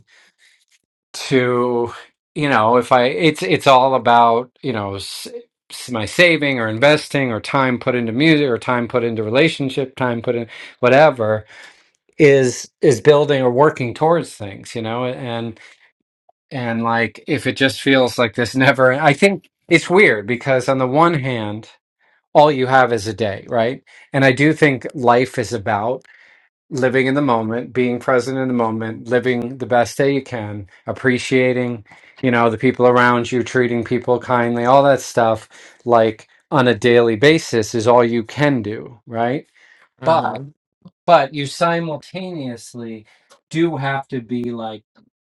S8: to you know if i it's it's all about you know s- s- my saving or investing or time put into music or time put into relationship time put in whatever is is building or working towards things you know and and like if it just feels like this never i think it's weird because on the one hand all you have is a day right and i do think life is about living in the moment, being present in the moment, living the best day you can, appreciating, you know, the people around you, treating people kindly, all that stuff, like on a daily basis is all you can do, right?
S1: Uh huh.
S8: But but you simultaneously do have to be like,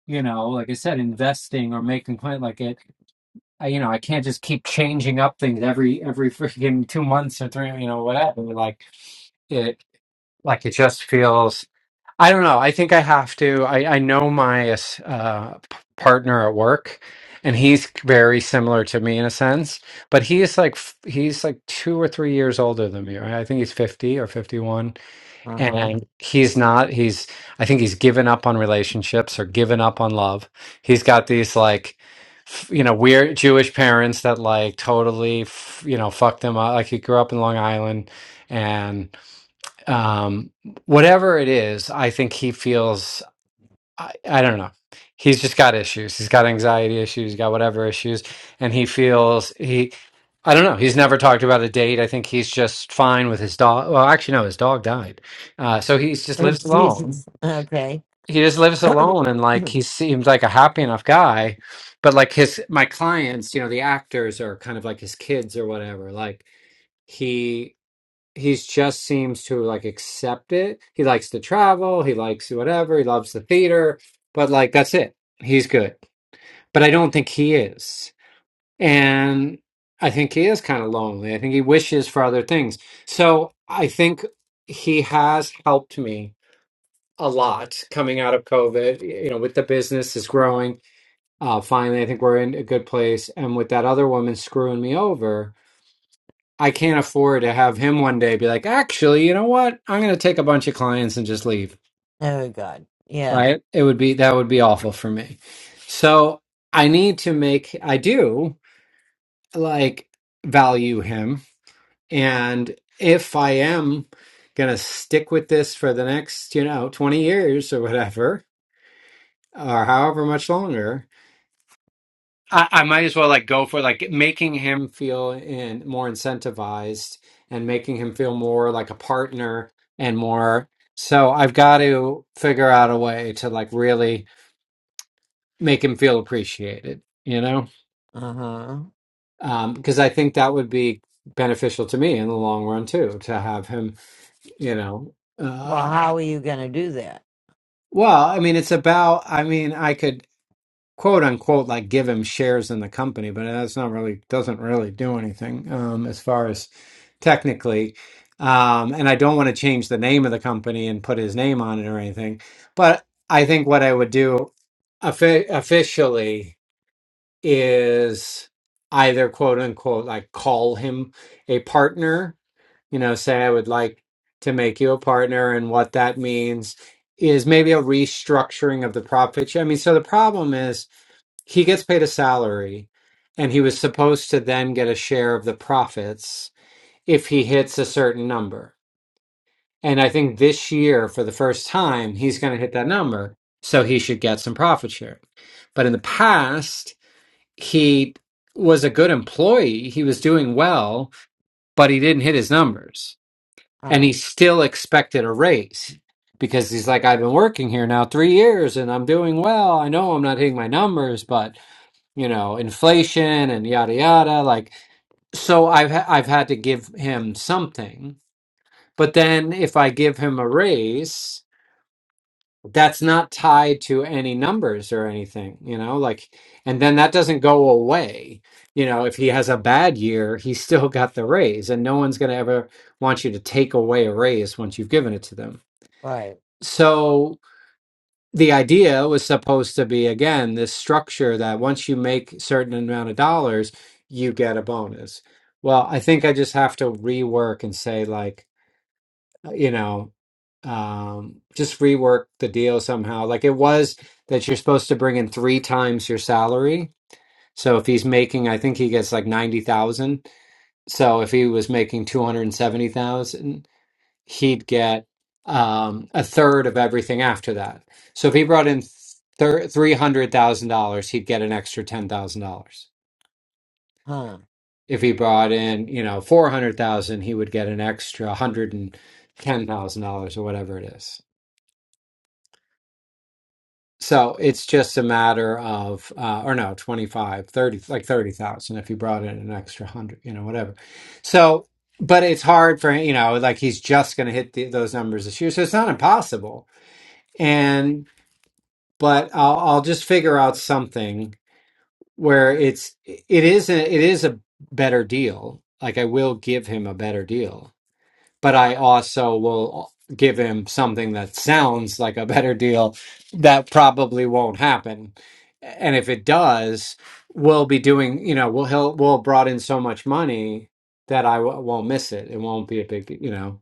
S8: you know, like I said, investing or making plan like it. I, you know, I can't just keep changing up things every every freaking two months or three, you know, whatever. Like it, like it just feels I don't know. I think I have to. I, I know my uh, p- partner at work, and he's very similar to me in a sense. But he's like f- he's like two or three years older than me. Right? I think he's fifty or fifty-one,
S1: Uh
S8: and he's not. He's I think he's given up on relationships or given up on love. He's got these like f- you know weird Jewish parents that like totally f- you know fucked him up. Like he grew up in Long Island, um whatever it is i think he feels I, I don't know he's just got issues he's got anxiety issues he's got whatever issues and he feels he i don't know he's never talked about a date i think he's just fine with his dog well actually no his dog died uh so he's just
S1: huh. [LAUGHS]
S8: lives alone
S1: Jesus. Okay.
S8: he just lives
S1: [CLEARS THROAT]
S8: alone and like
S1: [COUGHS]
S8: he seems like a happy enough guy but like his my clients you know the actors are kind of like his kids or whatever like he he's just seems to like accept it. He likes to travel, he likes whatever, he loves the theater, but like that's it. He's good. But I don't think he is. And I think he is kind of lonely. I think he wishes for other things. So I think he has helped me a lot coming out of COVID, you know, with the business is growing. Uh, finally, I think we're in a good place. And with that other woman screwing me over, I can't afford to have him one day be like, actually, you know what? I'm going to take a bunch of clients and just leave.
S1: oh God. Yeah.
S8: Right? It would be that would be awful for me. So I need to make I do like value him, and if I am going to stick with this for the next you know 20 years or whatever or however much longer I, I might as well like go for like making him feel in more incentivized and making him feel more like a partner and more. So I've got to figure out a way to like really make him feel appreciated, you know?
S1: Uh huh.
S8: Um, because I think that would be beneficial to me in the long run too, to have him, you know,
S1: Well,
S8: uh,
S1: how are you gonna do that?
S8: well, I mean, it's about, I mean, I could. quote unquote like give him shares in the company, but that's not really doesn't really do anything um, as far as technically. Um, and I don't want to change the name of the company and put his name on it or anything. But I think what I would do offi- officially is either quote unquote like call him a partner, you know, say I would like to make you a partner and what that means is maybe a restructuring of the profit share. I mean, so the problem is he gets paid a salary and he was supposed to then get a share of the profits if he hits a certain number. And I think this year, for the first time, he's going to hit that number. So he should get some profit share. But in the past, he was a good employee. He was doing well, but he didn't hit his numbers. And
S1: Huh.
S8: he still expected a raise because he's like, I've been working here now three years and I'm doing well. I know I'm not hitting my numbers, but you know, inflation and yada yada. Like, so I've ha- I've had to give him something. But then if I give him a raise, that's not tied to any numbers or anything, you know, like, and then that doesn't go away. You know, if he has a bad year, he's still [LAUGHS] got the raise, and no one's going to ever want you to take away a raise once you've given it to them.
S1: Right.
S8: So the idea was supposed to be again this structure that once you make certain amount of dollars you get a bonus well i think i just have to rework and say like uh, you know um just rework the deal somehow like it was that you're supposed to bring in three times your salary so if he's making i think he gets like 90,000 so if he was making 270,000 he'd get um, a third of everything after that. So if he brought in thir- three hundred thousand dollars, he'd get an extra ten thousand dollars.
S1: Huh.
S8: If he brought in, you know, four hundred thousand, he would get an extra hundred and ten thousand dollars or whatever it is. So it's just a matter of, uh, or no, 25, 30, like 30,000 if he brought in an extra hundred, you know, whatever. So, but it's hard for, you know, like he's just going to hit the, those numbers this year. So it's not impossible. but I'll I'll just figure out something where it's it is a, it is a better deal. Like I will give him a better deal, but I also will give him something that sounds like a better deal that probably won't happen. And if it does, we'll be doing, you know, we'll he'll we'll brought in so much money that I w- won't miss it. It won't be a big, you know.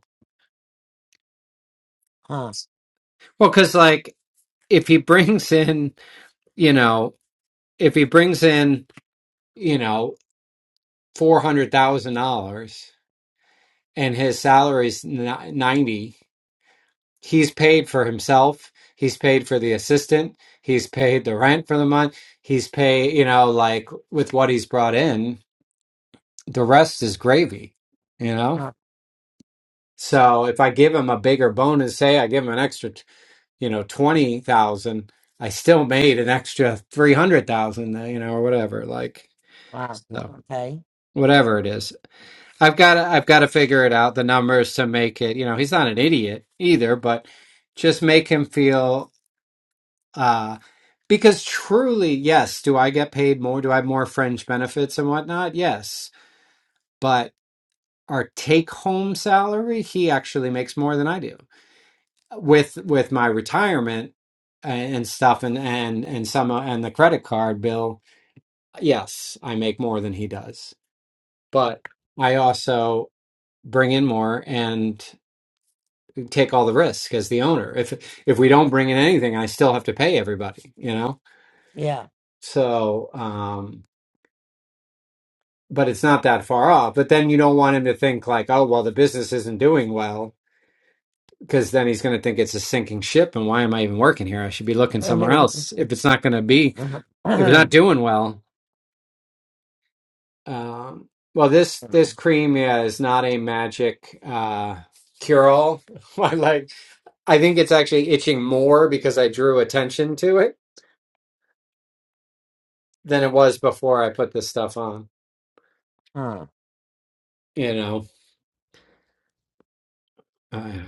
S1: Huh.
S8: Well, cuz like if he [LAUGHS] brings in, you know, if he brings in, you know four hundred thousand dollars, and his salary's is ninety. He's paid for himself. He's paid for the assistant. He's paid the rent for the month. He's paid, you know, like with what he's brought in. The rest is gravy, you know.
S1: Huh.
S8: So if I give him a bigger bonus, say I give him an extra, you know, twenty thousand, I still made an extra three hundred thousand, you know, or whatever. Like,
S1: Wow.
S8: so
S1: Okay.
S8: whatever it is. I've got to, I've got to figure it out the numbers to make it. You know, he's not an idiot either, but just make him feel uh because truly, yes, do I get paid more? Do I have more fringe benefits and whatnot? Yes, but our take home salary, he actually makes more than I do with with my retirement uh, and stuff and and and some uh, and the credit card bill. Yes, I make more than he does, but I also bring in more and take all the risk as the owner. If if we don't bring in anything, I still have to pay everybody, you know?
S1: Yeah.
S8: So, um, but it's not that far off. But then you don't want him to think like, oh, well, the business isn't doing well, because then he's going to think it's a sinking ship, and why am I even working here? I should be looking somewhere
S1: [CLEARS THROAT]
S8: else. If it's not going to be, if it's
S1: [COUGHS]
S8: not doing well, um, well, this this cream yeah, is not a magic uh, cure all. [LAUGHS] I like. I think it's actually itching more because I drew attention to it than it was before I put this stuff on.
S1: huh.
S8: You know, uh,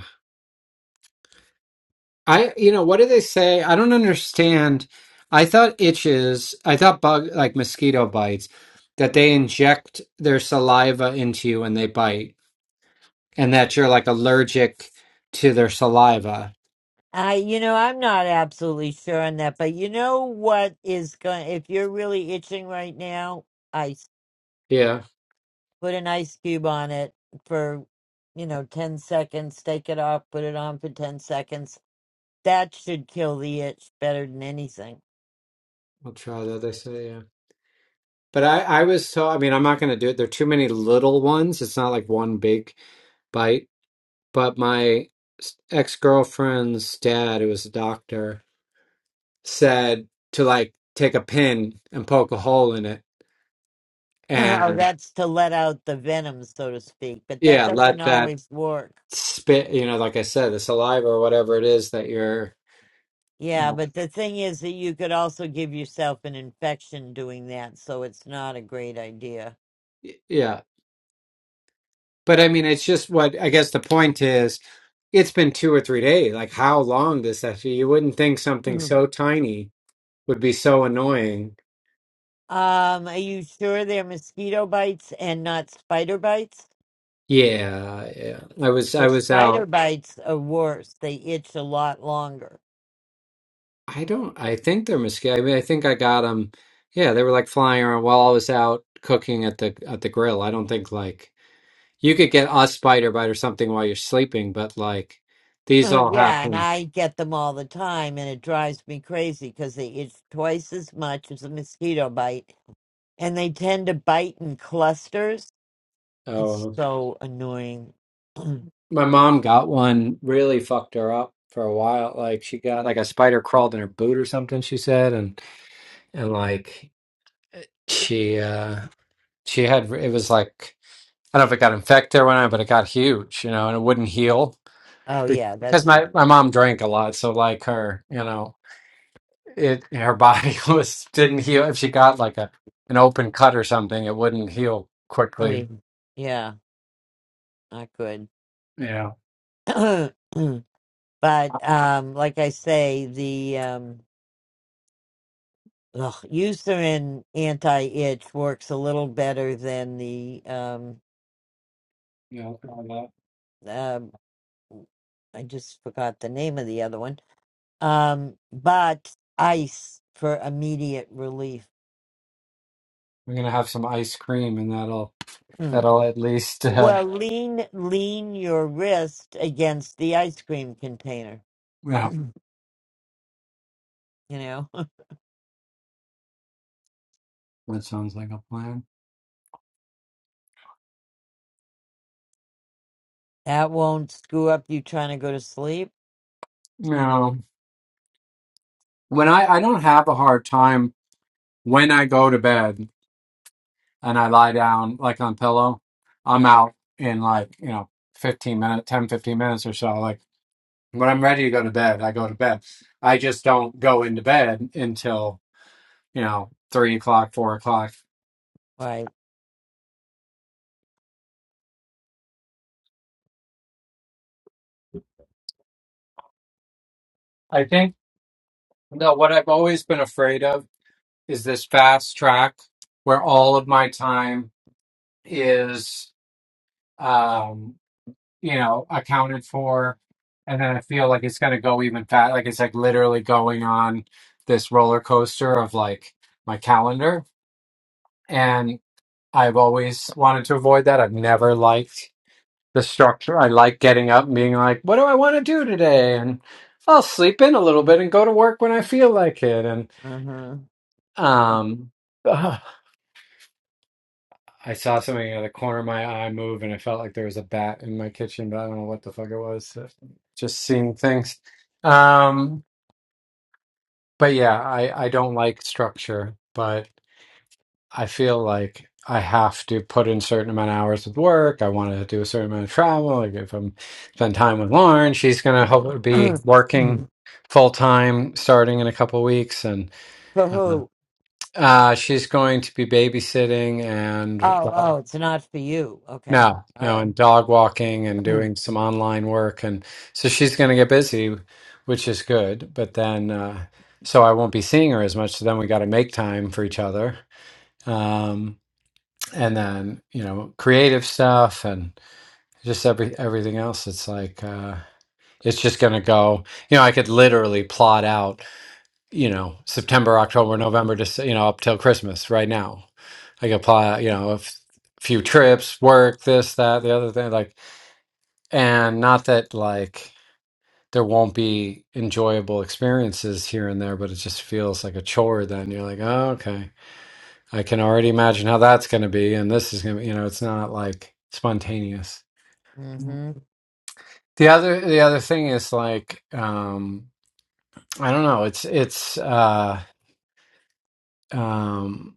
S8: I you know what do they say? I don't understand. I thought itches, I thought bug like mosquito bites, that they inject their saliva into you when they bite, and that you're like allergic to their saliva.
S1: I, you know, I'm not absolutely sure on that, but you know what is going? If you're really itching right now, ice.
S8: Yeah,
S1: Put an ice cube on it for, you know, ten seconds. Take it off. Put it on for ten seconds. That should kill the itch better than anything.
S8: I'll try that. They say yeah. But I, I was so, I mean, I'm not going to do it. There are too many little ones. It's not like one big bite. But my ex girlfriend's dad, who was a doctor, said to like take a pin and poke a hole in it
S1: [LAUGHS] [CLEARS THROAT] oh,
S8: and
S1: that's to let out the venom, so to speak. But that
S8: yeah,
S1: doesn't
S8: let that
S1: always work.
S8: spit, you know, like I said, the saliva or whatever it is that you're,
S1: Yeah,
S8: uh,
S1: but the thing is that you could also give yourself an infection doing that, so it's not a great idea.
S8: y- yeah. But I mean, it's just what I guess the point is it's been two or three days. Like, how long does that You wouldn't think something
S1: Mhm.
S8: so tiny would be so annoying.
S1: Um, are you sure they're mosquito bites and not spider bites?
S8: Yeah, yeah. I was,
S1: The
S8: I was out.
S1: spider bites are worse. They itch a lot longer.
S8: I don't. I think they're Muscat. I mean, I think I got them. Yeah, they were like flying around while I was out cooking at the at the grill. I don't think like you could get a spider bite or something while you're sleeping, but like
S1: [LAUGHS]
S8: these all
S1: yeah, and
S8: happen.
S1: I get them all the time, and it drives me crazy because they itch twice as much as a mosquito bite, and they tend to bite in clusters It's
S8: Oh,
S1: so annoying. [CLEARS THROAT] oh
S8: my mom got one. Really fucked her up for a while. Like she got like a spider crawled in her boot or something. She said, and and like she uh she had it was like I don't know if it got infected or whatnot, but it got huge, you know, and it wouldn't heal.
S1: yeah,
S8: because
S1: that's
S8: my
S1: not
S8: my
S1: good.
S8: mom drank a lot, so like her, you know, it her body [LAUGHS] was didn't heal. If she got like a an open cut or something, it wouldn't heal
S1: I
S8: quickly.
S1: mean, yeah, not good.
S8: Yeah,
S1: [CLEARS THROAT] but um, like I say, the um, ugh, Eucerin anti-itch works a little better than the um,
S8: yeah. all that.
S1: um I just forgot the name of the other one. Um, but ice for immediate relief. [CLEARS THROAT]
S8: We're gonna have some ice cream, and that'll
S1: Mm.
S8: that'll at least uh,
S1: Well, lean lean your wrist against the ice cream container.
S8: yeah.
S1: [CLEARS THROAT] You know, [LAUGHS]
S8: That sounds like a plan.
S1: that won't screw up you trying to go to sleep.
S8: No, when I I don't have a hard time when I go to bed and I lie down like on pillow, I'm
S1: Yeah,
S8: out in like you know 15 minutes, 10 15 minutes or so. Like when I'm ready to go to bed, I go to bed. I just don't go into bed until, you know, three o'clock, four o'clock.
S1: right.
S8: I think, no, what I've always been afraid of is this fast track where all of my time is, um, you know, accounted for. And then I feel like it's going to go even fast. Like it's like literally going on this roller coaster of like my calendar. And I've always wanted to avoid that. I've never liked the structure. I like getting up and being like, what do I want to do today? And I'll sleep in a little bit and go to work when I feel like it. And
S1: Mm-hmm.
S8: um, [SIGHS] ugh, I saw something out of the corner of my eye move and I felt like there was a bat in my kitchen, but I don't know what the fuck it was. [LAUGHS] Just seeing things. Um, but yeah, I, I don't like structure, but. I feel like I have to put in certain amount of hours with work. I want to do a certain amount of travel. Like if I'm spend time with Lauren, she's gonna hopefully be
S1: [CLEARS THROAT]
S8: working full time starting in a couple weeks, and
S1: For
S8: um,
S1: who? Oh,
S8: uh, she's going to be babysitting and uh,
S1: oh, it's not for you. Okay.
S8: no,
S1: All
S8: no,
S1: right.
S8: and dog walking and
S1: [CLEARS THROAT]
S8: doing some online work, and so she's gonna get busy, which is good. But then, uh, so I won't be seeing her as much. So then we got to make time for each other. Um, and then you know creative stuff and just every everything else it's like uh it's just going to go you know i could literally plot out you know september october november just you know up till christmas right now i could plot out, you know a f- few trips work this that the other thing like and not that like there won't be enjoyable experiences here and there but it just feels like a chore then you're like oh, okay I can already imagine how that's going to be, and this is going to, you know, it's not like spontaneous.
S1: mm-hmm.
S8: The other, the other thing is like, um, I don't know. It's, it's, uh, um,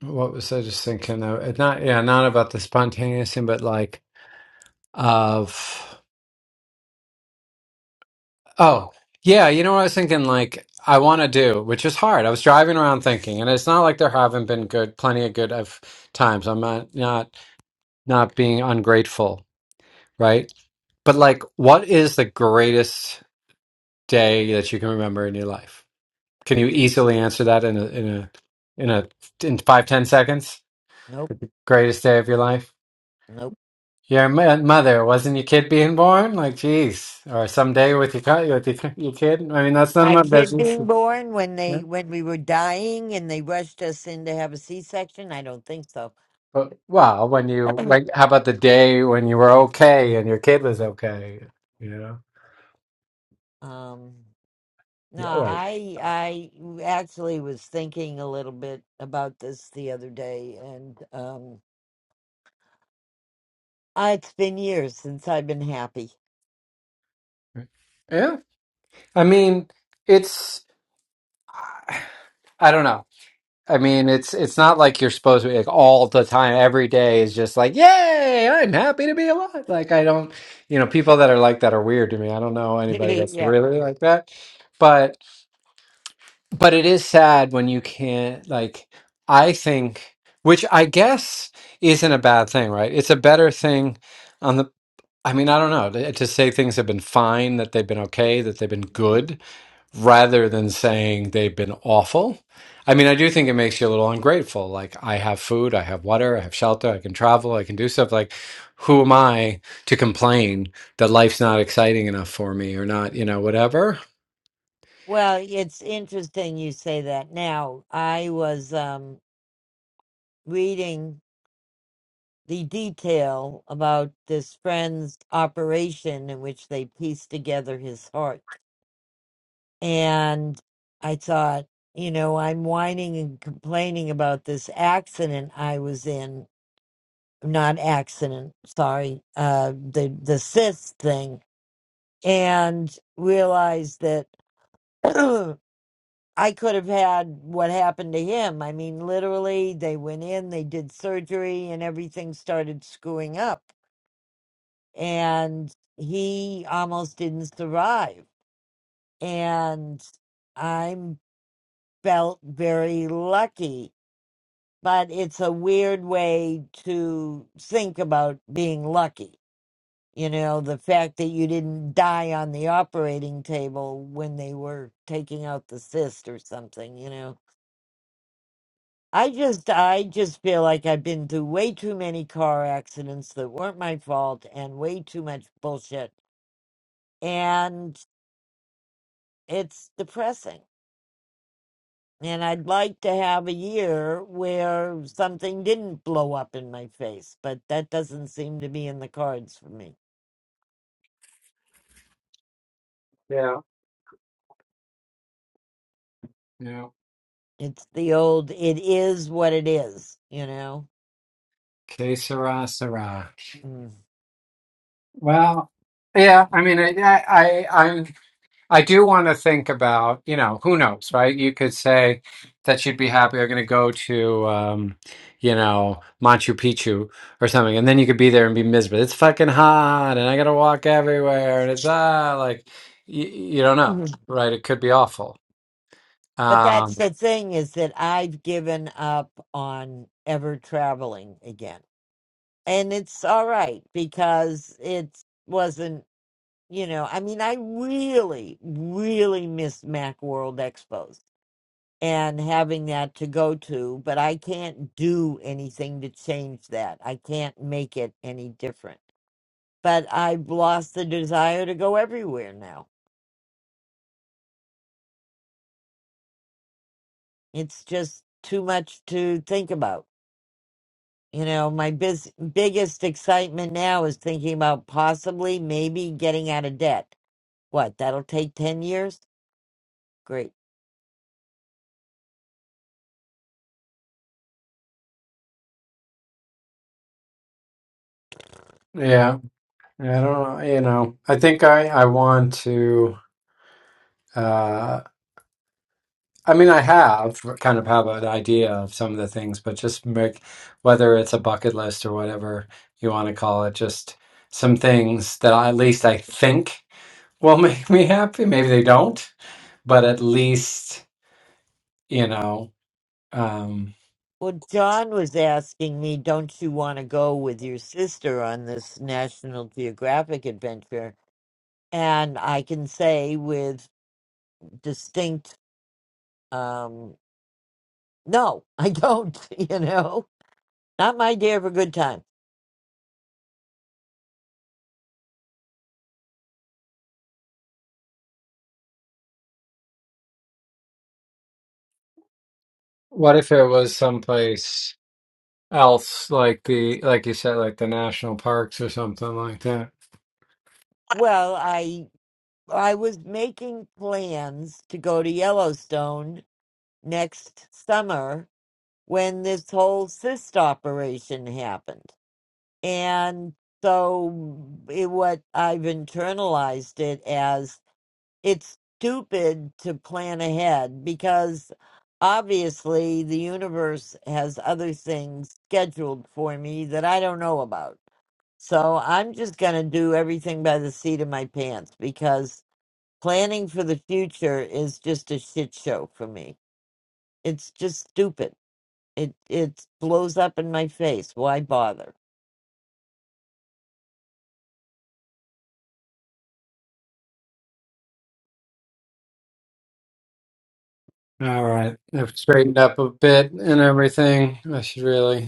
S8: what was I just thinking of? It's not, yeah, not about the spontaneous thing, but like of, oh, yeah, you know what I was thinking? Like, I want to do, which is hard. I was driving around thinking, and it's not like there haven't been good, plenty of good of times. I'm not, not, not being ungrateful, right? But like, what is the greatest day that you can remember in your life? Can you easily answer that in a in a in a in five ten seconds?
S1: Nope.
S8: Greatest day of your life?
S1: Nope.
S8: Your mo- mother wasn't your kid being born? Like, geez, or someday with your co- with your, your kid? I mean, that's none of
S1: My
S8: my
S1: kid
S8: business.
S1: being born when
S8: Yeah.
S1: they when we were dying and they rushed us in to have a C section. I don't think so.
S8: But well, when
S1: [CLEARS THROAT]
S8: you
S1: um.
S8: like, how about the day when you were okay and your kid was okay? You know?
S1: No,
S8: Yeah. Well,
S1: I I actually was thinking a little bit about this the other day, and um, uh, it's been years since I've been happy.
S8: yeah. I mean, it's I don't know. I mean, it's it's not like you're supposed to be like all the time, every day is just like, yay, I'm happy to be alive. Like I don't, you know, people that are like that are weird to me. I don't know
S1: [LAUGHS]
S8: anybody that's
S1: yeah.
S8: really
S1: Right.
S8: like that. But but it is sad when you can't like I think which I guess isn't a bad thing, right? It's a better thing on the I mean, I don't know, to to say things have been fine, that they've been okay, that they've been good rather than saying they've been awful. I mean, I do think it makes you a little ungrateful. Like, I have food, I have water, I have shelter, I can travel, I can do stuff. Like, who am I to complain that life's not exciting enough for me or not, you know, whatever?
S1: Well, it's interesting you say that. Now, I was um, reading the detail about this friend's operation in which they pieced together his heart. And I thought, you know, I'm whining and complaining about this accident I was in. Not accident, sorry, uh, the, the cyst thing. And realized that [CLEARS THROAT] I could have had what happened to him. I mean, literally, they went in, they did surgery, and everything started screwing up. And he almost didn't survive. And I'm felt very lucky, but it's a weird way to think about being lucky. You know, the fact that you didn't die on the operating table when they were taking out the cyst or something, you know. I just I just feel like I've been through way too many car accidents that weren't my fault and way too much bullshit. And it's depressing. And I'd like to have a year where something didn't blow up in my face, but that doesn't seem to be in the cards for me.
S8: Yeah, yeah.
S1: It's the old it is what it is, you know.
S8: Que sera, sera.
S1: Mm.
S8: Well, yeah. I mean, I, I, I, I'm. I do want to think about, you know, who knows, right? You could say that you'd be happy. I'm going to go to, um, you know, Machu Picchu or something, and then you could be there and be miserable. It's fucking hot, and I got to walk everywhere, and it's ah, like you, you don't know,
S1: Mhm.
S8: right? It could be awful.
S1: But that's
S8: Um,
S1: the thing is that I've given up on ever traveling again. and it's all right because it wasn't you know i mean i really really miss MacWorld expos and having that to go to but i can't do anything to change that i can't make it any different but i've lost the desire to go everywhere now it's just too much to think about you know my biz- biggest excitement now is thinking about possibly maybe getting out of debt what that'll take 10 years Great.
S8: yeah, I don't know. You know, I think I I want to. I mean, I have kind of have an idea of some of the things, but just make whether it's a bucket list or whatever you want to call it, just some things that I, at least I think will [LAUGHS] make me happy. Maybe they don't, but at least, you know, um,
S1: Well, John was asking me, don't you want to go with your sister on this National Geographic adventure? And I can say with distinct, um, no, I don't, [LAUGHS] you know, not my day of a good time.
S8: What if it was someplace else, like the like you said, like the national parks or something like that?
S1: Well, I, I was making plans to go to Yellowstone next summer when this whole cyst operation happened. And so it, what I've internalized it as it's stupid to plan ahead because obviously the universe has other things scheduled for me that I don't know about. So I'm just going to do everything by the seat of my pants because planning for the future is just a shit show for me. It's just stupid. It it blows up in my face. Why bother?
S8: all right, I've straightened up a bit and everything. I should really.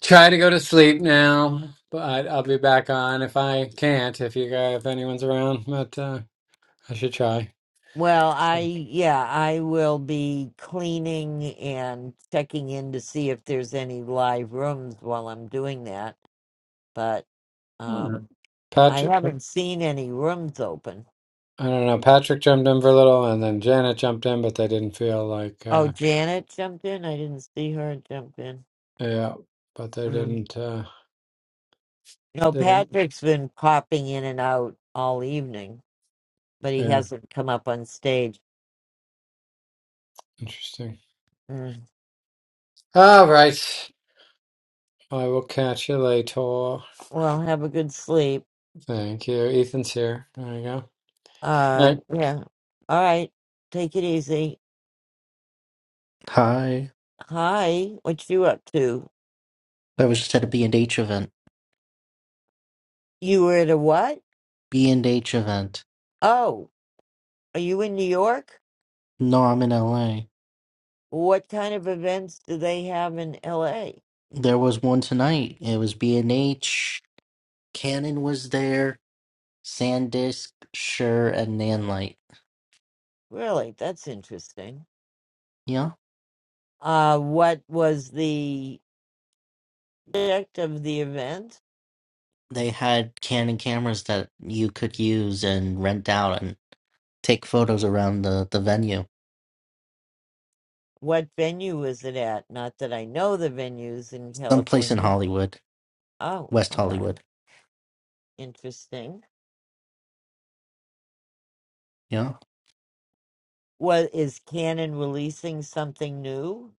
S8: Try to go to sleep now, but I'll be back on if I can't. If you guys, if anyone's around, but uh, I should try.
S1: Well, I,
S8: So,
S1: yeah, I will be cleaning and checking in to see if there's any live rooms while I'm doing that. But
S8: hmm.
S1: um, I
S8: Patrick, oh,
S1: haven't seen any rooms open.
S8: I don't know. Patrick jumped in for a little, and then Janet jumped in, but they didn't feel like,
S1: Oh,
S8: uh,
S1: Janet jumped in. I didn't see her jump in.
S8: yeah, but they
S1: Um,
S8: didn't, uh,
S1: no,
S8: they didn't.
S1: Patrick's been popping in and out all evening, but he
S8: Yeah,
S1: hasn't come up on stage.
S8: interesting.
S1: Mm.
S8: All right, I will catch you later.
S1: Well, have a good sleep.
S8: Thank you. Ethan's here. There you go.
S1: Uh, yeah. All right. Take it easy.
S12: Hi.
S1: Hi. What you up to?
S12: I was just at a B and h event.
S1: You were at a what?
S12: B&H event.
S1: Oh, are you in New York?
S12: No, I'm in LA.
S1: What kind of events do they have in LA?
S12: There was one tonight. It was B&H. Canon was there. SanDisk, Shure, and Nanlite.
S1: Really, that's interesting.
S12: Yeah.
S1: Uh, what was the subject of the event?
S12: They had Canon cameras that you could use and rent out and take photos around the, the venue.
S1: What venue was it at? Not that I know the venues in
S12: Someplace in
S1: California.
S12: Hollywood.
S1: Oh,
S12: West
S1: okay.
S12: Hollywood.
S1: Interesting.
S12: Yeah.
S1: What is Canon releasing something new?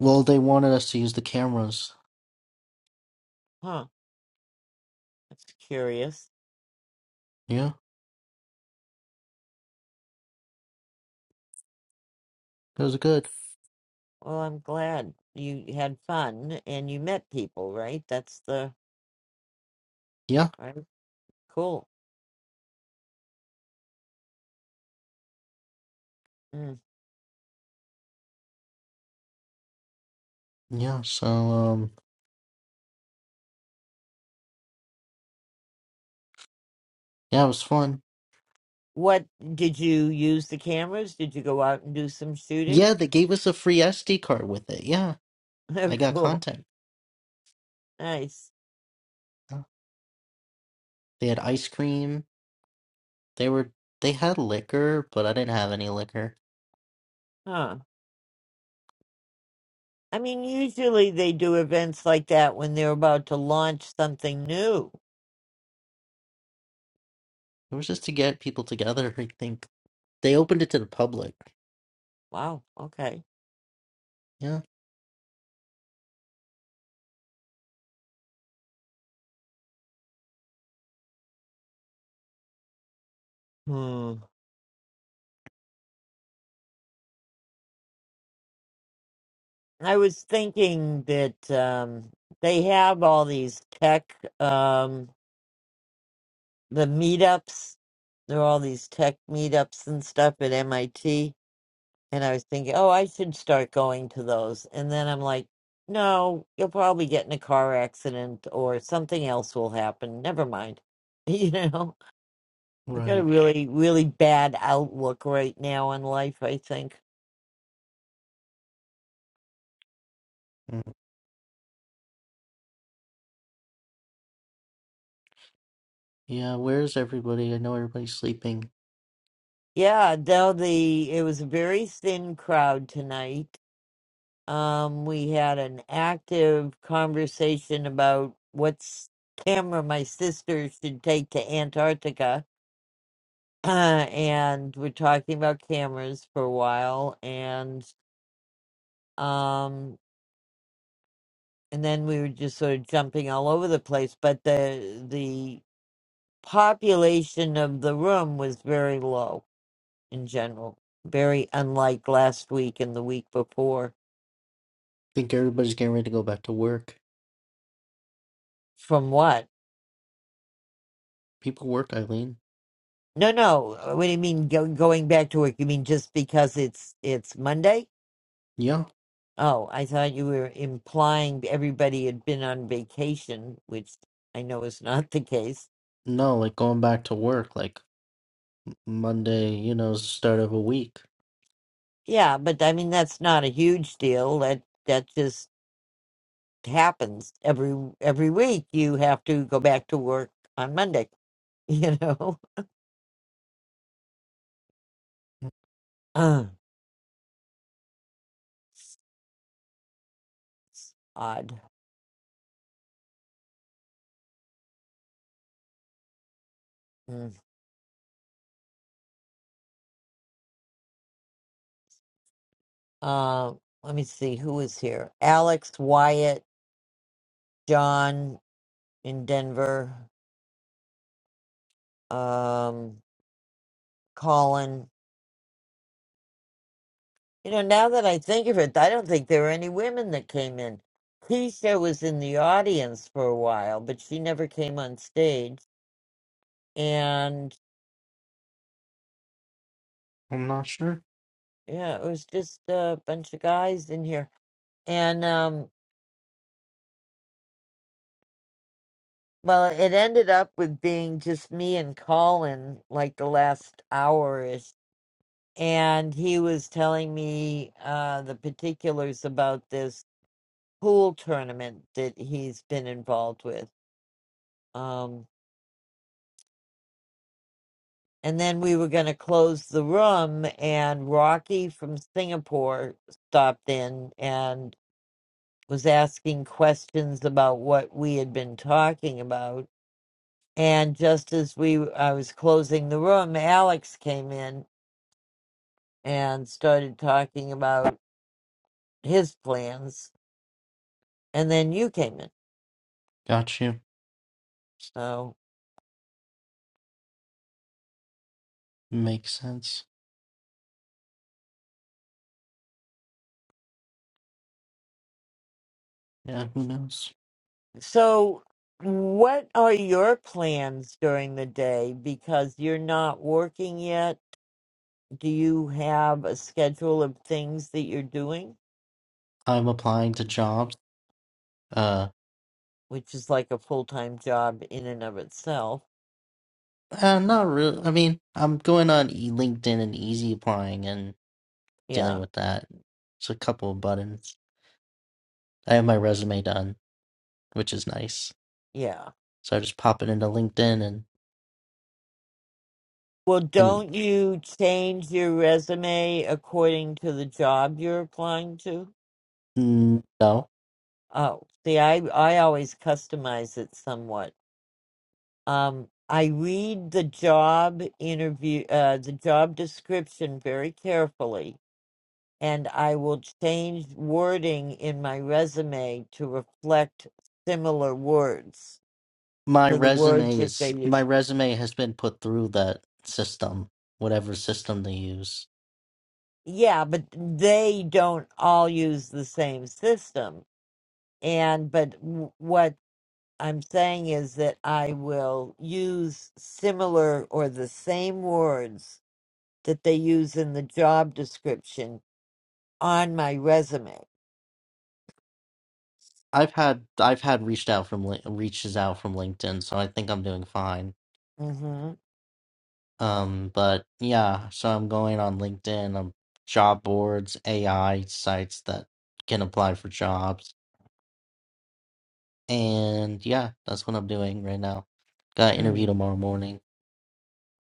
S12: Well, they wanted us to use the cameras.
S1: Huh, that's curious.
S12: Yeah. It was good.
S1: Well, I'm glad you had fun and you met people, right? That's the
S12: Yeah.
S1: right? Cool. Mm.
S12: Yeah. So, um, yeah, it was fun.
S1: What did you use the cameras? Did you go out and do some shooting?
S12: Yeah,
S1: [LAUGHS]
S12: they gave us a free SD card with it. Yeah,
S1: Oh,
S12: I got
S1: cool.
S12: content.
S1: Nice.
S12: Yeah. They had ice cream. They were they had liquor, but I didn't have any liquor.
S1: Huh. I mean, usually they do events like that when they're about to launch something new.
S12: It was just to get people together, I think. They opened it to the public.
S1: Wow. Okay.
S12: Yeah.
S1: Hmm. I was thinking that um, they have all these tech, um, the meetups. There are all these tech meetups and stuff at MIT. And I was thinking, oh, I should start going to those. And then I'm like, no, you'll probably get in a car accident or something else will happen. Never mind. [LAUGHS] You know, I've got a
S12: Right.
S1: really, really bad outlook right now on life, I think.
S12: Mm. Yeah, where's everybody? I know everybody's sleeping.
S1: Yeah, though the it was a very thin crowd tonight. Um, we had an active conversation about what's camera my sister should take to Antarctica [CLEARS THROAT] and we're talking about cameras for a while and um and then we were just sort of jumping all over the place but the the population of the room was very low in general very unlike last week and the week before
S12: think everybody's getting ready to go back to work.
S1: from what
S12: People work, Eileen.
S1: no no uh, what do you mean go, going back to work you mean just because it's it's monday
S12: Yeah.
S1: oh i thought you were implying everybody had been on vacation which i know is not the case
S12: No, like going back to work, like Monday, you know, is the start of a week.
S1: Yeah, but I mean that's not a huge deal. That that just happens every every week. You have to go back to work on Monday. [LAUGHS] You know, uh, odd. Mm. Uh, let me see who is here. Alex, Wyatt, John in Denver, um, Colin. You know, now that I think of it, I don't think there were any women that came in. Keisha was in the audience for a while, but she never came on stage. and.
S12: I'm not sure.
S1: Yeah, it was just a bunch of guys in here. And um well, it ended up with being just me and Colin like the last hour ish. And he was telling me uh the particulars about this pool tournament that he's been involved with. Um and then we were going to close the room and Rocky from Singapore stopped in and was asking questions about what we had been talking about And just as we, I was closing the room, Alex came in and started talking about his plans, and then you came in.
S12: Got you.
S1: So,
S12: Makes sense. Yeah, who knows?
S1: so what are your plans during the day? Because you're not working yet. Do you have a schedule of things that you're doing,
S12: I'm applying to jobs. Uh,
S1: which is like a full time job in and of itself?
S12: uh not really. I mean, I'm going on e- LinkedIn and easy applying and dealing
S1: Yeah,
S12: with that. It's a couple of buttons. I have my resume done, which is nice.
S1: yeah.
S12: So I just pop it into LinkedIn and
S1: Well,
S12: and
S1: don't you change your resume according to the job you're applying to?
S12: mm, no,
S1: Oh, see, I I always customize it somewhat. Um, I read the job interview, uh, the job description very carefully, and I will change wording in my resume to reflect similar words
S12: my
S1: to the words
S12: resume
S1: that they
S12: is my
S1: use.
S12: resume has been put through that system, whatever system they use.
S1: Yeah, but they don't all use the same system. And but w- what I'm saying is that I will use similar or the same words that they use in the job description on my resume.
S12: I've had I've had reached out from Lin- reaches out from LinkedIn, so I think I'm doing fine.
S1: Mm-hmm.
S12: Um, but yeah, so I'm going on LinkedIn, um, job boards, AI sites that can apply for jobs. And yeah, that's what I'm doing right now. Got an interview
S1: Mm.
S12: tomorrow morning.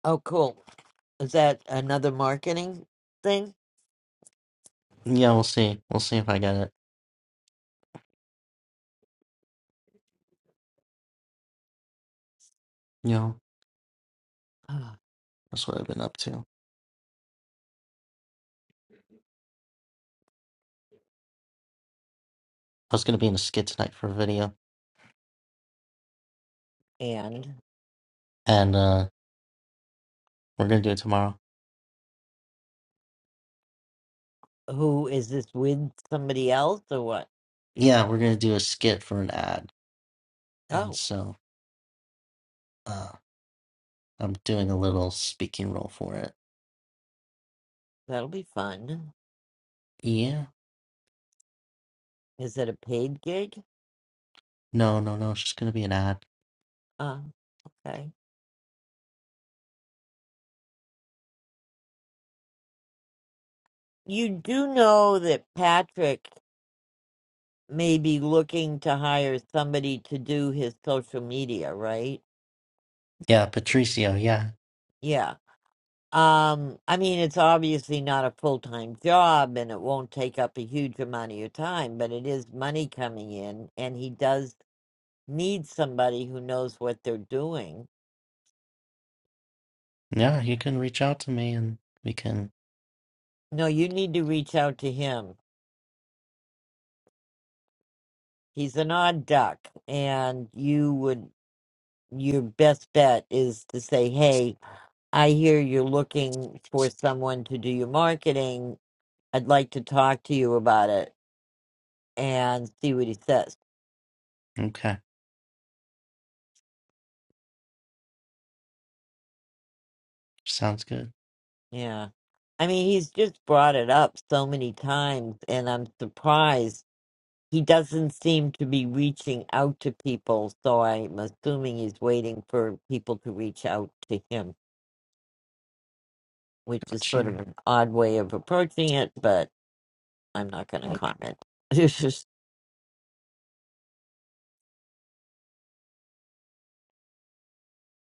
S1: Oh, cool. Is that another marketing thing?
S12: Yeah, we'll see. We'll see if I get it. You know,
S1: Ah,
S12: that's what I've been up to. I was gonna be in a skit tonight for a video,
S1: And
S12: and uh we're gonna do it tomorrow.
S1: who is this with? Somebody else or what?
S12: Yeah, we're gonna do a skit for an ad. And
S1: Oh,
S12: so uh I'm doing a little speaking role for it.
S1: that'll be fun.
S12: Yeah.
S1: Is it a paid gig?
S12: No, no, no, it's just gonna be an ad.
S1: Uh, okay. You do know that Patrick. may be looking to hire somebody to do his social media, right?
S12: Yeah, Patricio, yeah.
S1: Yeah. Um, I mean, it's obviously not a full time job and it won't take up a huge amount of your time, but it is money coming in, and he does need somebody who knows what they're doing.
S12: Yeah, you can reach out to me and we can.
S1: No, you need to reach out to him. He's an odd duck, and you would, your best bet is to say, hey, I hear you're looking for someone to do your marketing. I'd like to talk to you about it and see what he says.
S12: Okay, sounds good.
S1: Yeah. I mean, he's just brought it up so many times, and I'm surprised he doesn't seem to be reaching out to people. So I'm assuming he's waiting for people to reach out to him, which is
S12: Got
S1: sort of
S12: you.
S1: an odd way of approaching it, but I'm not going to comment. [LAUGHS] It's just,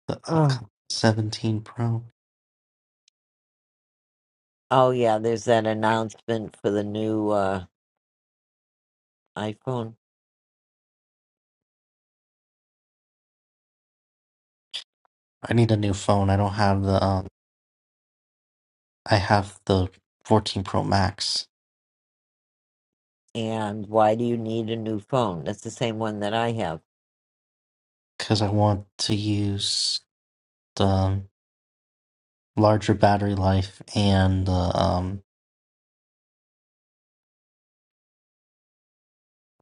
S12: The
S1: oh,
S12: upcoming 17 Pro.
S1: oh, yeah, there's that announcement for the new uh, iPhone.
S12: I need a new phone. I don't have the, um, I have the 14 Pro Max
S1: and why do you need a new phone? That's the same one that I have.
S12: because I want to use the um, larger battery life and the, um,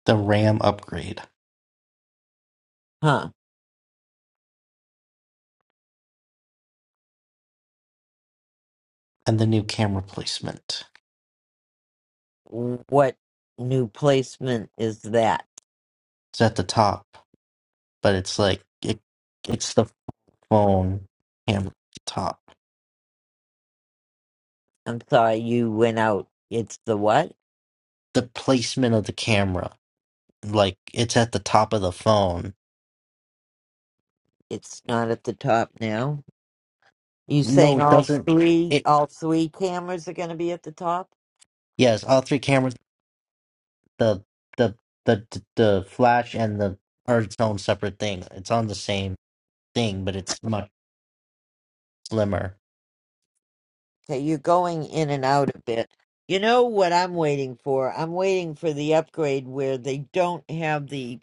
S12: the RAM upgrade
S1: Huh.
S12: and the new camera placement.
S1: What new placement is that?
S12: It's at the top, but it's like, it, it's the phone camera at the top.
S1: I'm sorry, you went out. It's the what?
S12: The placement of the camera. like it's at the top of the phone.
S1: It's not at the top now. You
S12: No,
S1: saying
S12: it
S1: all
S12: doesn't.
S1: three
S12: It
S1: all three cameras are gonna be at the top?
S12: yes, all three cameras, the the the the, flash and the are its own separate thing. It's on the same thing, but it's much slimmer.
S1: Okay, you're going in and out a bit. You know what I'm waiting for? I'm waiting for the upgrade where they don't have the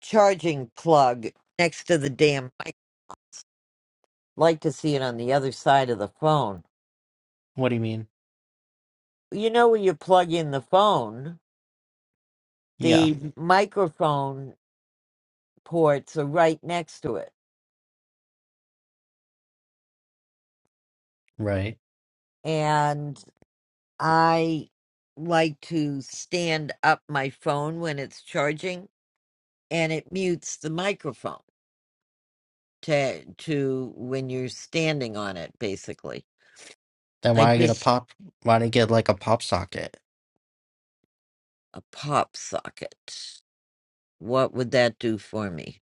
S1: charging plug next to the damn mic. i like to see it on the other side of the phone
S12: What do you mean?
S1: you know where you plug in the phone,
S12: Yeah,
S1: the microphone ports are right next to it.
S12: right.
S1: And I like to stand up my phone when it's charging and it mutes the microphone to to when you're standing on it basically.
S12: Then
S1: I
S12: why get a
S1: just
S12: pop? Why not get like a pop socket?
S1: a pop socket. What would that do for me?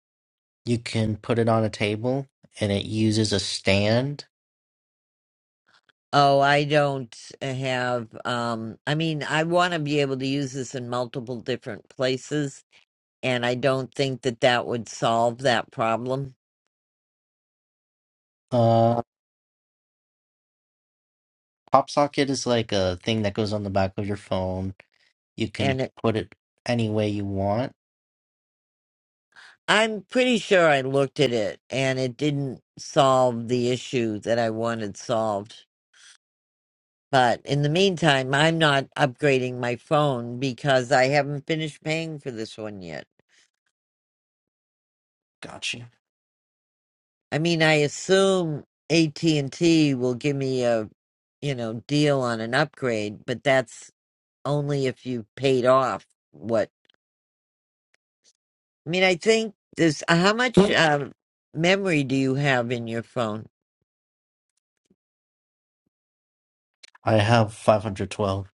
S12: You can put it on a table, and it uses a stand.
S1: Oh, I don't have um I mean I want to be able to use this in multiple different places and I don't think that that would solve that problem.
S12: Uh, pop socket is like a thing that goes on the back of your phone. You can
S1: And it,
S12: put it any way you want.
S1: I'm pretty sure I looked at it and it didn't solve the issue that I wanted solved. But in the meantime, I'm not upgrading my phone because I haven't finished paying for this one yet.
S12: Got you.
S1: I mean, I assume AT&T will give me a, you know, deal on an upgrade, but that's only if you've paid off what. I mean, I think this. How much um, memory do you have in your phone?
S12: I have 512.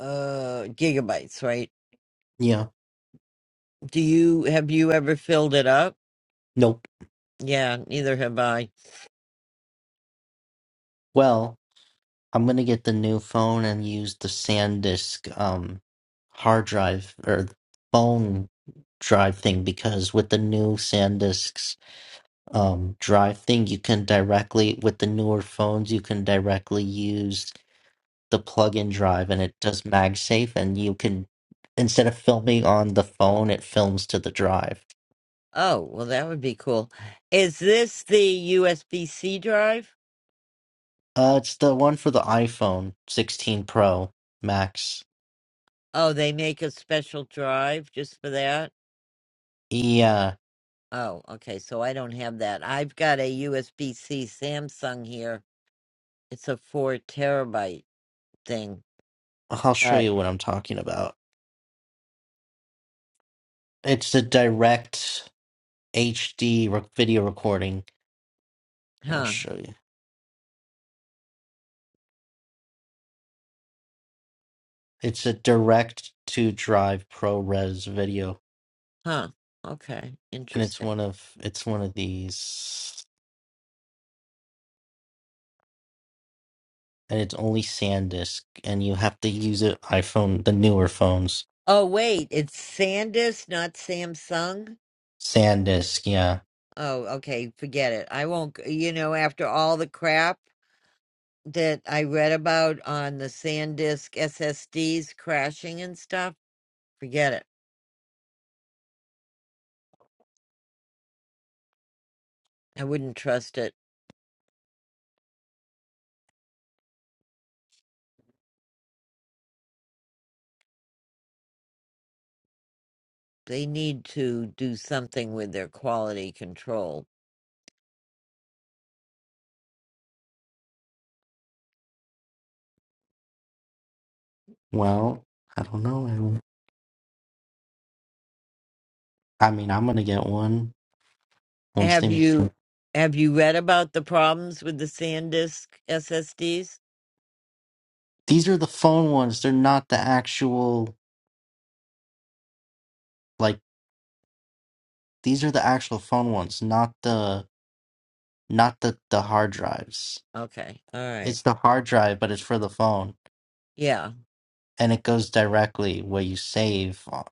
S1: Uh, gigabytes, right?
S12: Yeah.
S1: Do you have you ever filled it up?
S12: Nope.
S1: Yeah, neither have I.
S12: Well, I'm gonna get the new phone and use the SanDisk um hard drive or phone drive thing because with the new SanDisk's um drive thing you can directly with the newer phones you can directly use the plug-in drive and it does MagSafe and you can instead of filming on the phone it films to the drive.
S1: Oh, well, that would be cool. Is this the USB C drive?
S12: Uh it's the one for the iPhone 16 Pro Max.
S1: Oh, they make a special drive just for that.
S12: Yeah,
S1: Oh, okay. So I don't have that. I've got a USB C Samsung here. It's a four terabyte thing.
S12: I'll show
S1: But
S12: you what I'm talking about. It's a direct HD rec- video recording. Here, I'll
S1: huh,
S12: show you. It's a direct to drive ProRes video,
S1: huh. Okay,
S12: and it's
S1: interesting.
S12: one of it's one of these, and it's only SanDisk, and you have to use it iPhone, the newer phones.
S1: Oh wait, it's SanDisk, not Samsung.
S12: SanDisk, yeah.
S1: Oh, okay, forget it. I won't. g- You know, after all the crap that I read about on the SanDisk SSDs crashing and stuff, forget it. I wouldn't trust it. They need to do something with their quality control.
S12: Well, I don't know. Aaron. I mean, I'm gonna get one once
S1: Have
S12: they.
S1: you have you read about the problems with the SanDisk SSDs?
S12: These are the phone ones. They're not the actual like. These are the actual phone ones, not the not the the hard drives.
S1: Okay, all right.
S12: It's the hard drive, but it's for the phone,
S1: Yeah,
S12: and it goes directly where you save o-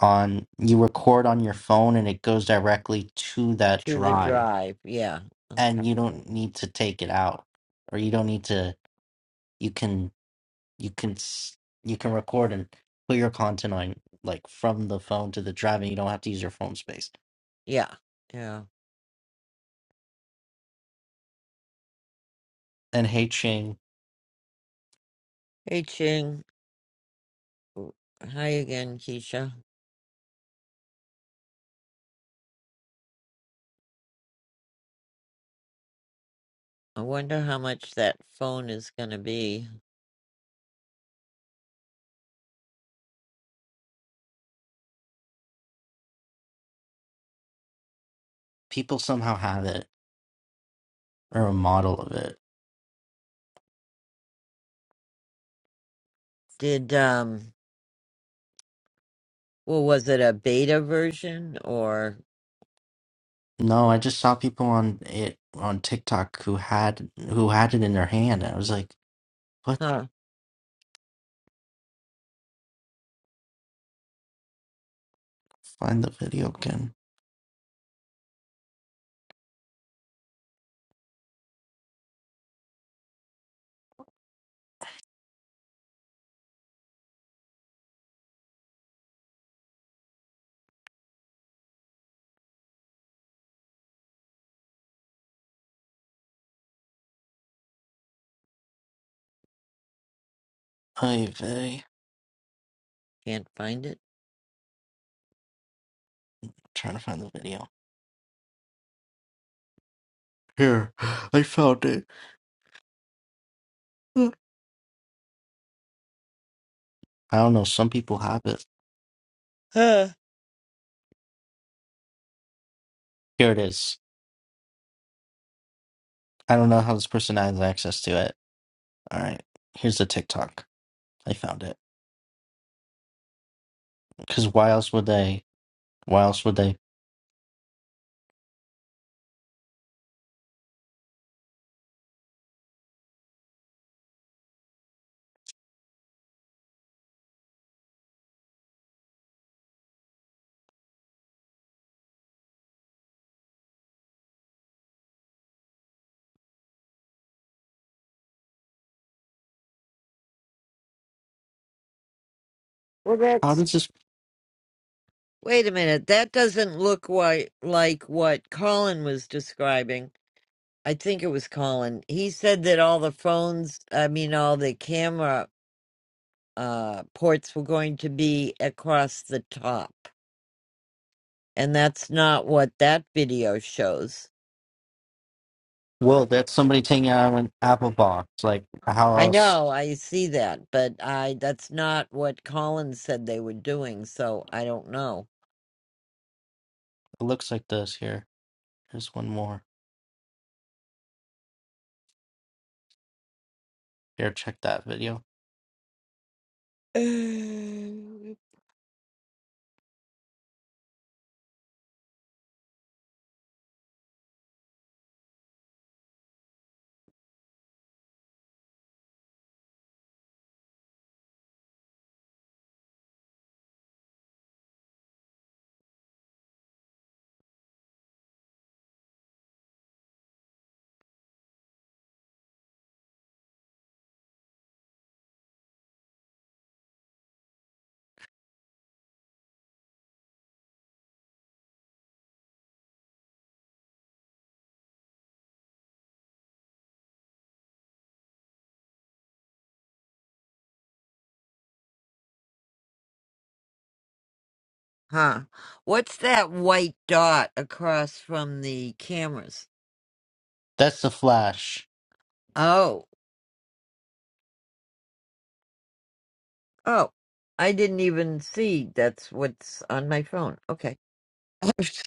S12: on you record on your phone, and it goes directly to that
S1: to the
S12: drive,
S1: drive. Yeah. Okay.
S12: and you don't need to take it out, or you don't need to. You can you can s- you can record and put your content on like from the phone to the drive, and you don't have to use your phone space.
S1: Yeah. Yeah.
S12: And hey, Ching,
S1: Hey Ching. W- Hi again, Keisha. I wonder how much that phone is going to be.
S12: people somehow have it or a model of it
S1: Did, um, well, was it a beta version or,
S12: No, I just saw people on it on TikTok who had who had it in their hand. I was like, "What?
S1: huh,
S12: Find the video again." Ay vey.
S1: can't find it?
S12: I'm trying to find the video. Here, I found it. I don't know. Some people have it.
S1: Huh.
S12: Here it is. I don't know how this person has access to it. All right, here's the TikTok. I found it. Because why else would they? Why else would they?
S1: Well,
S12: How
S1: that's.
S12: does this?
S1: Wait a minute. That doesn't look why, like what Colin was describing. I think it was Colin. He said that all the phones, I mean, all the camera uh, ports were going to be across the top. And that's not what that video shows.
S12: Well, that's somebody taking it out of an Apple box. Like how
S1: I
S12: else?
S1: know, I see that, but I that's not what Colin said they were doing, so I don't know.
S12: It looks like this. Here, here's one more. Here, check that video.
S1: [SIGHS] Um, Huh. What's that white dot across from the cameras?
S12: That's the flash.
S1: Oh, oh. I didn't even see that's what's on my phone. Okay. [LAUGHS]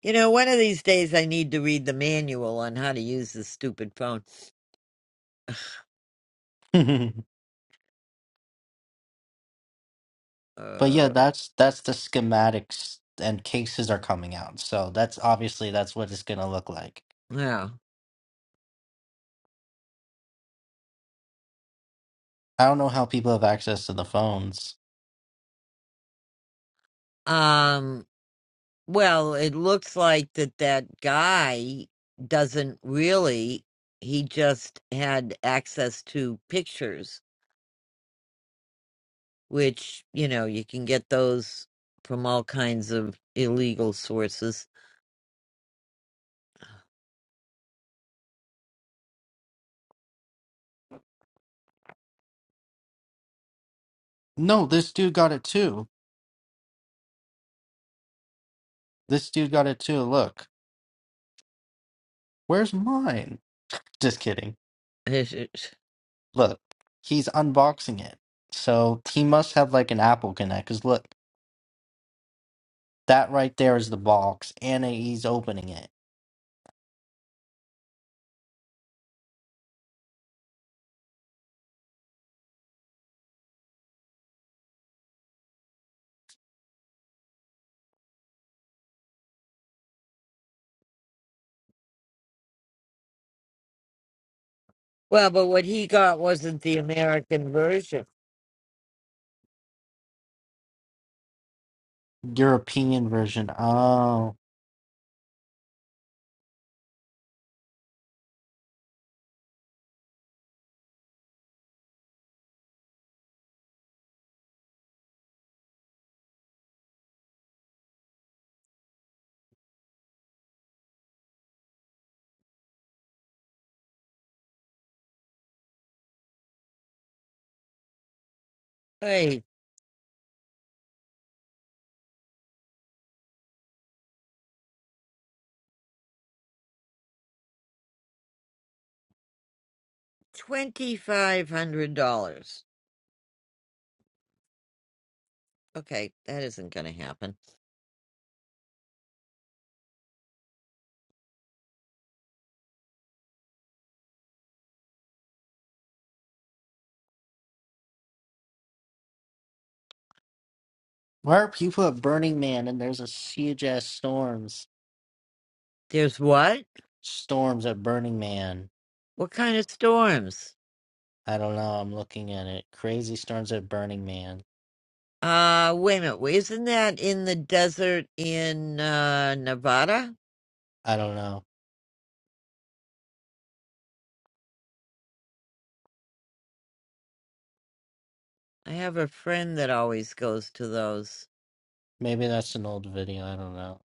S1: You know, one of these days I need to read the manual on how to use this stupid phone.
S12: [LAUGHS] but yeah,
S1: Uh,
S12: that's that's the schematics and cases are coming out. So that's obviously that's what it's gonna look like.
S1: yeah.
S12: I don't know how people have access to the phones.
S1: Um, Well, it looks like that that guy doesn't really, he just had access to pictures, which, you know, you can get those from all kinds of illegal sources.
S12: No, this dude got it too. This dude got it too. Look, where's mine? Just kidding.
S1: [LAUGHS] well,
S12: Look, he's unboxing it. So he must have like an Apple Connect. Cause look, that right there is the box, and he's opening it.
S1: but what he got wasn't the American version.
S12: European version. Oh.
S1: Hey, $2,500. Okay, that isn't going to happen.
S12: Mark, people at Burning Man, and there's a huge ass storms.
S1: There's what?
S12: Storms at Burning Man.
S1: What kind of storms?
S12: I don't know. I'm looking at it. Crazy storms at Burning Man.
S1: Uh, wait a minute. Isn't that in the desert in uh, Nevada?
S12: I don't know.
S1: I have a friend that always goes to those.
S12: Maybe that's an old video. I don't know.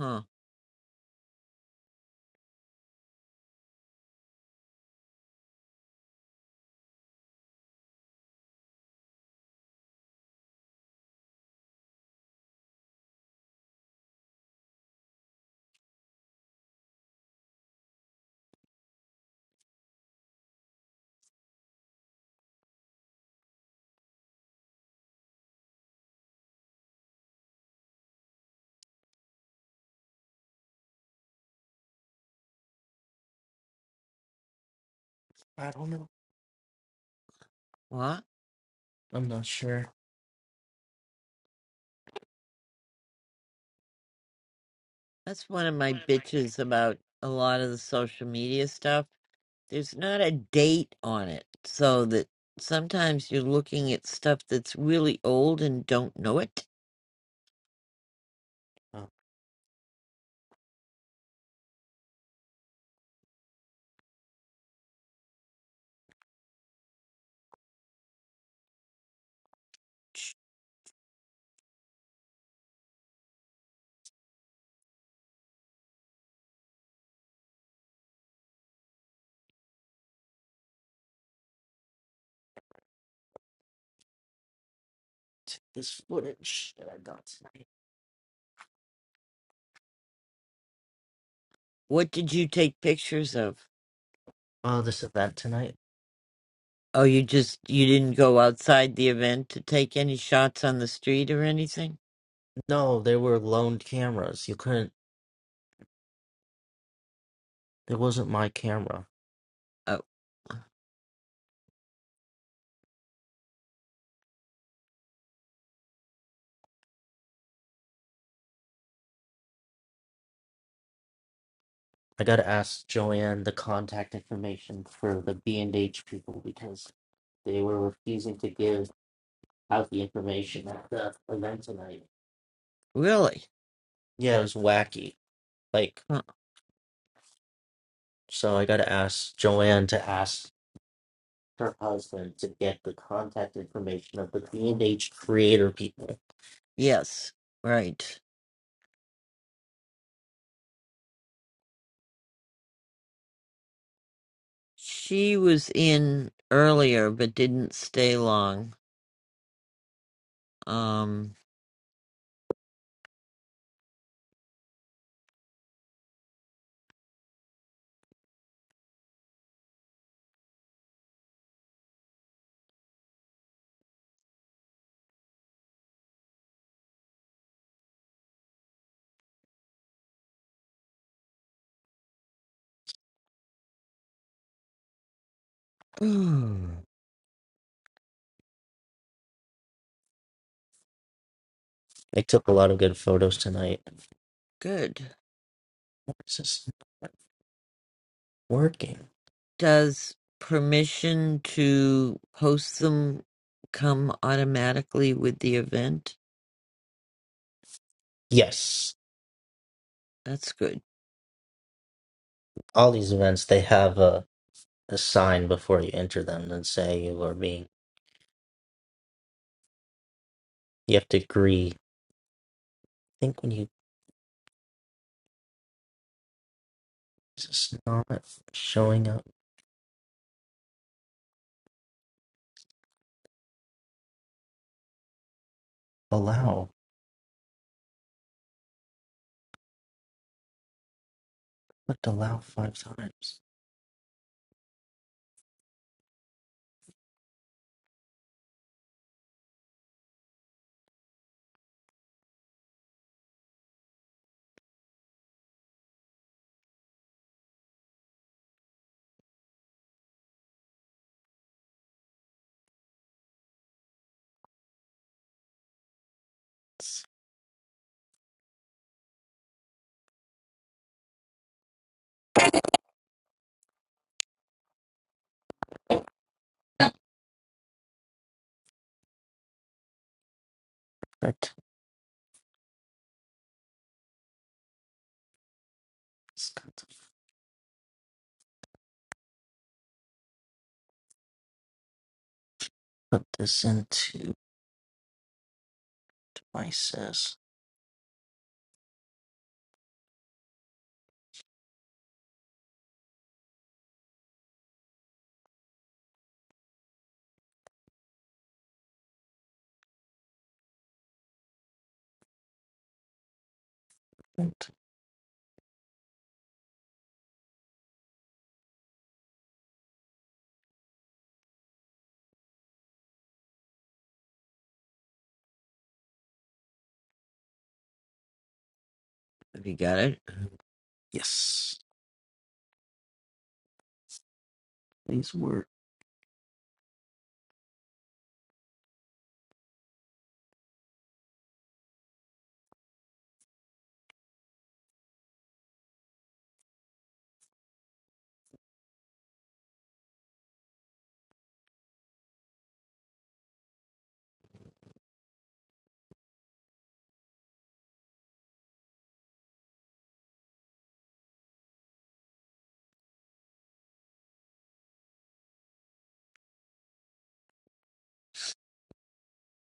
S1: Huh.
S12: I don't know.
S1: What?
S12: I'm not sure.
S1: That's one of my
S12: What am I?
S1: bitches about a lot of the social media stuff. There's not a date on it, so that sometimes you're looking at stuff that's really old and don't know it.
S12: Oh, t- this footage that I got tonight.
S1: What did you take pictures of?
S12: Oh, this event tonight?
S1: Oh, you just you didn't go outside the event to take any shots on the street or anything?
S12: No, they were loaned cameras. You couldn't. It wasn't my camera.
S1: Oh,
S12: I gotta ask Joanne the contact information for the B and H people because they were refusing to give. out the information at the event tonight.
S1: really?
S12: Yeah, it was wacky. Like, so I gotta ask Joanne to ask Her husband to get the contact information of the B and H creator people.
S1: Yes, right. She was in earlier but didn't stay long. Um
S12: They took a lot of good photos tonight.
S1: [SIGHS] good.
S12: Is this working?
S1: Does permission to post them come automatically with the event?
S12: Yes.
S1: That's good.
S12: All these events they have a, a sign before you enter them and say you are being you have to agree. I think when you is this not showing up allow. Clicked allow five times. Correct. put this into my assessment.
S1: Have you got it?
S12: Yes, these work.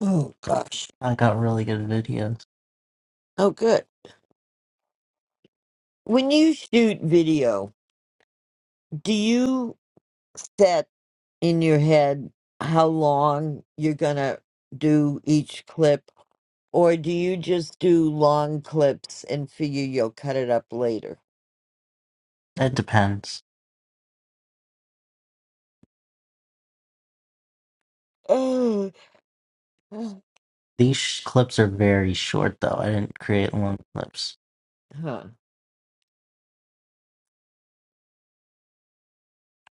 S1: Oh gosh.
S12: I got really good videos.
S1: Oh good. When you shoot video, do you set in your head how long you're gonna do each clip Or do you just do long clips and figure you'll cut it up later?
S12: It depends.
S1: Oh,
S12: These sh- clips are very short, though. I didn't create long clips.
S1: huh.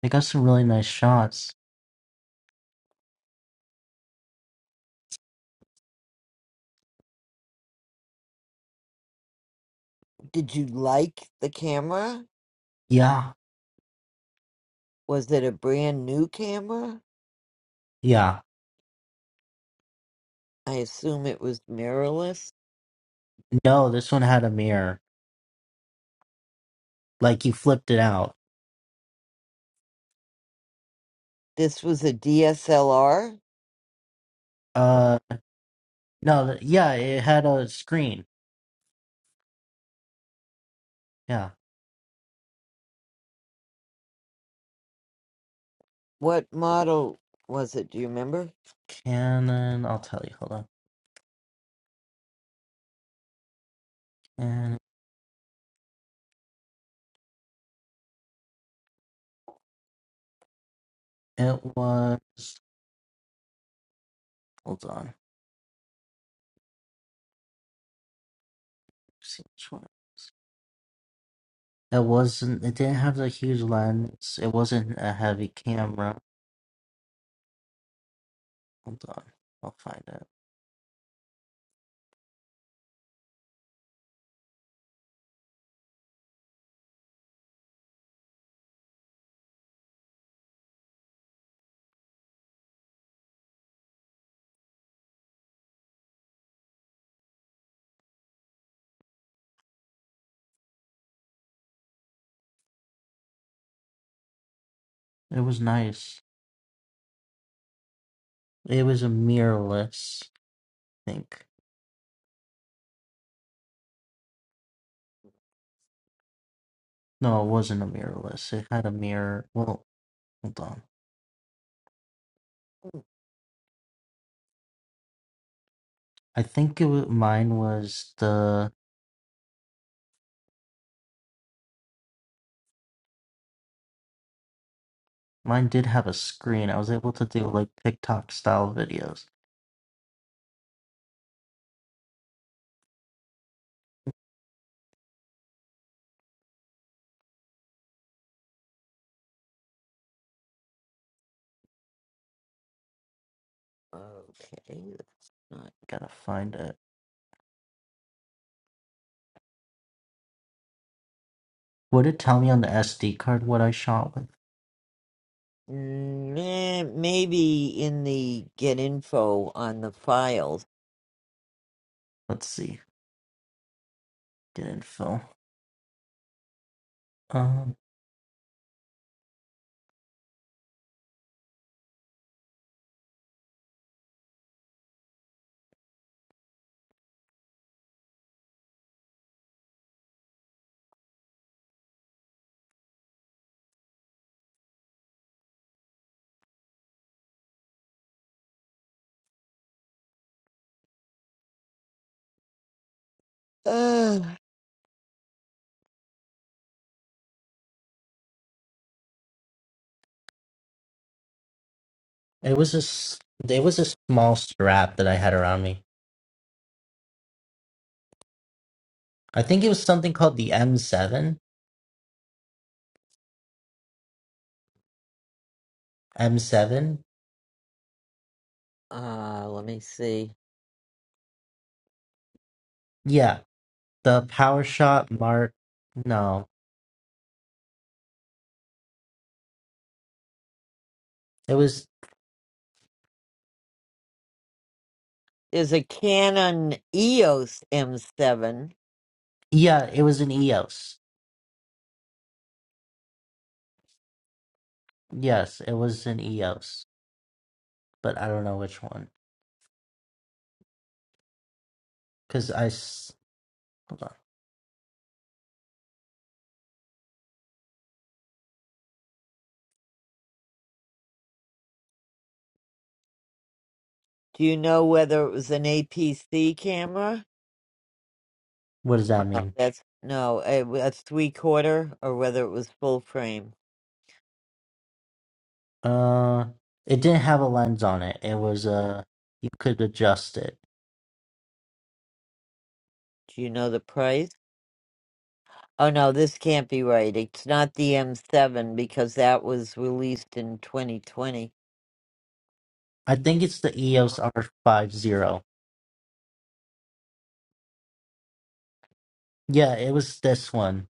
S12: I got some really nice shots.
S1: Did you like the camera?
S12: Yeah,
S1: Was it a brand new camera?
S12: yeah.
S1: I assume it was mirrorless.
S12: No, this one had a mirror. Like you flipped it out.
S1: This was a DSLR?
S12: Uh, no, th- yeah, it had a screen. Yeah,
S1: What model was it? Do you remember?
S12: Canon. I'll tell you. Hold on. And it was. Hold on. Let's see which one. It wasn't. It didn't have the huge lens. It wasn't a heavy camera. Hold on, I'll find it. It was nice. It was a mirrorless. I think. No, it wasn't a mirrorless. It had a mirror. Well, hold on. I think it was, mine was the mine did have a screen. I was able to do like TikTok style videos.
S1: Okay, that's not.
S12: Gotta find it. Would it tell me on the SD card what I shot with?
S1: Nah, maybe in the get info on the files.
S12: Let's see. Get info. fill. Um,
S1: Ugh.
S12: It was a s- it was a small strap that I had around me. I think it was something called the M7. M7.
S1: uh, let me see.
S12: Yeah, the PowerShot Mark. No, it was
S1: Is a Canon EOS M7.
S12: yeah, it was an EOS. Yes, it was an EOS, but I don't know which one because I s- hold on.
S1: Do you know whether it was an APC camera?
S12: What does
S1: Oh,
S12: that
S1: No,
S12: mean?
S1: that's no, a, a three quarter or whether it was full frame.
S12: Uh, it didn't have a lens on it. It was uh, you could adjust it.
S1: Do you know the price? Oh no, this can't be right. It's not the M7 because that was released in 2020.
S12: I think it's the EOS R50. Yeah, it was this one.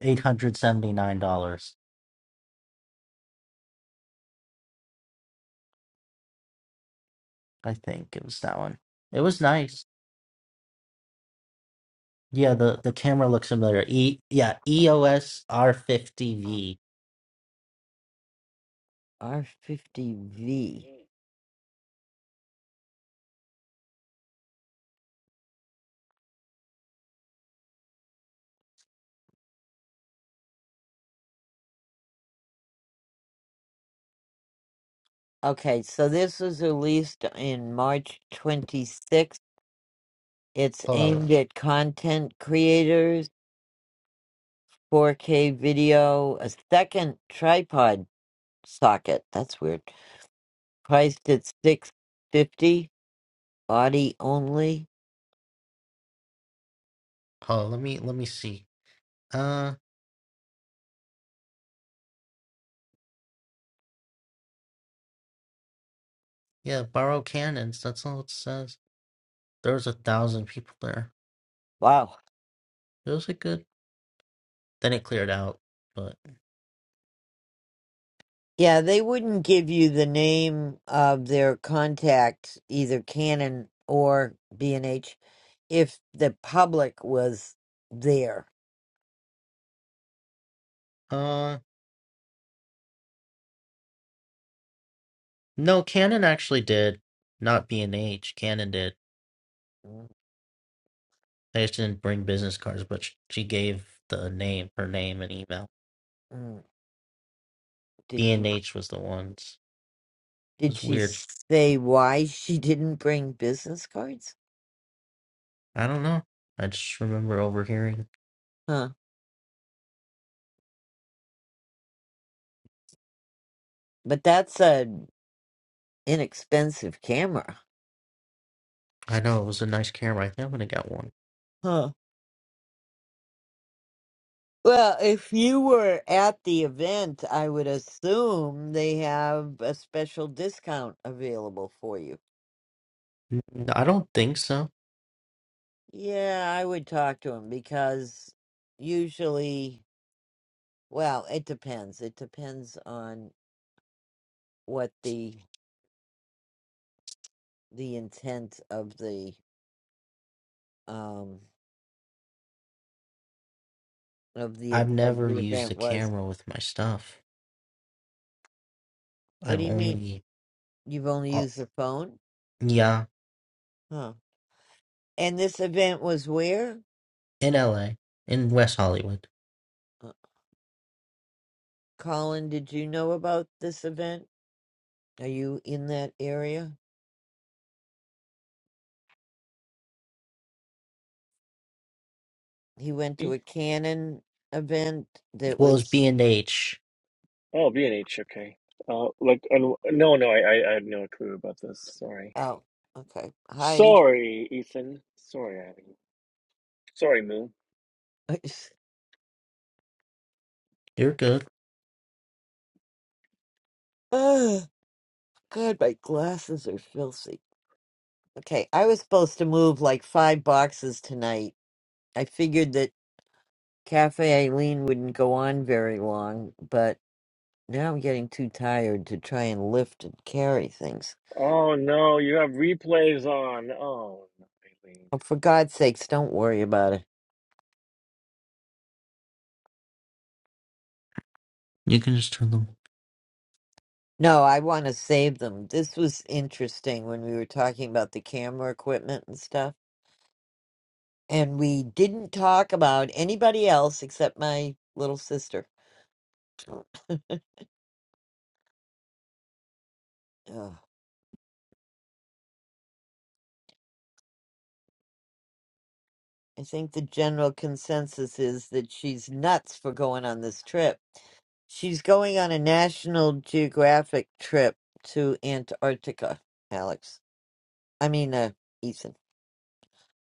S12: eight hundred seventy nine dollars. I think it was that one. It was nice. Yeah, the the camera looks familiar. E yeah, EOS R fifty V.
S1: R50V. Okay, so this was released in March 26th. It's
S12: Hold on,
S1: aimed at content creators 4K video, a second tripod socket. That's weird. Priced at 650, body only.
S12: hold on. Let me let me see. Uh, yeah, borrow cannons. That's all it says. There was a thousand people there.
S1: Wow.
S12: It was a good. Then it cleared out, but
S1: Yeah, they wouldn't give you the name of their contact, either Canon or B&H, if the public was there.
S12: uh, no, Canon actually did. Not B and H, Canon did. They just didn't bring business cards, but sh- she gave the name, her name, and email.
S1: Mm, Did
S12: B
S1: she
S12: and H was the ones. It
S1: did
S12: was
S1: she
S12: weird.
S1: say why she didn't bring business cards?
S12: I don't know. I just remember overhearing.
S1: Huh. But that's an inexpensive camera.
S12: I know it was a nice camera. I think I'm gonna get one.
S1: Huh. Well, if you were at the event, I would assume they have a special discount available for you.
S12: N- I don't think so.
S1: Yeah, I would talk to him because usually, well, it depends. It depends on what the the intent of the um of the ev-
S12: I've
S1: of
S12: never
S1: the
S12: used
S1: event
S12: a
S1: was.
S12: camera with my stuff.
S1: What do
S12: I've
S1: you mean?
S12: only,
S1: You've only
S12: uh,
S1: used the phone?
S12: yeah,
S1: Huh. And this event was where?
S12: in LA, in West Hollywood.
S1: Uh, Colin, did you know about this event? Are you in that area? He went to a canon event that
S12: Well, it's
S1: was
S12: B and H.
S13: Oh, B&H, okay. Uh, like, and no, no, I, I, I had no clue about this. Sorry.
S1: out. Okay. Hi.
S13: Sorry, Ethan. Sorry, Abby. Sorry, Moo.
S1: [LAUGHS]
S12: They're good.
S1: Oh, God, my glasses are filthy. Okay, I was supposed to move like five boxes tonight. I figured that Cafe Eileen wouldn't go on very long, but now I'm getting too tired to try and lift and carry things.
S13: Oh no, you have replays on. Oh, no, Eileen.
S1: Oh, for God's sakes, don't worry about it.
S12: You can just turn them.
S1: No, I want to save them. This was interesting when we were talking about the camera equipment and stuff. And we didn't talk about anybody else except my little sister. [CLEARS THROAT] Ugh. I think the general consensus is that she's nuts for going on this trip. She's going on a National Geographic trip to Antarctica, Alex. I mean, uh, Ethan.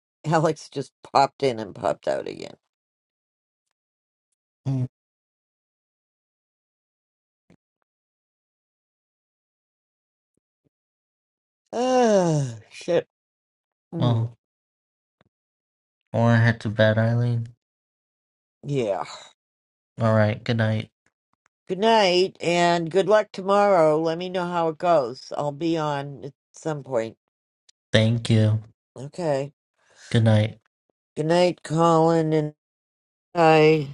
S1: [LAUGHS] Alex just popped in and popped out again.
S12: Mm,
S1: [SIGHS] Ah, shit. Mm,
S12: Oh, or head to bed, Eileen.
S1: yeah.
S12: All right. Good night.
S1: Good night and good luck tomorrow. Let me know how it goes. I'll be on at some point.
S12: Thank you.
S1: Okay.
S12: Good night.
S1: Good night, Colin and bye.